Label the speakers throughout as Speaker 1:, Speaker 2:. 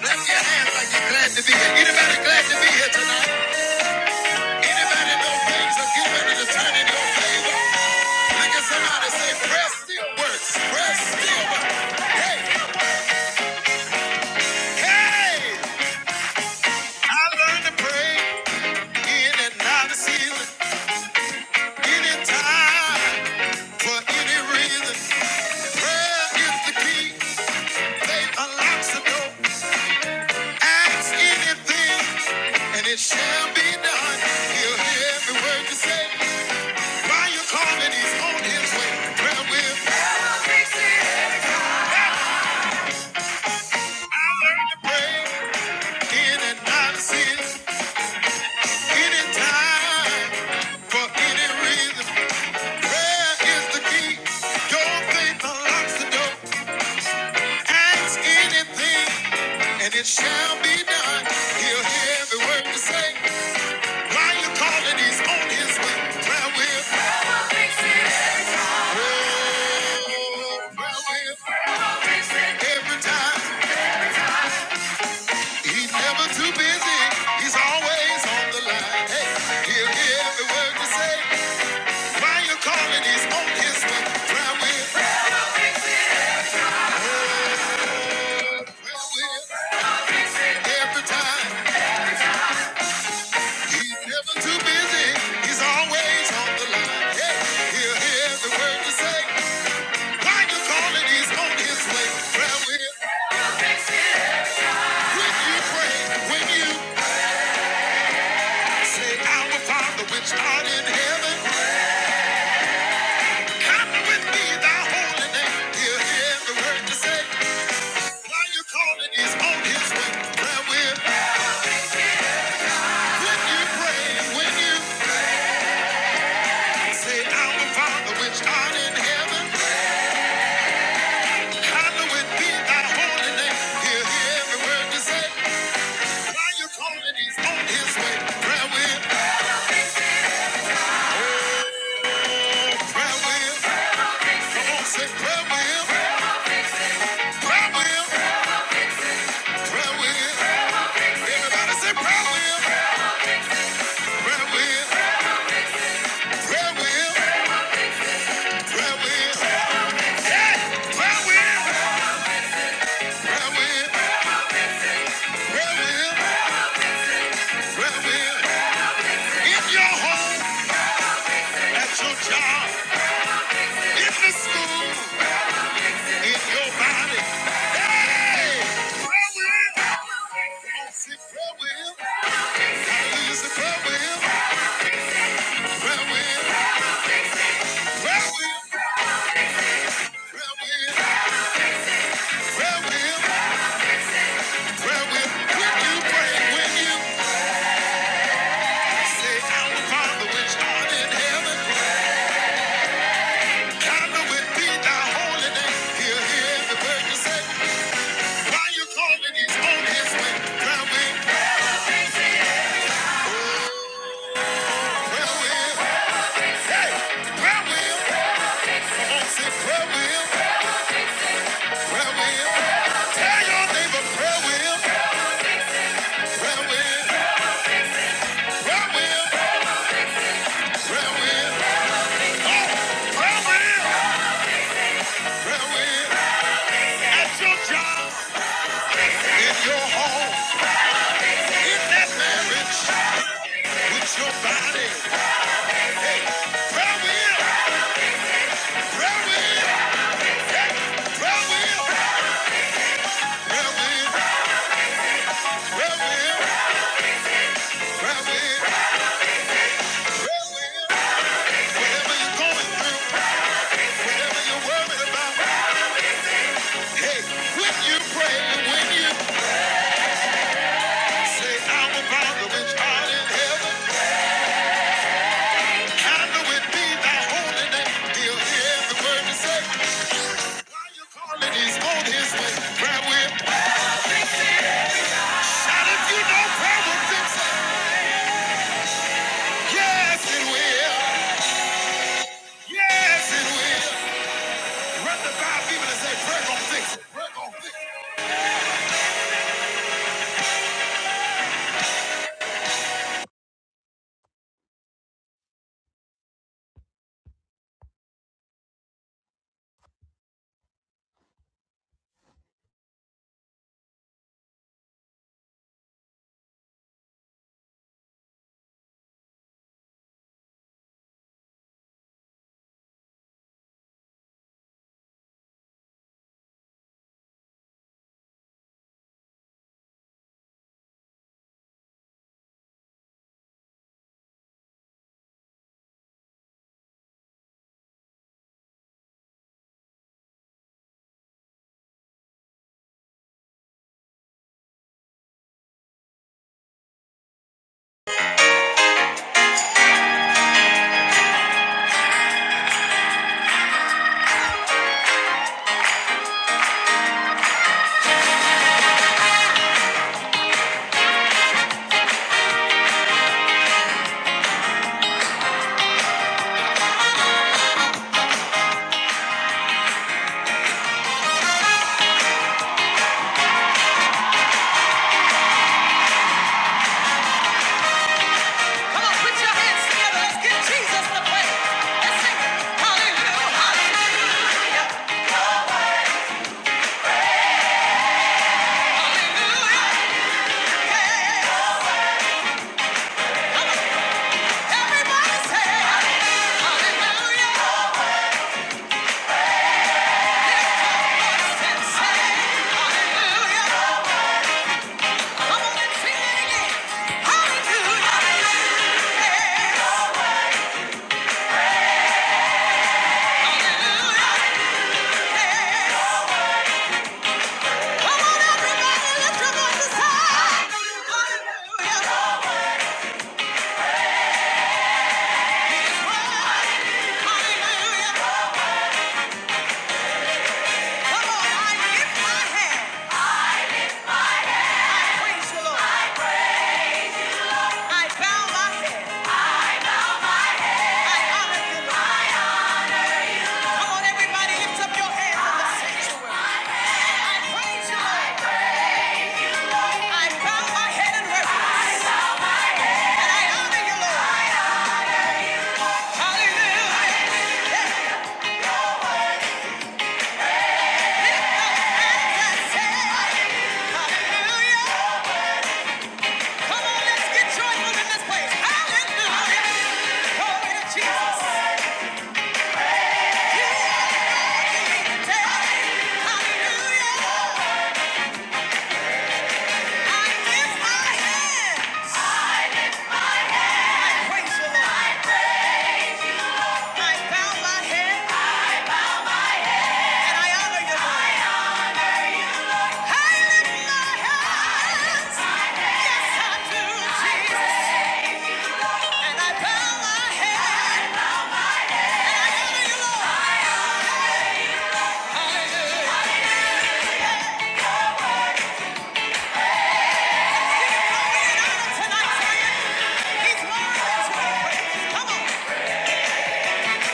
Speaker 1: Clap your hands like you're glad to be here. Anybody glad to be here tonight? Anybody know things are getting ready to turn in your favor? Look at somebody and say, prayer still works. Prayer still works. Hey, hey! I learned to pray in and out of season, any time, for any reason. Prayer is the key. Faith unlocks the door. Ask anything, and it shall be done. He'll hear every word you say. While you're calling, he's on his way. Well, with I learned to pray in and out of sin, anytime, for any reason. Prayer is the key. Your faith unlocks the door. Ask anything, and it shall be done. He'll hear every word you say. While you're calling, he's on his way. Prayer will. prayer will fix it. Oh, prayer will. prayer will fix it. Every time. He's never too busy. He's always on the line. Hey, he'll hear every word you say. While you're calling, he's on his way. Prayer will. Prayer will. prayer will fix it. Every time. He's never too busy. He's always on the line. Hey, he'll hear the word you say. While you calling, he's on his way. Prayer will. When you pray, when you say, Our Father which art in heaven, hallowed with me thy holy name. He'll hear the word you say. While you calling, he's on his way. Prayer will. When you pray, when you say, Our Father which art in heaven, Hallowed will, prayer will. Come will, prayer will, Everybody say prayer will, prayer will, prayer will, prayer will. Prayer will, prayer will, prayer will, prayer will. In your home, at your job, in the school. It's your body. Hey! Prayer wheel. I said prayer wheel. Hallelujah, it's a prayer wheel. Prayer wheel. Prayer wheel. Prayer wheel. Prayer wheel. Prayer wheel. When you pray, when you say, Our Father which art in heaven, hallowed be thy holy name. hear every word you say. Why you calling? He's on his way. Prayer wheel. Oh, prayer Hey! Prayer wheel. Come on, say prayer wheel. prayer wheel. Tell your neighbor prayer wheel, prayer wheel, prayer wheel, prayer wheel. Oh, prayer wheel, prayer wheel. At your job, in your home, in that marriage, with your body. Prayer wheel, prayer wheel, prayer wheel, prayer wheel, prayer wheel, prayer wheel, prayer wheel. Whatever you're going through, whatever you're worried about, hey, when you pray and when you say, our Father which art in heaven. Hallowed be thy holy name. He'll hear every word you say. While you calling, he's on his way. Grab whip. Shout if you know prayer will fix it. Yes, it will. Yes, it will. Run the five people and say, prayer gon' fix it. Prayer gon' fix it. Come on, put your hands together. let Jesus the way. Let's sing. Hallelujah. Hallelujah. Hallelujah. Yeah. Come on, everybody say, hallelujah. Come on, everybody, lift up your hands in the sanctuary. I praise you, Lord. I bow my head in worship. And I honor you, Lord. Hallelujah. let's get joyful in this place. Hallelujah. Glory to Jesus. You Hallelujah. I lift my hands. I praise the Lord. I bow my head. I honor you, Lord. I lift my hands. Yes, I do, Jesus. And I bow my head. And I honor you, Lord. Hallelujah. Glory and honor tonight, Zion. He's worthy Come on.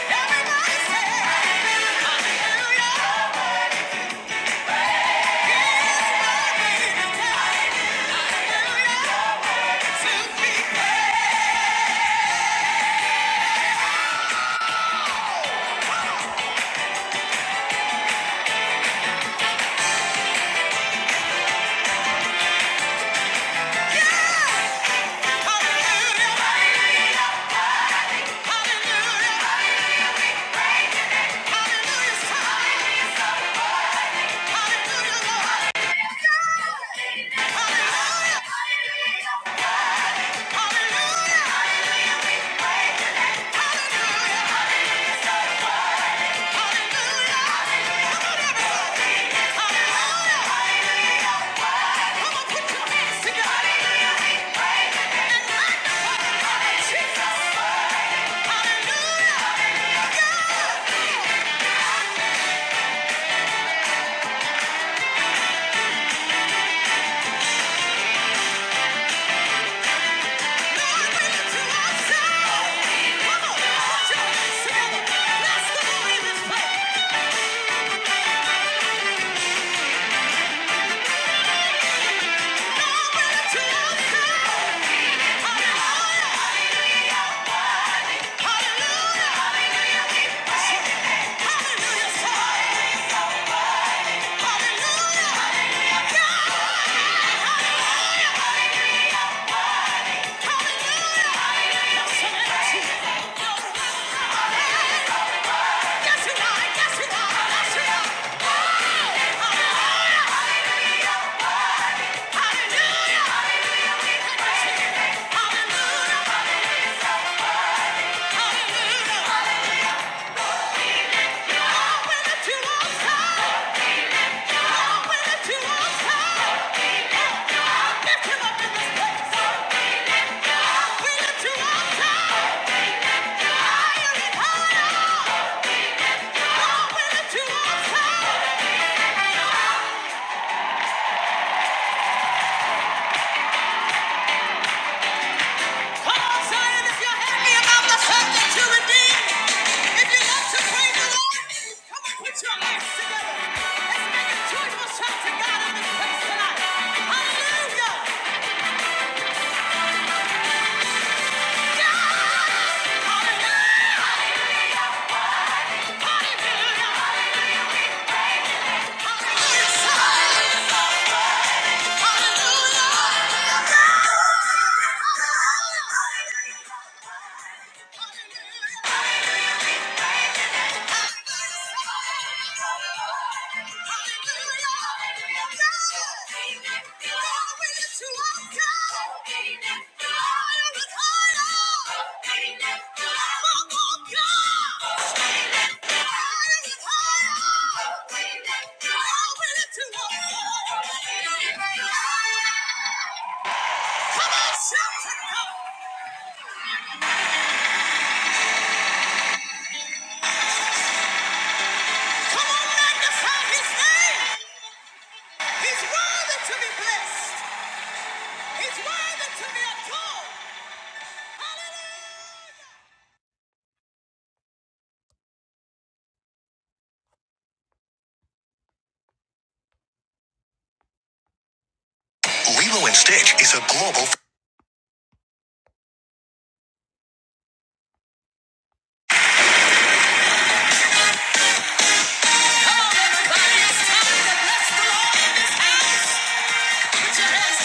Speaker 1: Everybody say, Hallelujah. He's Hallelujah. Hallelujah. Hallelujah! Yes, you are. Yes, you are. Yes, you are. Hallelujah. Hallelujah. Hallelujah! Come on, Zion, if you're happy about the fact that you're redeemed, if you love to praise the Lord, come on, put your hands together. Let's make a joyful shout to God in this place tonight. Hallelujah! Yeah! Hallelujah! Hallelujah! Hallelujah! Hallelujah! Hallelujah. Lilo and Stitch is a global. Everything within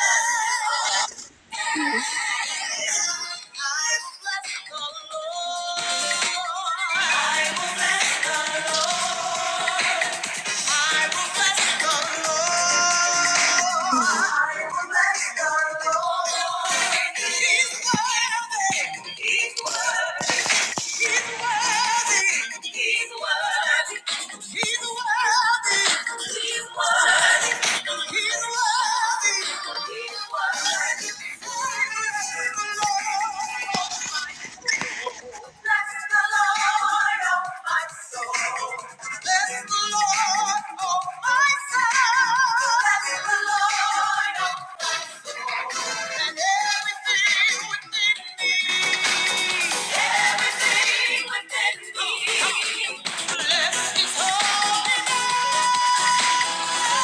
Speaker 1: me.
Speaker 2: Sister
Speaker 1: Bless the Lord. Everything within me. everything within me is holding on. Everything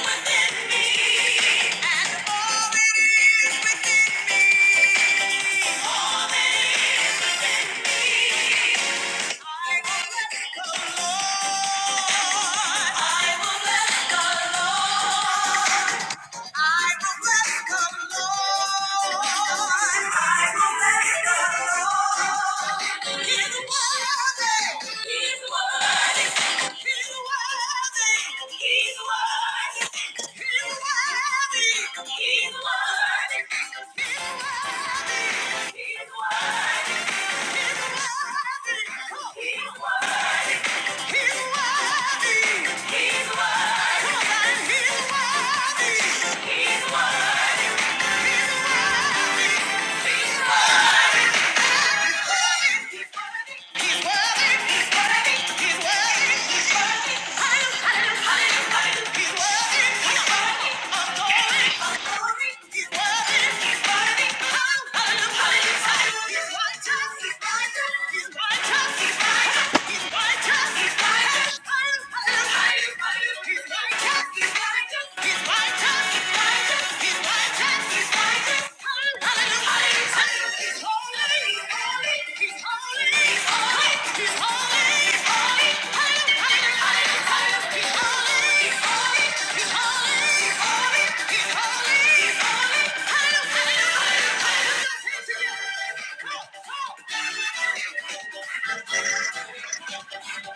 Speaker 1: within me. I will let go, Lord. He's worthy. He's worthy. He's worthy. Come on, He's worthy. He's worthy. He's worthy. He's worthy. He's worthy. He's worthy. He's worthy. He's worthy. He's worthy. Hallelujah. Hallelujah. He's worthy. He's worthy. Of glory. He's worthy. He's worthy. He's righteous. He's righteous. He's righteous. He's righteous. He's righteous. Hallelujah.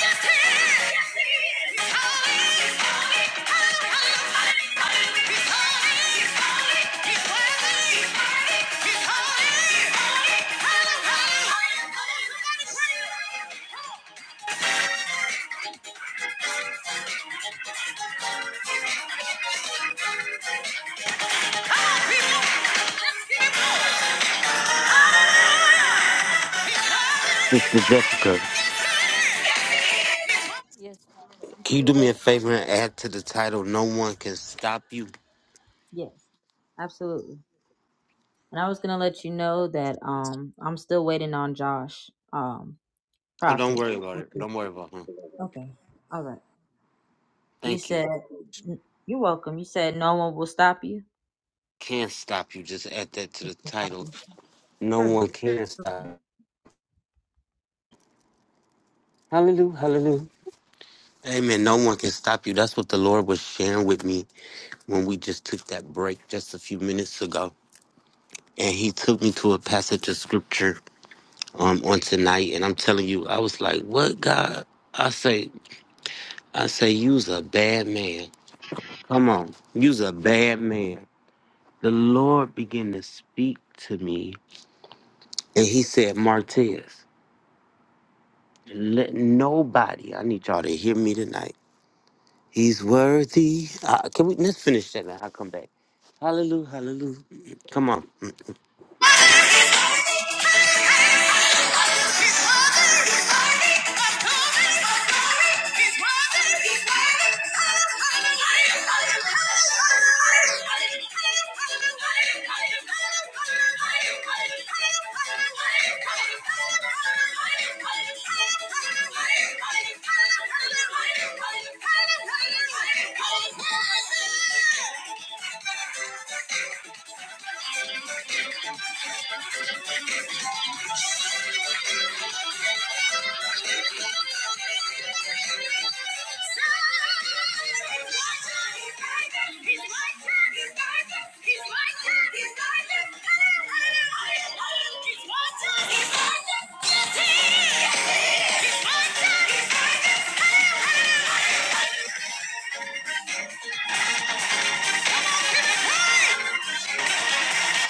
Speaker 1: Yes, he is. Come on, people! Let's get it going! Ah!
Speaker 2: Jessica,
Speaker 1: Yes, Prophet. I'm
Speaker 2: can you do
Speaker 1: still
Speaker 2: me a
Speaker 1: waiting on
Speaker 2: favor and add to the title No One Can Stop You?
Speaker 1: Yes, absolutely. And I was gonna let you know that um I'm still waiting on Josh, um,
Speaker 2: Oh, don't
Speaker 1: Prophet.
Speaker 2: worry about it. Don't worry about him.
Speaker 1: Okay. All right. You
Speaker 2: Thank you.
Speaker 1: said you're welcome. You said no one will stop you.
Speaker 2: Can't stop you. Just add that to the title. No
Speaker 1: Sure.
Speaker 2: one can stop you. Hallelujah. Hallelujah. Amen. No one can stop you. That's what the Lord was sharing with me when we just took that break just a few minutes ago. And he took me to a passage of scripture um, on tonight. And I'm telling you, I was like, what God? I say, I say, you's a bad man. Come on, you's a bad man. The Lord began to speak to me, and He said, Martez, let nobody, I need y'all to hear me tonight. He's worthy. Uh, can we, let's finish that now. I'll come back. Hallelujah, hallelujah. Come on.
Speaker 1: Thank you. Hey!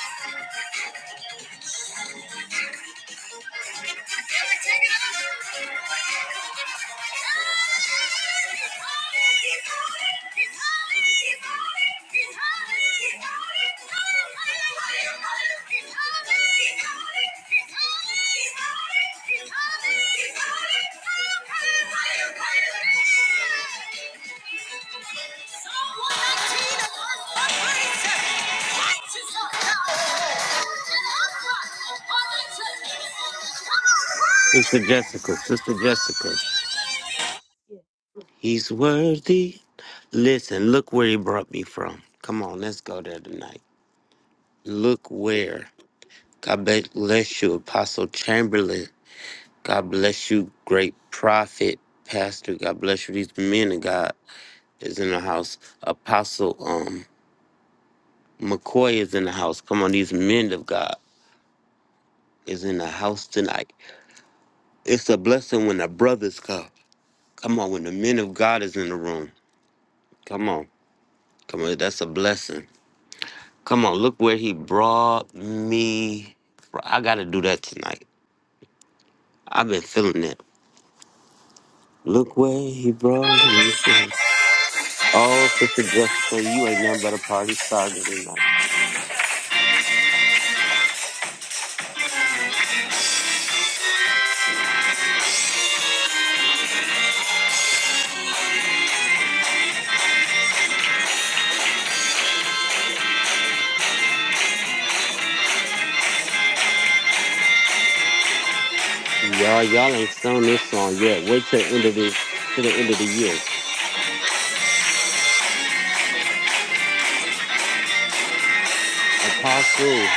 Speaker 1: He's
Speaker 2: Sister Jessica, Sister Jessica. He's worthy. Listen, look where he brought me from. Come on, let's go there tonight. Look where. God bless you, Apostle Chamberlain God bless you, great prophet, pastor. God bless you. These men of God is in the house. Apostle um McCoy is in the house. Come on, these men of God is in the house tonight. It's a blessing when the brothers come. Come on, when the men of God is in the room. Come on. Come on, that's a blessing. Come on, look where he brought me. fro- I gotta do that tonight. I've been feeling it. Look where he brought me. from. Oh, sister Jessica, you ain't nothing but a party starter tonight. Y'all, y'all ain't sung this song yet. Wait till the end of the to the end of the year. Apostle.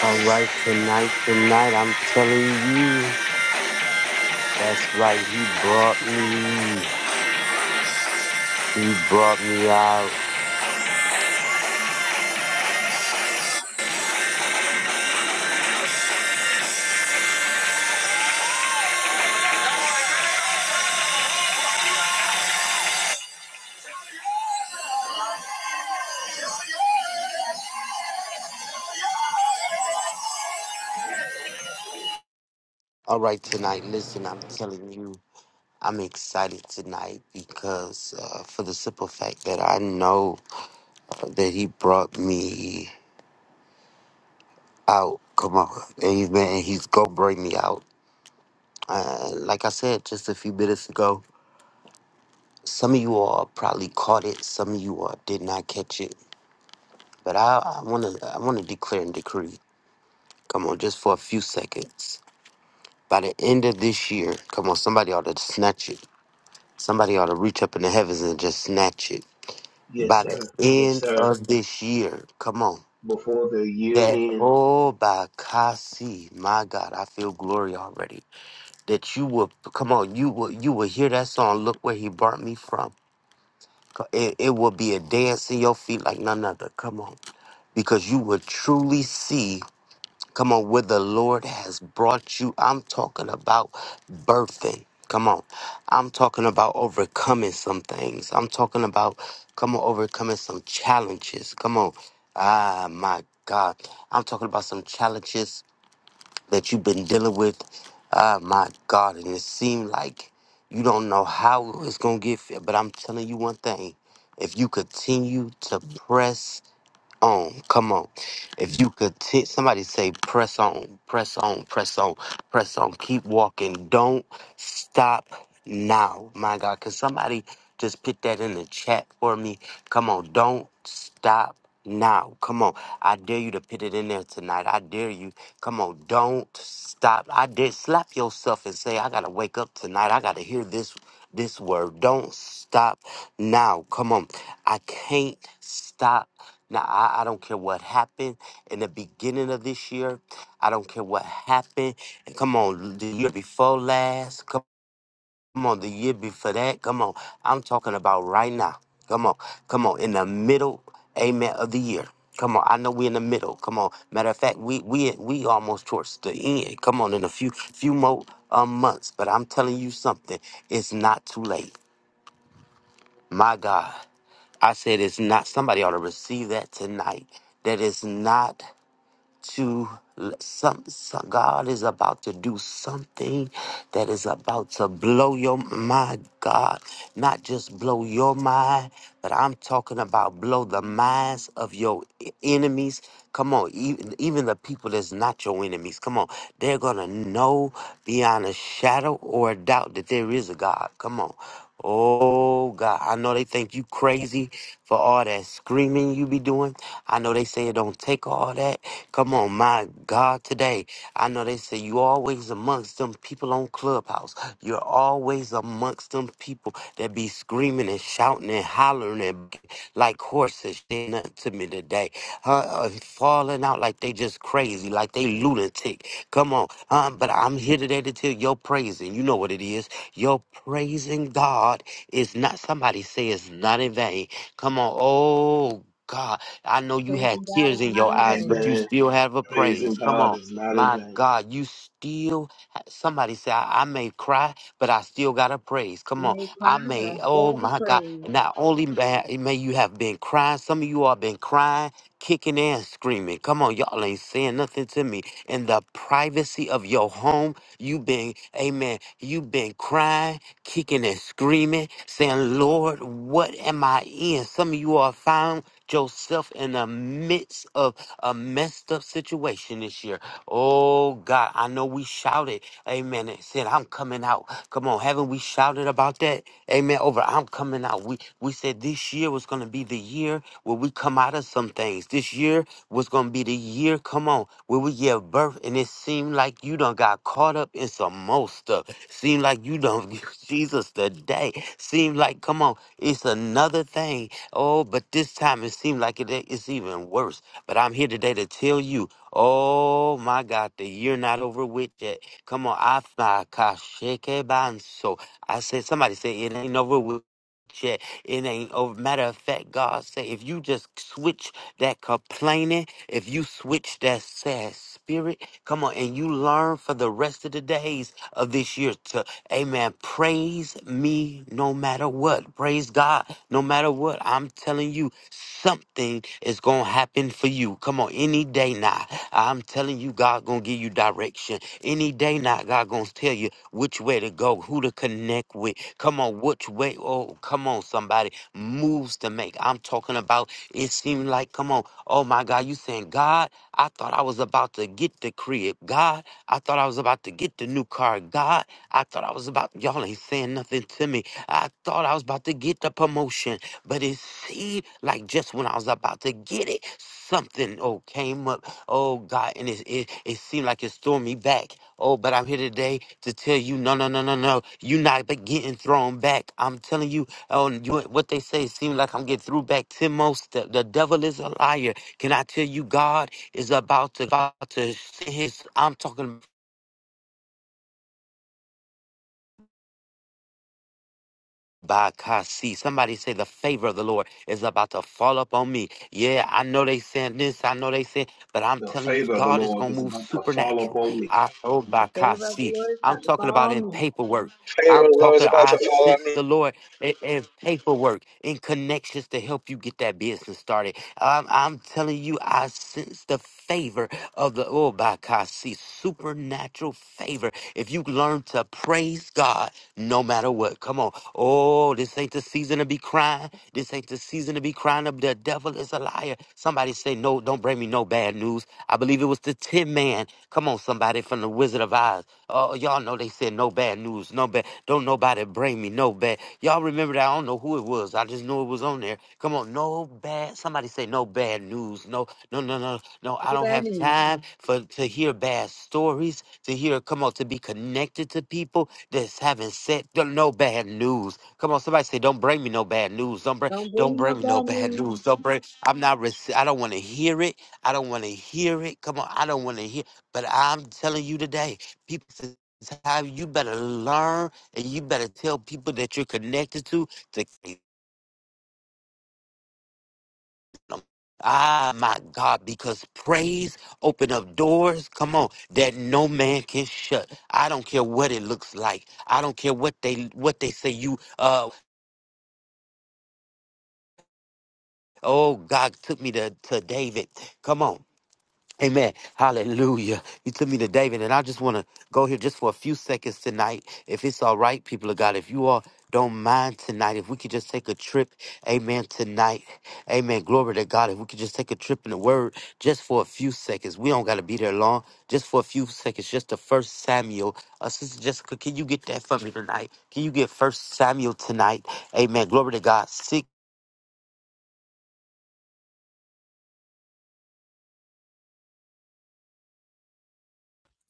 Speaker 2: All right, tonight, tonight, I'm telling you, that's right. He brought me, he brought me out. All right, tonight, listen, I'm telling you, I'm excited tonight because uh, for the simple fact that I know that he brought me out. Come on, and he's been, and he's gonna bring me out. Uh, like I said just a few minutes ago, some of you all probably caught it, some of you all did not catch it. But I, I wanna, I wanna declare and decree. Come on, just for a few seconds. By the end of this year, come on, somebody ought to snatch it. Somebody ought to reach up in the heavens and just snatch it
Speaker 3: Yes,
Speaker 2: by the
Speaker 3: sir. Yes,
Speaker 2: end
Speaker 3: sir.
Speaker 2: of this year. Come on.
Speaker 3: Before the year
Speaker 2: That
Speaker 3: end.
Speaker 2: oh by Kasi, my God, I feel glory already. That you will come on, you will you will hear that song. Look where he brought me from. Co- It, it will be a dance in your feet like none other. Come on, because you will truly see. Come on, where the Lord has brought you. I'm talking about birthing. Come on. I'm talking about overcoming some things. I'm talking about, come on, overcoming some challenges. Come on. Ah, my God. I'm talking about some challenges that you've been dealing with. Ah, my God. And it seemed like you don't know how it's going to get, fit, but I'm telling you one thing. If you continue to press on. Come on. If you could t- somebody say press on, press on, press on, press on. Keep walking. Don't stop now. My God. Can somebody just put that in the chat for me? Come on. Don't stop now. Come on. I dare you to put it in there tonight. I dare you. Come on. Don't stop. I dare slap yourself and say, I gotta wake up tonight. I gotta hear this this word. Don't stop now. Come on. I can't stop now, I, I don't care what happened in the beginning of this year. I don't care what happened. And come on, the year before last. Come on, the year before that. Come on. I'm talking about right now. Come on. Come on. In the middle, amen, of the year. Come on, I know we're in the middle. Come on. Matter of fact, we we we almost towards the end. Come on, in a few few more um, months. But I'm telling you something, it's not too late. My God. I said it's not somebody ought to receive that tonight. That it's not to some, some God is about to do something that is about to blow your my God, not just blow your mind, but I'm talking about blow the minds of your e- enemies. Come on, even even the people that's not your enemies. Come on, they're gonna know beyond a shadow or a doubt that there is a God. Come on, Oh God, I know they think you crazy for all that screaming you be doing. I know they say it don't take all that. Come on, my God, today. I know they say you always amongst them people on Clubhouse. You're always amongst them people that be screaming and shouting and hollering and like horses. They nothing to me today. Huh? uh, Falling out like they just crazy, like they lunatic. Come on. Uh, but I'm here today to tell your praise, and you know what it is. Your praising God is not, somebody say it's not in vain. Come on. Oh, God. I know you had tears in your eyes, but you
Speaker 3: Amen.
Speaker 2: still have a
Speaker 3: Praising
Speaker 2: praise. Come
Speaker 3: God
Speaker 2: on.
Speaker 3: is not in
Speaker 2: My
Speaker 3: vain.
Speaker 2: God, you still, somebody say, I, I may cry, but I still got a praise. Come on. I may, oh my God. Not only may, may you have been crying, some of you all been crying, kicking and screaming. Come on, y'all ain't saying nothing to me. In the privacy of your home, You've been, amen, you've been crying, kicking and screaming, saying, Lord, what am I in? Some of you are found yourself in the midst of a messed up situation this year. Oh God, I know we shouted, amen, and said, I'm coming out. Come on, haven't we shouted about that? Amen. Over, I'm coming out. We we said this year was gonna be the year where we come out of some things. This year was gonna be the year, come on, where we give birth, and it seemed like you done got caught up in some more stuff. Seemed like you done Jesus today. Seemed like, come on, it's another thing. Oh, but this time it seemed like it, it's even worse. But I'm here today to tell you, oh my God, the year not over with yet. Come on, I my gosh, so I said somebody said it ain't over with yet. It ain't over. Matter of fact, God said if you just switch that complaining, if you switch that sad spirit, come on, and you learn for the rest of the days of this year to, amen, praise me no matter what. Praise God no matter what. I'm telling you, something is going to happen for you. Come on, any day now. I'm telling you, God going to give you direction. Any day now, God going to tell you which way to go, who to connect with. Come on, which way, oh, come on, somebody, moves to make. I'm talking about it seemed like, come on, oh my God, you saying, God, I thought I was about to get the crib. God, I thought I was about to get the new car. God, I thought I was about, y'all ain't saying nothing to me. I thought I was about to get the promotion, but it seemed like just when I was about to get it, something, oh, came up. Oh God, and it, it, it seemed like it's throwing me back. Oh, but I'm here today to tell you, no, no, no, no, no. You're not be- getting thrown back. I'm telling you, Oh, and you, what they say seems like I'm getting through back ten most. The, the devil is a liar. Can I tell you, God is about to about to send his. I'm talking. By Kasi. Somebody say the favor of the Lord is about to fall up on me. Yeah, I know they saying this, I know they saying, but I'm
Speaker 3: The
Speaker 2: telling you,
Speaker 3: favor of the
Speaker 2: God is
Speaker 3: Lord
Speaker 2: gonna
Speaker 3: is
Speaker 2: move
Speaker 3: about to fall
Speaker 2: supernatural.
Speaker 3: upon me.
Speaker 2: I oh by
Speaker 1: the favor of the
Speaker 2: Kasi.
Speaker 1: Lord is
Speaker 2: I'm
Speaker 1: about to
Speaker 2: talking about in
Speaker 1: me.
Speaker 2: paperwork. I'm
Speaker 4: Pharaoh's law is
Speaker 2: talking,
Speaker 4: about to
Speaker 2: I
Speaker 4: fall on
Speaker 2: sense
Speaker 4: me.
Speaker 2: the Lord in, in paperwork, in connections to help you get that business started. I'm, I'm telling telling you, I sense the favor of the oh by see supernatural favor. If you learn to praise God no matter what. Come on. Oh, this ain't the season to be crying. This ain't the season to be crying up. The devil is a liar. Somebody say, No, don't bring me no bad news. I believe it was the tin man. Come on, somebody from the Wizard of Oz. Uh, y'all know they said no bad news, no bad. Don't nobody bring me no bad. Y'all remember that? I don't know who it was. I just knew it was on there. Come on, no bad. Somebody say no bad news. No, no, no, no, no. I
Speaker 1: No
Speaker 2: don't
Speaker 1: bad
Speaker 2: have
Speaker 1: news.
Speaker 2: time for to hear bad stories. To hear, come on, to be connected to people that's having said no no bad news. Come on, somebody say don't bring me no bad news. Don't bring,
Speaker 1: Don't bring
Speaker 2: don't
Speaker 1: me no
Speaker 2: bring me no
Speaker 1: bad
Speaker 2: bad
Speaker 1: news.
Speaker 2: news. Don't bring. I'm not. rece- I don't want to hear it. I don't want to hear it. Come on, I don't want to hear. But I'm telling you today people says how you better learn and you better tell people that you're connected to to keep them. Ah, my God, because praise open up doors, come on, that no man can shut. I don't care what it looks like. I don't care what they what they say you uh oh God took me to, to David. Come on. Amen. Hallelujah. You took me to David, and I just want to go here just for a few seconds tonight. If it's all right, people of God, if you all don't mind tonight, if we could just take a trip, amen, tonight. Amen. Glory to God. If we could just take a trip in the word just for a few seconds. We don't got to be there long, just for a few seconds. Just the first Samuel. Uh, Sister Jessica, can you get that for me tonight? Can you get first Samuel tonight? Amen. Glory to God. Six.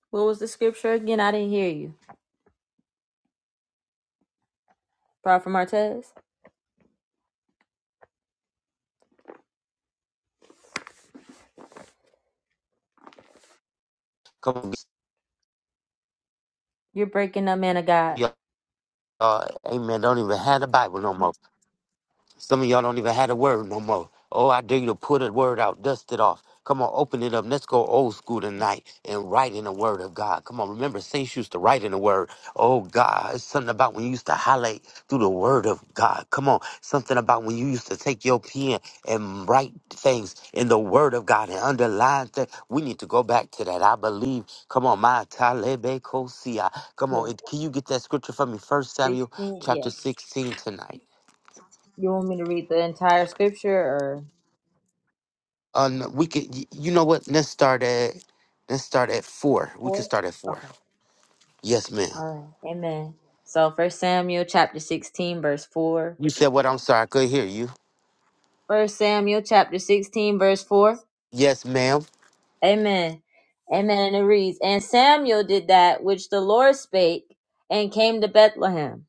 Speaker 1: What was the scripture again? I didn't hear you. Prophet Martez,
Speaker 2: Come on,
Speaker 1: you're breaking up, man of God.
Speaker 2: y'all. uh, amen. Don't even have the Bible no more. Some of y'all don't even have the word no more. Oh, I dare you to put a word out, dust it off. Come on, open it up. Let's go old school tonight and write in the word of God. Come on, remember, saints used to write in the word. Oh, God, it's something about when you used to highlight through the word of God. Come on, something about when you used to take your pen and write things in the word of God and underline things. We need to go back to that. I believe. Come on, my talebe kosia. Come on,
Speaker 1: Yes.
Speaker 2: it, can you get that scripture for me? First Samuel
Speaker 1: 16,
Speaker 2: chapter
Speaker 1: yes.
Speaker 2: 16 tonight.
Speaker 1: You want me to read the entire scripture or?
Speaker 2: Uh, no, we could. y- You know what? Let's start at. Let's start at four. We could
Speaker 1: Four.
Speaker 2: start at four.
Speaker 1: Okay.
Speaker 2: Yes, ma'am.
Speaker 1: All right. Amen. So First Samuel chapter 16 verse 4.
Speaker 2: You said what? I'm sorry. I couldn't hear you.
Speaker 1: First Samuel chapter 16 verse 4.
Speaker 2: Yes, ma'am.
Speaker 1: Amen. Amen. And it reads, And Samuel did that which the Lord spake and came to Bethlehem.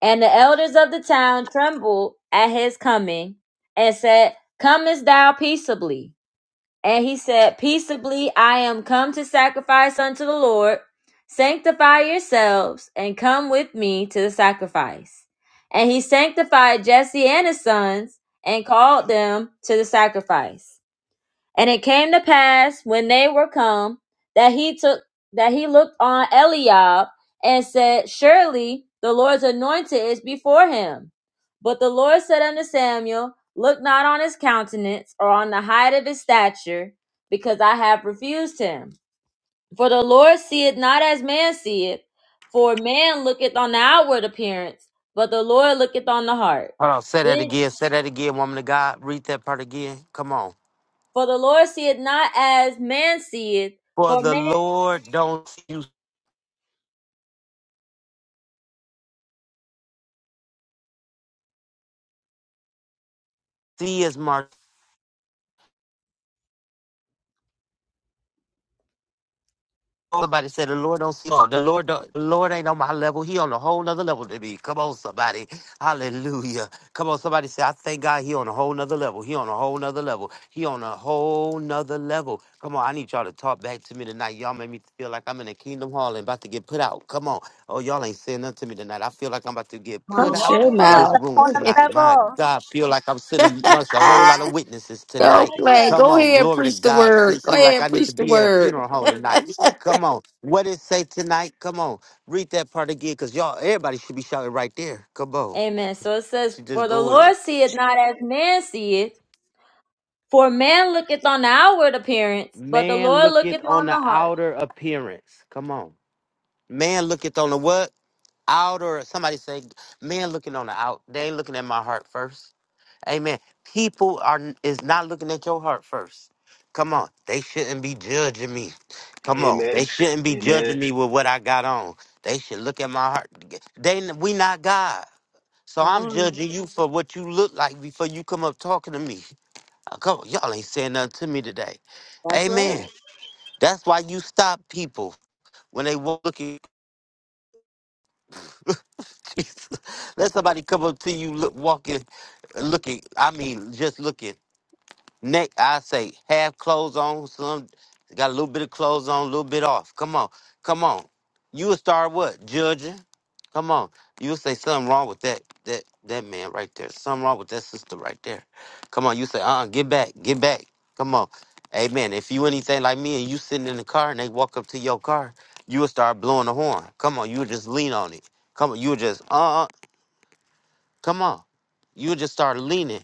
Speaker 1: And the elders of the town trembled at his coming and said, Comest thou peaceably? And he said, Peaceably I am come to sacrifice unto the Lord. Sanctify yourselves and come with me to the sacrifice. And he sanctified Jesse and his sons and called them to the sacrifice. And it came to pass when they were come that he took that he looked on Eliab and said, Surely the Lord's anointed is before him. But the Lord said unto Samuel, Look not on his countenance or on the height of his stature, because I have refused him. For the Lord seeth not as man seeth, for man looketh on the outward appearance, but the Lord looketh on the heart.
Speaker 2: Hold on. Say that
Speaker 1: Then,
Speaker 2: again. Say that again, woman of God. Read that part again. Come on.
Speaker 1: for the Lord seeth not as man seeth,
Speaker 2: For
Speaker 1: for
Speaker 2: the Lord don't see you see as much. Somebody said the Lord don't small. The Lord don't, the Lord ain't on my level. He on a whole nother level to me. Come on, somebody. Hallelujah. Come on, somebody say, I thank God he on a whole nother level. He on a whole nother level. He on a whole nother level. Come on, I need y'all to talk back to me tonight. Y'all make me feel like I'm in a kingdom hall and about to get put out. Come on. Oh, y'all ain't saying nothing to me tonight. I feel like I'm about to get
Speaker 1: on a
Speaker 2: put
Speaker 1: whole
Speaker 5: Hush
Speaker 2: out
Speaker 5: your
Speaker 1: nother
Speaker 2: of this
Speaker 1: level.
Speaker 5: mouth.
Speaker 2: room
Speaker 6: on a
Speaker 2: tonight. My
Speaker 6: level.
Speaker 2: God, feel like I'm sitting amongst a whole lot of witnesses
Speaker 1: Whole
Speaker 5: Go
Speaker 2: tonight.
Speaker 1: nother
Speaker 5: play.
Speaker 2: Come
Speaker 5: Go
Speaker 1: level.
Speaker 2: on,
Speaker 5: ahead,
Speaker 2: glory to
Speaker 5: preach the
Speaker 2: God.
Speaker 5: word.
Speaker 2: It
Speaker 5: Go
Speaker 2: seems like
Speaker 5: ahead,
Speaker 2: I need to
Speaker 5: preach the
Speaker 2: be at a
Speaker 5: word.
Speaker 2: funeral home tonight. Come on. What it say tonight? Come on. Read that part again, cause y'all, everybody should be shouting right there. Come on.
Speaker 1: Amen. So it says,
Speaker 2: She just
Speaker 1: For the
Speaker 2: go in.
Speaker 1: Lord seeth not as man seeth, for man looketh on the outward appearance, but the
Speaker 2: Man
Speaker 1: Lord
Speaker 2: looketh
Speaker 1: looketh
Speaker 2: on
Speaker 1: on
Speaker 2: the
Speaker 1: the heart.
Speaker 2: outer appearance. Come on. Man looketh on the what? Outer. Somebody say, man looking on the out. They ain't looking at my heart first. Amen. People are is not looking at your heart first. Come on. They shouldn't be judging me. Come on.
Speaker 3: Amen.
Speaker 2: They shouldn't be
Speaker 3: Amen.
Speaker 2: judging me with what I got on. They should look at my heart. They we not God. So
Speaker 1: Come
Speaker 2: I'm
Speaker 1: on.
Speaker 2: judging you for what you look like before you come up talking to me. Uh, Come on, y'all ain't saying nothing to me today.
Speaker 1: That's right.
Speaker 2: Amen. That's why you stop people when they walk looking. Jesus. Let somebody come up to you look walking, looking. I mean, just looking. Neck, I say half clothes on, some got a little bit of clothes on, a little bit off. Come on, come on. You will start what? Judging? Come on. You'll say something wrong with that that that man right there. Something wrong with that sister right there. Come on, you say, uh uh get back, get back. Come on. Amen. If you anything like me and you sitting in the car and they walk up to your car, you will start blowing the horn. Come on, you will just lean on it. Come on, you will just uh uh come on. You will just start leaning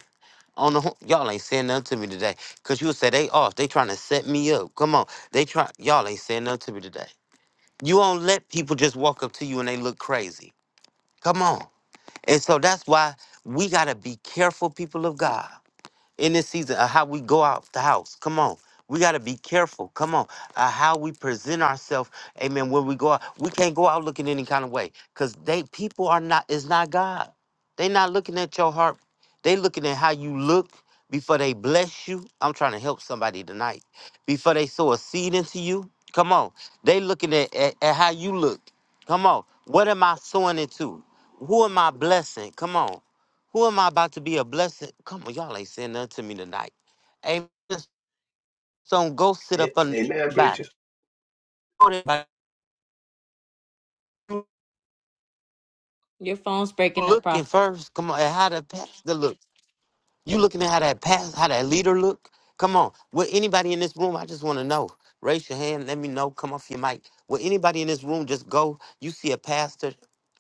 Speaker 2: on the home. Y'all ain't saying nothing to me today. Cause you say they off. They trying to set me up. Come on. They try y'all ain't saying nothing to me today. You don't let people just walk up to you and they look crazy. Come on. And so that's why we gotta be careful, people of God in this season of how we go out the house. Come on. We got to be careful. Come on. Uh, how we present ourselves. Amen. When we go out, we can't go out looking any kind of way because they people are not, it's not God. they not looking at your heart. They looking at how you look before they bless you. I'm trying to help somebody tonight. Before they sow a seed into you. Come on. They looking at, at, at how you look. Come on. What am I sowing into? Who am I blessing? Come on. Who am I about to be a blessing? Come on, y'all ain't saying nothing to me tonight. Amen. Just Don't go sit
Speaker 3: A-
Speaker 2: up under
Speaker 3: Amen,
Speaker 2: everybody.
Speaker 3: preacher.
Speaker 2: Go to everybody.
Speaker 1: Your phone's breaking up,
Speaker 2: Looking
Speaker 1: prophet.
Speaker 2: first. Come on, and how the pastor look. You looking at how that pass, how that leader look? Come on. Will anybody in this room? I just want to know. Raise your hand. Let me know. Come off your mic. Will anybody in this room just go? You see a pastor?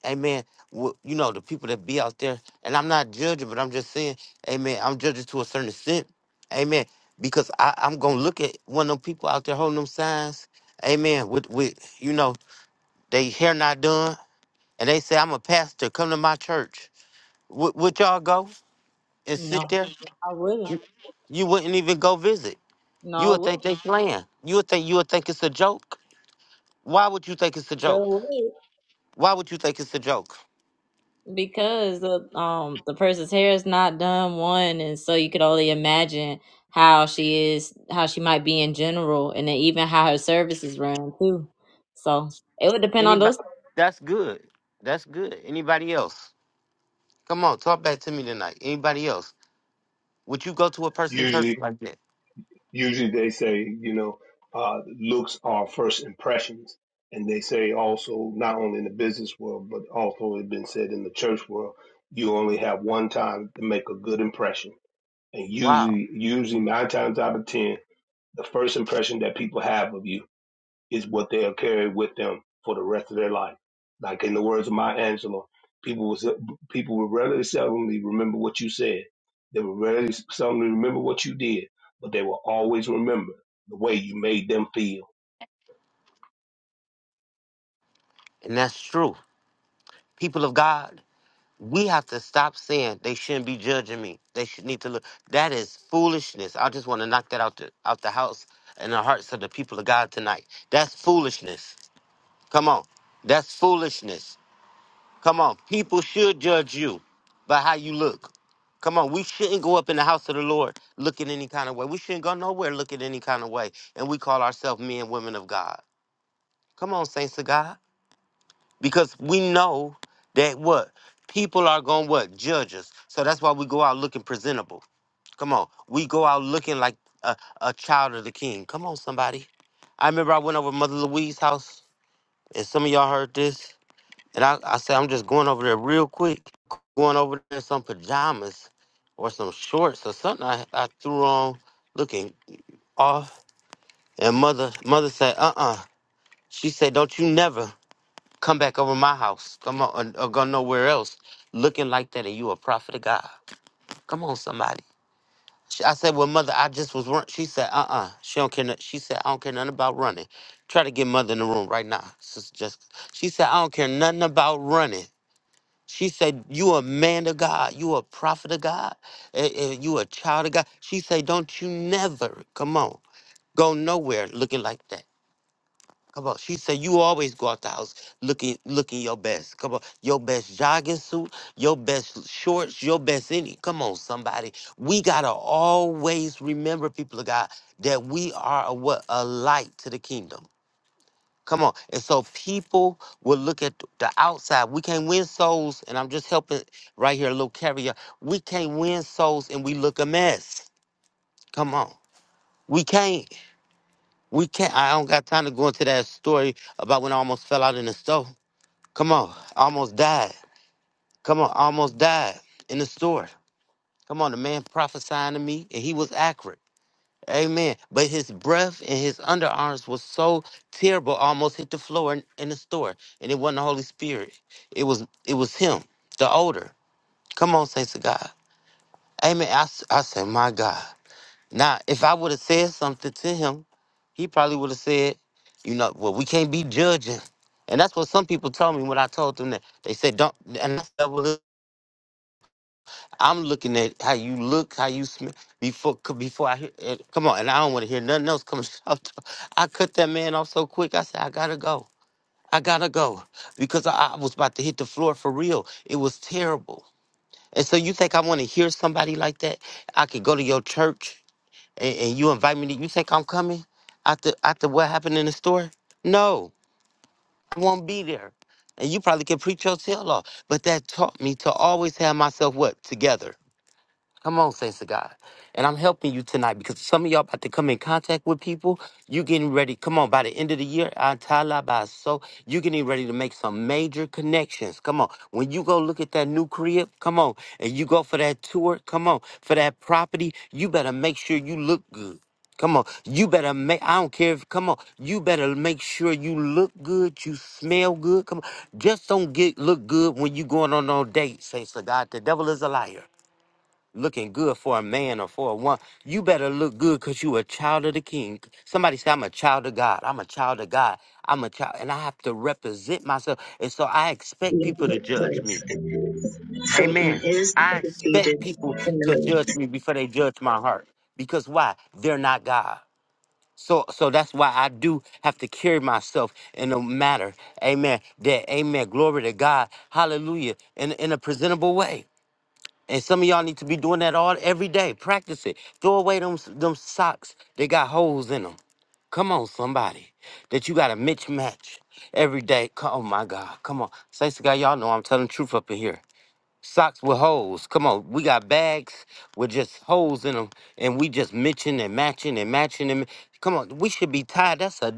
Speaker 2: Amen. Well, you know the people that be out there, and I'm not judging, but I'm just saying, Amen. I'm judging to a certain extent, Amen. Because I, I'm gonna look at one of them people out there holding them signs, Amen. With with you know they hair not done, and they say I'm a pastor. Come to my church. Would would y'all go and
Speaker 1: No,
Speaker 2: sit there?
Speaker 1: I wouldn't.
Speaker 2: You wouldn't even go visit.
Speaker 1: No,
Speaker 2: You
Speaker 1: I
Speaker 2: would think
Speaker 1: would.
Speaker 2: they playing. You would think you would think it's a joke. Why would you think it's a
Speaker 1: Sure
Speaker 2: joke?
Speaker 1: would.
Speaker 2: Why would you think it's a joke?
Speaker 1: Because the um the person's hair is not done one, and so you could only imagine how she is, how she might be in general, and then even how her services run too. So it would depend on
Speaker 2: Anybody?
Speaker 1: those
Speaker 2: That's good. That's good. Anybody else? Come on, talk back to me tonight. Anybody else? Would you go to a person church
Speaker 3: Usually,
Speaker 2: like that?
Speaker 3: usually they say, you know, uh, looks are first impressions. And they say also, not only in the business world, but also it's been said in the church world, you only have one time to make a good impression. And
Speaker 2: Wow.
Speaker 3: usually, usually nine times out of ten, The first impression that people have of you is what they'll carry with them for the rest of their life. Like in the words of Maya Angelou, people will people will rarely seldomly remember what you said. They will rarely seldomly remember what you did, but they will always remember the way you made them feel.
Speaker 2: And that's true. People of God, we have to stop saying they shouldn't be judging me. They should need to look. That is foolishness. I just want to knock that out the out the house and the hearts of the people of God tonight. That's foolishness. Come on. That's foolishness. Come on. People should judge you by how you look. Come on. We shouldn't go up in the house of the Lord looking any kind of way. We shouldn't go nowhere looking any kind of way. And we call ourselves men, and women of God. Come on, saints of God. Because we know that what? People are going to what? Judge us. So that's why we go out looking presentable. Come on. We go out looking like a, a child of the king. Come on, somebody. I remember I went over to Mother Louise's house, and some of y'all heard this. And I, I said, I'm just going over there real quick, going over there in some pajamas or some shorts or something I, I threw on looking off. And mother mother said, uh uh She said, don't you never come back over my house. Come on, or, or go nowhere else looking like that and you a prophet of God. Come on, somebody. She- I said, well, mother, I just was running. She said, uh uh She don't care. no- She said, I don't care nothing about running. Try to get mother in the room right now. Sister Jessica. She said, I don't care nothing about running. She said, You a man of God, you a prophet of God, and, and you a child of God. She said, Don't you never, come on, go nowhere looking like that. Come on. She said, You always go out the house looking looking your best. Come on. Your best jogging suit, your best shorts, your best any. Come on, somebody. We gotta always remember, people of God, that we are a what? A light to the kingdom. Come on. And so people will look at the outside. We can't win souls, and I'm just helping right here, a little caveat. We can't win souls and we look a mess. Come on. We can't. We can't. I don't got time to go into that story about when I almost fell out in the store. Come on. I almost died. Come on. I almost died in the store. Come on. The man prophesying to me, and he was accurate. Amen. But his breath and his underarms was so terrible, almost hit the floor in, in the store. And it wasn't the Holy Spirit. It was it was him, the odor. Come on, saints of God. Amen. I, s- I say, my God. Now, if I would have said something to him, he probably would have said, you know, well, we can't be judging. And that's what some people told me when I told them that. They said, don't, and that's I'm looking at how you look, how you smell before c- before I hear. eh, Come on, and I don't want to hear nothing else coming out. I cut that man off so quick. I said, I gotta go. I gotta go because I, I was about to hit the floor for real. It was terrible. And so you think I want to hear somebody like that? I could go to your church and, and you invite me to. You think I'm coming after after what happened in the store? No, I won't be there. And you probably can preach your tail off. But that taught me to always have myself what together Come on, saints of God. And I'm helping you tonight because some of y'all about to come in contact with people. You getting ready. Come on, by the end of the year, so you getting ready to make some major connections. Come on. When you go look at that new crib, come on, and you go for that tour, come on, for that property, you better make sure you look good. Come on, you better make. I don't care if. Come on, you better make sure you look good, you smell good. Come on, just don't get look good when you going on no date. Saints of God, the devil is a liar looking good for a man or for a woman. You better look good because you a child of the king. Somebody say, I'm a child of God. I'm a child of God. I'm a child. And I have to represent myself. And so I expect
Speaker 7: in
Speaker 2: people to
Speaker 7: his
Speaker 2: judge
Speaker 7: place.
Speaker 2: me.
Speaker 7: Satan
Speaker 2: Amen.
Speaker 7: is
Speaker 2: I
Speaker 7: defeated
Speaker 2: expect people to
Speaker 7: enemy.
Speaker 2: judge me before they judge my heart. Because why? They're not God. So, so that's why I do have to carry myself in a matter, amen, that, amen, glory to God, hallelujah, in, in a presentable way. And some of y'all need to be doing that all every day. Practice it. Throw away them s- them socks. They got holes in them. Come on, somebody. That you got to mismatch every day. Co- Oh my God. Come on. Say to God, y'all know I'm telling the truth up in here. Socks with holes. Come on. We got bags with just holes in them. And we just matching and matching and matching and come on. We should be tied. That's a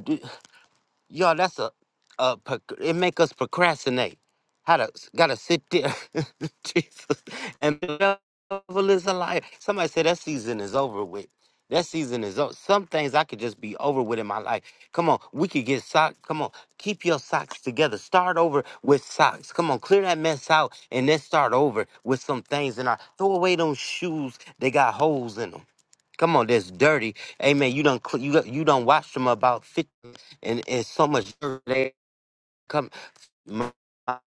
Speaker 2: Yo, that's a, a proc- it make us procrastinate. How to gotta sit there, Jesus, and the devil is a liar. Somebody said that season is over with. That season is over. Some things I could just be over with in my life. Come on, we could get socks. Come on, keep your socks together. Start over with socks. Come on, clear that mess out and then start over with some things in our. Throw away those shoes. They got holes in them. Come on, that's dirty. Amen. You don't you done- you don't watch them about fifty, and and so much dirt they come. My-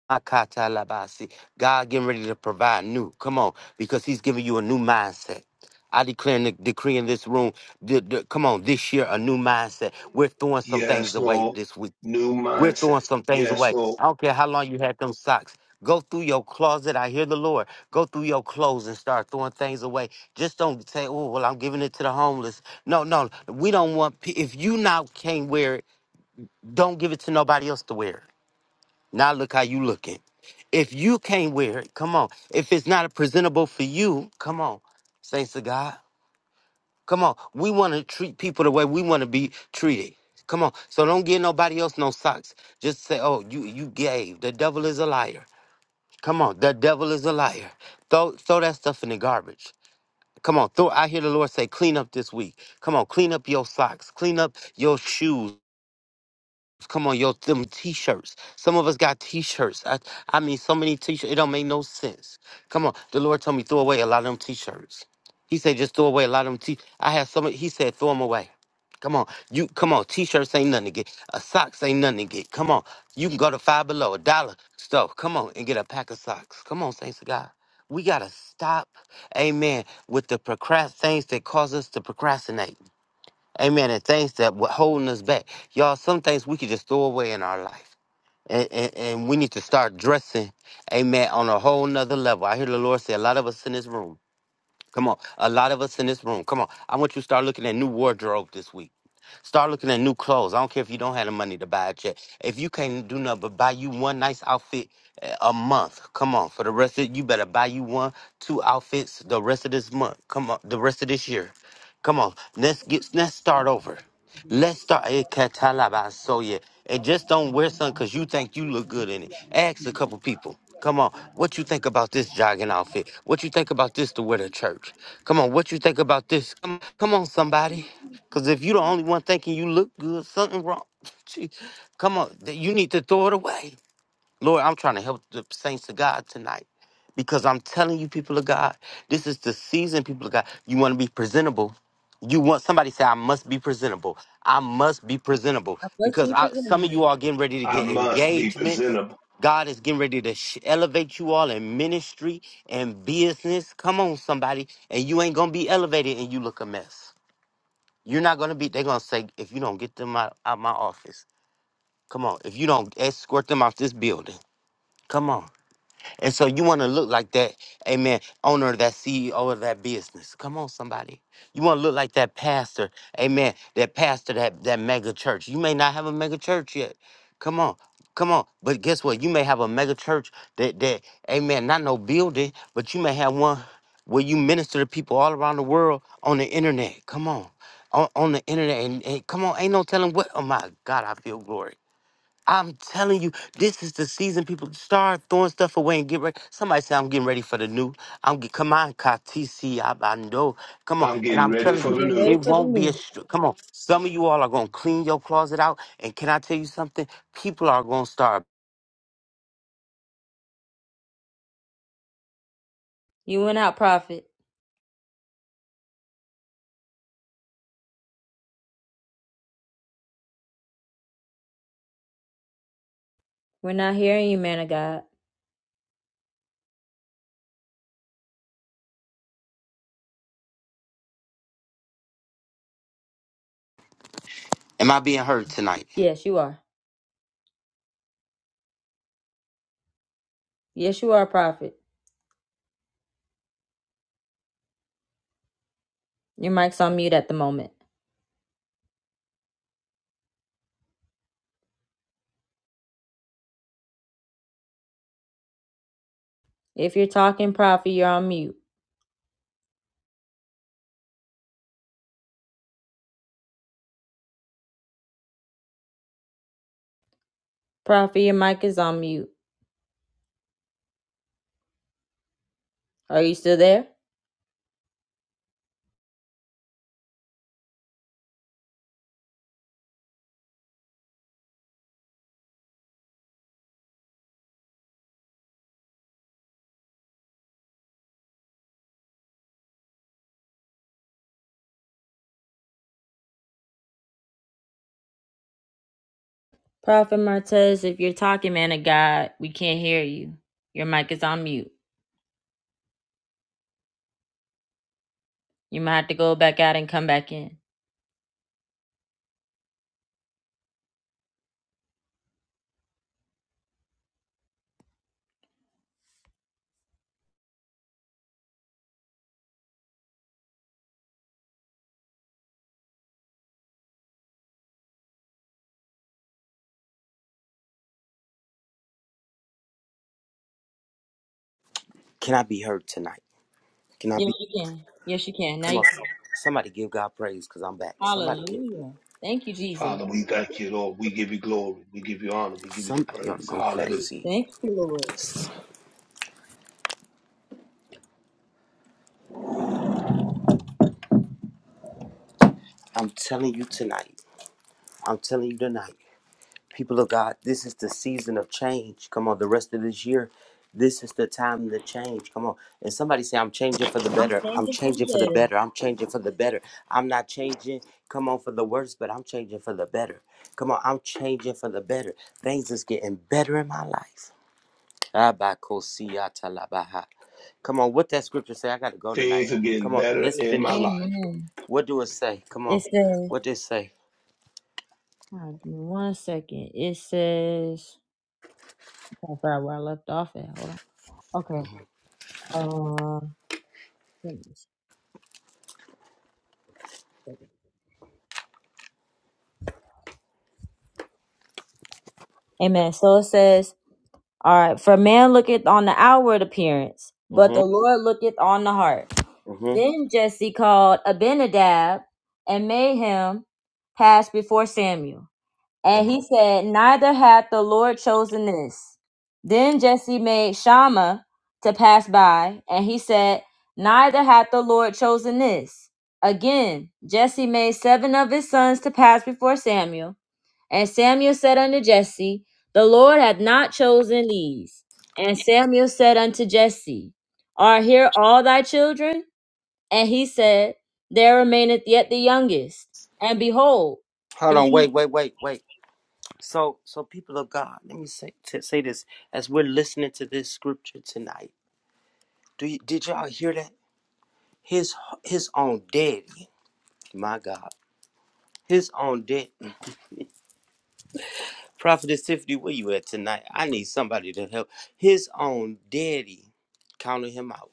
Speaker 2: my labasi. God getting ready to provide new. Come on, because He's giving you a new mindset. I declare and decree in this room. th- th- come on, this year a new mindset. We're throwing some things
Speaker 3: Yes,
Speaker 2: away
Speaker 3: Lord.
Speaker 2: this week
Speaker 3: New
Speaker 2: we're
Speaker 3: mindset.
Speaker 2: throwing some things
Speaker 3: Yes,
Speaker 2: away.
Speaker 3: Lord.
Speaker 2: I don't care how long you had them socks. Go through your closet. I hear the Lord. Go through your clothes and start throwing things away. Just don't say, "Oh, well, I'm giving it to the homeless." No, no, we don't want. pe- If you now can't wear it, don't give it to nobody else to wear. it. Now look how you looking. If you can't wear it, come on. If it's not presentable for you, come on. Thanks to God. Come on, we want to treat people the way we want to be treated. Come on, so don't give nobody else no socks. Just say, "Oh, you you gave." The devil is a liar. Come on, the devil is a liar. Throw throw that stuff in the garbage. Come on, throw. I hear the Lord say, "Clean up this week." Come on, clean up your socks. Clean up your shoes. Come on, yo, them t-shirts. Some of us got t-shirts. I, I mean, so many t-shirts. It don't make no sense. Come on, the Lord told me throw away a lot of them t-shirts. He said just throw away a lot of them t. I had so many. He said throw them away. Come on, you come on. T-shirts ain't nothing to get. A socks ain't nothing to get. Come on, you can go to Five Below, a dollar store. Come on and get a pack of socks. Come on, saints of God. We gotta stop, amen, with the procrast things that cause us to procrastinate. Amen. And things that were holding us back. Y'all, some things we could just throw away in our life. And, and, and we need to start dressing, amen, on a whole nother level. I hear the Lord say a lot of us in this room. Come on. A lot of us in this room. Come on. I want you to start looking at new wardrobe this week. Start looking at new clothes. I don't care if you don't have the money to buy it yet. If you can't do nothing but buy you one nice outfit eh, a month, come on. For the rest of you better buy you one, two outfits the rest of this month. Come on, the rest of this year. Come on. Let's get let's start over. Let's start a catalabasoye. And just don't wear something because you think you look good in it. Ask a couple people. Come on, what you think about this jogging outfit? What you think about this to wear to church? Come on, what you think about this? Come, come on, somebody. Because if you the only one thinking you look good, something wrong. Gee, come on, th- you need to throw it away. Lord, I'm trying to help the saints of God tonight because I'm telling you, people of God, this is the season, people of God. You want to be presentable. You want somebody say, I must be presentable. I must be presentable
Speaker 1: Let's
Speaker 2: because
Speaker 1: be
Speaker 2: I, some of you
Speaker 1: presenting.
Speaker 2: are getting ready to
Speaker 3: I
Speaker 2: get
Speaker 3: must be
Speaker 2: engagements.
Speaker 3: presentable.
Speaker 2: God is getting ready to sh- elevate you all in ministry and business. Come on, somebody. And you ain't going to be elevated and you look a mess. You're not going to be, they're going to say, if you don't get them out, out my office, come on. If you don't escort them out this building, come on. And so you want to look like that, amen, owner of that CEO of that business. Come on, somebody. You want to look like that pastor, amen, that pastor, that, that mega church. You may not have a mega church yet. Come on. Come on, but guess what? You may have a mega church that that, amen, not no building, but you may have one where you minister to people all around the world on the internet. Come on, on, on the internet, and, and come on, ain't no telling what. Oh my God, I feel glory. I'm telling you, this is the season. People start throwing stuff away and get ready. Somebody say I'm getting ready for the new. I'm get, come on, Katisi Abando. Come on,
Speaker 3: I'm
Speaker 2: and
Speaker 3: getting
Speaker 2: I'm
Speaker 3: ready
Speaker 2: telling
Speaker 3: for
Speaker 1: I'm
Speaker 2: you,
Speaker 3: the
Speaker 1: getting
Speaker 3: new.
Speaker 1: ready
Speaker 2: it
Speaker 1: for the
Speaker 2: won't be a.
Speaker 1: new.
Speaker 2: str- Come on, some of you all are gonna clean your closet out. And can I tell you something? People are gonna start.
Speaker 1: You went out, prophet. We're not hearing you, man of God.
Speaker 2: Am I being heard tonight?
Speaker 1: Yes, you are. Yes, you are, prophet. Your mic's on mute at the moment. If you're talking, prophet, you're on mute. Prophet, your mic is on mute. Are you still there? Prophet Martez, if you're talking, man of God, we can't hear you. Your mic is on mute. You might have to go back out and come back in.
Speaker 8: Can I be heard tonight? Can I
Speaker 1: Yes,
Speaker 8: be?
Speaker 1: you can. Yes, you can. Now
Speaker 8: Come
Speaker 1: you
Speaker 8: on,
Speaker 1: can.
Speaker 8: somebody give God praise because I'm back. Somebody give.
Speaker 1: Hallelujah. Thank you, Jesus.
Speaker 3: Father, we thank you, Lord. We give you glory. We give you honor. We give you the
Speaker 8: Somebody ought to
Speaker 3: praise.
Speaker 8: go
Speaker 3: Hallelujah.
Speaker 8: crazy.
Speaker 1: Thank you.
Speaker 8: I'm telling you tonight. I'm telling you tonight. People of God, this is the season of change. Come on, the rest of this year, this is the time to change. Come on. And somebody say, I'm changing for the
Speaker 1: I'm
Speaker 8: better. I'm
Speaker 1: thankful for
Speaker 8: changing for the
Speaker 1: the better.
Speaker 8: better. I'm changing for the better. I'm not changing, come on, for the worse, but I'm changing for the better. Come on, I'm changing for the better. Things is getting better in my life. Abakosiyatalabaha. Come on, what that scripture say? I gotta go tonight.
Speaker 3: things are
Speaker 8: Come
Speaker 3: getting
Speaker 8: on,
Speaker 3: better
Speaker 8: let's
Speaker 3: in my
Speaker 8: finish it.
Speaker 3: life.
Speaker 1: Amen.
Speaker 8: What do it say? Come on,
Speaker 1: It says
Speaker 8: what did it say?
Speaker 1: All right, give me one second. It says, I can't find where I left off at. Hold on. Okay. Uh, goodness. Amen. So it says, all right, for man looketh on the outward appearance, but
Speaker 8: Mhm,
Speaker 1: the Lord looketh on the heart.
Speaker 8: mhm,
Speaker 1: Then Jesse called Abinadab and made him pass before Samuel. And he
Speaker 8: mhm.
Speaker 1: said, Neither hath the Lord chosen this. Then Jesse made Shammah to pass by, and he said, Neither hath the Lord chosen this. Again, Jesse made seven of his sons to pass before Samuel. And Samuel said unto Jesse, The Lord hath not chosen these. And Samuel said unto Jesse, Are here all thy children? And he said, There remaineth yet the youngest. And behold,
Speaker 8: Hold
Speaker 1: he
Speaker 8: on, wait,
Speaker 1: keep
Speaker 8: wait, wait, wait. So, so people of God, let me say to say this as we're listening to this scripture tonight. Do you, did y'all hear that? His his own daddy, my God, his own daddy. Prophetess Tiffany, where you at tonight? I need somebody to help. His own daddy counted him out.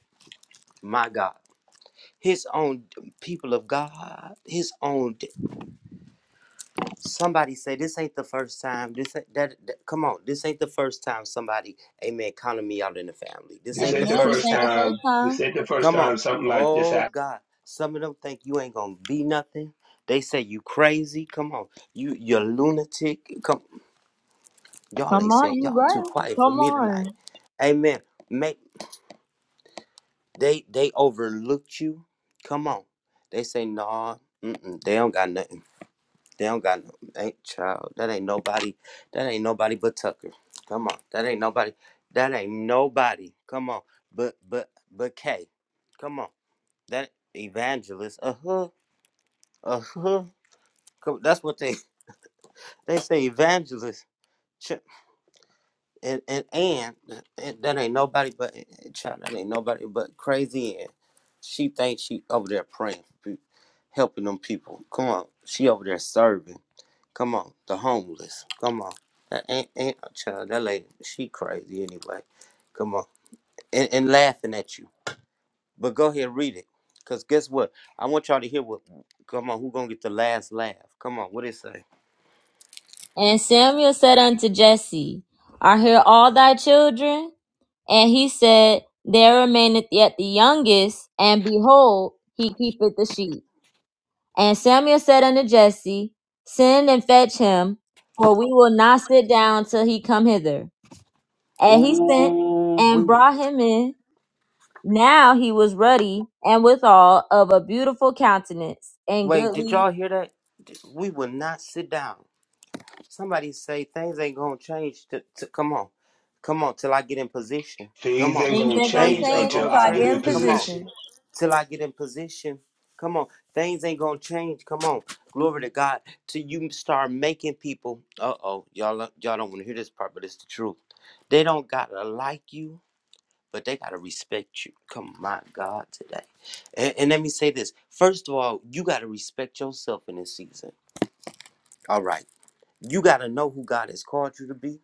Speaker 8: My God. his own d- people of God, his own. d- Somebody say this ain't the first time. This ain't, that, that- come on, this ain't the first time somebody, amen, counted me out in the family. This
Speaker 3: This
Speaker 1: Amen.
Speaker 8: ain't the
Speaker 3: ain't the
Speaker 1: This
Speaker 8: first
Speaker 3: first
Speaker 1: ain't the
Speaker 8: time.
Speaker 1: first
Speaker 3: time.
Speaker 1: time.
Speaker 3: This ain't the first
Speaker 8: Come on,
Speaker 3: time something like this
Speaker 8: oh
Speaker 3: happened.
Speaker 8: God, some of them think you ain't gonna be nothing. They say you crazy. Come on, you you're lunatic. Come, y'all
Speaker 1: Come
Speaker 8: ain't
Speaker 1: on,
Speaker 8: said
Speaker 1: you
Speaker 8: y'all
Speaker 1: right.
Speaker 8: too quiet for
Speaker 1: Come
Speaker 8: me
Speaker 1: on.
Speaker 8: tonight. Amen. Make they they overlooked you. Come on, they say no. Nah, mm-mm, they don't got nothing. They don't got no ain't child. That ain't nobody. That ain't nobody but Tucker. Come on. That ain't nobody. That ain't nobody. Come on. But but but K. Come on. That evangelist. Uh huh. Uh huh. That's what they they say. Evangelist. Ch- And and and, and that ain't nobody but eh, eh, child. That ain't nobody but crazy. And she thinks she over there praying, helping them people. Come on. She over there serving. Come on, the homeless. Come on, that ain't ain't child. That lady, she crazy anyway. Come on, and, and laughing at you. But go ahead, read it, cause guess what? I want y'all to hear what. Come on, who gonna get the last laugh? Come on, what it say?
Speaker 1: And Samuel said unto Jesse, Are here all thy children? And he said, There remaineth yet the youngest, and behold, he keepeth the sheep. And Samuel said unto Jesse, Send and fetch him, for we will not sit down till he come hither. And he sent
Speaker 8: Ooh,
Speaker 1: and
Speaker 8: we
Speaker 1: brought him in. Now he was ruddy and withal of a beautiful countenance and
Speaker 8: wait. Did
Speaker 1: goodly
Speaker 8: y'all hear that? D- We will not sit down. Somebody say things ain't gonna change. To, to come on, come on, till I get in position. Come
Speaker 3: Things
Speaker 8: on,
Speaker 3: ain't
Speaker 1: Things
Speaker 3: gonna
Speaker 1: ain't gonna
Speaker 3: change
Speaker 8: things ain't
Speaker 1: change
Speaker 3: until
Speaker 8: gonna
Speaker 1: until I
Speaker 3: I get
Speaker 1: get
Speaker 8: change.
Speaker 3: in
Speaker 1: in
Speaker 8: Come on.
Speaker 3: position.
Speaker 1: position.
Speaker 8: till I get in position. Come on, things ain't gonna change. Come on, glory to God. Till you start making people. Uh oh, y'all uh, y'all don't want to hear this part, but it's the truth. They don't gotta like you, but they gotta respect you. Come on, my God today. And, and let me say this. First of all, you gotta respect yourself in this season. All right. You got to know who God has called you to be.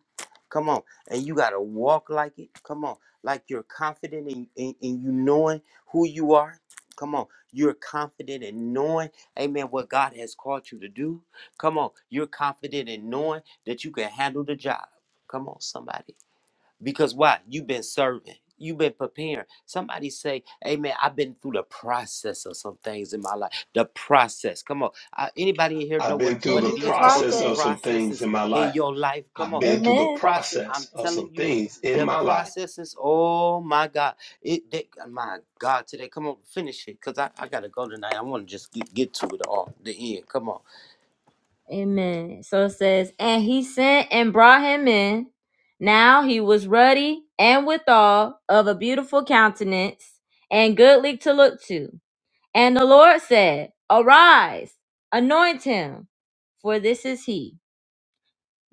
Speaker 8: Come on. And you got to walk like it. Come on. Like you're confident in, in, in you knowing who you are. Come on. You're confident in knowing, amen, what God has called you to do. Come on. You're confident in knowing that you can handle the job. Come on, somebody. Because why? You've been serving. You've been preparing. Somebody say, "Hey man, I've been through the process of some things in my life. The process. Come on. Uh, anybody in here know
Speaker 3: I've
Speaker 8: what
Speaker 3: been through
Speaker 8: what
Speaker 1: Been
Speaker 3: the
Speaker 1: through
Speaker 8: it
Speaker 1: the
Speaker 8: is to go
Speaker 3: process
Speaker 8: through
Speaker 1: process.
Speaker 3: of some things
Speaker 8: processes
Speaker 3: in my
Speaker 8: in
Speaker 3: life.
Speaker 8: your life? Come
Speaker 3: I've
Speaker 8: on.
Speaker 3: been through
Speaker 8: And
Speaker 3: the
Speaker 1: Amen.
Speaker 8: process. I'm
Speaker 3: process of
Speaker 8: telling
Speaker 3: some
Speaker 8: you,
Speaker 3: things in
Speaker 8: the
Speaker 3: my life.
Speaker 8: processes. Oh my God. It. They, my God. Today. Come on. Finish it. Cause I, I gotta go tonight. I want to just get get to it all. The end. Come on.
Speaker 1: Amen. So it says, and he sent and brought him in. Now he was ruddy and withal of a beautiful countenance and goodly to look to. And the Lord said, Arise, anoint him, for this is he.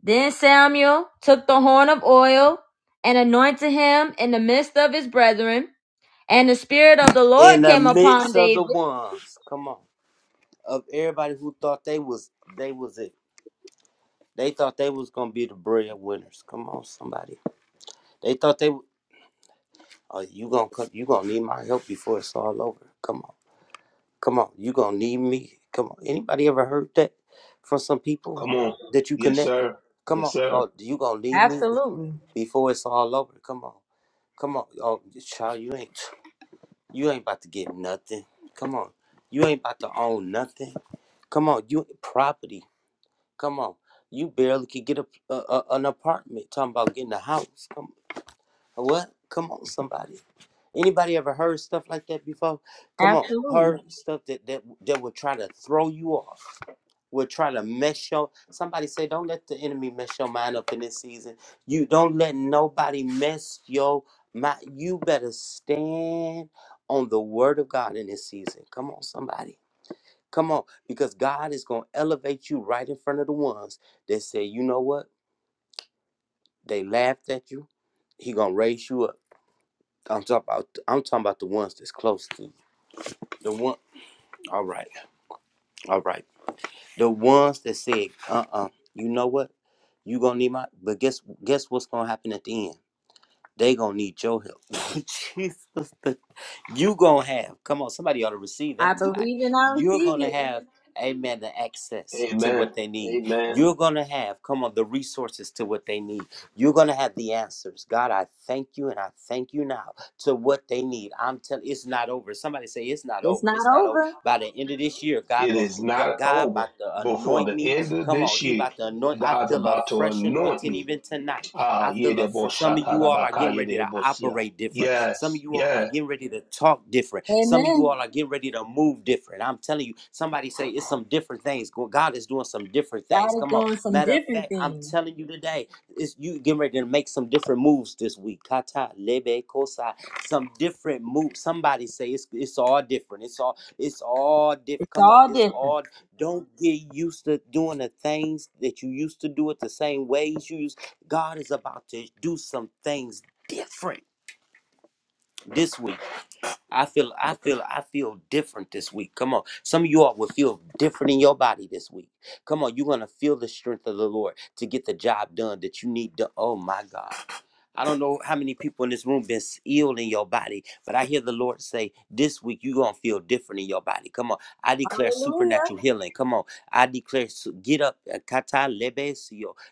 Speaker 1: Then Samuel took the horn of oil and anointed him in the midst of his brethren. And the Spirit of the
Speaker 8: In
Speaker 1: Lord
Speaker 8: the
Speaker 1: came upon
Speaker 8: midst of the
Speaker 1: David
Speaker 8: ones. Come on. Of everybody who thought they was they was it. They thought they was gonna be the breadwinners. Come on, somebody. They thought they. Oh, you gonna come, you gonna need my help before it's all over. Come on, come on. You gonna need me. Come on. Anybody ever heard that from some
Speaker 3: Come
Speaker 8: people
Speaker 3: on.
Speaker 8: that you
Speaker 3: Yes,
Speaker 8: connect?
Speaker 3: sir.
Speaker 8: Come
Speaker 3: Yes,
Speaker 8: on.
Speaker 3: sir.
Speaker 8: Oh, you gonna need me
Speaker 1: Absolutely.
Speaker 8: before it's all over. Come on, come on. Oh, child, you ain't you ain't about to get nothing. Come on, you ain't about to own nothing. Come on, you property. Come on, you barely could get a, a, a- an apartment. Talking about getting a house. Come What? Come on, somebody. Anybody ever heard stuff like that before? Come on,
Speaker 1: Absolutely.
Speaker 8: heard stuff that that that would try to throw you off. Would try to mess your. Somebody say, don't let the enemy mess your mind up in this season. You don't let nobody mess your mind. You better stand on the word of God in this season. Come on, somebody. Come on, because God is gonna elevate you right in front of the ones that say, you know what? They laughed at you. He gonna raise you up. I'm talking about I'm talking about the ones that's close to you. The one all right. All right. The ones that said, uh uh you know what? You gonna need my but guess guess what's gonna happen at the end? They gonna need your help. Jesus, the- you gonna have. Come on, somebody ought to receive
Speaker 1: I
Speaker 8: that tonight.
Speaker 1: believe and I
Speaker 8: You're gonna
Speaker 1: receive it.
Speaker 8: have, amen, the access to
Speaker 3: Amen.
Speaker 8: what they need.
Speaker 3: Amen.
Speaker 8: You're gonna have, come on, the resources to what they need. You're gonna have the answers. God, I thank you and I thank you now to what they need. I'm telling, it's not over. Somebody say it's not
Speaker 1: It's
Speaker 8: over.
Speaker 1: not
Speaker 8: It's not over.
Speaker 1: over.
Speaker 8: By the end of this year, God
Speaker 3: It
Speaker 8: gonna
Speaker 3: is
Speaker 8: do. Go-
Speaker 3: not
Speaker 8: God
Speaker 3: over
Speaker 8: about to
Speaker 3: before
Speaker 8: anoint
Speaker 3: the
Speaker 8: me.
Speaker 3: end of
Speaker 8: Come
Speaker 3: this
Speaker 8: on, He
Speaker 3: year.
Speaker 8: about to anoint. I
Speaker 3: God's
Speaker 8: feel a
Speaker 3: about to
Speaker 8: fresh
Speaker 3: anoint
Speaker 8: anointing
Speaker 3: me
Speaker 8: even tonight.
Speaker 3: Ah,
Speaker 8: I feel a,
Speaker 3: yedebo
Speaker 8: for some of you all are
Speaker 3: shatarabaka
Speaker 8: getting ready to
Speaker 3: yedebosia.
Speaker 8: operate different. Some of
Speaker 3: Yes,
Speaker 8: you all are
Speaker 3: yes.
Speaker 8: getting ready to talk different. Some of you
Speaker 1: Amen.
Speaker 8: all are getting ready to move different. I'm telling you, somebody say it's some different things. Go- God is doing some different things.
Speaker 1: God is
Speaker 8: Come on.
Speaker 1: doing some
Speaker 8: Matter of
Speaker 1: different
Speaker 8: fact, I'm
Speaker 1: things.
Speaker 8: telling you today, it's you getting ready to make some different moves this week. Kata lebe kosa. Some different moves. Somebody say it's it's all different. It's all it's all different.
Speaker 1: It's
Speaker 8: Come on,
Speaker 1: all
Speaker 8: it's
Speaker 1: different.
Speaker 8: all don't get used to doing the things that you used to do it the same ways you used God is about to do some things different this week. I feel I feel I feel different this week. Come on. Some of you all will feel different in your body this week. Come on, you're gonna feel the strength of the Lord to get the job done that you need to. Oh my God. I don't know how many people in this room been ill in your body, but I hear the Lord say, this week you're going to feel different in your body. Come on. I declare
Speaker 1: Hallelujah.
Speaker 8: supernatural healing. Come on. I declare, su- get up. uh, kata lebe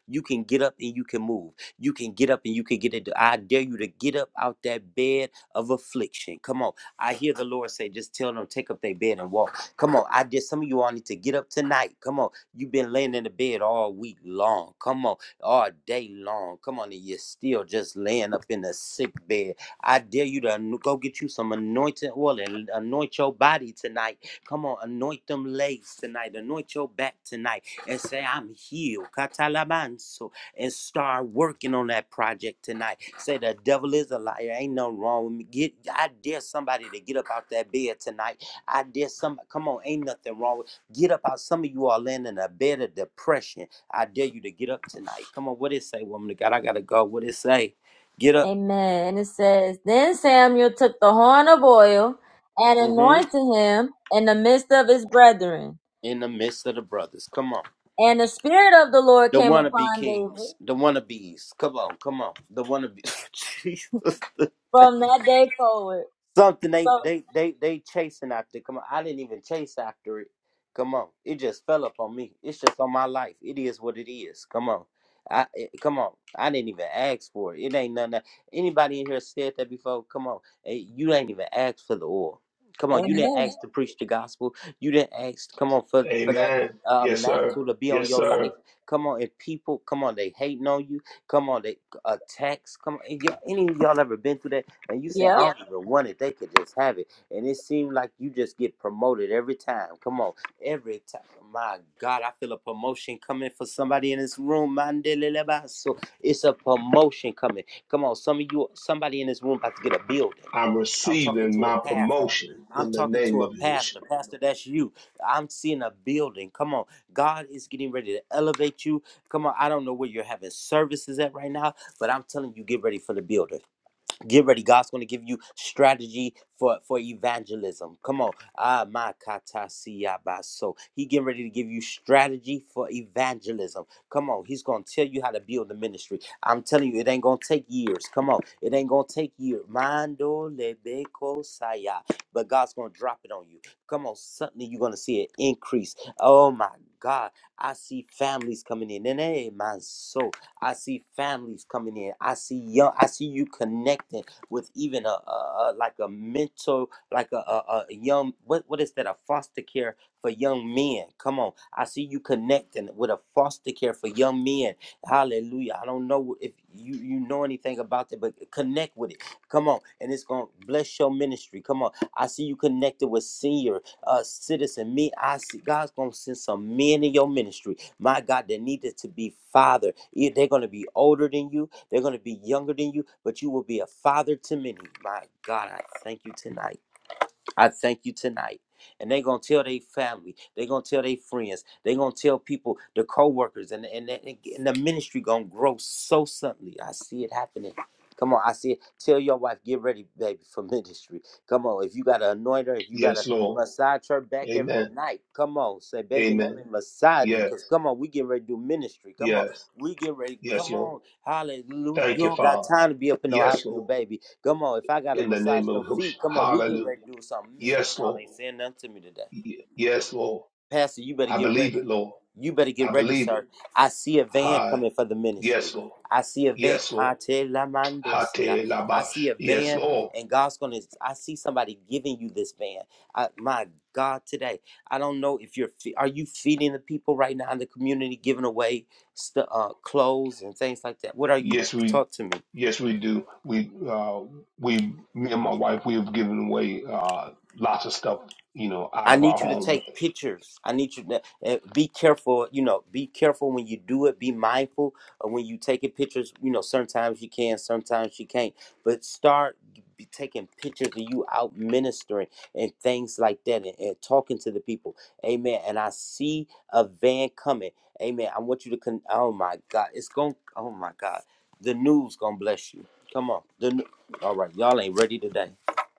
Speaker 8: You can get up and you can move. You can get up and you can get it. I dare you to get up out that bed of affliction. Come on. I hear the Lord say, just tell them, take up their bed and walk. Come on. I dare some of you all need to get up tonight. Come on. You've been laying in the bed all week long. Come on all day long. Come on, and you're still just laying up in a sick bed. I dare you to an- go get you some anointing oil and anoint your body tonight. Come on, anoint them legs tonight, anoint your back tonight, and say, I'm healed. Katalabanso. And start working on that project tonight. Say, the devil is a liar. Ain't nothing wrong with me. Get, I dare somebody to get up out that bed tonight. I dare some. come on, ain't nothing wrong with Get up out. Some of you are laying in a bed of depression I dare you to get up tonight. Come on, what it say, woman of God? I gotta go. What it say? Get up.
Speaker 1: Amen. And it says, Then Samuel took the horn of oil and
Speaker 8: hmm
Speaker 1: anointed him in the midst of his brethren.
Speaker 8: In the midst of the brothers. Come on.
Speaker 1: And the Spirit of the Lord
Speaker 8: The
Speaker 1: came
Speaker 8: wannabe
Speaker 1: upon David
Speaker 8: kings. The wannabes. Come on, come on. The wannabe Jesus.
Speaker 1: from that day forward.
Speaker 8: Something they
Speaker 1: So,
Speaker 8: they they they chasing after. Come on, I didn't even chase after it. Come on, it just fell up on me. It's just on my life. It is what it is. Come on, I it- come on. I didn't even ask for it. It ain't nothing. that- Anybody in here said that before? Come on, Hey, you ain't even asked for the oil. Come on, you didn't
Speaker 1: amen.
Speaker 8: ask to preach the gospel. You didn't ask. Come on for for that
Speaker 3: Amen.
Speaker 8: uh,
Speaker 3: Yes, sir.
Speaker 8: mantle to be on
Speaker 3: Yes,
Speaker 8: your
Speaker 3: sir.
Speaker 8: life. Come on, if people come on, they hating on you. Come on, they attacks. Come on, and y'all- any of y'all ever been through that? And you said, I
Speaker 1: Yep.
Speaker 8: Yeah. don't even want it. They could just have it. And it seemed like you just get promoted every time. Come on. Every time. My God, I feel a promotion coming for somebody in this room. Mandeleleba. So it's a promotion coming. Come on. Some of you, somebody in this room about to get a building.
Speaker 3: I'm
Speaker 8: I'm talking
Speaker 3: receiving
Speaker 8: to a
Speaker 3: my
Speaker 8: pastor.
Speaker 3: promotion
Speaker 8: I'm
Speaker 3: in the
Speaker 8: talking
Speaker 3: name
Speaker 8: to a
Speaker 3: of
Speaker 8: pastor.
Speaker 3: Yahushua.
Speaker 8: Pastor, that's you. I'm seeing a building. Come on. God is getting ready to elevate you. Come on. I don't know where you're having services at right now, but I'm telling you, get ready for the building. Get ready. God's going to give you strategy for, for evangelism. Come on. Ah, my kata baso. He getting ready to give you strategy for evangelism. Come on. He's going to tell you how to build the ministry. I'm telling you, it ain't going to take years. Come on. It ain't going to take years. Mando lebeko saya. But God's going to drop it on you. Come on. Suddenly you're going to see an increase. Oh, my God. I see families coming in. And hey, my soul. I see families coming in. I see young. I see you connecting with even a, a, a like a mental, like a, a, a young. What what is that? A foster care for young men. Come on, I see you connecting with a foster care for young men. Hallelujah. I don't know if you you know anything about it, but connect with it. Come on, and it's gonna bless your ministry. Come on, I see you connected with senior uh citizen. Me, I see God's gonna send some men in your ministry my God, that needed to be fathered. Yeah, They're going to be older than you, they're going to be younger than you, but you will be a father to many. My God, I thank you tonight. I thank you tonight. And they're gonna tell their family, they're gonna tell their friends, they're gonna tell people, the co-workers, and, and, and and the ministry gonna grow so suddenly. I see it happening. Come on, I see it. Tell your wife, get ready, baby, for ministry. Come on, if you gotta anoint her, if you gotta
Speaker 3: Yes, Lord.
Speaker 8: massage her back every
Speaker 3: Amen.
Speaker 8: night, come on, say, baby, let me
Speaker 3: Amen.
Speaker 8: massage you.
Speaker 3: Yes,
Speaker 8: Cause come on, we get ready to do ministry. Come on,
Speaker 3: yes,
Speaker 8: we get ready.
Speaker 3: yes,
Speaker 8: Come
Speaker 3: Lord.
Speaker 8: on, hallelujah.
Speaker 3: Thank
Speaker 8: You
Speaker 3: you,
Speaker 8: don't got
Speaker 3: Father.
Speaker 8: time to be up in no
Speaker 3: Yes,
Speaker 8: hospital,
Speaker 3: Lord.
Speaker 8: baby. Come on, if I gotta
Speaker 3: In the
Speaker 8: massage
Speaker 3: name of
Speaker 8: them feet,
Speaker 3: Yahushua.
Speaker 8: come on, we get
Speaker 3: Hallelujah.
Speaker 8: ready to do something. Man,
Speaker 3: Yes,
Speaker 8: y'all
Speaker 3: Lord.
Speaker 8: ain't saying nothing to me today.
Speaker 3: Y- Yes, Lord.
Speaker 8: Pastor, you better
Speaker 3: I
Speaker 8: get
Speaker 3: believe
Speaker 8: ready.
Speaker 3: it, Lord.
Speaker 8: You better get
Speaker 3: I
Speaker 8: ready,
Speaker 3: believe it.
Speaker 8: sir. I see a van
Speaker 3: Hi.
Speaker 8: coming for the
Speaker 3: Yes,
Speaker 8: ministry.
Speaker 3: Lord.
Speaker 8: I see a van.
Speaker 3: Yes, Lord.
Speaker 8: Kate la Mandosia.
Speaker 3: Hate
Speaker 8: I
Speaker 3: labash.
Speaker 8: see a
Speaker 3: Yes,
Speaker 8: van,
Speaker 3: Lord.
Speaker 8: and God's gonna. I see somebody giving you this van. I, my God, today. I don't know if you're. fe- Are you feeding the people right now in the community, giving away stu uh, clothes and things like that? What are you?
Speaker 3: Yes, we,
Speaker 8: Talk to me.
Speaker 3: yes, we do. We, uh, we, me and my wife, we have given away uh, lots of stuff, you know, out
Speaker 8: I
Speaker 3: of our
Speaker 8: need you to
Speaker 3: home.
Speaker 8: take pictures. I need you to uh, be careful. You know, be careful when you do it. Be mindful of when you taking pictures. You know, sometimes you can, sometimes you can't. But start be taking pictures of you out ministering and things like that, and, and talking to the people. Amen. And I see a van coming. Amen. I want you to. Con- oh my God, it's going. Oh my God, the news gonna bless you. Come on. The new- all right, y'all ain't ready today.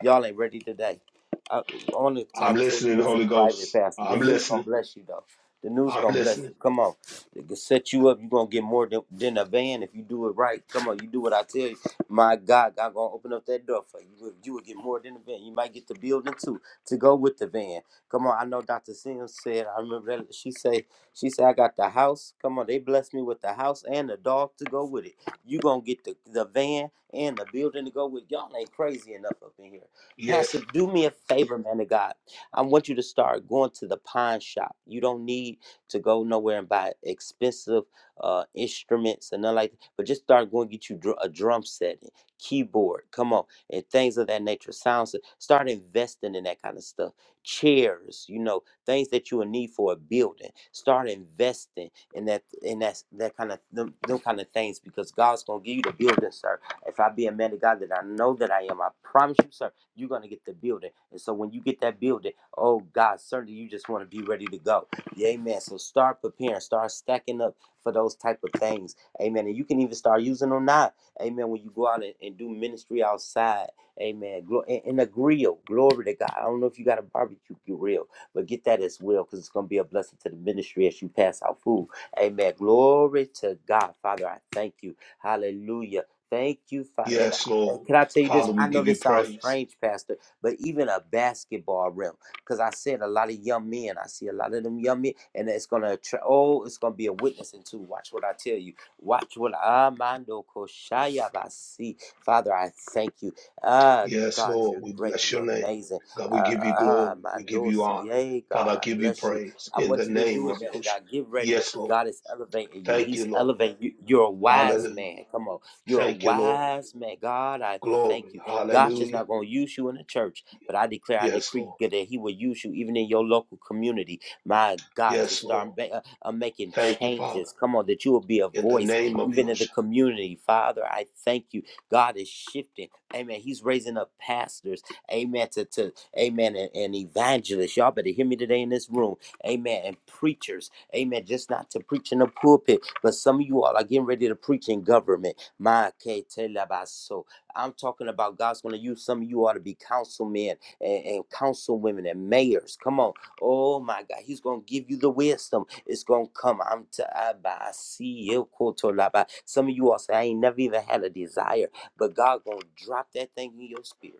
Speaker 8: Y'all ain't ready today. Uh, I only try
Speaker 3: I'm
Speaker 8: to tell you
Speaker 3: listening,
Speaker 8: this in
Speaker 3: Holy
Speaker 8: private,
Speaker 3: Ghost.
Speaker 8: Pastor. The
Speaker 3: I'm
Speaker 8: news gonna
Speaker 3: listening.
Speaker 8: bless you though. The news
Speaker 3: I'm
Speaker 8: gonna bless you.
Speaker 3: listening.
Speaker 8: Come on, they can set you up. You are gonna get more than, than a van if you do it right. Come on, you do what I tell you. My God, God gonna open up that door for you. You will you will get more than a van. You might get the building too to go with the van. Come on, I know Dr. Sims said. I remember that she say she said I got the house. Come on, they blessed me with the house and the dog to go with it. You gonna get the the van and the building to go with. Y'all ain't crazy enough up in here. Pastor,
Speaker 3: Yes,
Speaker 8: do me a favor, man of God. I want you to start going to the pawn shop. You don't need to go nowhere and buy expensive uh, instruments and nothing like that, but just start going get you dr- a drum set, and keyboard, come on, and things of that nature. Sounds, start investing in that kind of stuff. Chairs, you know, things that you will need for a building. Start investing in that, in that, that kind of, them, them kind of things, because God's gonna give you the building, sir. If I be a man of God that I know that I am, I promise you, sir you're gonna get the building. And so when you get that building, oh God, certainly you just want to be ready to go. Yeah, Amen. So start preparing, start stacking up for those type of things. Amen. And you can even start using them now. Amen. When you go out and, and do ministry outside. Amen. and, and a grill. Glory to God. I don't know if you got a barbecue grill, but get that as well because it's going to be a blessing to the ministry as you pass out food. Amen. Glory to God. Father, I thank you. Hallelujah. Thank you, Father. And
Speaker 3: yes,
Speaker 8: and
Speaker 3: Lord.
Speaker 8: can I tell you this?
Speaker 3: Father, we
Speaker 8: I know
Speaker 3: give you
Speaker 8: this sounds
Speaker 3: praise.
Speaker 8: strange, Pastor, but even a basketball rim, because I said a lot of young men, I see a lot of them young men, and it's gonna attra- oh, it's gonna be a witness into. Watch what I tell you. Watch what Amando Koshaya Basi. Father, I thank you. Ah,
Speaker 3: Yes,
Speaker 8: God,
Speaker 3: Lord,
Speaker 8: you're
Speaker 3: we
Speaker 8: great.
Speaker 3: bless your
Speaker 8: You're
Speaker 3: name.
Speaker 8: amazing.
Speaker 3: God, we give you
Speaker 8: Ah,
Speaker 3: glory. We give
Speaker 8: Amando
Speaker 3: you honor.
Speaker 8: Siye,
Speaker 3: Father,
Speaker 8: God,
Speaker 3: I
Speaker 8: I
Speaker 3: give you
Speaker 8: bless you.
Speaker 3: praise
Speaker 8: I
Speaker 3: in the
Speaker 8: want you to
Speaker 3: name
Speaker 8: do it,
Speaker 3: of
Speaker 8: man.
Speaker 3: Yahushua.
Speaker 8: God, get ready.
Speaker 3: Yes, Lord.
Speaker 8: God is elevating you.
Speaker 3: Thank
Speaker 8: He's
Speaker 3: you, Lord.
Speaker 8: elevating you. You're a wise
Speaker 3: Hallelujah.
Speaker 8: man. Come on. You're a
Speaker 3: Thank you, Lord.
Speaker 8: wise man. God, I thank
Speaker 3: Glory.
Speaker 8: you. God's just
Speaker 3: Hallelujah.
Speaker 8: not going to use you in the church, but I declare, I
Speaker 3: Yes, Lord.
Speaker 8: decree that He will use you even in your local community. My God, to
Speaker 3: Yes, Lord.
Speaker 8: start ma- uh, uh, making
Speaker 3: Thank you, Father,
Speaker 8: changes. Come on, that you will be a
Speaker 3: in the
Speaker 8: voice
Speaker 3: name of
Speaker 8: even in the
Speaker 3: Yosha.
Speaker 8: community. Father, I thank you. God is shifting. Amen. He's raising up pastors. Amen. To, to amen. And, and evangelists. Y'all better hear me today in this room. Amen. And preachers. Amen. Just not to preach in the pulpit, but some of you all are getting ready to preach in government. Ma ke te la ba so. I'm talking about God's going to use some of you all to be councilmen and, and councilwomen and mayors. Come on. Oh my God. He's going to give you the wisdom. It's going to come. I'm t- I ba- I see you. koto la ba. Some of you all say, I ain't never even had a desire, but God going to drop that thing in your spirit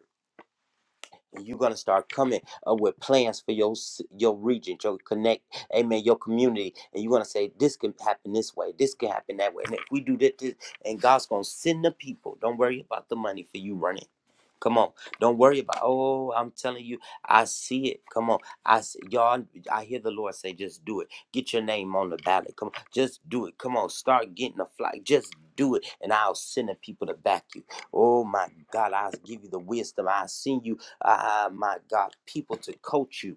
Speaker 8: and you're gonna start coming uh, with plans for your s- your region, your connect, amen, your community, and you're gonna say this can happen this way, this can happen that way, and if we do this, this and God's gonna send the people. Don't worry about the money for you running. Come on, don't worry about. Oh, I'm telling you, I see it. Come on, I see, y'all. I hear the Lord say, just do it. Get your name on the ballot. Come on, just do it. Come on, start getting a flag. Just do it, and I'll send the people to back you. Oh my God, I'll give you the wisdom. I'll send you Ah, my God, people to coach you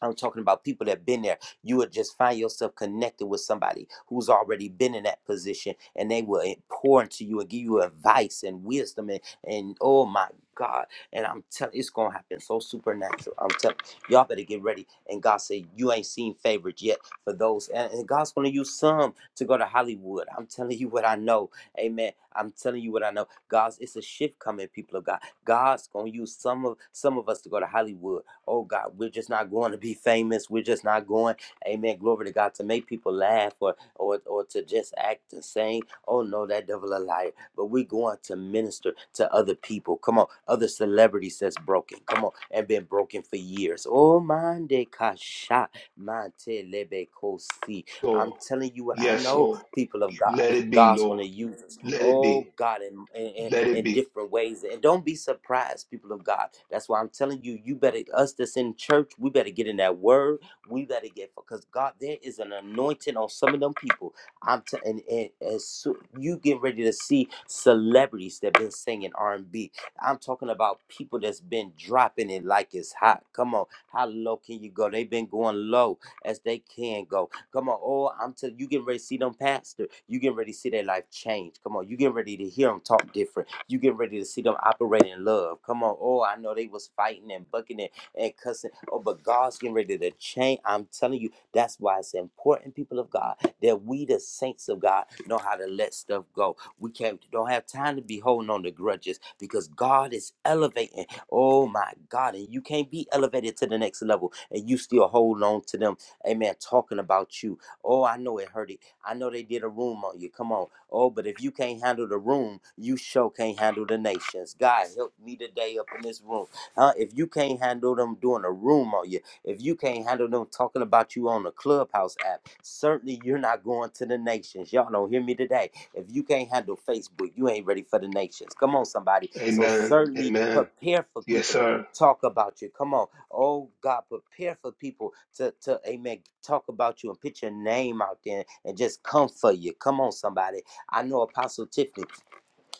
Speaker 8: I'm talking about people that been there. You would just find yourself connected with somebody who's already been in that position and they will pour into you and give you advice and wisdom and, and oh my God. And I'm telling it's gonna happen so supernatural. I'm telling y'all better get ready. And God said, You ain't seen favorites yet for those. And, and God's gonna use some to go to Hollywood. I'm telling you what I know. Amen. I'm telling you what I know. God's it's a shift coming, people of God. God's gonna use some of some of us to go to Hollywood. Oh God, we're just not going to be famous. We're just not going, amen. Glory to God to make people laugh or or, or to just act and sing. Oh no, that devil a liar. But we are going to minister to other people. Come on, other celebrities that's broken. Come on, and been broken for years. Oh mande kasha mante lebe kosi. I'm
Speaker 3: Lord.
Speaker 8: telling you what I
Speaker 3: Yes,
Speaker 8: know,
Speaker 3: Lord.
Speaker 8: people of God.
Speaker 3: Let it be,
Speaker 8: God's going
Speaker 3: Lord.
Speaker 8: to use us,
Speaker 3: Let it be.
Speaker 8: oh God, in, in, in
Speaker 3: Let it be.
Speaker 8: different ways. And don't be surprised, people of God. That's why I'm telling you, you better, us that's in church, we better get in that word. We better get, because God, there is an anointing on some of them people. I'm t- and, and as soon, you get ready to see celebrities that been singing r and B. am talking about people that's been dropping it like it's hot. Come on, how low can you go? They've been going low as they can go Come on. Oh, I'm telling you, getting ready to see them pastor. You getting ready to see their life change. Come on. You getting ready to hear them talk different. You getting ready to see them operate in love. Come on. Oh, I know they was fighting and bucking and, and cussing. Oh, but God's getting ready to change. I'm telling you, that's why it's important, people of God, that we, the saints of God, know how to let stuff go. We can't don't have time to be holding on to grudges because God is elevating. Oh my God. And you can't be elevated to the next level and you still hold on to them Amen. Talking about you. Oh, I know it hurt it. I know they did a room on you. Come on. Oh, but if you can't handle the room, you sure can't handle the nations. God help me today up in this room. Huh? If you can't handle them doing a room on you, if you can't handle them talking about you on the Clubhouse app, certainly you're not going to the nations. Y'all don't hear me today. If you can't handle Facebook, you ain't ready for the nations. Come on, somebody. So
Speaker 3: Amen.
Speaker 8: certainly
Speaker 3: Amen.
Speaker 8: prepare for
Speaker 3: Yes,
Speaker 8: people to
Speaker 3: sir.
Speaker 8: talk about you. Come on. Oh God, prepare for people to, to amen, talk about you and put your name out there and just come for you. Come on, somebody. I know Apostle Tiffany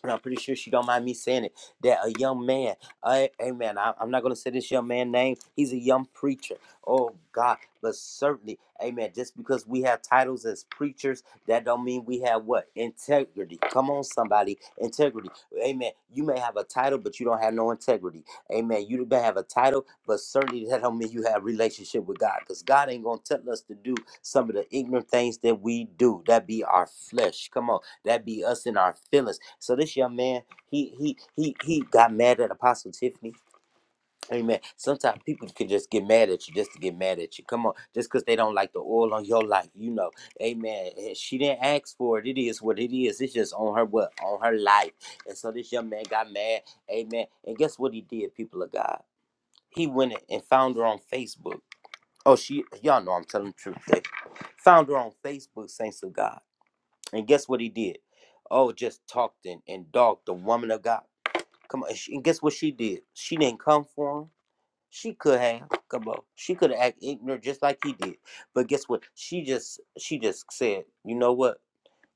Speaker 8: and I'm pretty sure she don't mind me saying it, that a young man, a- amen, I, I'm not going to say this young man's name, he's a young preacher, oh God, but certainly, amen, just because we have titles as preachers, that don't mean we have what? Integrity. Come on, somebody, integrity. Amen, you may have a title, but you don't have no integrity. Amen, you may have a title, but certainly that don't mean you have relationship with God, because God ain't going to tell us to do some of the ignorant things that we do, that be our flesh. Come on that be us in our feelings. So this young man, he he he he got mad at Apostle Tiffany. Amen. Sometimes people can just get mad at you just to get mad at you. Come on, just because they don't like the oil on your life, you know. Amen. And She didn't ask for it. It is what it is. It's just on her what on her life. And so this young man got mad. Amen. And guess what he did, people of God? He went and found her on Facebook. Oh, she y'all know I'm telling the truth. They found her on Facebook, saints of God and guess what he did? Oh, just talked and, and dogged the woman of God. Come on. And, she, and guess what she did? She didn't come for him. She could have. Come on. She could have acted ignorant just like he did. But guess what? She just she just said, you know what?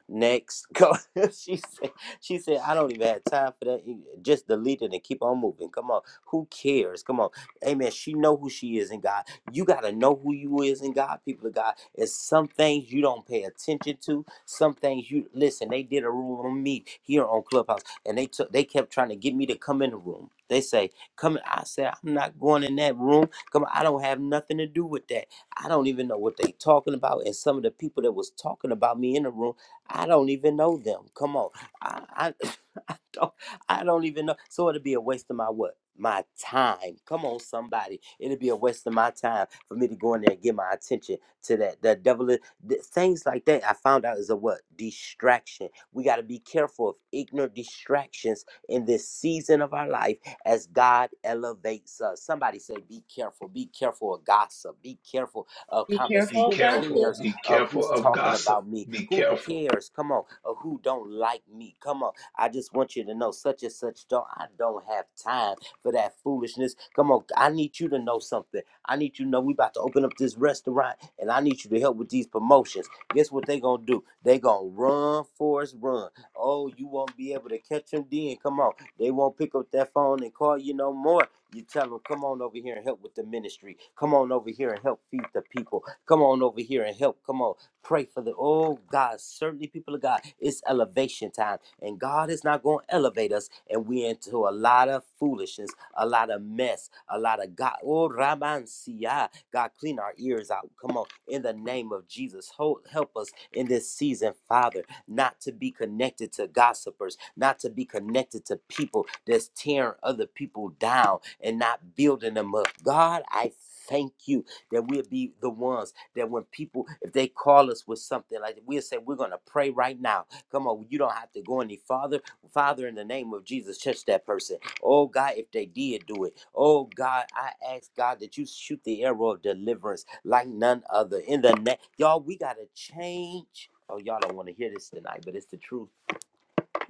Speaker 8: Next, go. she said. She said, "I don't even have time for that. You Just delete it and keep on moving. Come on, who cares? Come on, Amen." She know who she is in God. You gotta know who you is in God, people of God. It's some things you don't pay attention to. Some things you listen. They did a room on me here on Clubhouse, and they took. They kept trying to get me to come in the room. They say, "Come." in." I said, "I'm not going in that room. Come. on, I don't have nothing to do with that. I don't even know what they talking about." And some of the people that was talking about me in the room I don't even know them. Come on. I, I, I don't I don't even know. So it'd be a waste of my what? My time. Come on, somebody. It'd be a waste of my time for me to go in there and give my attention to that. The devil is, th- things like that I found out is a what? Distraction. We gotta be careful of ignorant distractions in this season of our life as God elevates us. Somebody say, be careful, be careful of gossip, be careful of
Speaker 1: Be
Speaker 8: conversation.
Speaker 3: Be
Speaker 1: careful of
Speaker 8: Who
Speaker 3: careful.
Speaker 1: gossip.
Speaker 8: cares
Speaker 3: Be
Speaker 8: of
Speaker 3: careful
Speaker 8: who's
Speaker 3: of
Speaker 8: talking
Speaker 3: gossip.
Speaker 8: about me,
Speaker 3: Be
Speaker 8: who
Speaker 3: careful.
Speaker 8: cares, come on, or who don't like me, come on. I just want you to know such and such don't, I don't have time for that foolishness. Come on, I need you to know something. I need you to know we about to open up this restaurant and I need you to help with these promotions. Guess what they gonna do? They gonna run for us, run. Oh, you won't be able to catch them then. Come on. They won't pick up that phone and call you no more. You tell them, come on over here and help with the ministry. Come on over here and help feed the people. Come on over here and help. Come on. Pray for the, oh God, certainly people of God, it's elevation time. And God is not going to elevate us. And we into a lot of foolishness, a lot of mess, a lot of God. Oh, Raman Siyah. God, clean our ears out. Come on. In the name of Jesus, ho- help us in this season, Father not to be connected to gossipers, not to be connected to people that's tearing other people down and not building them up. God, I thank you that we'll be the ones that when people, if they call us with something like that, we'll say, we're going to pray right now. Come on, you don't have to go any farther Father, in the name of Jesus, touch that person. Oh God, if they did do it, oh God, I ask God that you shoot the arrow of deliverance like none other. In the name, y'all, we gotta change. Oh, y'all don't want to hear this tonight, but it's the truth.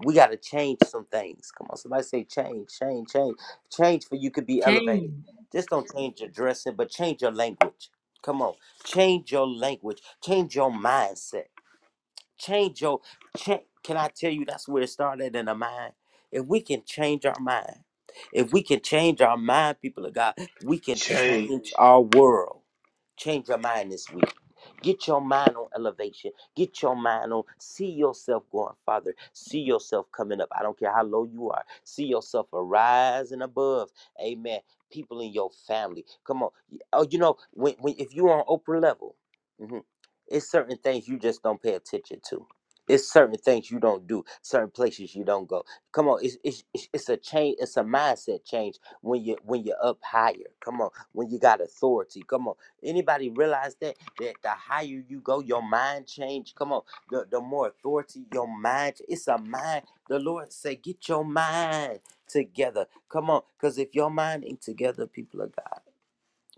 Speaker 8: We gotta change some things. Come on, somebody say change, change, change, change for you could be
Speaker 1: Change.
Speaker 8: elevated. Just don't change your dressing, but change your language. Come on, change your language, change your mindset. Change your change. Can I tell you that's where it started in the mind? If we can change our mind, if we can change our mind, people of God, we can
Speaker 3: Shame.
Speaker 8: change our world. Change your mind this week. Get your mind on elevation. Get your mind on. See yourself going farther. See yourself coming up. I don't care how low you are. See yourself arising above. Amen. People in your family. Come on. Oh, you know when, when if you're on Oprah level. mhm, it's certain things you just don't pay attention to. It's certain things you don't do. Certain places you don't go. Come on, it's it's it's it's a change. It's a mindset change when you when you're up higher. Come on, when you got authority. Come on, anybody realize that that the higher you go, your mind change. Come on, the the more authority your mind. It's a mind. The Lord say, get your mind together. Come on, because if your mind ain't together, people of God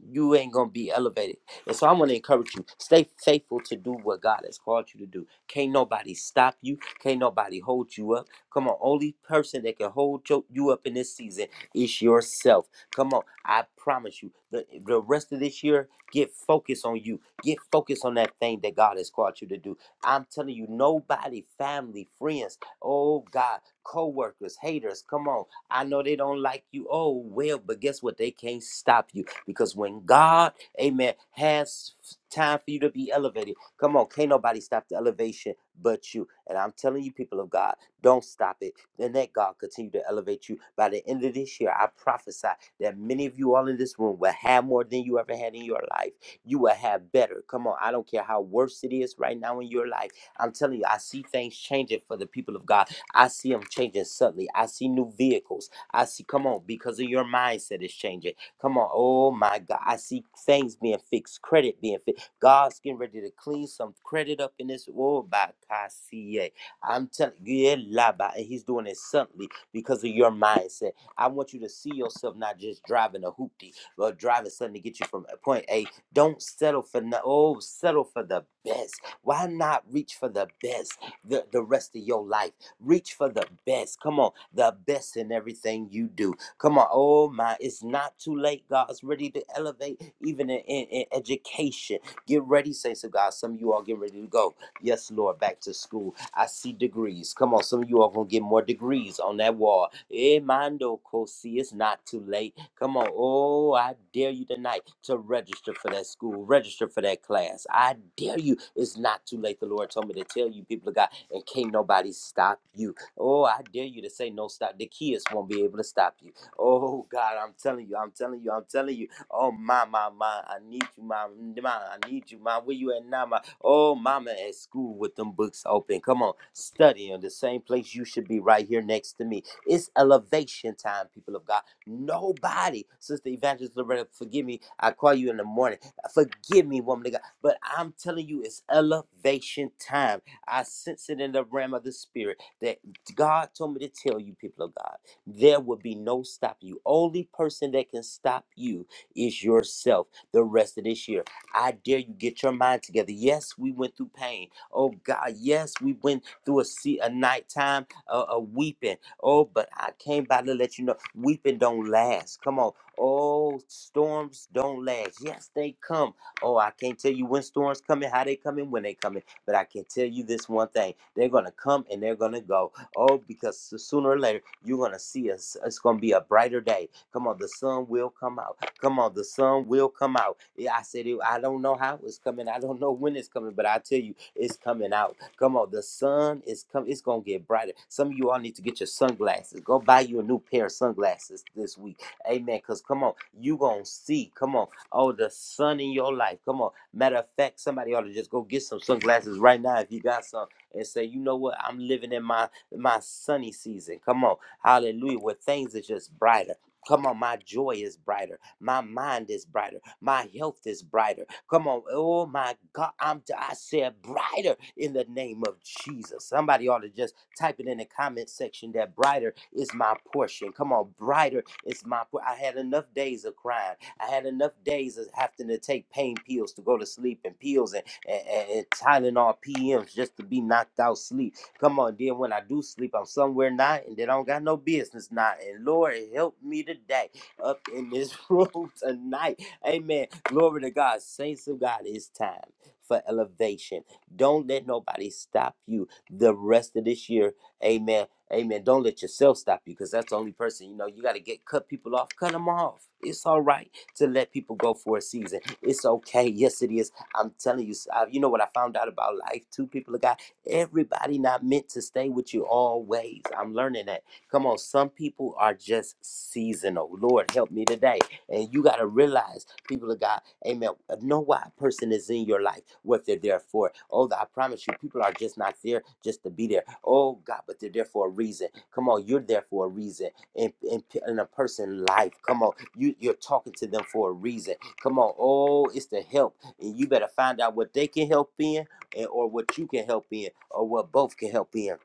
Speaker 8: you ain't gonna be elevated. And so i want to encourage you, stay faithful to do what God has called you to do. Can't nobody stop you, can't nobody hold you up. Come on, only person that can hold yo- you up in this season is yourself. Come on, I promise you, the, the rest of this year, get focused on you. Get focused on that thing that God has called you to do. I'm telling you, nobody, family, friends, oh God, co-workers, haters, come on. I know they don't like you. Oh well, but guess what? They can't stop you because when God, amen, has time for you to be elevated, come on, can't nobody stop the elevation but you. And I'm telling you, people of God, don't stop it. And let God continue to elevate you. By the end of this year, I prophesy that many of you all in this room will have more than you ever had in your life. You will have better. Come on, I don't care how worse it is right now in your life. I'm telling you, I see things changing for the people of God. I see them changing suddenly. I see new vehicles. I see, come on, because of your mindset is changing. Come on. Oh my God. I see things being fixed, credit being fixed. God's getting ready to clean some credit up in this world by Kasie. I'm telling you, yeah, la ba, and he's doing it suddenly because of your mindset. I want you to see yourself not just driving a hoopty, but driving something to get you from point A. Don't settle for no, oh, settle for the best. Why not reach for the best the, the rest of your life? Reach for the best. Come on, the best in everything you do. Come on. Oh, my. It's not too late. God's ready to elevate even in, in, in education. Get ready, saints of God. Some of you all get ready to go. Yes, Lord, back to school. I see degrees. Come on. Some of you all going to get more degrees on that wall. Eh, Mando Kosi. It's not too late. Come on. Oh, I dare you tonight to register for that school, register for that class. I dare you. It's not too late. The Lord told me to tell you, people of God, and can't nobody stop you. Oh, I dare you to say no stop. The kids won't be able to stop you. Oh God, I'm telling you, I'm telling you, I'm telling you. Oh my my my, I need you, my my, I need you, my. Where you at now, my? Oh, mama at school with them books open. Come on, study in the same place you should be right here next to me. It's elevation time, people of God. Nobody, Sister Evangelist Loretta, forgive me. I call you in the morning. Forgive me, woman of God. But I'm telling you, it's elevation time. I sense it in the realm of the spirit that God told me to tell you, people of God there will be no stopping you. Only person that can stop you is yourself the rest of this year. I dare you get your mind together. Yes, we went through pain. Oh God, yes, we went through a sea a nighttime uh, a weeping. Oh, but I came by to let you know weeping don't last. Come on. Oh, storms don't last. Yes, they come. Oh, I can't tell you when storms coming, how they coming, when they coming, but I can tell you this one thing. They're gonna come and they're gonna go. Oh, because so- sooner or later you're gonna see us. It's gonna be a brighter day. Come on, the sun will come out. Come on, the sun will come out. Yeah, I said it. I don't know how it's coming. I don't know when it's coming, but I tell you, it's coming out. Come on, the sun is coming. It's gonna get brighter. Some of you all need to get your sunglasses. Go buy you a new pair of sunglasses this week. Amen. Cause come on, you gonna see. Come on. Oh, the sun in your life. Come on. Matter of fact, somebody ought to just go get some sunglasses right now if you got some and say, you know what, I'm living in my my sunny season. Come on. Hallelujah. Where things are just brighter. Come on, my joy is brighter. My mind is brighter. My health is brighter. Come on. Oh my God. I'm t- I said brighter in the name of Jesus. Somebody ought to just type it in the comment section that brighter is my portion. Come on, brighter is my por- I had enough days of crying. I had enough days of having to take pain pills to go to sleep and pills and, and, and, and Tylenol PMs just to be knocked out sleep. Come on, then when I do sleep, I'm somewhere not, and then I don't got no business not. And Lord, help me today up in this room tonight. Amen. Glory to God. Saints of God, it's time for elevation. Don't let nobody stop you the rest of this year. Amen. Amen. Don't let yourself stop you because that's the only person you know. You got to get cut people off, cut them off. It's all right to let people go for a season. It's okay. Yes, it is. I'm telling you. s- I- you know what I found out about life? Two people of God. Everybody not meant to stay with you always. I'm learning that. Come on, some people are just seasonal. Lord, help me today. And you got to realize, people of God, amen, know why a person is in your life, what they're there for. Oh, I promise you, people are just not there just to be there. Oh, God, but they're there for a reason. Come on, you're there for a reason. In, in, in a person's life, come on, you, you're talking to them for a reason. Come on, oh, it's to help. And you better find out what they can help in and, or what you can help in or what both can help in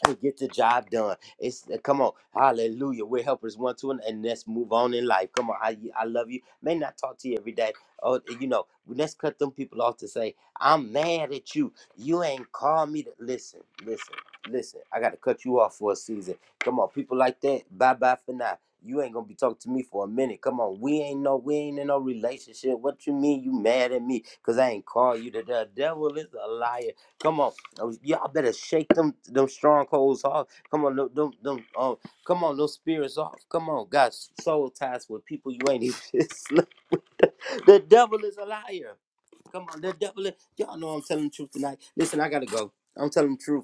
Speaker 8: and get the job done. It's uh, come on, hallelujah. We're helpers one to another, and let's move on in life. Come on, I, I love you. May not talk to you every day. Oh, you know, let's cut them people off to say, I'm mad at you. You ain't called me to listen, listen, listen. I gotta cut you off for a season. Come on, people like that, bye bye for now. You ain't gonna be talking to me for a minute. Come on, we ain't no, we ain't in no relationship. What you mean you mad at me? Cause I ain't called you to the devil is a liar. Come on, Oh, y'all better shake them them strongholds off. Come on, them them, them oh, come on, those spirits off. Come on, God, soul ties with people you ain't even. slept with. the devil is a liar. Come on, the devil. Is, y'all know I'm telling the truth tonight. Listen, I gotta go. I'm telling the truth.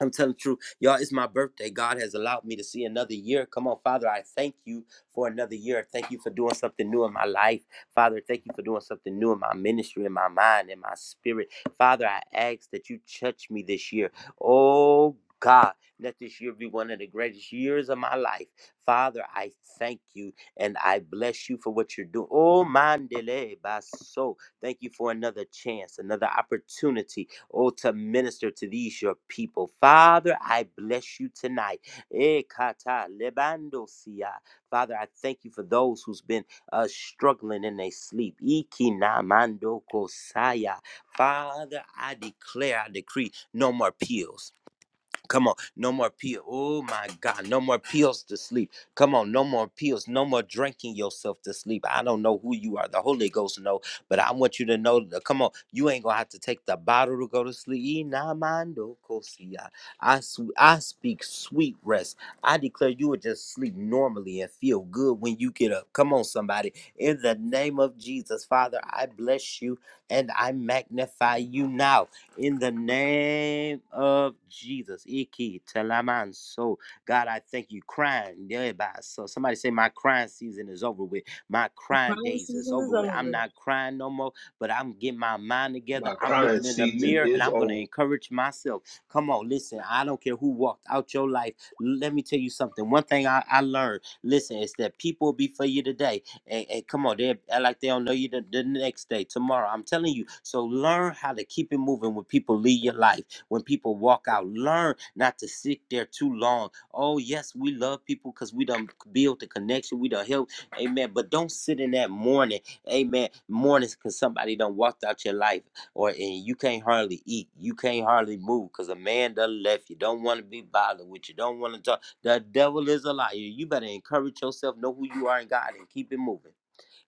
Speaker 8: I'm telling the truth. Y'all, it's my birthday. God has allowed me to see another year. Come on, Father, I thank you for another year. Thank you for doing something new in my life. Father, thank you for doing something new in my ministry, in my mind, in my spirit. Father, I ask that you touch me this year. Oh, God, let this year be one of the greatest years of my life. Father, I thank you and I bless you for what you're doing. Oh, mandele baso. Thank you for another chance, another opportunity oh, to minister to these, your people. Father, I bless you tonight. Eh, kata lebando sia. Father, I thank you for those who's been uh, struggling in their sleep. Iki na mando kosaya. Father, I declare, I decree no more pills. Come on, no more peel. Oh my God, no more pills to sleep. Come on, no more pills, no more drinking yourself to sleep. I don't know who you are. The Holy Ghost know, but I want you to know. that- Come on, you ain't gonna have to take the bottle to go to sleep. Inamando kosia. I sw- I speak sweet rest. I declare you will just sleep normally and feel good when you get up. Come on, somebody. In the name of Jesus, Father, I bless you and I magnify you now in the name of Jesus. Iki Talaman. So, God, I thank you. Crying. yeah, bye. So, somebody say, My crying season is over with. My crying
Speaker 1: Prime
Speaker 8: days is
Speaker 1: season
Speaker 8: over
Speaker 1: is
Speaker 8: with. I'm
Speaker 1: over.
Speaker 8: not crying no more, but I'm getting my mind together.
Speaker 3: My
Speaker 8: I'm
Speaker 3: crying
Speaker 8: looking in the
Speaker 3: season
Speaker 8: mirror and
Speaker 3: is
Speaker 8: I'm going to
Speaker 3: over.
Speaker 8: encourage myself. Come on, listen. I don't care who walked out your life. Let me tell you something. One thing I, I learned listen, it's that people will be for you today and, and come on, they act like they don't know you the, the next day, tomorrow. I'm telling you. So learn how to keep it moving when people leave your life, when people walk out. Learn not to sit there too long. Oh, yes, we love people because we done build the connection, we done help. Amen. But don't sit in that mourning. Amen. Mourning because somebody done walked out your life or and you can't hardly eat. You can't hardly move because a man done left you. Don't want to be bothered with you. Don't want to talk. The devil is a liar. You better encourage yourself, know who you are in God, and keep it moving.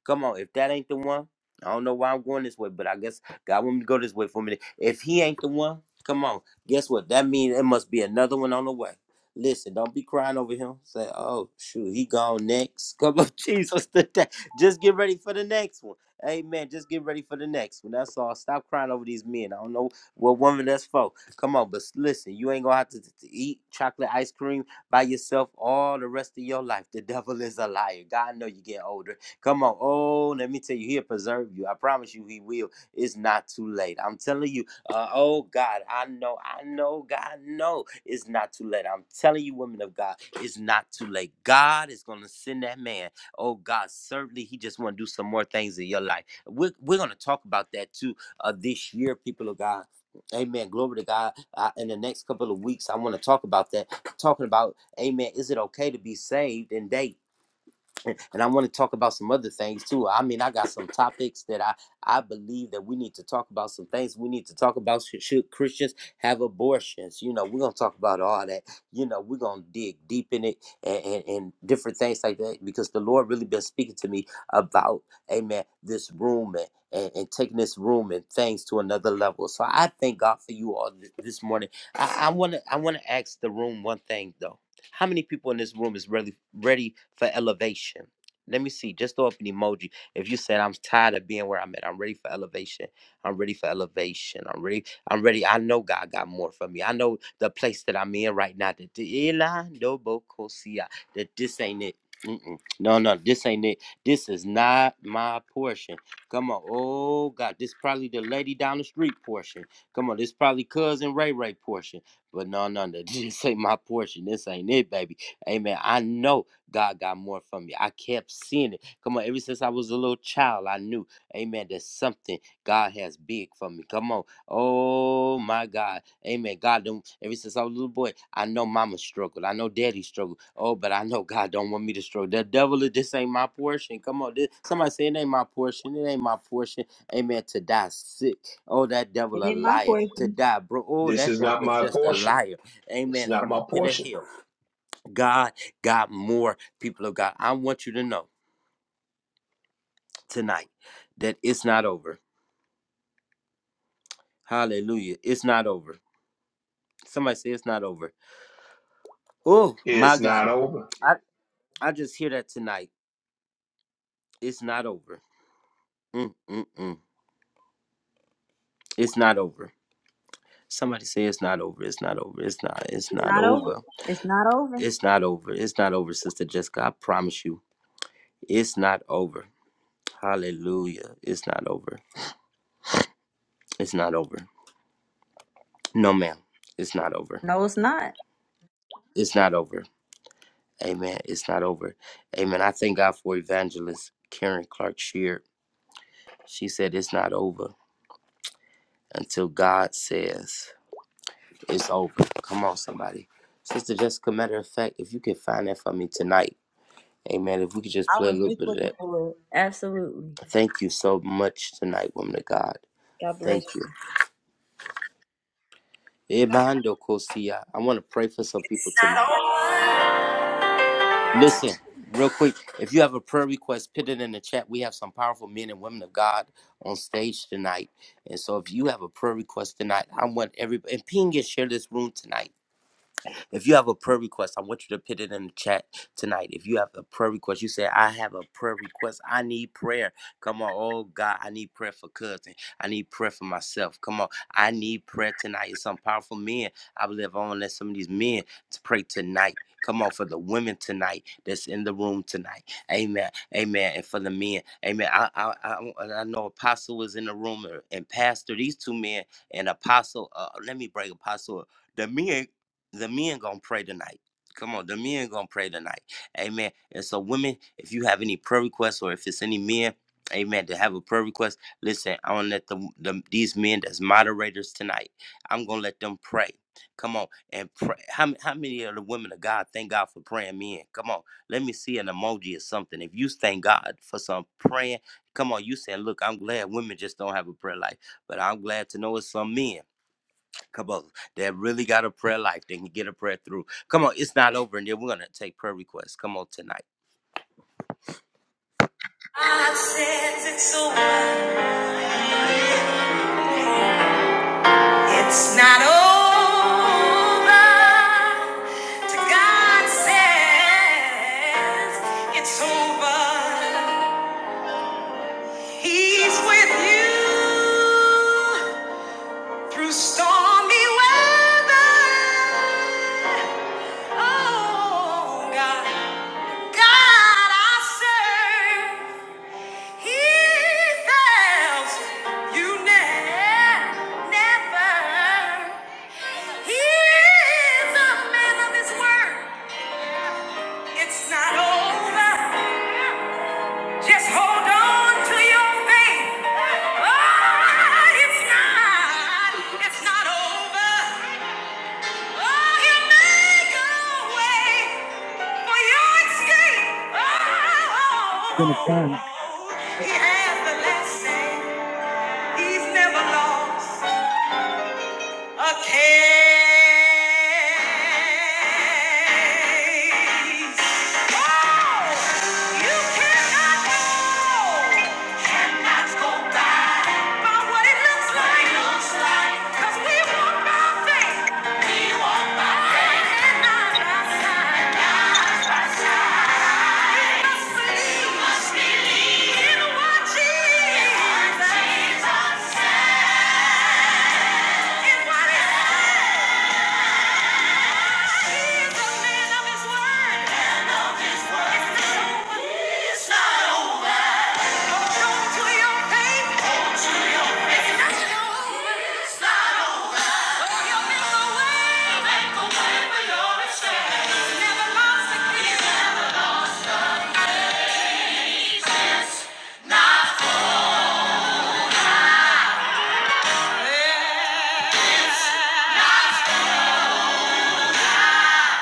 Speaker 8: Come on, if that ain't the one, I don't know why I'm going this way, but I guess God want me to go this way for a minute. If he ain't the one, come on. Guess what? That means it must be another one on the way. Listen, don't be crying over him. Say, oh shoot, he gone next. Come on, Jesus, today. Just get ready for the next one. Amen. Just get ready for the next one. That's all. Stop crying over these men. I don't know what woman that's for. Come on, but listen, you ain't gonna have to, have to to eat chocolate ice cream by yourself all the rest of your life. The devil is a liar. God know you get older. Come on. Oh, let me tell you, he'll preserve you. I promise you, he will. It's not too late. I'm telling you, uh, oh God, I know, I know, God, no, it's not too late. I'm telling you, women of God, it's not too late. God is going to send that man. Oh God, certainly, he just want to do some more things in your life. We're, we're going to talk about that too uh, this year, people of God. Amen. Glory to God. Uh, in the next couple of weeks, I want to talk about that. Talking about, amen, is it okay to be saved and date? and I want to talk about some other things too. I mean, I got some topics that I I believe that we need to talk about. Some things we need to talk about. Should, should Christians have abortions? You know, we're gonna talk about all that. You know, we're gonna dig deep in it and, and, and different things like that because the Lord really been speaking to me about, Amen, this room and. And, and taking this room and things to another level. So I thank God for you all th- this morning. I want to I want to ask the room one thing though. How many people in this room is really ready for elevation? Let me see. Just throw up an emoji. If you said I'm tired of being where I'm at, I'm ready for elevation. I'm ready for elevation. I'm ready. I'm ready. I know God got more for me. I know the place that I'm in right now. That the- Eli Nobo Kosia, that this ain't it. Mm-mm. No, no, this ain't it. This is not my portion. Come on. Oh God, this probably the lady down the street portion. Come on, this probably cousin Ray Ray portion. But no, no, no, this ain't my portion. This ain't it, baby. Amen. I know. God got more from me. I kept seeing it. Come on, ever since I was a little child, I knew, amen, there's something God has big for me. Come on. Oh my God. Amen. God do ever since I was a little boy, I know mama struggled. I know daddy struggled. Oh, but I know God don't want me to struggle. The devil is this ain't my portion. Come on. This, somebody say it ain't my portion. It ain't my portion. Amen. To die sick. Oh, that devil a liar. To die, bro. Oh,
Speaker 3: This
Speaker 8: that
Speaker 3: is not
Speaker 8: devil is
Speaker 3: my
Speaker 8: just a
Speaker 3: portion.
Speaker 8: liar.
Speaker 3: It's
Speaker 8: Amen.
Speaker 3: not
Speaker 8: From the
Speaker 3: my
Speaker 8: pit of
Speaker 3: portion.
Speaker 8: hell. God got more people of God. I want you to know tonight that it's not over. Hallelujah. It's not over. Somebody say it's not over. Oh my
Speaker 3: It's
Speaker 8: God.
Speaker 3: not over.
Speaker 8: I, I just hear that tonight. It's not over. Mm, mm, mm. It's not over. Somebody say it's not over. It's not over. It's not. It's
Speaker 1: It's
Speaker 8: not
Speaker 1: not over.
Speaker 8: over.
Speaker 1: It's not over.
Speaker 8: It's not over. It's not over, Sister Jessica. I promise you. It's not over. Hallelujah. It's not over. It's not over. No, ma'am. It's not over.
Speaker 1: No, it's not.
Speaker 8: It's not over. Amen. It's not over. Amen. I thank God for evangelist Karen Clark Sheard. She said it's not over until God says it's over. Come on, somebody. Sister Jessica, matter of fact, if you could find that for me tonight. Amen. If we could just
Speaker 1: I
Speaker 8: play a
Speaker 1: was
Speaker 8: little
Speaker 1: just
Speaker 8: bit of
Speaker 1: looking
Speaker 8: that.
Speaker 1: for it. Absolutely.
Speaker 8: Thank you so much tonight, woman of God.
Speaker 1: God bless
Speaker 8: Thank
Speaker 1: you.
Speaker 8: you. Ebando Kosia. I want to pray for some people tonight. Listen, real quick, if you have a prayer request, put it in the chat. We have some powerful men and women of God on stage tonight. And so if you have a prayer request tonight, I want everybody and ping and share this room tonight. If you have a prayer request, I want you to put it in the chat tonight. If you have a prayer request, you say, I have a prayer request. I need prayer. Come on. Oh, God, I need prayer for cousin. I need prayer for myself. Come on. I need prayer tonight. It's some powerful men. I believe I want to let some of these men to pray tonight. Come on, for the women tonight that's in the room tonight. Amen. Amen. And for the men. Amen. I I, I, I know Apostle was in the room and Pastor, these two men, and Apostle. Uh, let me break Apostle. The men the men gonna pray tonight. Come on, the men gonna pray tonight. Amen. And so, women, if you have any prayer requests or if it's any men, amen, to have a prayer request, listen, I'm gonna let the, the these men that's moderators tonight. I'm gonna let them pray. Come on and pray. How, m- how many of the women of God thank God for praying men? Come on, let me see an emoji or something. If you thank God for some praying, come on, you saying, Look, I'm glad women just don't have a prayer life, but I'm glad to know it's some men. Come on, that really got a prayer life. They can get a prayer through. Come on, it's not over, and then we're gonna take prayer requests. Come on tonight.
Speaker 1: God says it's over. It's not over. To God says it's over. He's with you through stormy weather. Oh God, God I serve. He tells you never, never. He is a man of his word. It's not over. Just hold on to your faith. Oh, it's not. It's not over. Oh, he'll make a way for your escape.
Speaker 4: Then it
Speaker 1: Oh,
Speaker 4: can.
Speaker 1: he has the last He's never lost. A case. Oh, you cannot go, cannot go by by what it looks like. Looks like. 'Cause we walk by faith. We walk by faith. And not by sight. Not by sight. Must believe. Must believe. In what Jesus. In what Jesus said. In what he said.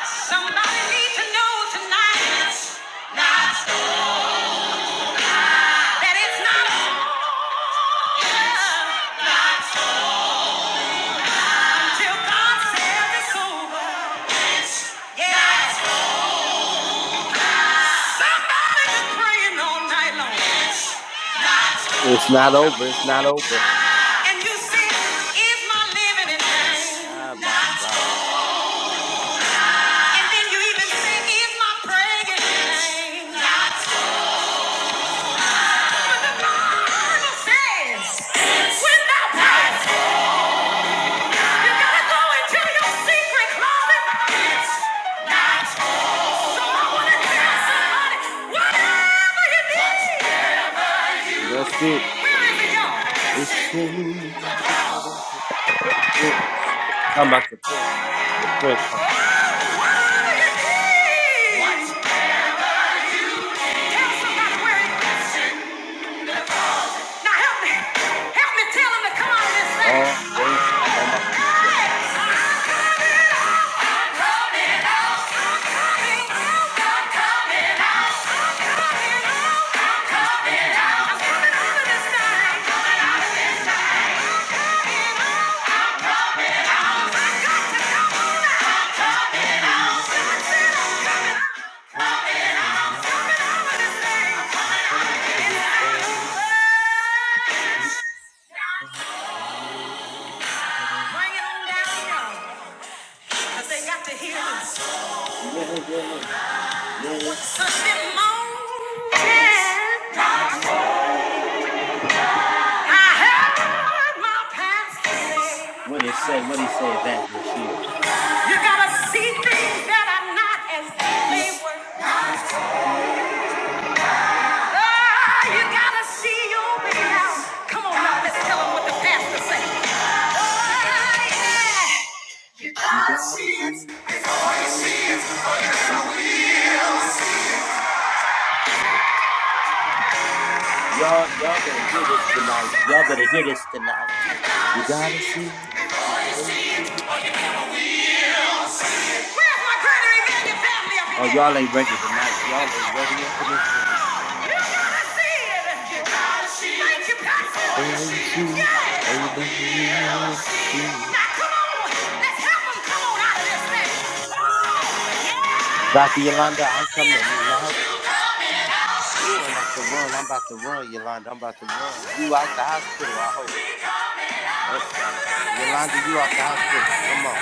Speaker 1: Somebody need to know tonight it's not that it's not until God says it's over. Yeah. Somebody been praying all night long. It's not
Speaker 8: It's not over. It's not over.
Speaker 1: And you sing, is my living in
Speaker 8: Ah,
Speaker 1: vain?
Speaker 8: my
Speaker 1: Not so.
Speaker 8: God,
Speaker 1: And then you even sing, is my praying in vain? Not so. The Bible says, when thou prayest, you gotta go into your secret closet. Not So So I wanna tell somebody, whatever you need,
Speaker 8: that's it.
Speaker 1: where is it all Bring
Speaker 8: It's in the prayer. Mm. Talking about the prayer song, your prayer song. Oh, I'm dancing. I'm on my feet, y'all. I'm coming. now. I'm coming now. I'm coming now. I'm coming now. I'm coming out of this thing. Yeah,
Speaker 1: it on down, y'all, 'cause they got to hear this.
Speaker 8: yeah, yeah.
Speaker 1: So sit moan.
Speaker 8: What it say? What it say? Evangelist Shear.
Speaker 1: You gotta see things that are not as they
Speaker 8: It's
Speaker 1: were.
Speaker 8: not over.
Speaker 1: Ah, you gotta see your way Come on let's tell them what the pastor said. Ah, yeah.
Speaker 8: You gotta see it before you see it. Remember, we'll see. it. Y'all, y'all better hear this tonight. Y'all better hear this tonight. You gotta see it before you see it.
Speaker 1: Where's my greater Emmanuel family up in
Speaker 8: Oh,
Speaker 1: here?
Speaker 8: y'all ain't ready tonight. Y'all ain't ready up in this room.
Speaker 1: Oh, you gotta see it. You gotta see Thank you, pastor. Before
Speaker 8: Or you
Speaker 1: see it.
Speaker 8: see it, or
Speaker 1: Yeah.
Speaker 8: you never will see
Speaker 1: Now
Speaker 8: it.
Speaker 1: come on, let's help them come on out of this thing. Oh, yeah.
Speaker 8: Dr. Yolanda, I'm coming now. Ooh, I'm about to run. I'm about to run, Yolanda. I'm about to run. You out the hospital, I hope. Oh, Yolanda, you out the hospital. Come on.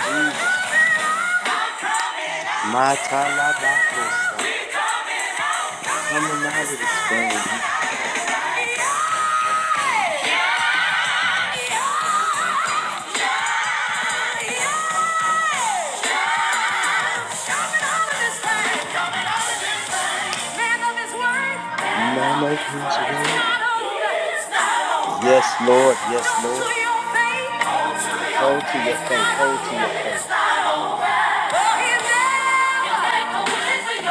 Speaker 8: Jesus. My talabacosa. Coming out of these things. Man of his word. Yes, Lord. Yes, Lord. Hold to your faith. Hold to your faith.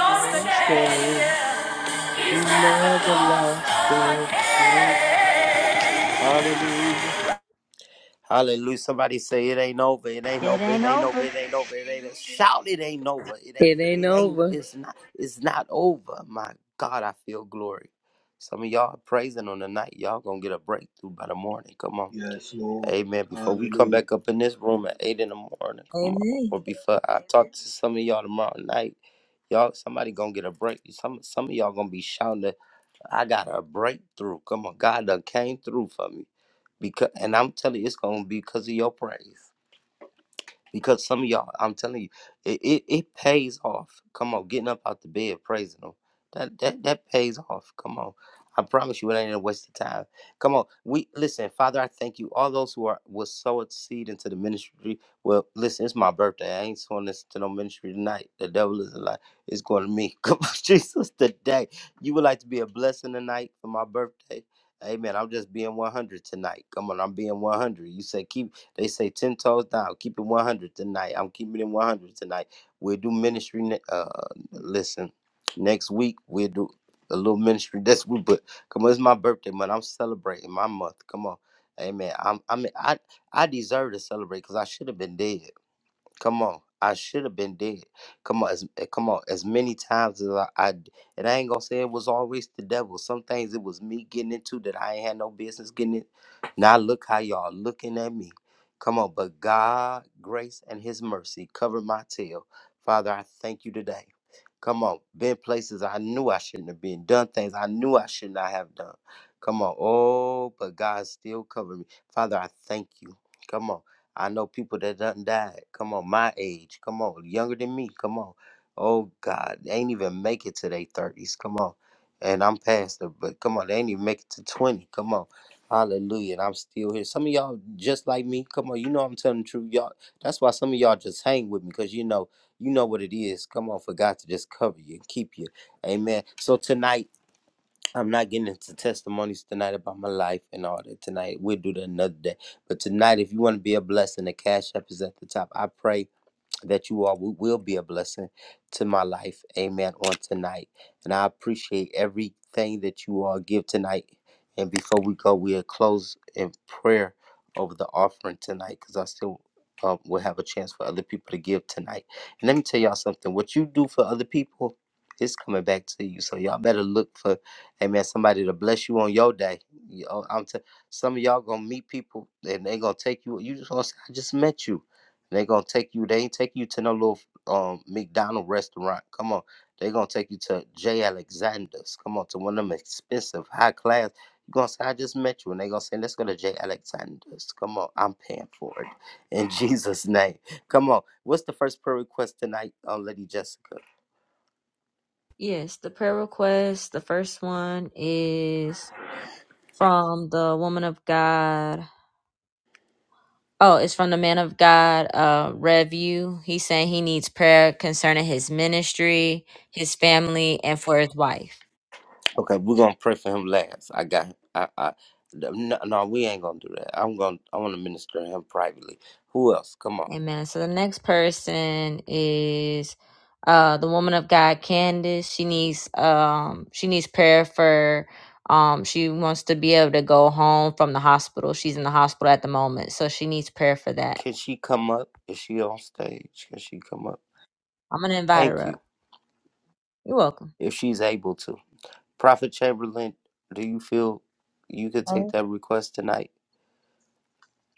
Speaker 8: You're scared. He never lost the case. Hallelujah. Hallelujah. Somebody say it ain't over. It ain't
Speaker 1: It
Speaker 8: over. It
Speaker 1: ain't
Speaker 8: ain't over.
Speaker 1: over.
Speaker 8: It ain't over. It ain't shout it ain't over. It ain't
Speaker 9: It ain't
Speaker 8: it ain't
Speaker 9: over.
Speaker 8: it's not it's not over. My God, I feel glory. Some of y'all are praising on the night. Y'all gonna get a breakthrough by the morning. Come on.
Speaker 3: Yes, Lord.
Speaker 8: Amen. Before we come
Speaker 3: Hallelujah.
Speaker 8: back up in this room at eight in the morning, come on.
Speaker 1: Amen.
Speaker 8: Or before I talk to some of y'all tomorrow night. Y'all, somebody gonna get a break. Some some of y'all gonna be shouting, that, I got a breakthrough. Come on, God done came through for me. Because and I'm telling you, it's gonna be because of your praise. Because some of y'all, I'm telling you, it, it, it pays off. Come on, getting up out the bed, praising them. That that that pays off. Come on. I promise you it ain't a waste of time. Come on. We listen, Father, I thank you. All those who are will sow a seed into the ministry. Well, listen, it's my birthday. I ain't sowing this to no ministry tonight. The devil is a lie. It's going to me. Come on, Jesus, today. You would like to be a blessing tonight for my birthday. Amen. I'm just being 100 tonight. Come on, I'm being 100. You say keep they say 10 toes down. Keep it 100 tonight. I'm keeping it 100 tonight. We'll do ministry. Ne- uh, listen, next week we'll do a little ministry That's week. But come on, it's my birthday month. I'm celebrating my month. Come on. Amen. I'm, I mean, I, I deserve to celebrate because I should have been dead. Come on. I should have been dead. Come on, as, eh, come on. As many times as I, I d- and I ain't gonna say it was always the devil. Some things it was me getting into that I ain't had no business getting it. Now look how y'all looking at me. Come on, but God, grace, and His mercy covered my tail. Father, I thank you today. Come on, been places I knew I shouldn't have been, done things I knew I should not have done. Come on, oh, but God still covered me. Father, I thank you. Come on. I know people that done died. Come on, my age. Come on, younger than me. Come on. Oh God, they ain't even make it to their thirties. Come on, and I'm past it, but come on, they ain't even make it to twenty. Come on, Hallelujah, and I'm still here. Some of y'all just like me. Come on, you know I'm telling the truth, y'all. That's why some of y'all just hang with me, cause you know, you know what it is. Come on, for God to just cover you and keep you. Amen. So tonight. I'm not getting into testimonies tonight about my life and all that tonight. We'll do that another day. But tonight, if you want to be a blessing, the cash app is at the top. I pray that you all wi- will be a blessing to my life. Amen. On tonight. And I appreciate everything that you all give tonight. And before we go, we'll close in prayer over the offering tonight because I still um, will have a chance for other people to give tonight. And let me tell y'all something what you do for other people is coming back to you. So y'all better look for, amen, somebody to bless you on your day. You know, I'm t- some of y'all gonna meet people and they gonna take you. You just gonna say, I just met you. They gonna take you. They ain't take you to no little um McDonald restaurant. Come on, they gonna take you to J. Alexander's. Come on, to one of them expensive high class. You gonna say I just met you, and they gonna say let's go to J. Alexander's. Come on, I'm paying for it in Jesus' name. Come on, what's the first prayer request tonight, uh, Lady Jessica?
Speaker 1: Yes, the prayer request. The first one is from the woman of God. Oh, it's from the man of God, uh, Revu. He's saying he needs prayer concerning his ministry, his family, and for his wife.
Speaker 8: Okay, we're gonna pray for him last. I got. him. I. I no, no, we ain't gonna do that. I'm gonna. I want to minister to him privately. Who else? Come on.
Speaker 1: Amen. So the next person is uh the woman of God, Candace. She needs um she needs prayer for um she wants to be able to go home from the hospital. She's in the hospital at the moment, so she needs prayer for that.
Speaker 8: Can she come up? Is she on stage? Can she come up?
Speaker 1: I'm gonna invite her
Speaker 8: Thank you,
Speaker 1: up. You're welcome.
Speaker 8: if she's able to. Prophet Chamberlain, do you feel you could take
Speaker 10: Mhm.
Speaker 8: that request tonight?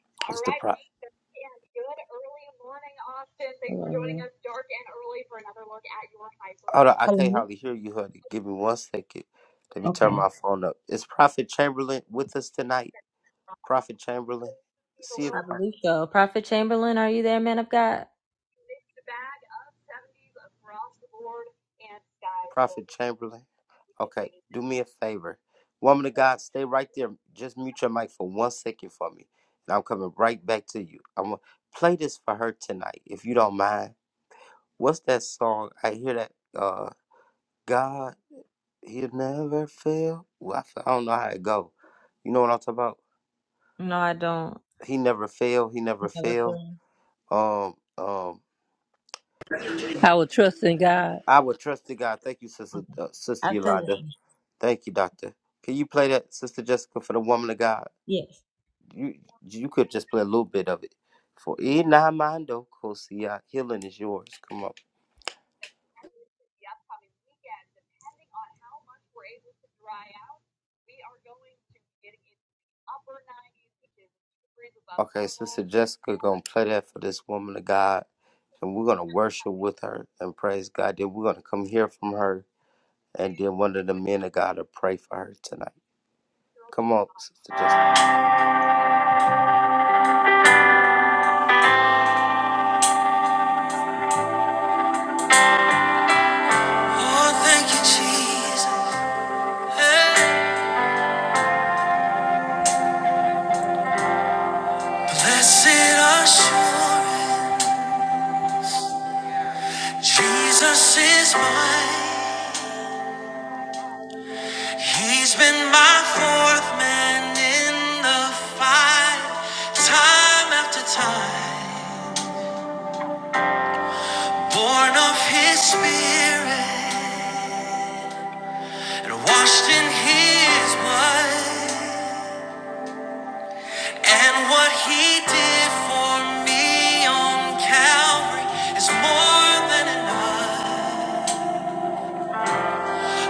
Speaker 10: All
Speaker 8: It's the
Speaker 10: right.
Speaker 8: pro.
Speaker 10: And good early morning, Austin. Thanks for joining Hello. us dark and early for another look at your
Speaker 8: Hold on,
Speaker 10: hyperlocal
Speaker 8: I can't
Speaker 10: Hello.
Speaker 8: hardly hear you, honey. Give me one second. Let me turn
Speaker 10: Okay.
Speaker 8: my phone up. Is Prophet Chamberlain with us tonight? Prophet Chamberlain,
Speaker 10: See the
Speaker 8: see if
Speaker 1: I
Speaker 10: lows to
Speaker 8: Pro-
Speaker 10: the
Speaker 1: believe so. Prophet Chamberlain, are you there, man of God?
Speaker 10: mixed bag of 70s across the board, and skies will
Speaker 8: Prophet
Speaker 10: be
Speaker 8: Chamberlain.
Speaker 10: we get
Speaker 8: Okay,
Speaker 10: things
Speaker 8: do me a favor, woman of
Speaker 10: presented
Speaker 8: God, stay right there. Just mute your mic for one second for me, and I'm coming right back to you. I'm gonna play this for her tonight, if you don't mind. What's that song? I hear that. uh God, he'll never fail. Well, I, f- I don't know how it go. You know what I'm talking about?
Speaker 1: No, I don't.
Speaker 8: He never fail. He never fail. Um, um,
Speaker 9: I will trust in God.
Speaker 8: I would trust the God. Thank you, sister,
Speaker 1: Okay.
Speaker 8: uh, sister Yolanda.
Speaker 1: Absolutely.
Speaker 8: Thank you, doctor. Can you play that, sister Jessica, for the woman of God?
Speaker 1: Yes.
Speaker 8: You
Speaker 10: for
Speaker 8: you could just play a little bit of it. For
Speaker 10: the
Speaker 8: Inamando Kosia, healing is yours. Come on.
Speaker 10: upcoming weekend. Depending on how much we're able to dry out, we are going to be getting into the upper 90s, which is two degrees above
Speaker 8: Okay, sister
Speaker 10: normal.
Speaker 8: Jessica
Speaker 10: Still
Speaker 8: gonna
Speaker 10: doesn't
Speaker 8: play that for this woman of God, and we're gonna worship
Speaker 10: have
Speaker 8: with her and praise God. Then we're gonna come hear from her And then one
Speaker 10: least.
Speaker 8: of the men of God to pray for her tonight. Come on, Sister Jessica.
Speaker 1: Oh, thank you, Jesus. Hey. Blessed assurance, Jesus is mine. He's been my fourth man in the fight, time after time. Born of His Spirit and washed in His blood. And what He did for me on Calvary is more than enough.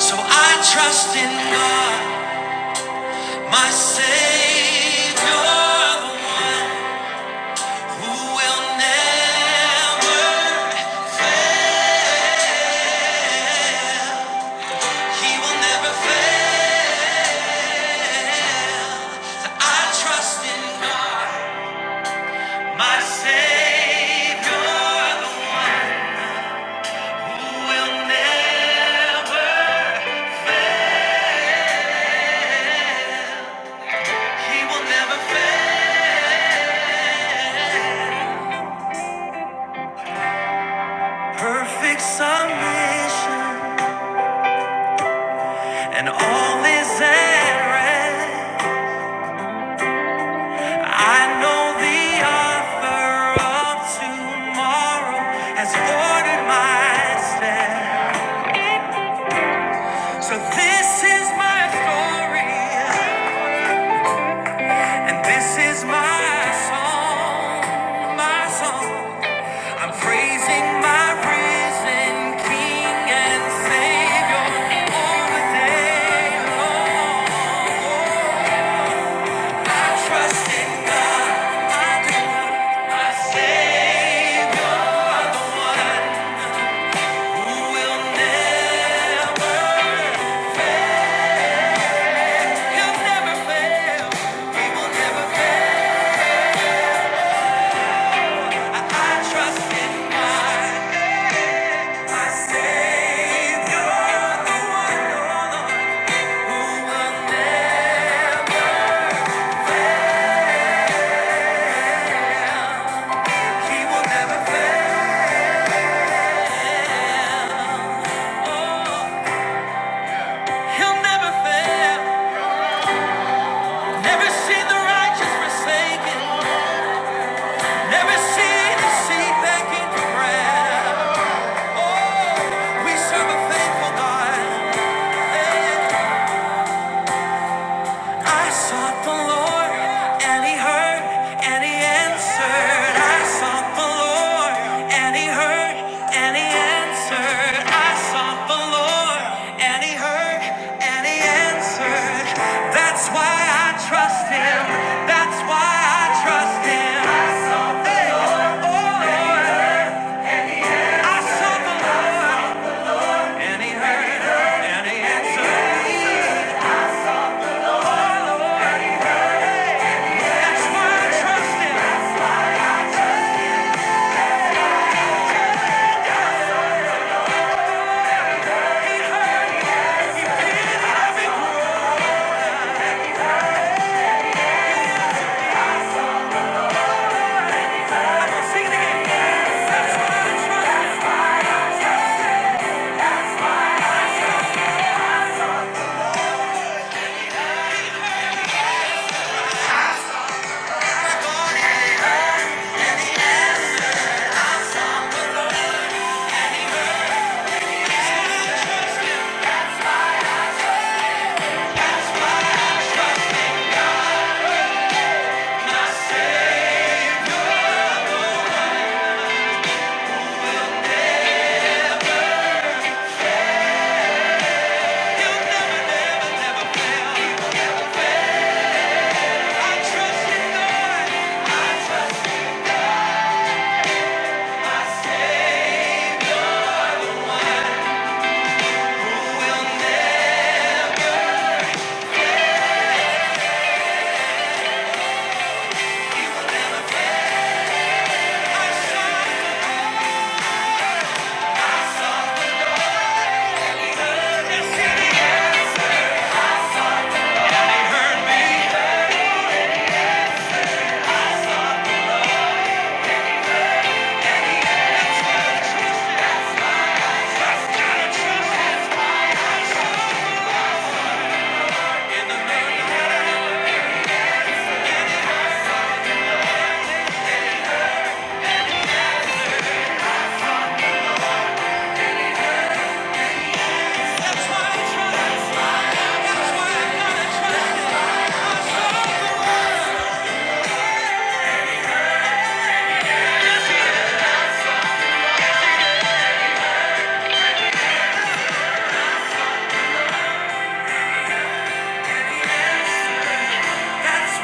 Speaker 1: So I trust in God, my Savior, who will never, He will never fail. I trust in God, my Savior, who will never, He will never fail. Perfect submission, and all is at rest. I know the author of tomorrow has ordered my steps. So this is my story, and this is my song, my song. I'm praising my risen King and Savior all the day long. I trust in God, my Lord, my Savior. Never see the righteous forsaken. Never see the seed begging for bread. Oh, we serve a faithful God. I sought the Lord, and He heard, and He answered. I sought the Lord, and He heard, and He answered. I sought the Lord, and He heard, and He answered. That's why I trust Him. That's why I trust Him. I sought the Hey, oh Lord, and He heard, and He answered. That's why I trust Him. That's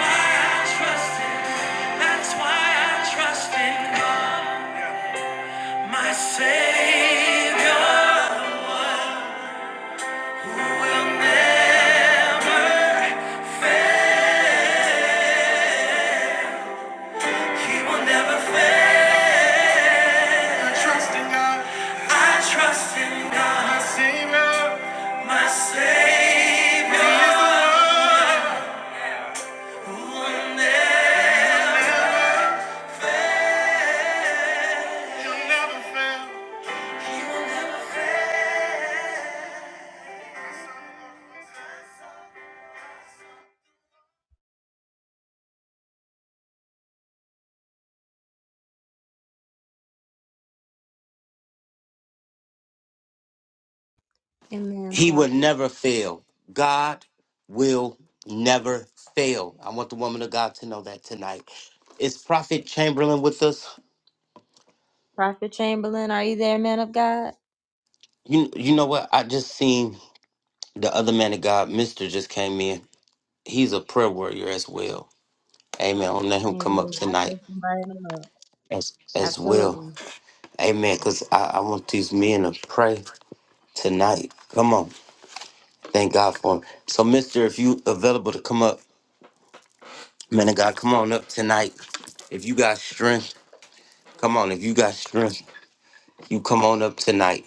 Speaker 1: why I trust Him. That's why I trust in God, my Savior. Amen.
Speaker 2: He will
Speaker 1: Prophet
Speaker 2: never fail. God will never fail. I want the woman of God to know that tonight. Is Prophet Chamberlain with us?
Speaker 1: Prophet Chamberlain, are you there, man of God?
Speaker 2: You you know what? I just seen. The other man of God, Mister, just came in. He's a prayer warrior as well. Amen. I'll let him come
Speaker 1: Amen.
Speaker 2: up
Speaker 1: I
Speaker 2: tonight
Speaker 1: just invited him up.
Speaker 2: as as
Speaker 1: Absolutely.
Speaker 2: well. Amen. Cause I, I want these men to pray tonight. Come on. Thank God for him. So, Mister, if you available to come up, man of God, come on up tonight. If you got strength, come on. If you got strength, you come on up tonight.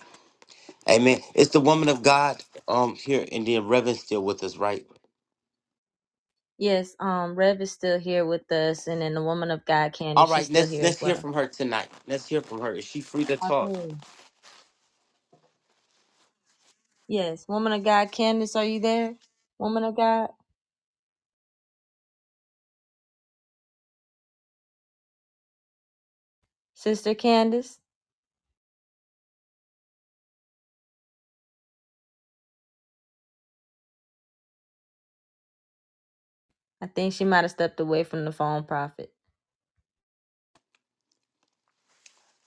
Speaker 2: Amen. It's the woman of God um here, and then Reverend still with us, right?
Speaker 1: Yes, um, Rev is still here with us, and then the woman of God,
Speaker 2: All
Speaker 1: Candace, she's
Speaker 2: right,
Speaker 1: still
Speaker 2: let's
Speaker 1: here
Speaker 2: let's
Speaker 1: as
Speaker 2: hear
Speaker 1: well.
Speaker 2: from her tonight. Let's hear from her. Is she free to talk?
Speaker 1: Absolutely. Yes, woman of God, Candace, are you there? Woman of God, Sister Candace. I think she might have stepped away from the phone, Prophet.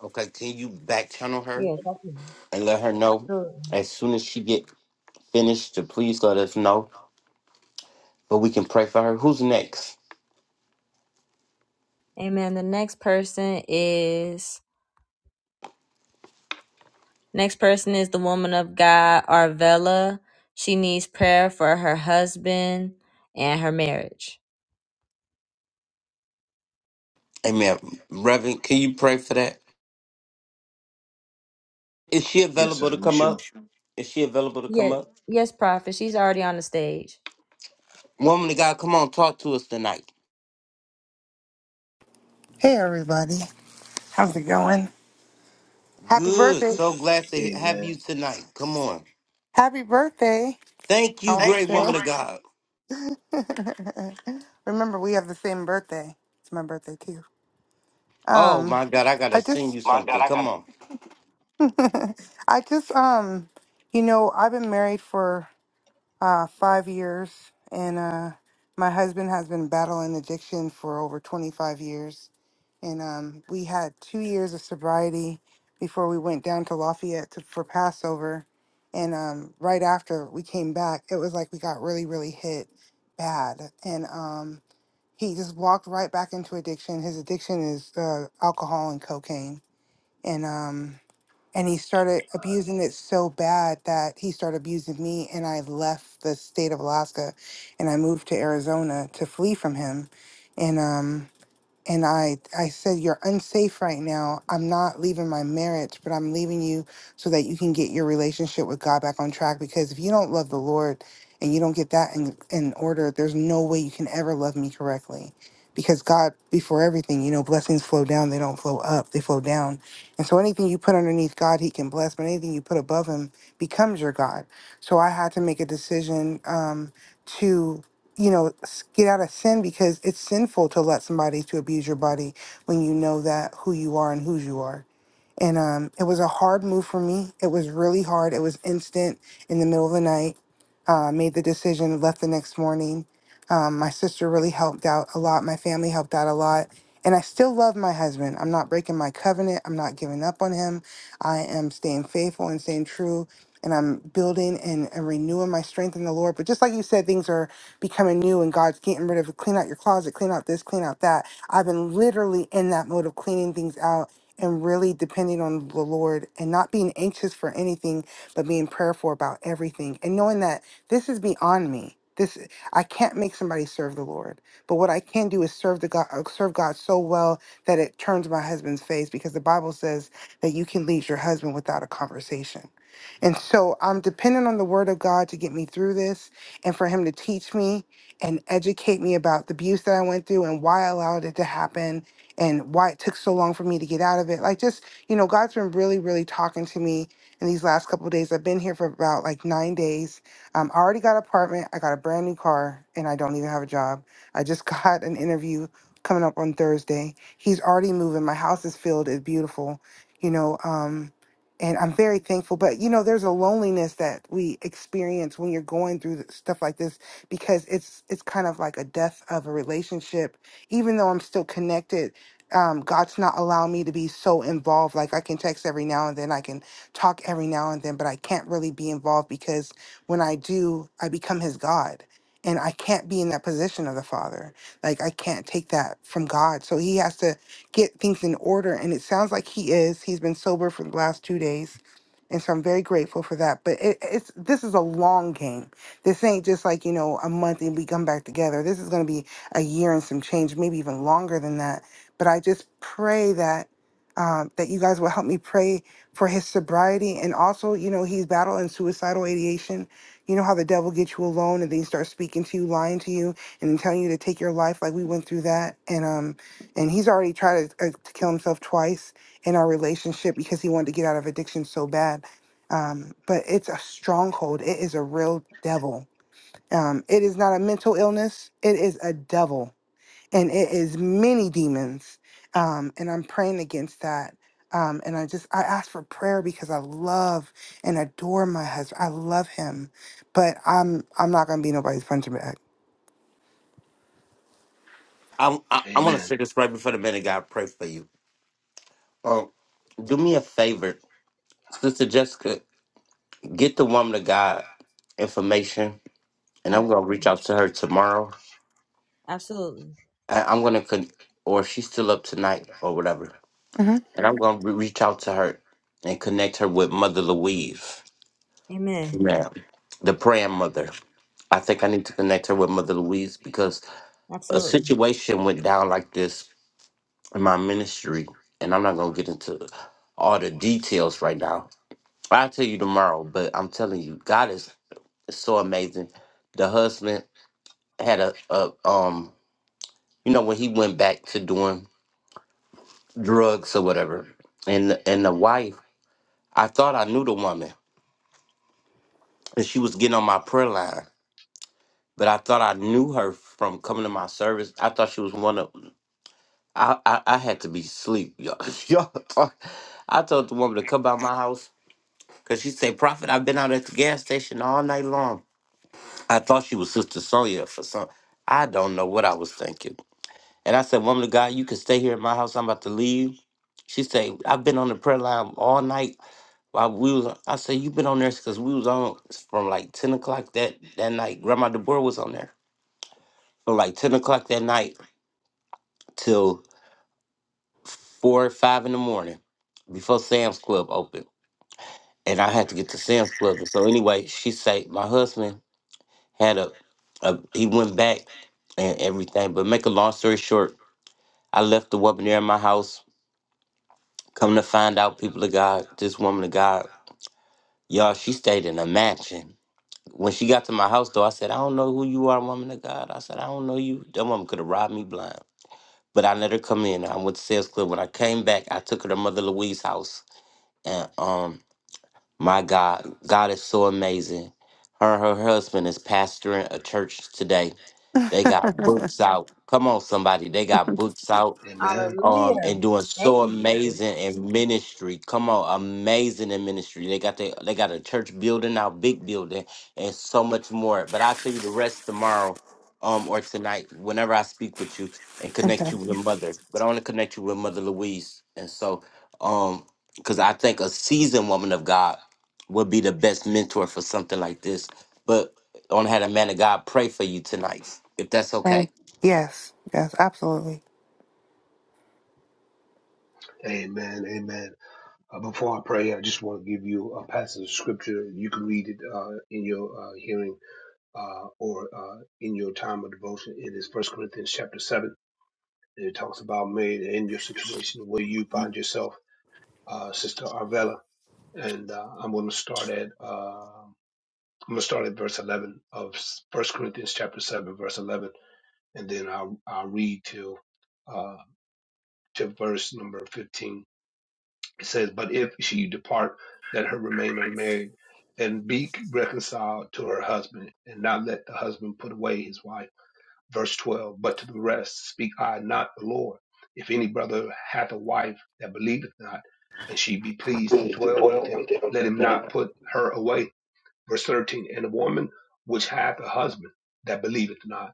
Speaker 2: Okay, can you back channel her
Speaker 1: Yes, I
Speaker 2: and let her know
Speaker 1: Sure.
Speaker 2: as soon as she get finished to please let us know, but we can pray for her. Who's next?
Speaker 1: Amen. The next person is next person is the woman of God, Arvella. She needs prayer for her husband and her marriage.
Speaker 2: Amen. Reverend, can you pray for that? Is she
Speaker 3: Yes,
Speaker 2: available
Speaker 3: sir.
Speaker 2: to
Speaker 3: We
Speaker 2: come
Speaker 3: sure.
Speaker 2: up? Is she available to come
Speaker 1: Yes,
Speaker 2: up?
Speaker 1: yes, Prophet. She's already on the stage.
Speaker 2: Woman of God, come on, talk to us tonight.
Speaker 11: Hey everybody, how's it going? Happy
Speaker 2: Good.
Speaker 11: birthday!
Speaker 2: So glad to have you
Speaker 3: Amen.
Speaker 2: tonight. Come on.
Speaker 11: Happy birthday!
Speaker 2: Thank
Speaker 11: I
Speaker 2: you, great
Speaker 11: wanna
Speaker 2: woman
Speaker 11: Thank
Speaker 2: of God.
Speaker 11: you. say. Remember, we have the same birthday. It's my birthday too.
Speaker 2: Oh
Speaker 11: Um,
Speaker 2: my God, I gotta
Speaker 11: I
Speaker 2: send
Speaker 11: just
Speaker 2: you
Speaker 11: my God,
Speaker 2: something. Come on.
Speaker 11: I got. I just um, you know, I've been married for uh, five years, and uh, my husband has been battling addiction for over 25 years. And um, we had two years of sobriety before we went down to Lafayette to, for Passover. And um, right after we came back, it was like we got really, really hit bad. And um, he just walked right back into addiction. His addiction is uh, alcohol and cocaine. And um, and he started abusing it so bad that he started abusing me and i left the state of alaska and i moved to arizona to flee from him and um and I I said you're unsafe right now. I'm not leaving my marriage, but I'm leaving you so that you can get your relationship with God back on track because if you don't love the Lord and you don't get that in in order, there's no way you can ever love me correctly. Because God before everything, you know, blessings flow down, they don't flow up, they flow down. And so anything you put underneath God, he can bless, but anything you put above him becomes your God. So I had to make a decision um to you know, s- get out of sin because it's sinful to let somebody to abuse your body when you know that who you are and whose you are. And um, it was a hard move for me. It was really hard. It was instant in the middle of the night. Uh, made the decision, left the next morning. Um, my sister really helped out a lot. My family helped out a lot. And I still love my husband. I'm not breaking my covenant. I'm not giving up on him. I am staying faithful and staying true. And I'm building and, and renewing my strength in the Lord. But just like you said, things are becoming new and God's getting rid of it. clean out your closet, clean out this, clean out that. I've been literally in that mode of cleaning things out and really depending on the Lord and not being anxious for anything, but being prayerful about everything and knowing that this is beyond me. This I can't make somebody serve the Lord, but what I can do is serve the God, uh, serve God so well that it turns my husband's face because the Bible says that you can lead your husband without a conversation. And so I'm dependent on the word of God to get me through this and for him to teach me and educate me about the abuse that I went through and why I allowed it to happen and why it took so long for me to get out of it. Like just, you know, God's been really, really talking to me in these last couple of days. I've been here for about like nine days. Um, I already got an apartment, I got a brand new car, and I don't even have a job. I just got an interview coming up on Thursday. He's already moving. My house is filled, it's beautiful, you know, um, and I'm very thankful. But you know, there's a loneliness that we experience when you're going through th- stuff like this because it's it's kind of like a death of a relationship even though I'm still connected um, God's not allowing me to be so involved. Like I can text every now and then, I can talk every now and then, but I can't really be involved because when I do, I become his God. And I can't be in that position of the Father. Like I can't take that from God. So he has to get things in order. And it sounds like he is. He's been sober for the last two days. And so I'm very grateful for that. But it, it's this is a long game. This ain't just like, you know, a month and we come back together. This is gonna be a year and some change, maybe even longer than that but I just pray that um, that you guys will help me pray for his sobriety and also, you know, he's battling suicidal ideation. You know how the devil gets you alone and then he starts speaking to you, lying to you, and then telling you to take your life. Like we went through that, and um, and he's already tried to, uh, to kill himself twice in our relationship because he wanted to get out of addiction so bad. Um, but it's a stronghold. It is a real devil. Um, it is not a mental illness. It is a devil and it is many demons. Um, and I'm praying against that. Um, and I just I ask for prayer because I love and adore my husband. I love him, but I'm I'm not gonna be nobody's punching bag.
Speaker 2: I I, I want to
Speaker 3: Amen.
Speaker 2: say this right before the man of God pray for you. Um, do me a favor, Sister Jessica. Get the woman of God information, and I'm gonna
Speaker 1: Absolutely.
Speaker 2: reach out to her tomorrow.
Speaker 1: Absolutely.
Speaker 2: I, I'm gonna con- or she's still up tonight or whatever,
Speaker 11: hmm
Speaker 2: and I'm gonna re- reach out to her and connect her with Mother Louise,
Speaker 1: Amen.
Speaker 2: ma'am, the praying mother. I think I need to connect her with Mother Louise because a
Speaker 1: Absolutely.
Speaker 2: situation went down like this in my ministry, and I'm not gonna get into all the details right now. I'll tell you tomorrow, but I'm telling you, God is so amazing. The husband had a, a um you know when he went back to doing drugs or whatever and the- and the wife i thought i knew the woman and she was getting on my prayer line but i thought i knew her from coming to my service i thought she was one of i i, I had to be asleep y'all, y'all thought, i told the woman to come by my house because she said prophet i've been out at the gas station all night long i thought she was sister sonia for some i don't know what i was thinking And I said, Woman of God, you can stay here at my house. I'm about to leave. She said, I've been on the prayer line all night while we was I said, You've been on there because we was on from like ten o'clock that, that night. Grandma Deborah was on there. From like ten o'clock that night till four or five in the morning before Sam's Club opened. And I had to get to Sam's Club. And so anyway, she said my husband had a, a he went back and everything. But make a long story short, I left the woman there in my house Come to find out, people of God, this woman of God, y'all, she stayed in a mansion. When she got to my house, though, I said, I don't know who you are, woman of God. I said, I don't know you. That woman could have robbed me blind. But I let her come in. I went to sales club. When I came back, I took her to Mother Louise's house. And um, my God, God is so amazing. Her and her husband is pastoring a church today. They got books out. Come on, somebody. They got books out.
Speaker 3: Amen.
Speaker 2: um
Speaker 1: Hallelujah.
Speaker 2: and doing
Speaker 1: Thank
Speaker 2: so
Speaker 1: you, Jesus.
Speaker 2: amazing in ministry. Come on, amazing in ministry. They got the they got a church building now, big building, and so much more. But I'll tell you the rest tomorrow, um, or tonight, whenever I speak with you and
Speaker 11: Okay.
Speaker 2: connect you with mother. But I want to connect you with Mother Louise. And so, um, because I think a seasoned woman of God would be the best mentor for something like this. But I want to have a man of God pray for you tonight, if that's
Speaker 11: Right.
Speaker 2: okay.
Speaker 11: Yes. Yes. Absolutely.
Speaker 3: Amen. Amen. Uh, before I pray, I just want to give you a passage of scripture. You can read it uh, in your uh, hearing uh, or uh, in your time of devotion. It is First Corinthians chapter seven. And it talks about Mary in your situation where you find yourself, uh, Sister Arvella. And uh, I'm going to start at uh, I'm going to start at verse 11 of First Corinthians chapter seven, verse 11, and then I'll I'll read till uh, to verse number 15 It says, But if she depart, let her remain unmarried and be reconciled to her husband, and not let the husband put away his wife. Verse 12 But to the rest speak I not the Lord. If any brother hath a wife that believeth not, and she be pleased to
Speaker 11: Please to
Speaker 3: dwell with
Speaker 11: dwell
Speaker 3: him,
Speaker 11: with
Speaker 3: let him
Speaker 11: him.
Speaker 3: not put her away. Verse 13 And a woman which hath a husband that believeth not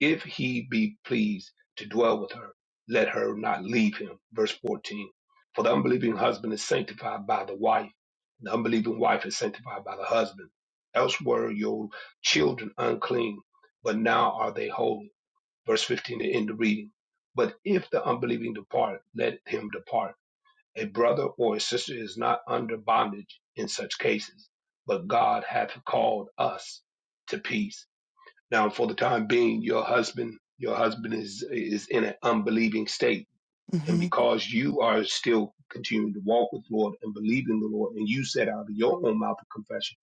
Speaker 3: if he be pleased to dwell with her, let her not leave him. Verse 14. For the unbelieving husband is sanctified by the wife, and the unbelieving wife is sanctified by the husband. Else were your children unclean, but now are they holy. Verse 15 to end the reading. But if the unbelieving depart, let him depart. A brother or a sister is not under bondage in such cases, but God hath called us to peace now, for the time being, your husband, your husband is is in an unbelieving state, and
Speaker 11: Mm-hmm.
Speaker 3: because you are still continuing to walk with the Lord and believe in the Lord, and you said out of your own mouth a confession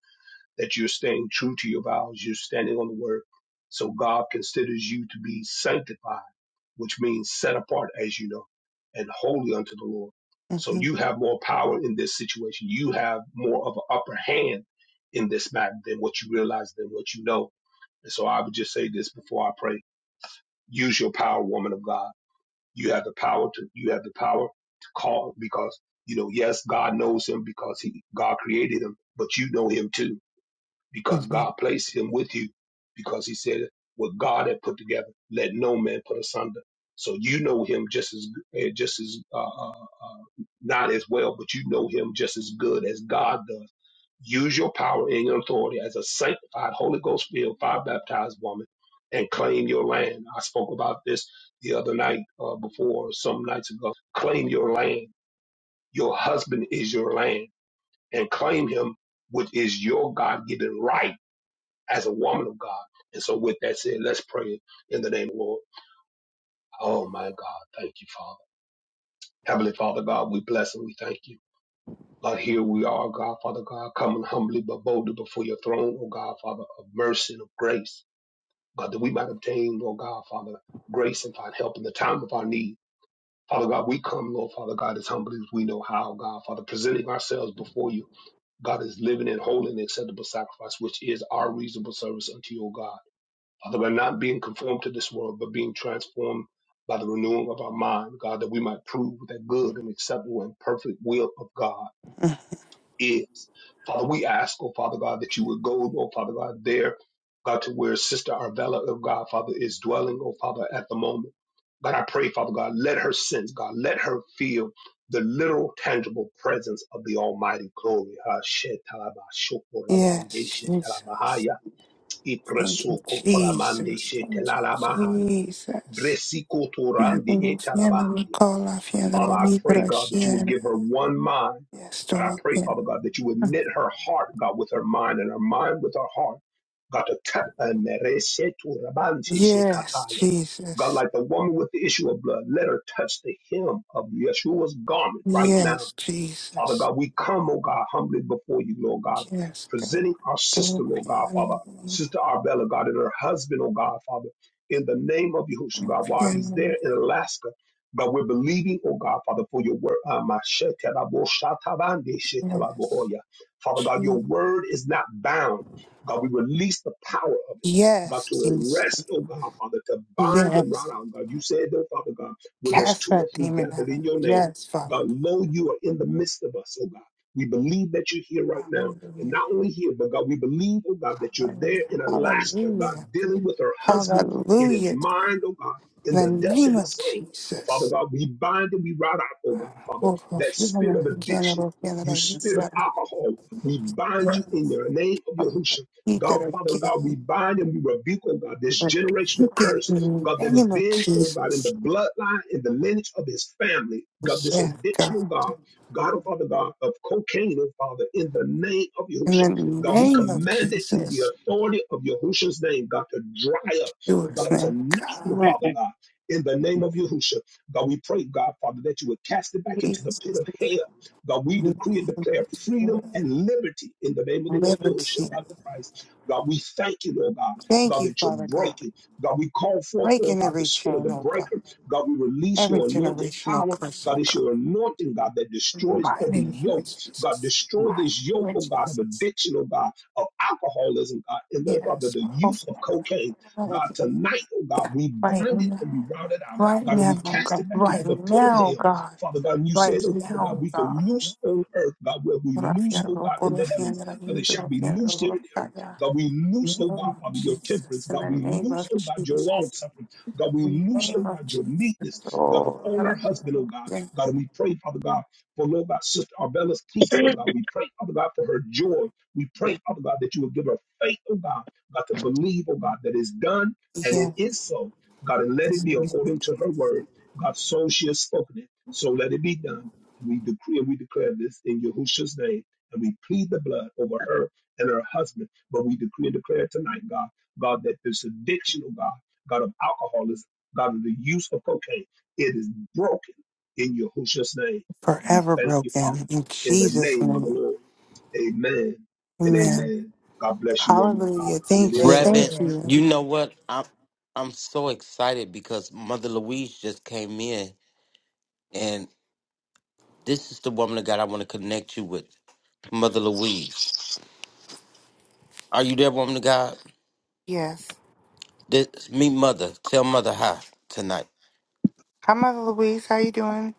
Speaker 3: that you're staying true to your vows, you're standing on the word, so God considers you to be sanctified, which means set apart, as you know, and holy unto the Lord. So
Speaker 11: Mm-hmm.
Speaker 3: you have more power in this situation. You have more of an upper hand in this matter than what you realize, than what you know and so I would just say this before I pray. Use your power, woman of God. You have the power to you have the power to call because you know, yes, God knows him because he God created him, but you know him too because
Speaker 11: Mm-hmm.
Speaker 3: God placed him with you because he said what God had put together, let no man put asunder. So you know him just as eh, just as uh, uh, uh, not as well, but you know him just as good as God does. Use your power and your authority as a sanctified Holy Ghost filled, fire baptized woman, and claim your land. I spoke about this the other night uh, before some nights ago. Claim your land. Your husband is your land, and claim him, which is your God given right as a woman of God. And so with that said, let's pray in the name of the Lord. Oh my God. Thank you, Father. Heavenly Father God, we bless and we thank you. Lord, here we are, God, Father God, coming humbly but boldly before your throne, oh God, Father, of mercy and of grace. God, that we might obtain, oh God, Father, grace and find help in the time of our need. Father God, we come, Lord Father God, as humbly as we know how, God, Father, presenting ourselves before you. God is living and holy and acceptable sacrifice, which is our reasonable service unto you, O God. Father, by not being conformed to this world, but being transformed by the renewing of our mind, God, that we might prove that good and acceptable and perfect will of God is. Father, we ask, oh Father God, that you would go, oh Father God, there, God, to where Sister Arvella, oh God, Father, is dwelling, oh Father, at the moment. God, I pray, Father God, let her sense, God, let her feel the literal, tangible presence of the Almighty glory. Ha, shetalaba, shokoraba,
Speaker 11: Yes, Jesus.
Speaker 3: yeshetalabahaya.
Speaker 11: Thank you,
Speaker 3: Ipresoko toramande
Speaker 11: Jesus. Thank
Speaker 3: shetelala mahaya.
Speaker 11: you, Jesus.
Speaker 3: Bresiko torande
Speaker 11: Fiadoro,
Speaker 3: etala
Speaker 11: fiadoro,
Speaker 3: bahaya.
Speaker 11: cola,
Speaker 3: Father,
Speaker 11: fiadoro,
Speaker 3: I pray,
Speaker 11: libra,
Speaker 3: God, that you would
Speaker 11: share.
Speaker 3: give her one mind.
Speaker 11: Yes,
Speaker 3: God, I
Speaker 11: Lord.
Speaker 3: pray, Father God, that you would knit her heart, God, with her mind and her mind with her heart. God, to tap and merese torabante
Speaker 11: Yes,
Speaker 3: shekataya. God,
Speaker 11: Jesus.
Speaker 3: like the woman with the issue of blood, let her touch the hem of Yeshua's garment right now.
Speaker 11: Yes,
Speaker 3: Father
Speaker 11: Jesus.
Speaker 3: God, we come, oh God, humbly before you, Lord God,
Speaker 11: Yes, God.
Speaker 3: presenting our sister,
Speaker 11: Oh,
Speaker 3: Lord God, Father,
Speaker 11: fiadoro,
Speaker 3: Sister Arbella, God, and her husband, oh God, Father, in the name of Yahushua,
Speaker 11: oh,
Speaker 3: God, while he's
Speaker 11: fiadoro,
Speaker 3: there in Alaska. God, we're believing, oh God, Father, for your word. Ah,
Speaker 11: Yes,
Speaker 3: Father God, your
Speaker 11: Jesus.
Speaker 3: word is not bound. God, we release the power of it. God,
Speaker 11: Yes,
Speaker 3: to
Speaker 11: Jesus.
Speaker 3: arrest, oh God, Father, to bind them right
Speaker 11: Yes.
Speaker 3: out. God, you said, oh Father God, where there's
Speaker 11: Cast
Speaker 3: two or
Speaker 11: that
Speaker 3: three
Speaker 11: demon
Speaker 3: gathered
Speaker 11: out.
Speaker 3: in your name.
Speaker 11: Yes, Father.
Speaker 3: God, lo, you are in the midst of us, oh God. We believe that you're here right now. And
Speaker 11: Hallelujah.
Speaker 3: not only here, but God, we believe, oh God, that you're there
Speaker 11: Hallelujah.
Speaker 3: in Alaska, God,
Speaker 11: Hallelujah.
Speaker 3: dealing with her husband in his
Speaker 11: Hallelujah.
Speaker 3: mind, oh God,
Speaker 11: In
Speaker 3: in the
Speaker 11: the
Speaker 3: depths of
Speaker 11: name
Speaker 3: his
Speaker 11: of
Speaker 3: soul. And Father
Speaker 11: Jesus.
Speaker 3: God, we bind and we rout out,
Speaker 11: He
Speaker 3: oh God, Father, that spirit of addiction, you spirit of alcohol. We bind you in the name of Yahushua. God,
Speaker 11: could
Speaker 3: Father
Speaker 11: again,
Speaker 3: God, we bind and we rebuke, oh God, this
Speaker 11: he
Speaker 3: generational
Speaker 11: can
Speaker 3: curse
Speaker 11: in the
Speaker 3: God, that has
Speaker 11: name of
Speaker 3: been, oh God, in the
Speaker 11: Jesus.
Speaker 3: bloodline, in the lineage of his family, God, this
Speaker 11: Yes, God.
Speaker 3: addiction, oh God, God, oh Father, God, of cocaine, oh Father, in the name of
Speaker 11: In
Speaker 3: Yahushua.
Speaker 11: the
Speaker 3: God, we
Speaker 11: name of
Speaker 3: command it in the
Speaker 11: Jesus,
Speaker 3: authority of Yahushua's name, God, to dry up,
Speaker 11: do his
Speaker 3: God,
Speaker 11: name,
Speaker 3: tonight, oh
Speaker 11: God.
Speaker 12: Man,
Speaker 3: Father, God, in the name of Yahushua. God, we pray, God, Father, that you would cast it back into the
Speaker 11: Jesus,
Speaker 3: pit of hell. God,
Speaker 11: in
Speaker 3: we
Speaker 11: the
Speaker 3: decree and
Speaker 11: name
Speaker 3: declare
Speaker 11: of
Speaker 3: freedom
Speaker 11: Jesus.
Speaker 3: and liberty in the name of the Lord
Speaker 11: Liberty.
Speaker 3: Yahushua, God the Christ. God, we thank you, Lord God,
Speaker 11: Thank
Speaker 3: God,
Speaker 11: you,
Speaker 3: that you're
Speaker 11: Father God.
Speaker 3: breaking. God, we call forth, oh
Speaker 11: Breaking
Speaker 3: God, the
Speaker 11: every
Speaker 3: spirit of the
Speaker 11: chain, oh God.
Speaker 3: breaker. God, we release
Speaker 11: Every
Speaker 3: your anointed
Speaker 11: generational
Speaker 3: power.
Speaker 11: curse,
Speaker 3: God,
Speaker 11: oh
Speaker 3: it's
Speaker 11: God.
Speaker 3: your anointing, God, that
Speaker 11: In the
Speaker 3: destroys
Speaker 11: Mighty
Speaker 3: every
Speaker 11: name of
Speaker 3: yoke. God,
Speaker 11: Jesus.
Speaker 3: destroy
Speaker 11: Mighty
Speaker 3: this yoke,
Speaker 11: name of
Speaker 3: oh God, of
Speaker 11: Jesus.
Speaker 3: addiction, oh God, of alcoholism, God, and oh Father,
Speaker 11: Yes.
Speaker 3: the
Speaker 11: Oh,
Speaker 3: use of cocaine. God, tonight, oh God,
Speaker 11: yeah.
Speaker 3: we
Speaker 11: Right
Speaker 3: bind it
Speaker 11: now.
Speaker 3: and we rout it out.
Speaker 11: Right
Speaker 3: God, and we
Speaker 11: now,
Speaker 3: cast
Speaker 11: God.
Speaker 3: it back into
Speaker 11: Right
Speaker 3: the pit of
Speaker 11: now,
Speaker 3: hell.
Speaker 11: God.
Speaker 3: Father God, and you
Speaker 11: Right
Speaker 3: said, oh Father God,
Speaker 11: now,
Speaker 3: we can
Speaker 11: God.
Speaker 3: loose on earth, God, where we loose,
Speaker 11: Rafiana
Speaker 3: oh God,
Speaker 11: Roko
Speaker 3: in the heavens.
Speaker 11: Rafiana
Speaker 3: God, it
Speaker 11: Yuda
Speaker 3: shall be loosed here
Speaker 11: Rafiana
Speaker 3: in the earth.
Speaker 11: Rokaya.
Speaker 3: God, we loose,
Speaker 11: Name
Speaker 3: oh
Speaker 11: of
Speaker 3: God, Father, your temperance.
Speaker 11: Jesus. In
Speaker 3: God,
Speaker 11: the
Speaker 3: we
Speaker 11: name
Speaker 3: loose,
Speaker 11: of
Speaker 3: oh God, your
Speaker 11: Jesus.
Speaker 3: long suffering. God, we
Speaker 11: In the
Speaker 3: loose, oh
Speaker 11: name of
Speaker 3: God, your
Speaker 11: Jesus.
Speaker 3: meekness. God,
Speaker 11: Oh,
Speaker 3: upon her husband,
Speaker 11: Rafiana.
Speaker 3: oh God.
Speaker 11: yeah.
Speaker 3: God, we pray, Father God, for Lord God, Sister Arbella's peace, oh God. We pray, Father God, for her joy. We pray, Father God, that you will give her faith, oh God, God, to believe, oh God, that it's done and
Speaker 11: yeah.
Speaker 3: it is so. God, and let it be according to her word. God, so she has spoken it. So let it be done. And we decree and we declare this in Yahushua's name. And we plead the blood over her and her husband. But we decree and declare tonight, God, God, that this addiction, oh God, God of alcoholism, God of the use of cocaine, it is broken in Yahushua's name. And we
Speaker 11: Forever
Speaker 3: thank you,
Speaker 11: broken.
Speaker 3: Father,
Speaker 11: In
Speaker 3: in the
Speaker 11: Jesus'
Speaker 3: name of the
Speaker 11: name.
Speaker 3: Lord. Amen and
Speaker 11: Amen.
Speaker 3: amen. God bless you, woman of God.
Speaker 11: Hallelujah.
Speaker 3: And it
Speaker 11: Thank you.
Speaker 3: is so.
Speaker 2: Reverend,
Speaker 11: Thank
Speaker 13: Amen.
Speaker 11: you.
Speaker 2: you know what? I'm I'm so excited because Mother Louise just came in, and this is the woman of God I want to connect you with. Mother Louise, are you there, woman of God?
Speaker 11: Yes.
Speaker 2: This meet Mother. Tell Mother hi tonight.
Speaker 11: Hi, Mother Louise. How you doing?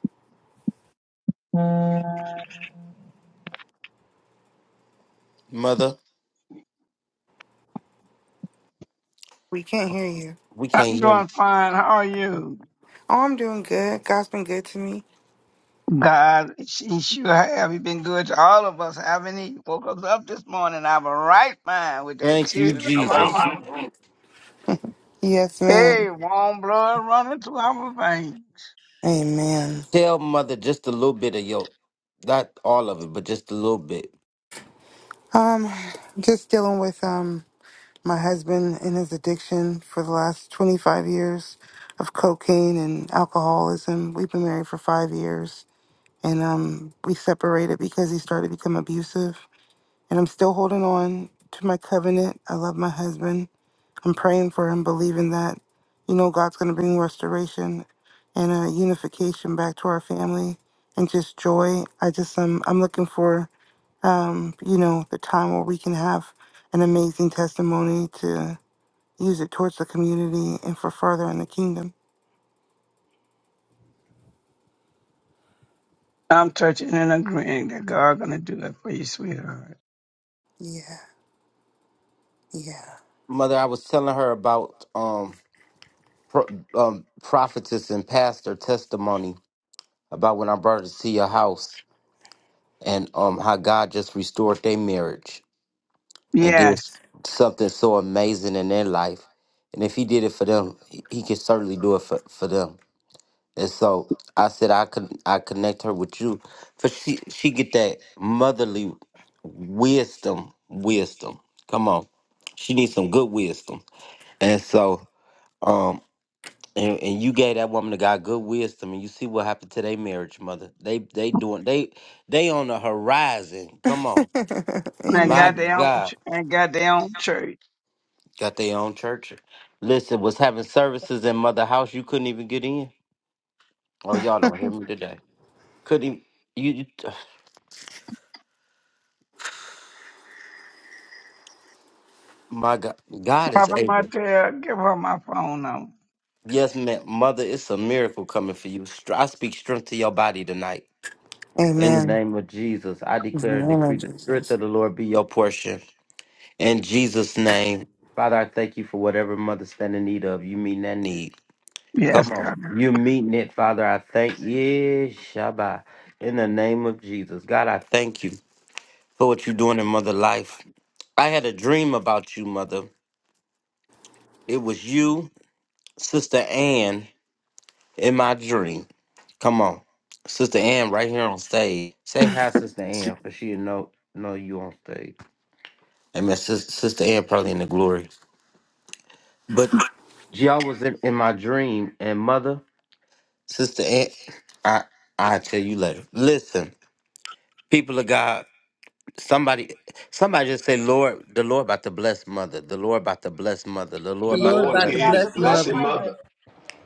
Speaker 2: Mother,
Speaker 11: We can't hear you.
Speaker 2: we
Speaker 12: I'm
Speaker 2: can't hear.
Speaker 12: doing fine. How are you?
Speaker 11: Oh, I'm doing good. God's been good to me.
Speaker 12: God, she sure have. you been good to all of us, haven't he? Woke us up this morning. I'm a right mind with that
Speaker 2: Thank you,
Speaker 12: tears of our
Speaker 2: Jesus.
Speaker 11: Thank you. Yes,
Speaker 12: Hey,
Speaker 11: ma'am.
Speaker 12: warm blood running through our veins.
Speaker 11: Amen.
Speaker 2: Tell Mother just a little bit of your, not all of it, but just a little bit.
Speaker 11: Um, just dealing with um my husband and his addiction for the last 25 years of cocaine and alcoholism. We've been married for five years, and um we separated because he started to become abusive. And I'm still holding on to my covenant. I love my husband. I'm praying for him, believing that, you know, God's going to bring restoration and uh, unification back to our family and just joy. I just, um, I'm looking for, um, you know, the time where we can have an amazing testimony to use it towards the community and for further in the kingdom.
Speaker 12: I'm touching and agreeing that God gonna do it for you, sweetheart.
Speaker 11: Yeah, yeah.
Speaker 2: Mother, I was telling her about um, pro, um prophetess and pastor testimony about when I brought her to see your house and um how God just restored their marriage and did
Speaker 12: Yes.
Speaker 2: something so amazing in their life. And if he did it for them, he, he can certainly do it for, for them. And so I said I could I connect her with you. For she she get that motherly wisdom, wisdom. Come on. She needs some good wisdom. And so um and, and you gave that woman of God good wisdom and you see what happened to their marriage, mother. They they doing they they on the horizon. Come on.
Speaker 12: And
Speaker 2: My
Speaker 12: got
Speaker 11: Amen.
Speaker 12: their own
Speaker 2: God.
Speaker 12: ch- and got their own church.
Speaker 2: Got their own church. Listen, was having services in Mother House. You couldn't even get in. Oh, y'all don't hear me today. Couldn't e, you, you my God. God is
Speaker 12: Papa
Speaker 2: able.
Speaker 12: Martel, give her my phone number.
Speaker 2: Yes, ma'am. Mother, it's a miracle coming for you. Str- I speak strength to your body tonight. In the
Speaker 11: Amen.
Speaker 2: name of Jesus, I declare and decree
Speaker 11: Amen,
Speaker 2: the strength
Speaker 11: Jesus.
Speaker 2: of the Lord be your portion. In Jesus' name. Father, I thank you for whatever mother stand in need of. You mean that need.
Speaker 12: Yes,
Speaker 2: Come on.
Speaker 12: God.
Speaker 2: You're meeting it, Father. I thank you, Shabbat. In the name of Jesus. God, I thank you for what you're doing in mother life. I had a dream about you, mother. It was you, Sister Ann, in my dream. Come on. Sister Ann right here on stage. Say hi, Sister Ann, for she know know you on stage. Amen. Sis- Sister Ann probably in the glory. But y'all was in, in my dream and mother, Sister Ann, I I tell you later. Listen. People of God, somebody, somebody just say, Lord, the Lord about to bless mother, the Lord about to bless mother, the
Speaker 9: The
Speaker 3: The
Speaker 2: Lord about
Speaker 9: Lord
Speaker 2: to
Speaker 3: Lord
Speaker 9: about
Speaker 2: bless
Speaker 9: to
Speaker 3: is
Speaker 9: bless
Speaker 3: blessing
Speaker 9: mother.
Speaker 3: mother.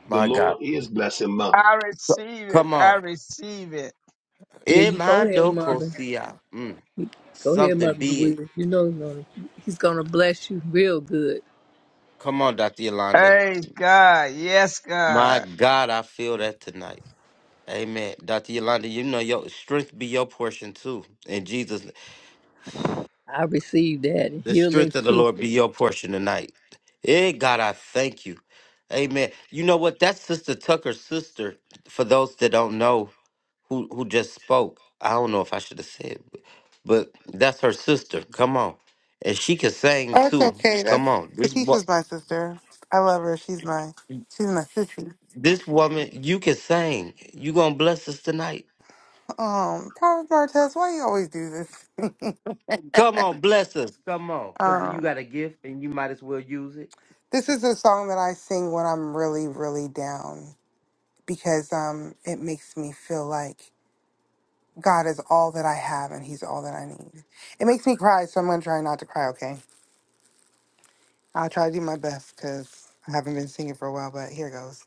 Speaker 3: The
Speaker 2: my God.
Speaker 3: Lord is blessing mother.
Speaker 12: I receive it.
Speaker 2: Come
Speaker 12: I
Speaker 2: on,
Speaker 12: receive it.
Speaker 9: Yeah, you go ahead,
Speaker 2: Emando
Speaker 9: mother.
Speaker 2: Kosia, Mm,
Speaker 9: Go ahead,
Speaker 2: something
Speaker 9: mother
Speaker 2: big.
Speaker 9: Louise. You know he's gonna, he's gonna bless you real good.
Speaker 2: Come on, Dr. Yolanda.
Speaker 12: Praise God. Yes,
Speaker 2: My
Speaker 12: God.
Speaker 2: God, I feel that tonight. Amen. Dr. Yolanda, you know your strength be your portion too. In Jesus,
Speaker 9: I received that. and
Speaker 2: the
Speaker 9: Healing
Speaker 2: strength of the
Speaker 9: too.
Speaker 2: Lord be your portion tonight. Eh, God, I thank you. Amen. You know what? That's Sister Tucker's sister. For those that don't know, who who just spoke. I don't know if I should have said, but, but that's her sister. Come on, and she can sing
Speaker 11: Oh, it's
Speaker 2: too.
Speaker 11: okay.
Speaker 2: Come
Speaker 11: That's
Speaker 2: on, this what
Speaker 11: Katisha's my sister. I love her. She's my she's my sissy.
Speaker 2: this woman you can sing. You gonna bless us tonight?
Speaker 11: Um, Papa Bartez, why you always do this?
Speaker 2: Come on, bless us. Come on, cause you
Speaker 11: um,
Speaker 2: got a gift and you might as well use it.
Speaker 11: this is a song that I sing when I'm really, really down because um, it makes me feel like God is all that I have and He's all that I need. It makes me cry, so I'm gonna try not to cry. Okay, I'll try to do my best because I haven't been singing for a while. But here goes.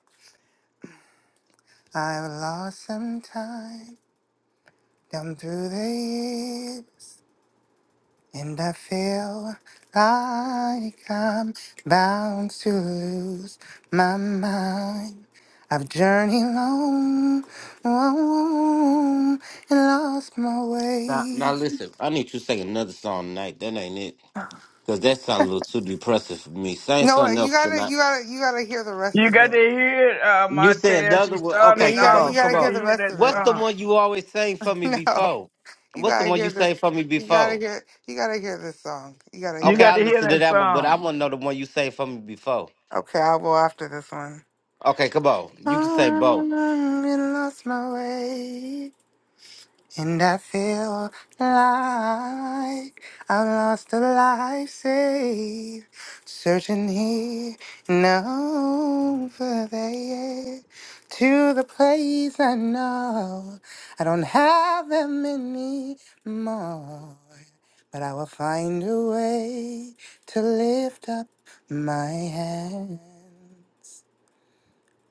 Speaker 11: I've lost some time down through the years. And I feel like I'm bound to lose my mind. I've journeyed long, long and lost my
Speaker 2: Now, now
Speaker 11: way.
Speaker 2: listen, I need you to sing another song tonight. That ain't it, cause that sounds a little too depressive for me. Sing
Speaker 11: No,
Speaker 2: something
Speaker 11: you
Speaker 2: else
Speaker 11: gotta,
Speaker 2: tonight.
Speaker 11: you gotta, you gotta hear the rest
Speaker 12: You
Speaker 11: of
Speaker 12: got
Speaker 11: it.
Speaker 12: to hear it, uh,
Speaker 2: You say
Speaker 12: Montel. She
Speaker 2: another one.
Speaker 11: Yeah,
Speaker 2: Okay,
Speaker 12: started
Speaker 11: you
Speaker 2: come
Speaker 12: off,
Speaker 11: gotta,
Speaker 12: but
Speaker 11: you
Speaker 2: on,
Speaker 12: you
Speaker 11: gotta
Speaker 2: come
Speaker 12: got
Speaker 11: hear
Speaker 12: to
Speaker 2: on.
Speaker 11: the
Speaker 12: hear
Speaker 11: rest
Speaker 12: that
Speaker 11: of it.
Speaker 2: What's the
Speaker 12: song.
Speaker 2: one you always sang for me
Speaker 11: No,
Speaker 2: before?
Speaker 11: you
Speaker 2: What's the
Speaker 11: gotta
Speaker 2: one
Speaker 11: hear
Speaker 2: you
Speaker 11: this.
Speaker 2: sang for me
Speaker 11: You gotta
Speaker 2: before?
Speaker 11: hear, you gotta hear this song. You gotta
Speaker 12: You
Speaker 11: hear
Speaker 2: Okay,
Speaker 12: got
Speaker 11: it.
Speaker 2: I
Speaker 12: to hear
Speaker 2: listened to
Speaker 12: that
Speaker 2: that one, but I
Speaker 12: song.
Speaker 2: want to know the one you sang for me before.
Speaker 11: Okay, I'll go after this one.
Speaker 2: Okay, come on. You can say
Speaker 11: I
Speaker 2: both.
Speaker 11: lost my way. And I feel like I lost a life saved, searching here and over there to the place I know I don't have them anymore, but I will find a way to lift up my hand.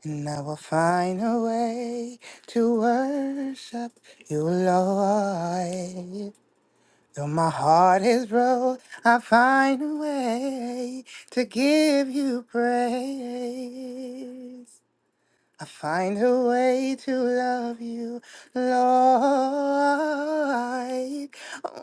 Speaker 11: And I will find a way to worship you, Lord. Though my heart is broke, I find a way to give you praise. I find a way to love you, Lord.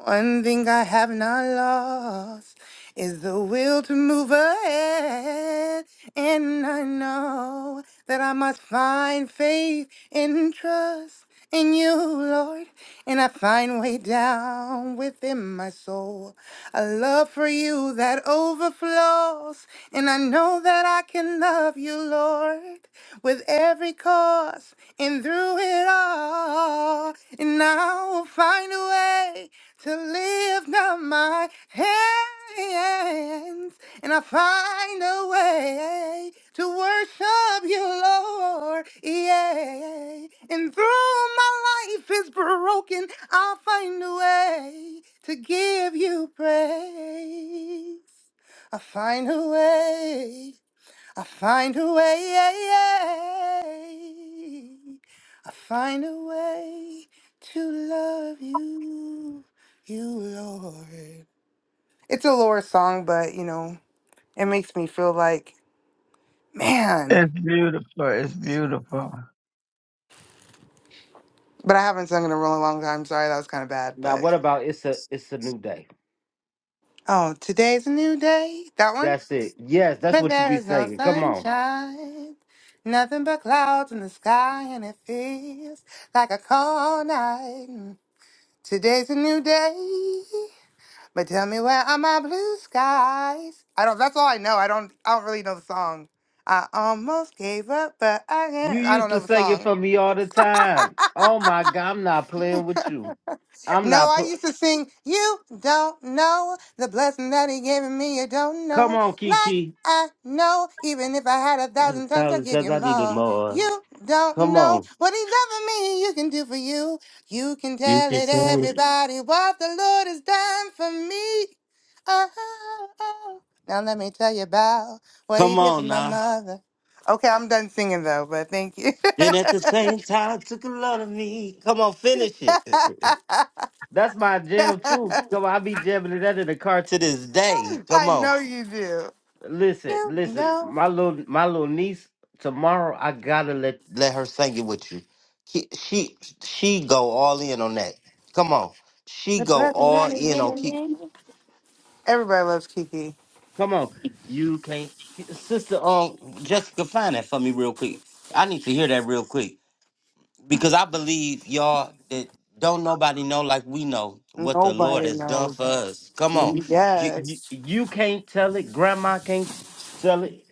Speaker 11: One thing I have not lost is the will to move ahead. And I know that I must find faith and trust in you, Lord. And I find way down within my soul a love for you that overflows. And I know that I can love you, Lord with every course and through it all. And I will find a way to lift up my hands. And I find a way to worship you, Lord. Yeah. And through my life is broken, I'll find a way to give you praise. I find a way I find a way. yeah, yeah. I find a way to love you, you Lord. It's a Lord song, but you know, it makes me feel like, man.
Speaker 12: It's beautiful. It's beautiful.
Speaker 11: But I haven't sung in a really long time. Sorry, that was kind of bad.
Speaker 2: Now,
Speaker 11: But
Speaker 2: what about it's a it's a new day?
Speaker 11: oh, today's a new day. That one.
Speaker 2: That's it. Yes, that's
Speaker 11: But
Speaker 2: what you
Speaker 11: there
Speaker 2: be
Speaker 11: is no
Speaker 2: singing. Come on.
Speaker 11: sunshine, nothing but clouds in the sky, and it feels like a cold night. Today's a new day. But tell me where are my blue skies? I don't that's all I know. I don't I don't really know the song. I almost gave up, but I
Speaker 2: You
Speaker 11: can't I don't
Speaker 2: used
Speaker 11: know
Speaker 2: to
Speaker 11: the
Speaker 2: sing it
Speaker 11: song.
Speaker 2: for me all the time. Oh my God, I'm not playing with you. I'm
Speaker 11: No,
Speaker 2: not.
Speaker 11: I
Speaker 2: Pl-
Speaker 11: used to sing, You don't know the blessing that he gave me, you don't
Speaker 2: come
Speaker 11: know.
Speaker 2: on,
Speaker 11: Like
Speaker 2: Kiki.
Speaker 11: I know, even if I had a
Speaker 2: I had a
Speaker 11: thousand tongues, I'd
Speaker 2: thousand
Speaker 11: give
Speaker 2: times
Speaker 11: you
Speaker 2: I needed
Speaker 11: more.
Speaker 2: more.
Speaker 11: You don't
Speaker 2: Come
Speaker 11: know
Speaker 2: on.
Speaker 11: what he done for me, you can do for you. You can
Speaker 2: You
Speaker 11: tell
Speaker 2: can
Speaker 11: it
Speaker 2: sing.
Speaker 11: everybody what the Lord has done for me. Oh, oh. oh. Now let me tell you about what he
Speaker 2: Come
Speaker 11: did for
Speaker 2: on
Speaker 11: my
Speaker 2: now.
Speaker 11: mother. Okay, I'm done singing though, but thank you.
Speaker 2: Then at the same time took a lot of me. Come on, finish it. That's my jam too. Come on, I be jamming to that in the car to this day.
Speaker 11: I
Speaker 2: Come on.
Speaker 11: know you do.
Speaker 2: Listen,
Speaker 11: You
Speaker 2: listen.
Speaker 11: know,
Speaker 2: My little my little niece, tomorrow I gotta let let her sing it with you. She she, she go all in on that. Come on. She
Speaker 11: the
Speaker 2: go
Speaker 11: blessing
Speaker 2: all
Speaker 11: man
Speaker 2: in
Speaker 11: is
Speaker 2: on
Speaker 11: it.
Speaker 2: keep
Speaker 11: Everybody loves Kiki.
Speaker 2: come on. You can't sister um Jessica find that for me real quick. I need to hear that real quick. because I believe y'all that don't nobody know like we know what the Lord
Speaker 11: Nobody
Speaker 2: has done
Speaker 11: knows.
Speaker 2: for us. Come on, you you,
Speaker 11: Yes.
Speaker 2: you can't tell it. Grandma can't t- tell it.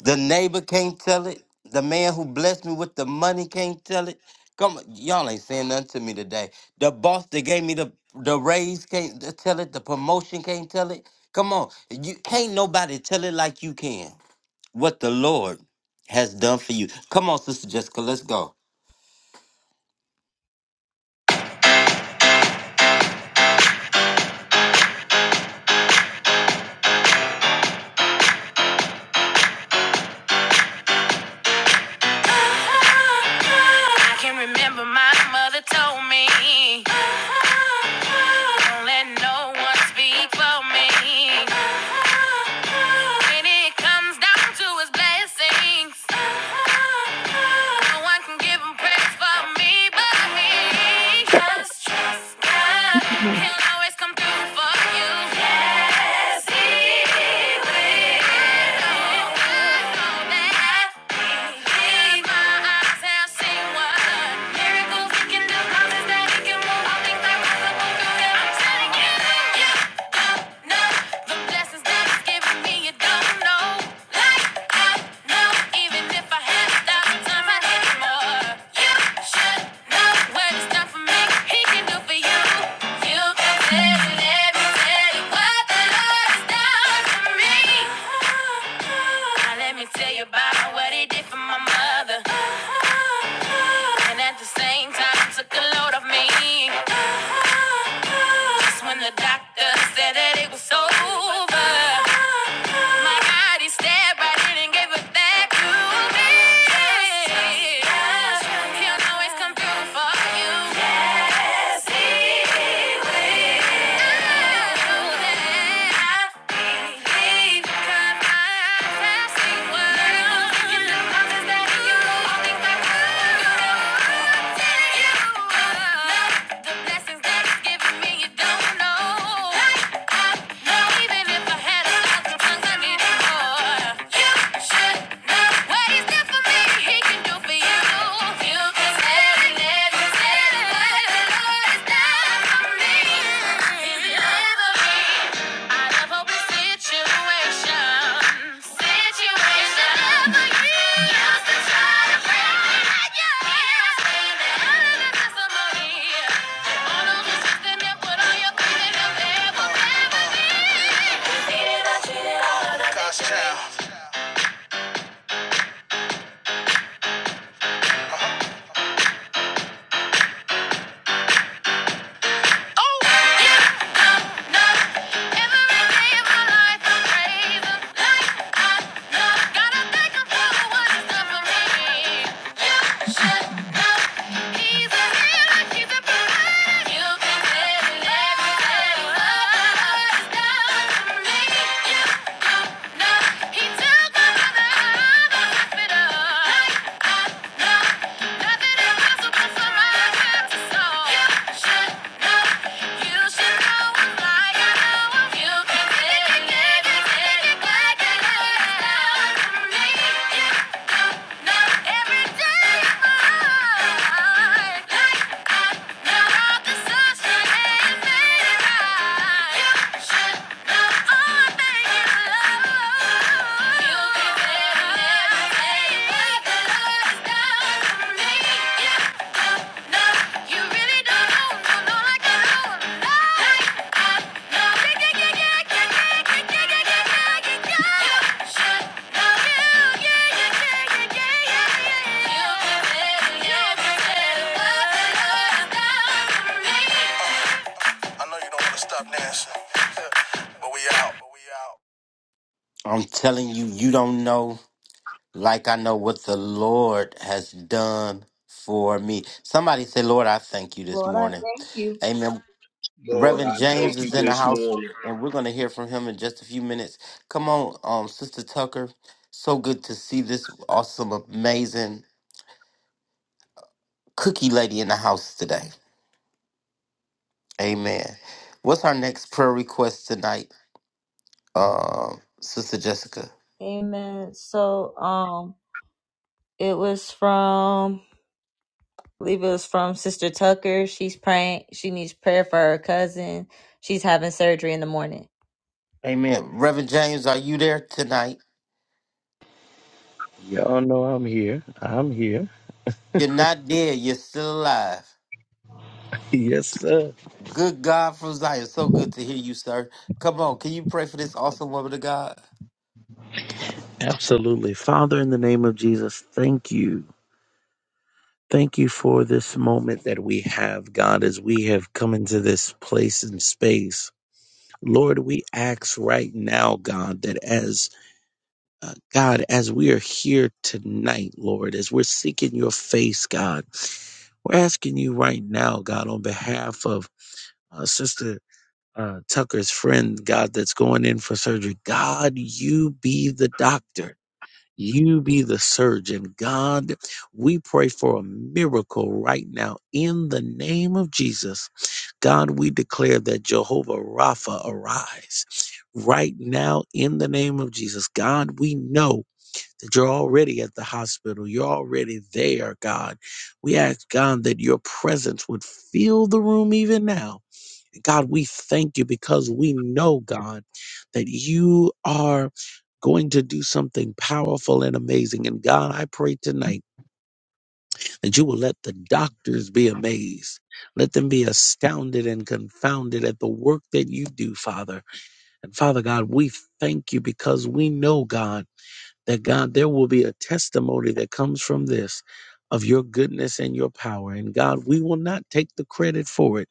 Speaker 2: The neighbor can't tell it. The man who blessed me with the money can't tell it. Come on, y'all ain't saying nothing to me today. The boss that gave me the the raise can't t- tell it. The promotion can't tell it. Come on, you can't nobody tell it like you can. What the Lord has done for you. Come on, Sister Jessica, let's go.
Speaker 1: I can remember my mother told me, don't let no one speak for me. When it comes down to his blessings, no one can give him praise for me but me. Just trust God. He'll always come through for you. Yes, He He can do for you. You can tell it, tell it what the Lord down for me. Now let me tell you about what he did for my mother. And at the same time took a load off me. Just when the doctor said that it was over. My God, he stabbed right in and gave it back to me. He'll always come through for you. Yes, he will. Don't know never I love open situations. Situations. And used to try to break me, I stand it. I love testimony. All of this put all faith in him, will never be. Defeated, I treated Oh, yeah, Like, yeah. Yeah. I know you don't want to stop dancing, but we out.
Speaker 2: I'm telling you, you don't know like I know what the Lord has done for me. Somebody say, Lord, I thank you this
Speaker 1: Lord, I
Speaker 2: morning.
Speaker 1: thank you.
Speaker 2: Amen.
Speaker 3: Lord,
Speaker 2: Reverend
Speaker 3: I
Speaker 2: James
Speaker 3: thank you
Speaker 2: is in the
Speaker 3: this
Speaker 2: house,
Speaker 3: morning.
Speaker 2: and we're going to hear from him in just a few minutes. Come on, um, Sister Tucker. So good to see this awesome, amazing cookie lady in the house today. Amen. What's our next prayer request tonight, um, Sister Jessica?
Speaker 1: Amen. So, um, it was from. Leave is from Sister Tucker. She's praying. She needs prayer for her cousin. She's having surgery in the morning.
Speaker 2: Amen. Reverend James, are you there tonight?
Speaker 14: Y'all know I'm here. I'm here.
Speaker 2: You're not dead. You're still alive.
Speaker 14: Yes, sir.
Speaker 2: Good God from Zion. So good to hear you, sir. Come on, can you pray for this awesome woman of God?
Speaker 14: Absolutely. Father, in the name of Jesus, thank you. Thank you for this moment that we have, God, as we have come into this place and space. Lord, we ask right now, God, that as uh, God, as we are here tonight, Lord, as we're seeking your face, God, we're asking you right now, God, on behalf of uh, Sister. uh, Tucker's friend, God, that's going in for surgery. God, you be the doctor. You be the surgeon. God, we pray for a miracle right now in the name of Jesus. God, we declare that Jehovah Rapha arise right now in the name of Jesus. God, we know that you're already at the hospital. You're already there, God. We ask, God, that your presence would fill the room even now God, we thank you because we know, God, that you are going to do something powerful and amazing. And God, I pray tonight that you will let the doctors be amazed. Let them be astounded and confounded at the work that you do, Father. And Father God, we thank you because we know, God, that God, there will be a testimony that comes from this of your goodness and your power. And God, we will not take the credit for it,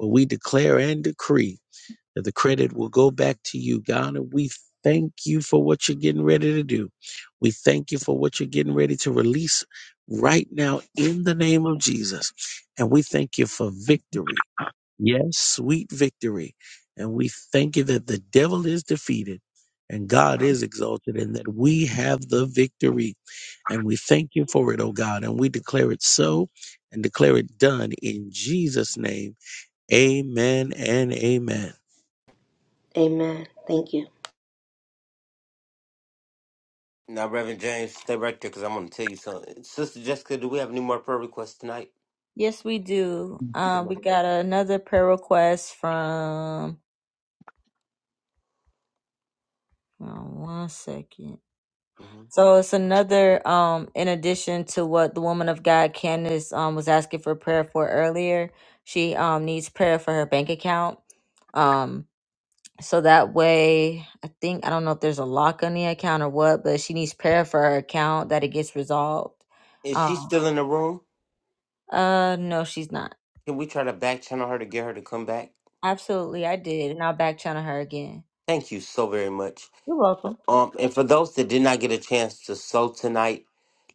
Speaker 14: but we declare and decree that the credit will go back to you, God. And we thank you for what you're getting ready to do. We thank you for what you're getting ready to release right now in the name of Jesus. And we thank you for victory. Yes, sweet victory. And we thank you that the devil is defeated and God is exalted and that we have the victory. And we thank you for it, oh God. And we declare it so and declare it done in Jesus' name. Amen and amen.
Speaker 13: Amen. Thank you.
Speaker 2: Now, Reverend James, stay right there because I'm going to tell you something. Sister Jessica, do we have any more prayer requests tonight?
Speaker 1: Yes, we do.
Speaker 2: Come
Speaker 1: Um, we
Speaker 2: on.
Speaker 1: got another prayer request from. oh, One second.
Speaker 2: hmm
Speaker 1: So it's another. Um, in addition to what the woman of God Candace um was asking for prayer for earlier, she um needs prayer for her bank account. Um. So that way, I think I don't know if there's a lock on the account or what, but she needs prayer for her account that it gets resolved.
Speaker 2: Is she
Speaker 1: Um,
Speaker 2: still in the room?
Speaker 1: uh, no, she's not.
Speaker 2: Can we try to back channel her to get her to come back?
Speaker 1: Absolutely, I did, and I'll back channel her again.
Speaker 2: Thank you so very much.
Speaker 1: You're welcome.
Speaker 2: Um, and for those that did not get a chance to sow tonight,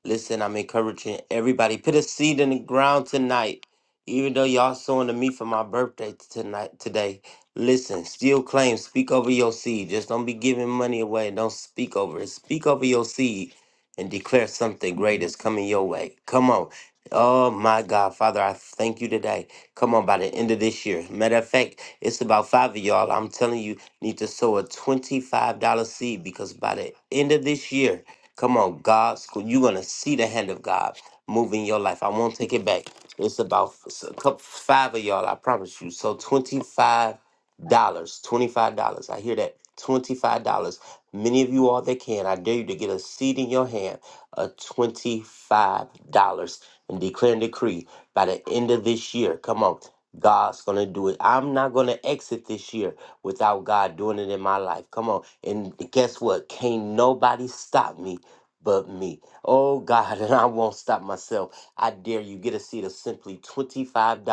Speaker 2: Listen, I'm encouraging everybody. Put a seed in the ground tonight. Even though y'all sowing to me for my birthday t- tonight, today. Listen, still claim, speak over your seed. Just don't be giving money away. Don't speak over it. Speak over your seed and declare something great is coming your way. Come on. Oh my God, Father, I thank you today. Come on, by the end of this year. Matter of fact, it's about five of y'all. I'm telling you, need to sow a $25 seed because by the end of this year, Come on, God, You're gonna see the hand of God moving your life. I won't take it back. It's about f- s- a couple, five of y'all. I promise you. So twenty-five dollars, twenty-five dollars. I hear that. Twenty-five dollars. Many of you all that can, I dare you to get a seed in your hand of twenty-five dollars and declare and decree by the end of this year. Come on. God's gonna do it. I'm not gonna exit this year without God doing it in my life. Come on. And guess what? Can't nobody stop me but me. Oh God, and I won't stop myself. I dare you get a seat of simply $25.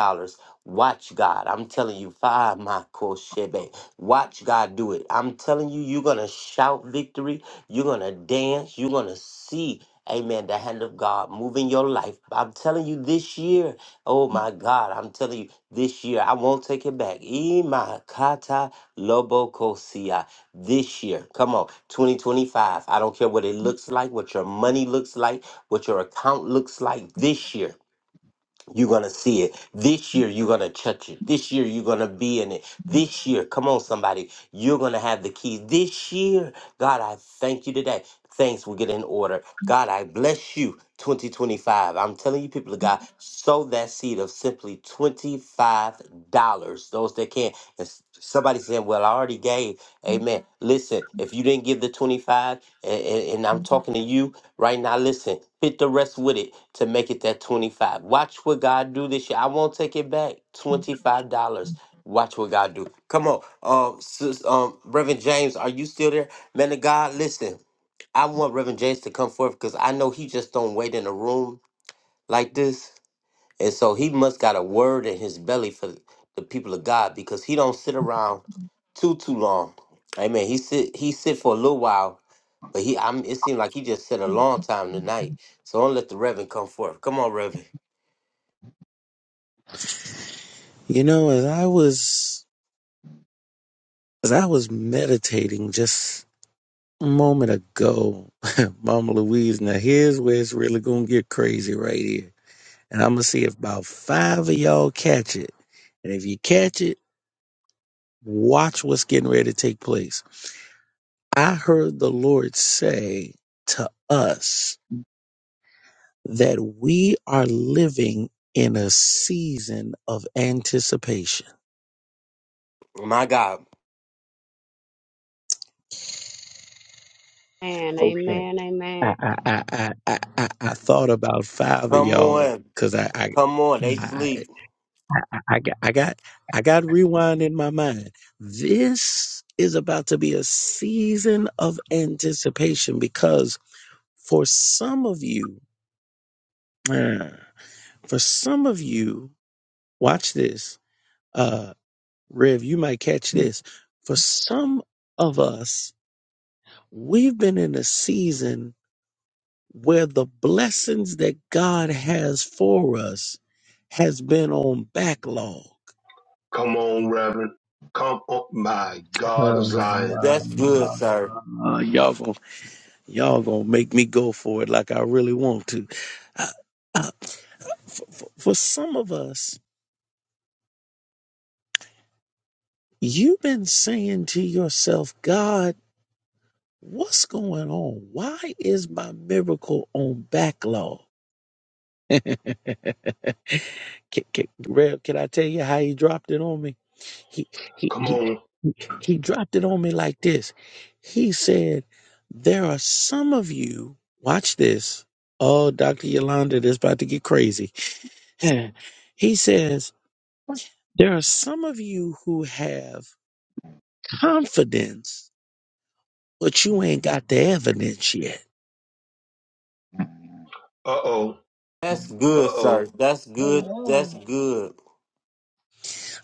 Speaker 2: Watch God. I'm telling you, five my shebe. Watch God do it. I'm telling you, you're gonna shout victory, you're gonna dance, you're gonna see. Amen. The hand of God moving your life. I'm telling you this year. Oh my God, I'm telling you, this year I won't take it back. Imakata Lobokosia. This year, come on, 2025. I don't care what it looks like, what your money looks like, what your account looks like this year. You're going to see it. This year, you're going to touch it. This year, you're going to be in it. This year, come on, somebody, you're going to have the keys. This year, God, I thank you today. Thanks will get in order. God, I bless you 2025. I'm telling you, people of God, sow that seed of simply $25. Those that can. And s- somebody said, Well, I already gave. Amen. Listen, if you didn't give the 25, and, and, and I'm talking to you, Right now, listen, hit the rest with it to make it that 25. Watch what God do this year. I won't take it back. $25. Watch what God do. Come on. Um, sis, um, Reverend James, are you still there? Man of God, listen. I want Reverend James to come forth because I know he just don't wait in a room like this. And so he must got a word in his belly for the people of God because he don't sit around too too long. Amen. He sit he sit for a little while, but he I'm it seemed like he just sit a long time tonight. So don't let the Reverend come forth. Come on, Reverend.
Speaker 14: You know, as I was as I was meditating just a moment ago, Mama Louise, now here's where it's really gonna get crazy right here. And I'm gonna see if about five of y'all catch it. And if you catch it, watch what's getting ready to take place. I heard the Lord say to us that we are living in a season of anticipation.
Speaker 2: My God.
Speaker 15: Amen,
Speaker 14: Okay.
Speaker 15: amen,
Speaker 14: I
Speaker 15: amen.
Speaker 14: I I I I, I I thought about five of
Speaker 2: Come
Speaker 14: y'all
Speaker 2: on.
Speaker 14: because I I,
Speaker 2: Come on. They
Speaker 14: I
Speaker 2: sleep.
Speaker 14: I got I got I got rewind in my mind. This is about to be a season of anticipation because for some of you, uh, for some of you, watch this, uh, Rev. You might catch this. For some of us, we've been in a season where the blessings that God has for us has been on backlog.
Speaker 3: Come on, Reverend. Come on, my
Speaker 14: Uh,
Speaker 3: God of Zion.
Speaker 2: That's good, sir.
Speaker 14: y'all gonna y'all gonna make me go for it like I really want to. Uh, uh, for, for, for some of us, you've been saying to yourself, God, what's going on? Why is my miracle on backlog? can, can, Rev, can I tell you how he dropped it on me? He, he,
Speaker 3: Come
Speaker 14: he
Speaker 3: on.
Speaker 14: He dropped it on me like this. He said, There are some of you, watch this. Oh, Dr. Yolanda, this about to get crazy. he says, There are some of you who have confidence, but you ain't got the evidence yet.
Speaker 3: Uh oh.
Speaker 2: That's
Speaker 3: Uh
Speaker 2: good, sir.
Speaker 3: oh.
Speaker 2: That's good.
Speaker 1: Amen.
Speaker 2: That's good.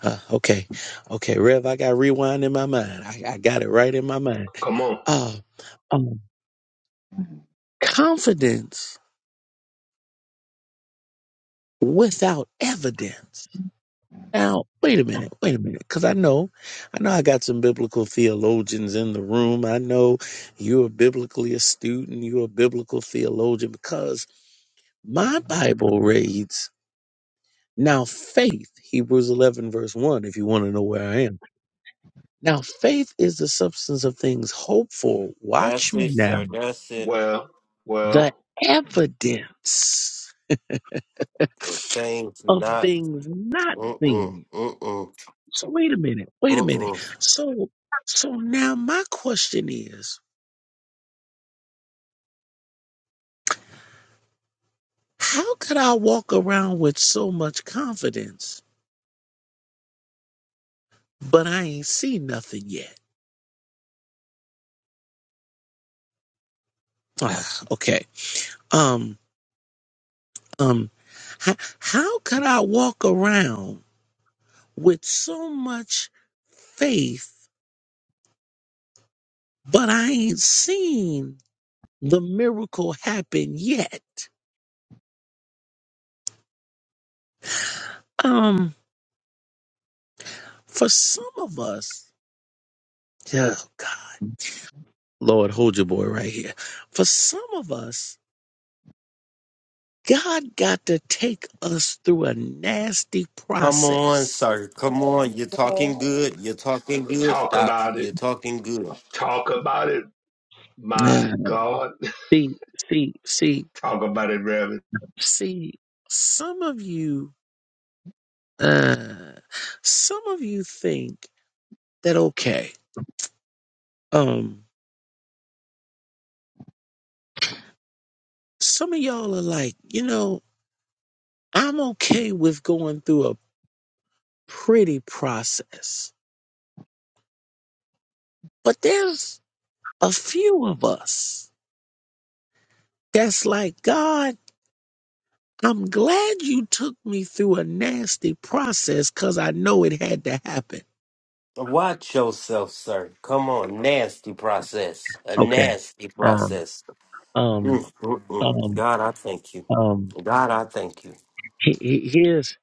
Speaker 14: Uh, okay, okay, Rev, I got rewind in my mind. I, I got it right in my mind.
Speaker 3: Come on.
Speaker 14: Uh, um, confidence without evidence. Now, wait a minute, wait a minute, because I know, I know I got some biblical theologians in the room. I know you're biblically astute and you're a biblical theologian because my Bible reads, now faith, Hebrews 11, verse 1, if you want to know where I am. Now, faith is the substance of things hoped for. Watch
Speaker 2: That's
Speaker 14: me
Speaker 2: it,
Speaker 14: now.
Speaker 2: sir. That's it.
Speaker 3: Well,
Speaker 14: The
Speaker 3: well,
Speaker 14: evidence
Speaker 2: Uh, Things
Speaker 14: of
Speaker 2: not.
Speaker 14: things not
Speaker 2: Mm-mm.
Speaker 14: seen.
Speaker 2: Mm-mm.
Speaker 14: So wait a minute, wait a minute.
Speaker 2: Mm-mm.
Speaker 14: So so now my question is, how could I walk around with so much confidence, but I ain't seen nothing yet? Ah, okay. Um um how, how could I walk around with so much faith, but I ain't seen the miracle happen yet? Um for some of us, oh God. Lord, hold your boy right here. For some of us, God got to take us through a nasty
Speaker 2: Come on,
Speaker 14: process.
Speaker 2: sir. Come on. You're
Speaker 1: Yes,
Speaker 2: talking good. You're talking good,
Speaker 3: talk
Speaker 2: Doc.
Speaker 3: about it.
Speaker 2: You're talking good.
Speaker 3: Talk about it. My
Speaker 14: Yeah.
Speaker 3: God.
Speaker 14: See, see, see,
Speaker 3: Talk about it, Reverend.
Speaker 14: see, some of you, uh, some of you think that, okay, um, some of y'all are like, you know, I'm okay with going through a pretty process, but there's a few of us that's like, God, I'm glad you took me through a nasty process because I know it had to happen.
Speaker 2: Watch yourself, sir. Come on. Nasty process. A
Speaker 14: Okay.
Speaker 2: nasty
Speaker 14: Um,
Speaker 2: process.
Speaker 14: um,
Speaker 2: Mm, mm, mm.
Speaker 14: um,
Speaker 2: God, I thank you.
Speaker 14: um,
Speaker 2: God, I thank you.
Speaker 14: he- he- here's,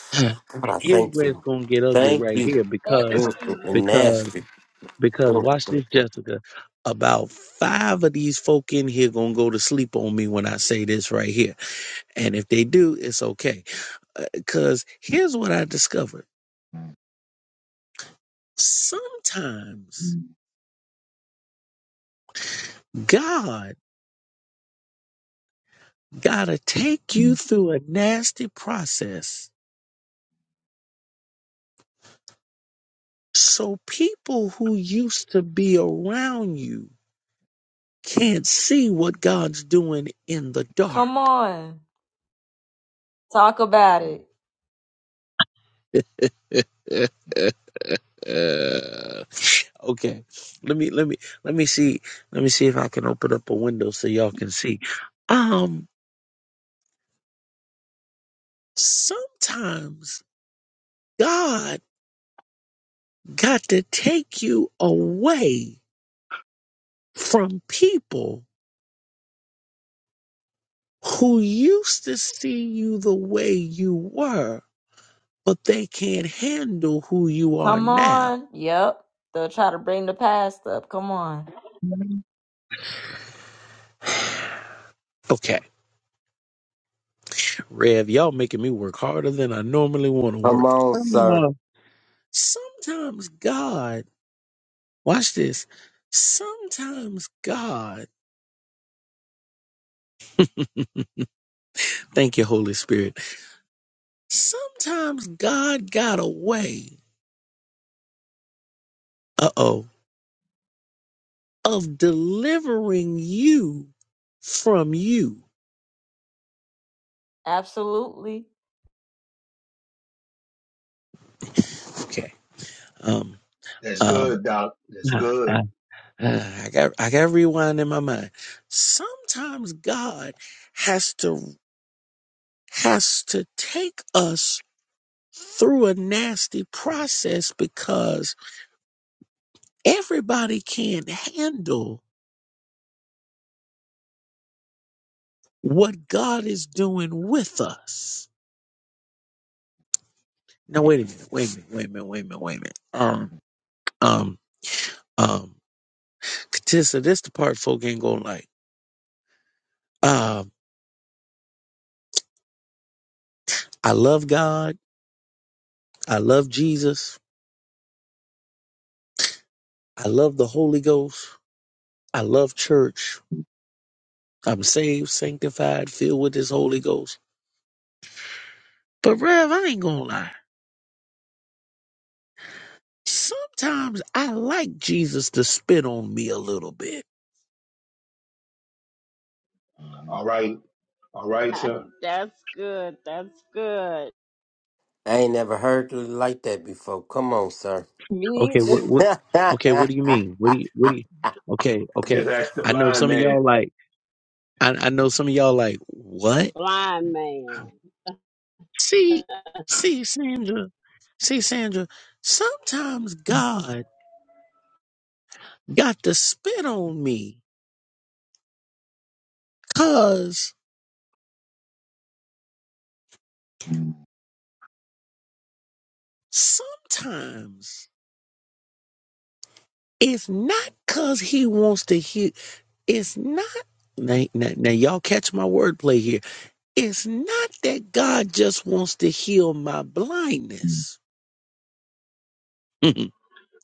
Speaker 2: God, I
Speaker 14: here's
Speaker 2: thank
Speaker 14: where it's
Speaker 2: you.
Speaker 14: going to get ugly
Speaker 2: Thank
Speaker 14: right
Speaker 2: you.
Speaker 14: here
Speaker 1: Thank
Speaker 14: because,
Speaker 2: Mm, mm, mm.
Speaker 1: you.
Speaker 14: because,
Speaker 2: Nasty.
Speaker 14: because
Speaker 2: Mm,
Speaker 14: watch
Speaker 2: mm,
Speaker 14: this,
Speaker 2: mm.
Speaker 14: Jessica. About five of these folk in here going to go to sleep on me when I say this right here. And if they do, it's okay. Because here's what I discovered. Sometimes God gotta take you through a nasty process so people who used to be around you can't see what God's doing in the dark.
Speaker 1: Come on, talk about it.
Speaker 14: Uh, okay. Let me let me let me see let me see if I can open up a window so y'all can see. Um sometimes God got to take you away from people who used to see you the way you were, but they can't handle who you are
Speaker 1: Come
Speaker 14: now.
Speaker 1: on. Yep, they'll try to bring the past up. Come on.
Speaker 14: Okay, Rev, y'all making me work harder than I normally want to
Speaker 2: Come
Speaker 14: work.
Speaker 2: on, sir.
Speaker 14: Uh, sometimes God, watch this. Sometimes God, thank you, Holy Spirit. Sometimes God got a way, uh oh, of delivering you from you.
Speaker 1: Absolutely.
Speaker 14: Okay. Um,
Speaker 3: That's
Speaker 14: um,
Speaker 3: good, Doc. That's good.
Speaker 14: Ah, I got I got to rewind in my mind. Sometimes God has to has to take us through a nasty process because everybody can't handle what God is doing with us. Now wait a minute, wait a minute, wait a minute, wait a minute, wait a minute. Um, um, um, Katissa, this the part folk ain't gonna like. Um, I love God, I love Jesus, I love the Holy Ghost, I love church, I'm saved, sanctified, filled with this Holy Ghost. But Rev, I ain't gonna lie. Sometimes I like Jesus to spit on me a little bit.
Speaker 3: All right. All right, sir.
Speaker 15: That's good. That's good.
Speaker 2: I ain't never heard it like that before. Come on, sir.
Speaker 1: Me.
Speaker 14: Okay, what
Speaker 1: too.
Speaker 14: what okay, what do you mean? What do you what do you Okay, okay.
Speaker 3: Just ask the
Speaker 14: I know
Speaker 3: blind
Speaker 14: some of
Speaker 3: man.
Speaker 14: y'all like I, I know some of y'all like, what?
Speaker 15: Blind man.
Speaker 14: See, see, Sandra, see, Sandra, sometimes God got to spit on me cause sometimes it's not cause he wants to hear It's not now, now, now y'all catch my wordplay here. It's not that God just wants to heal my blindness.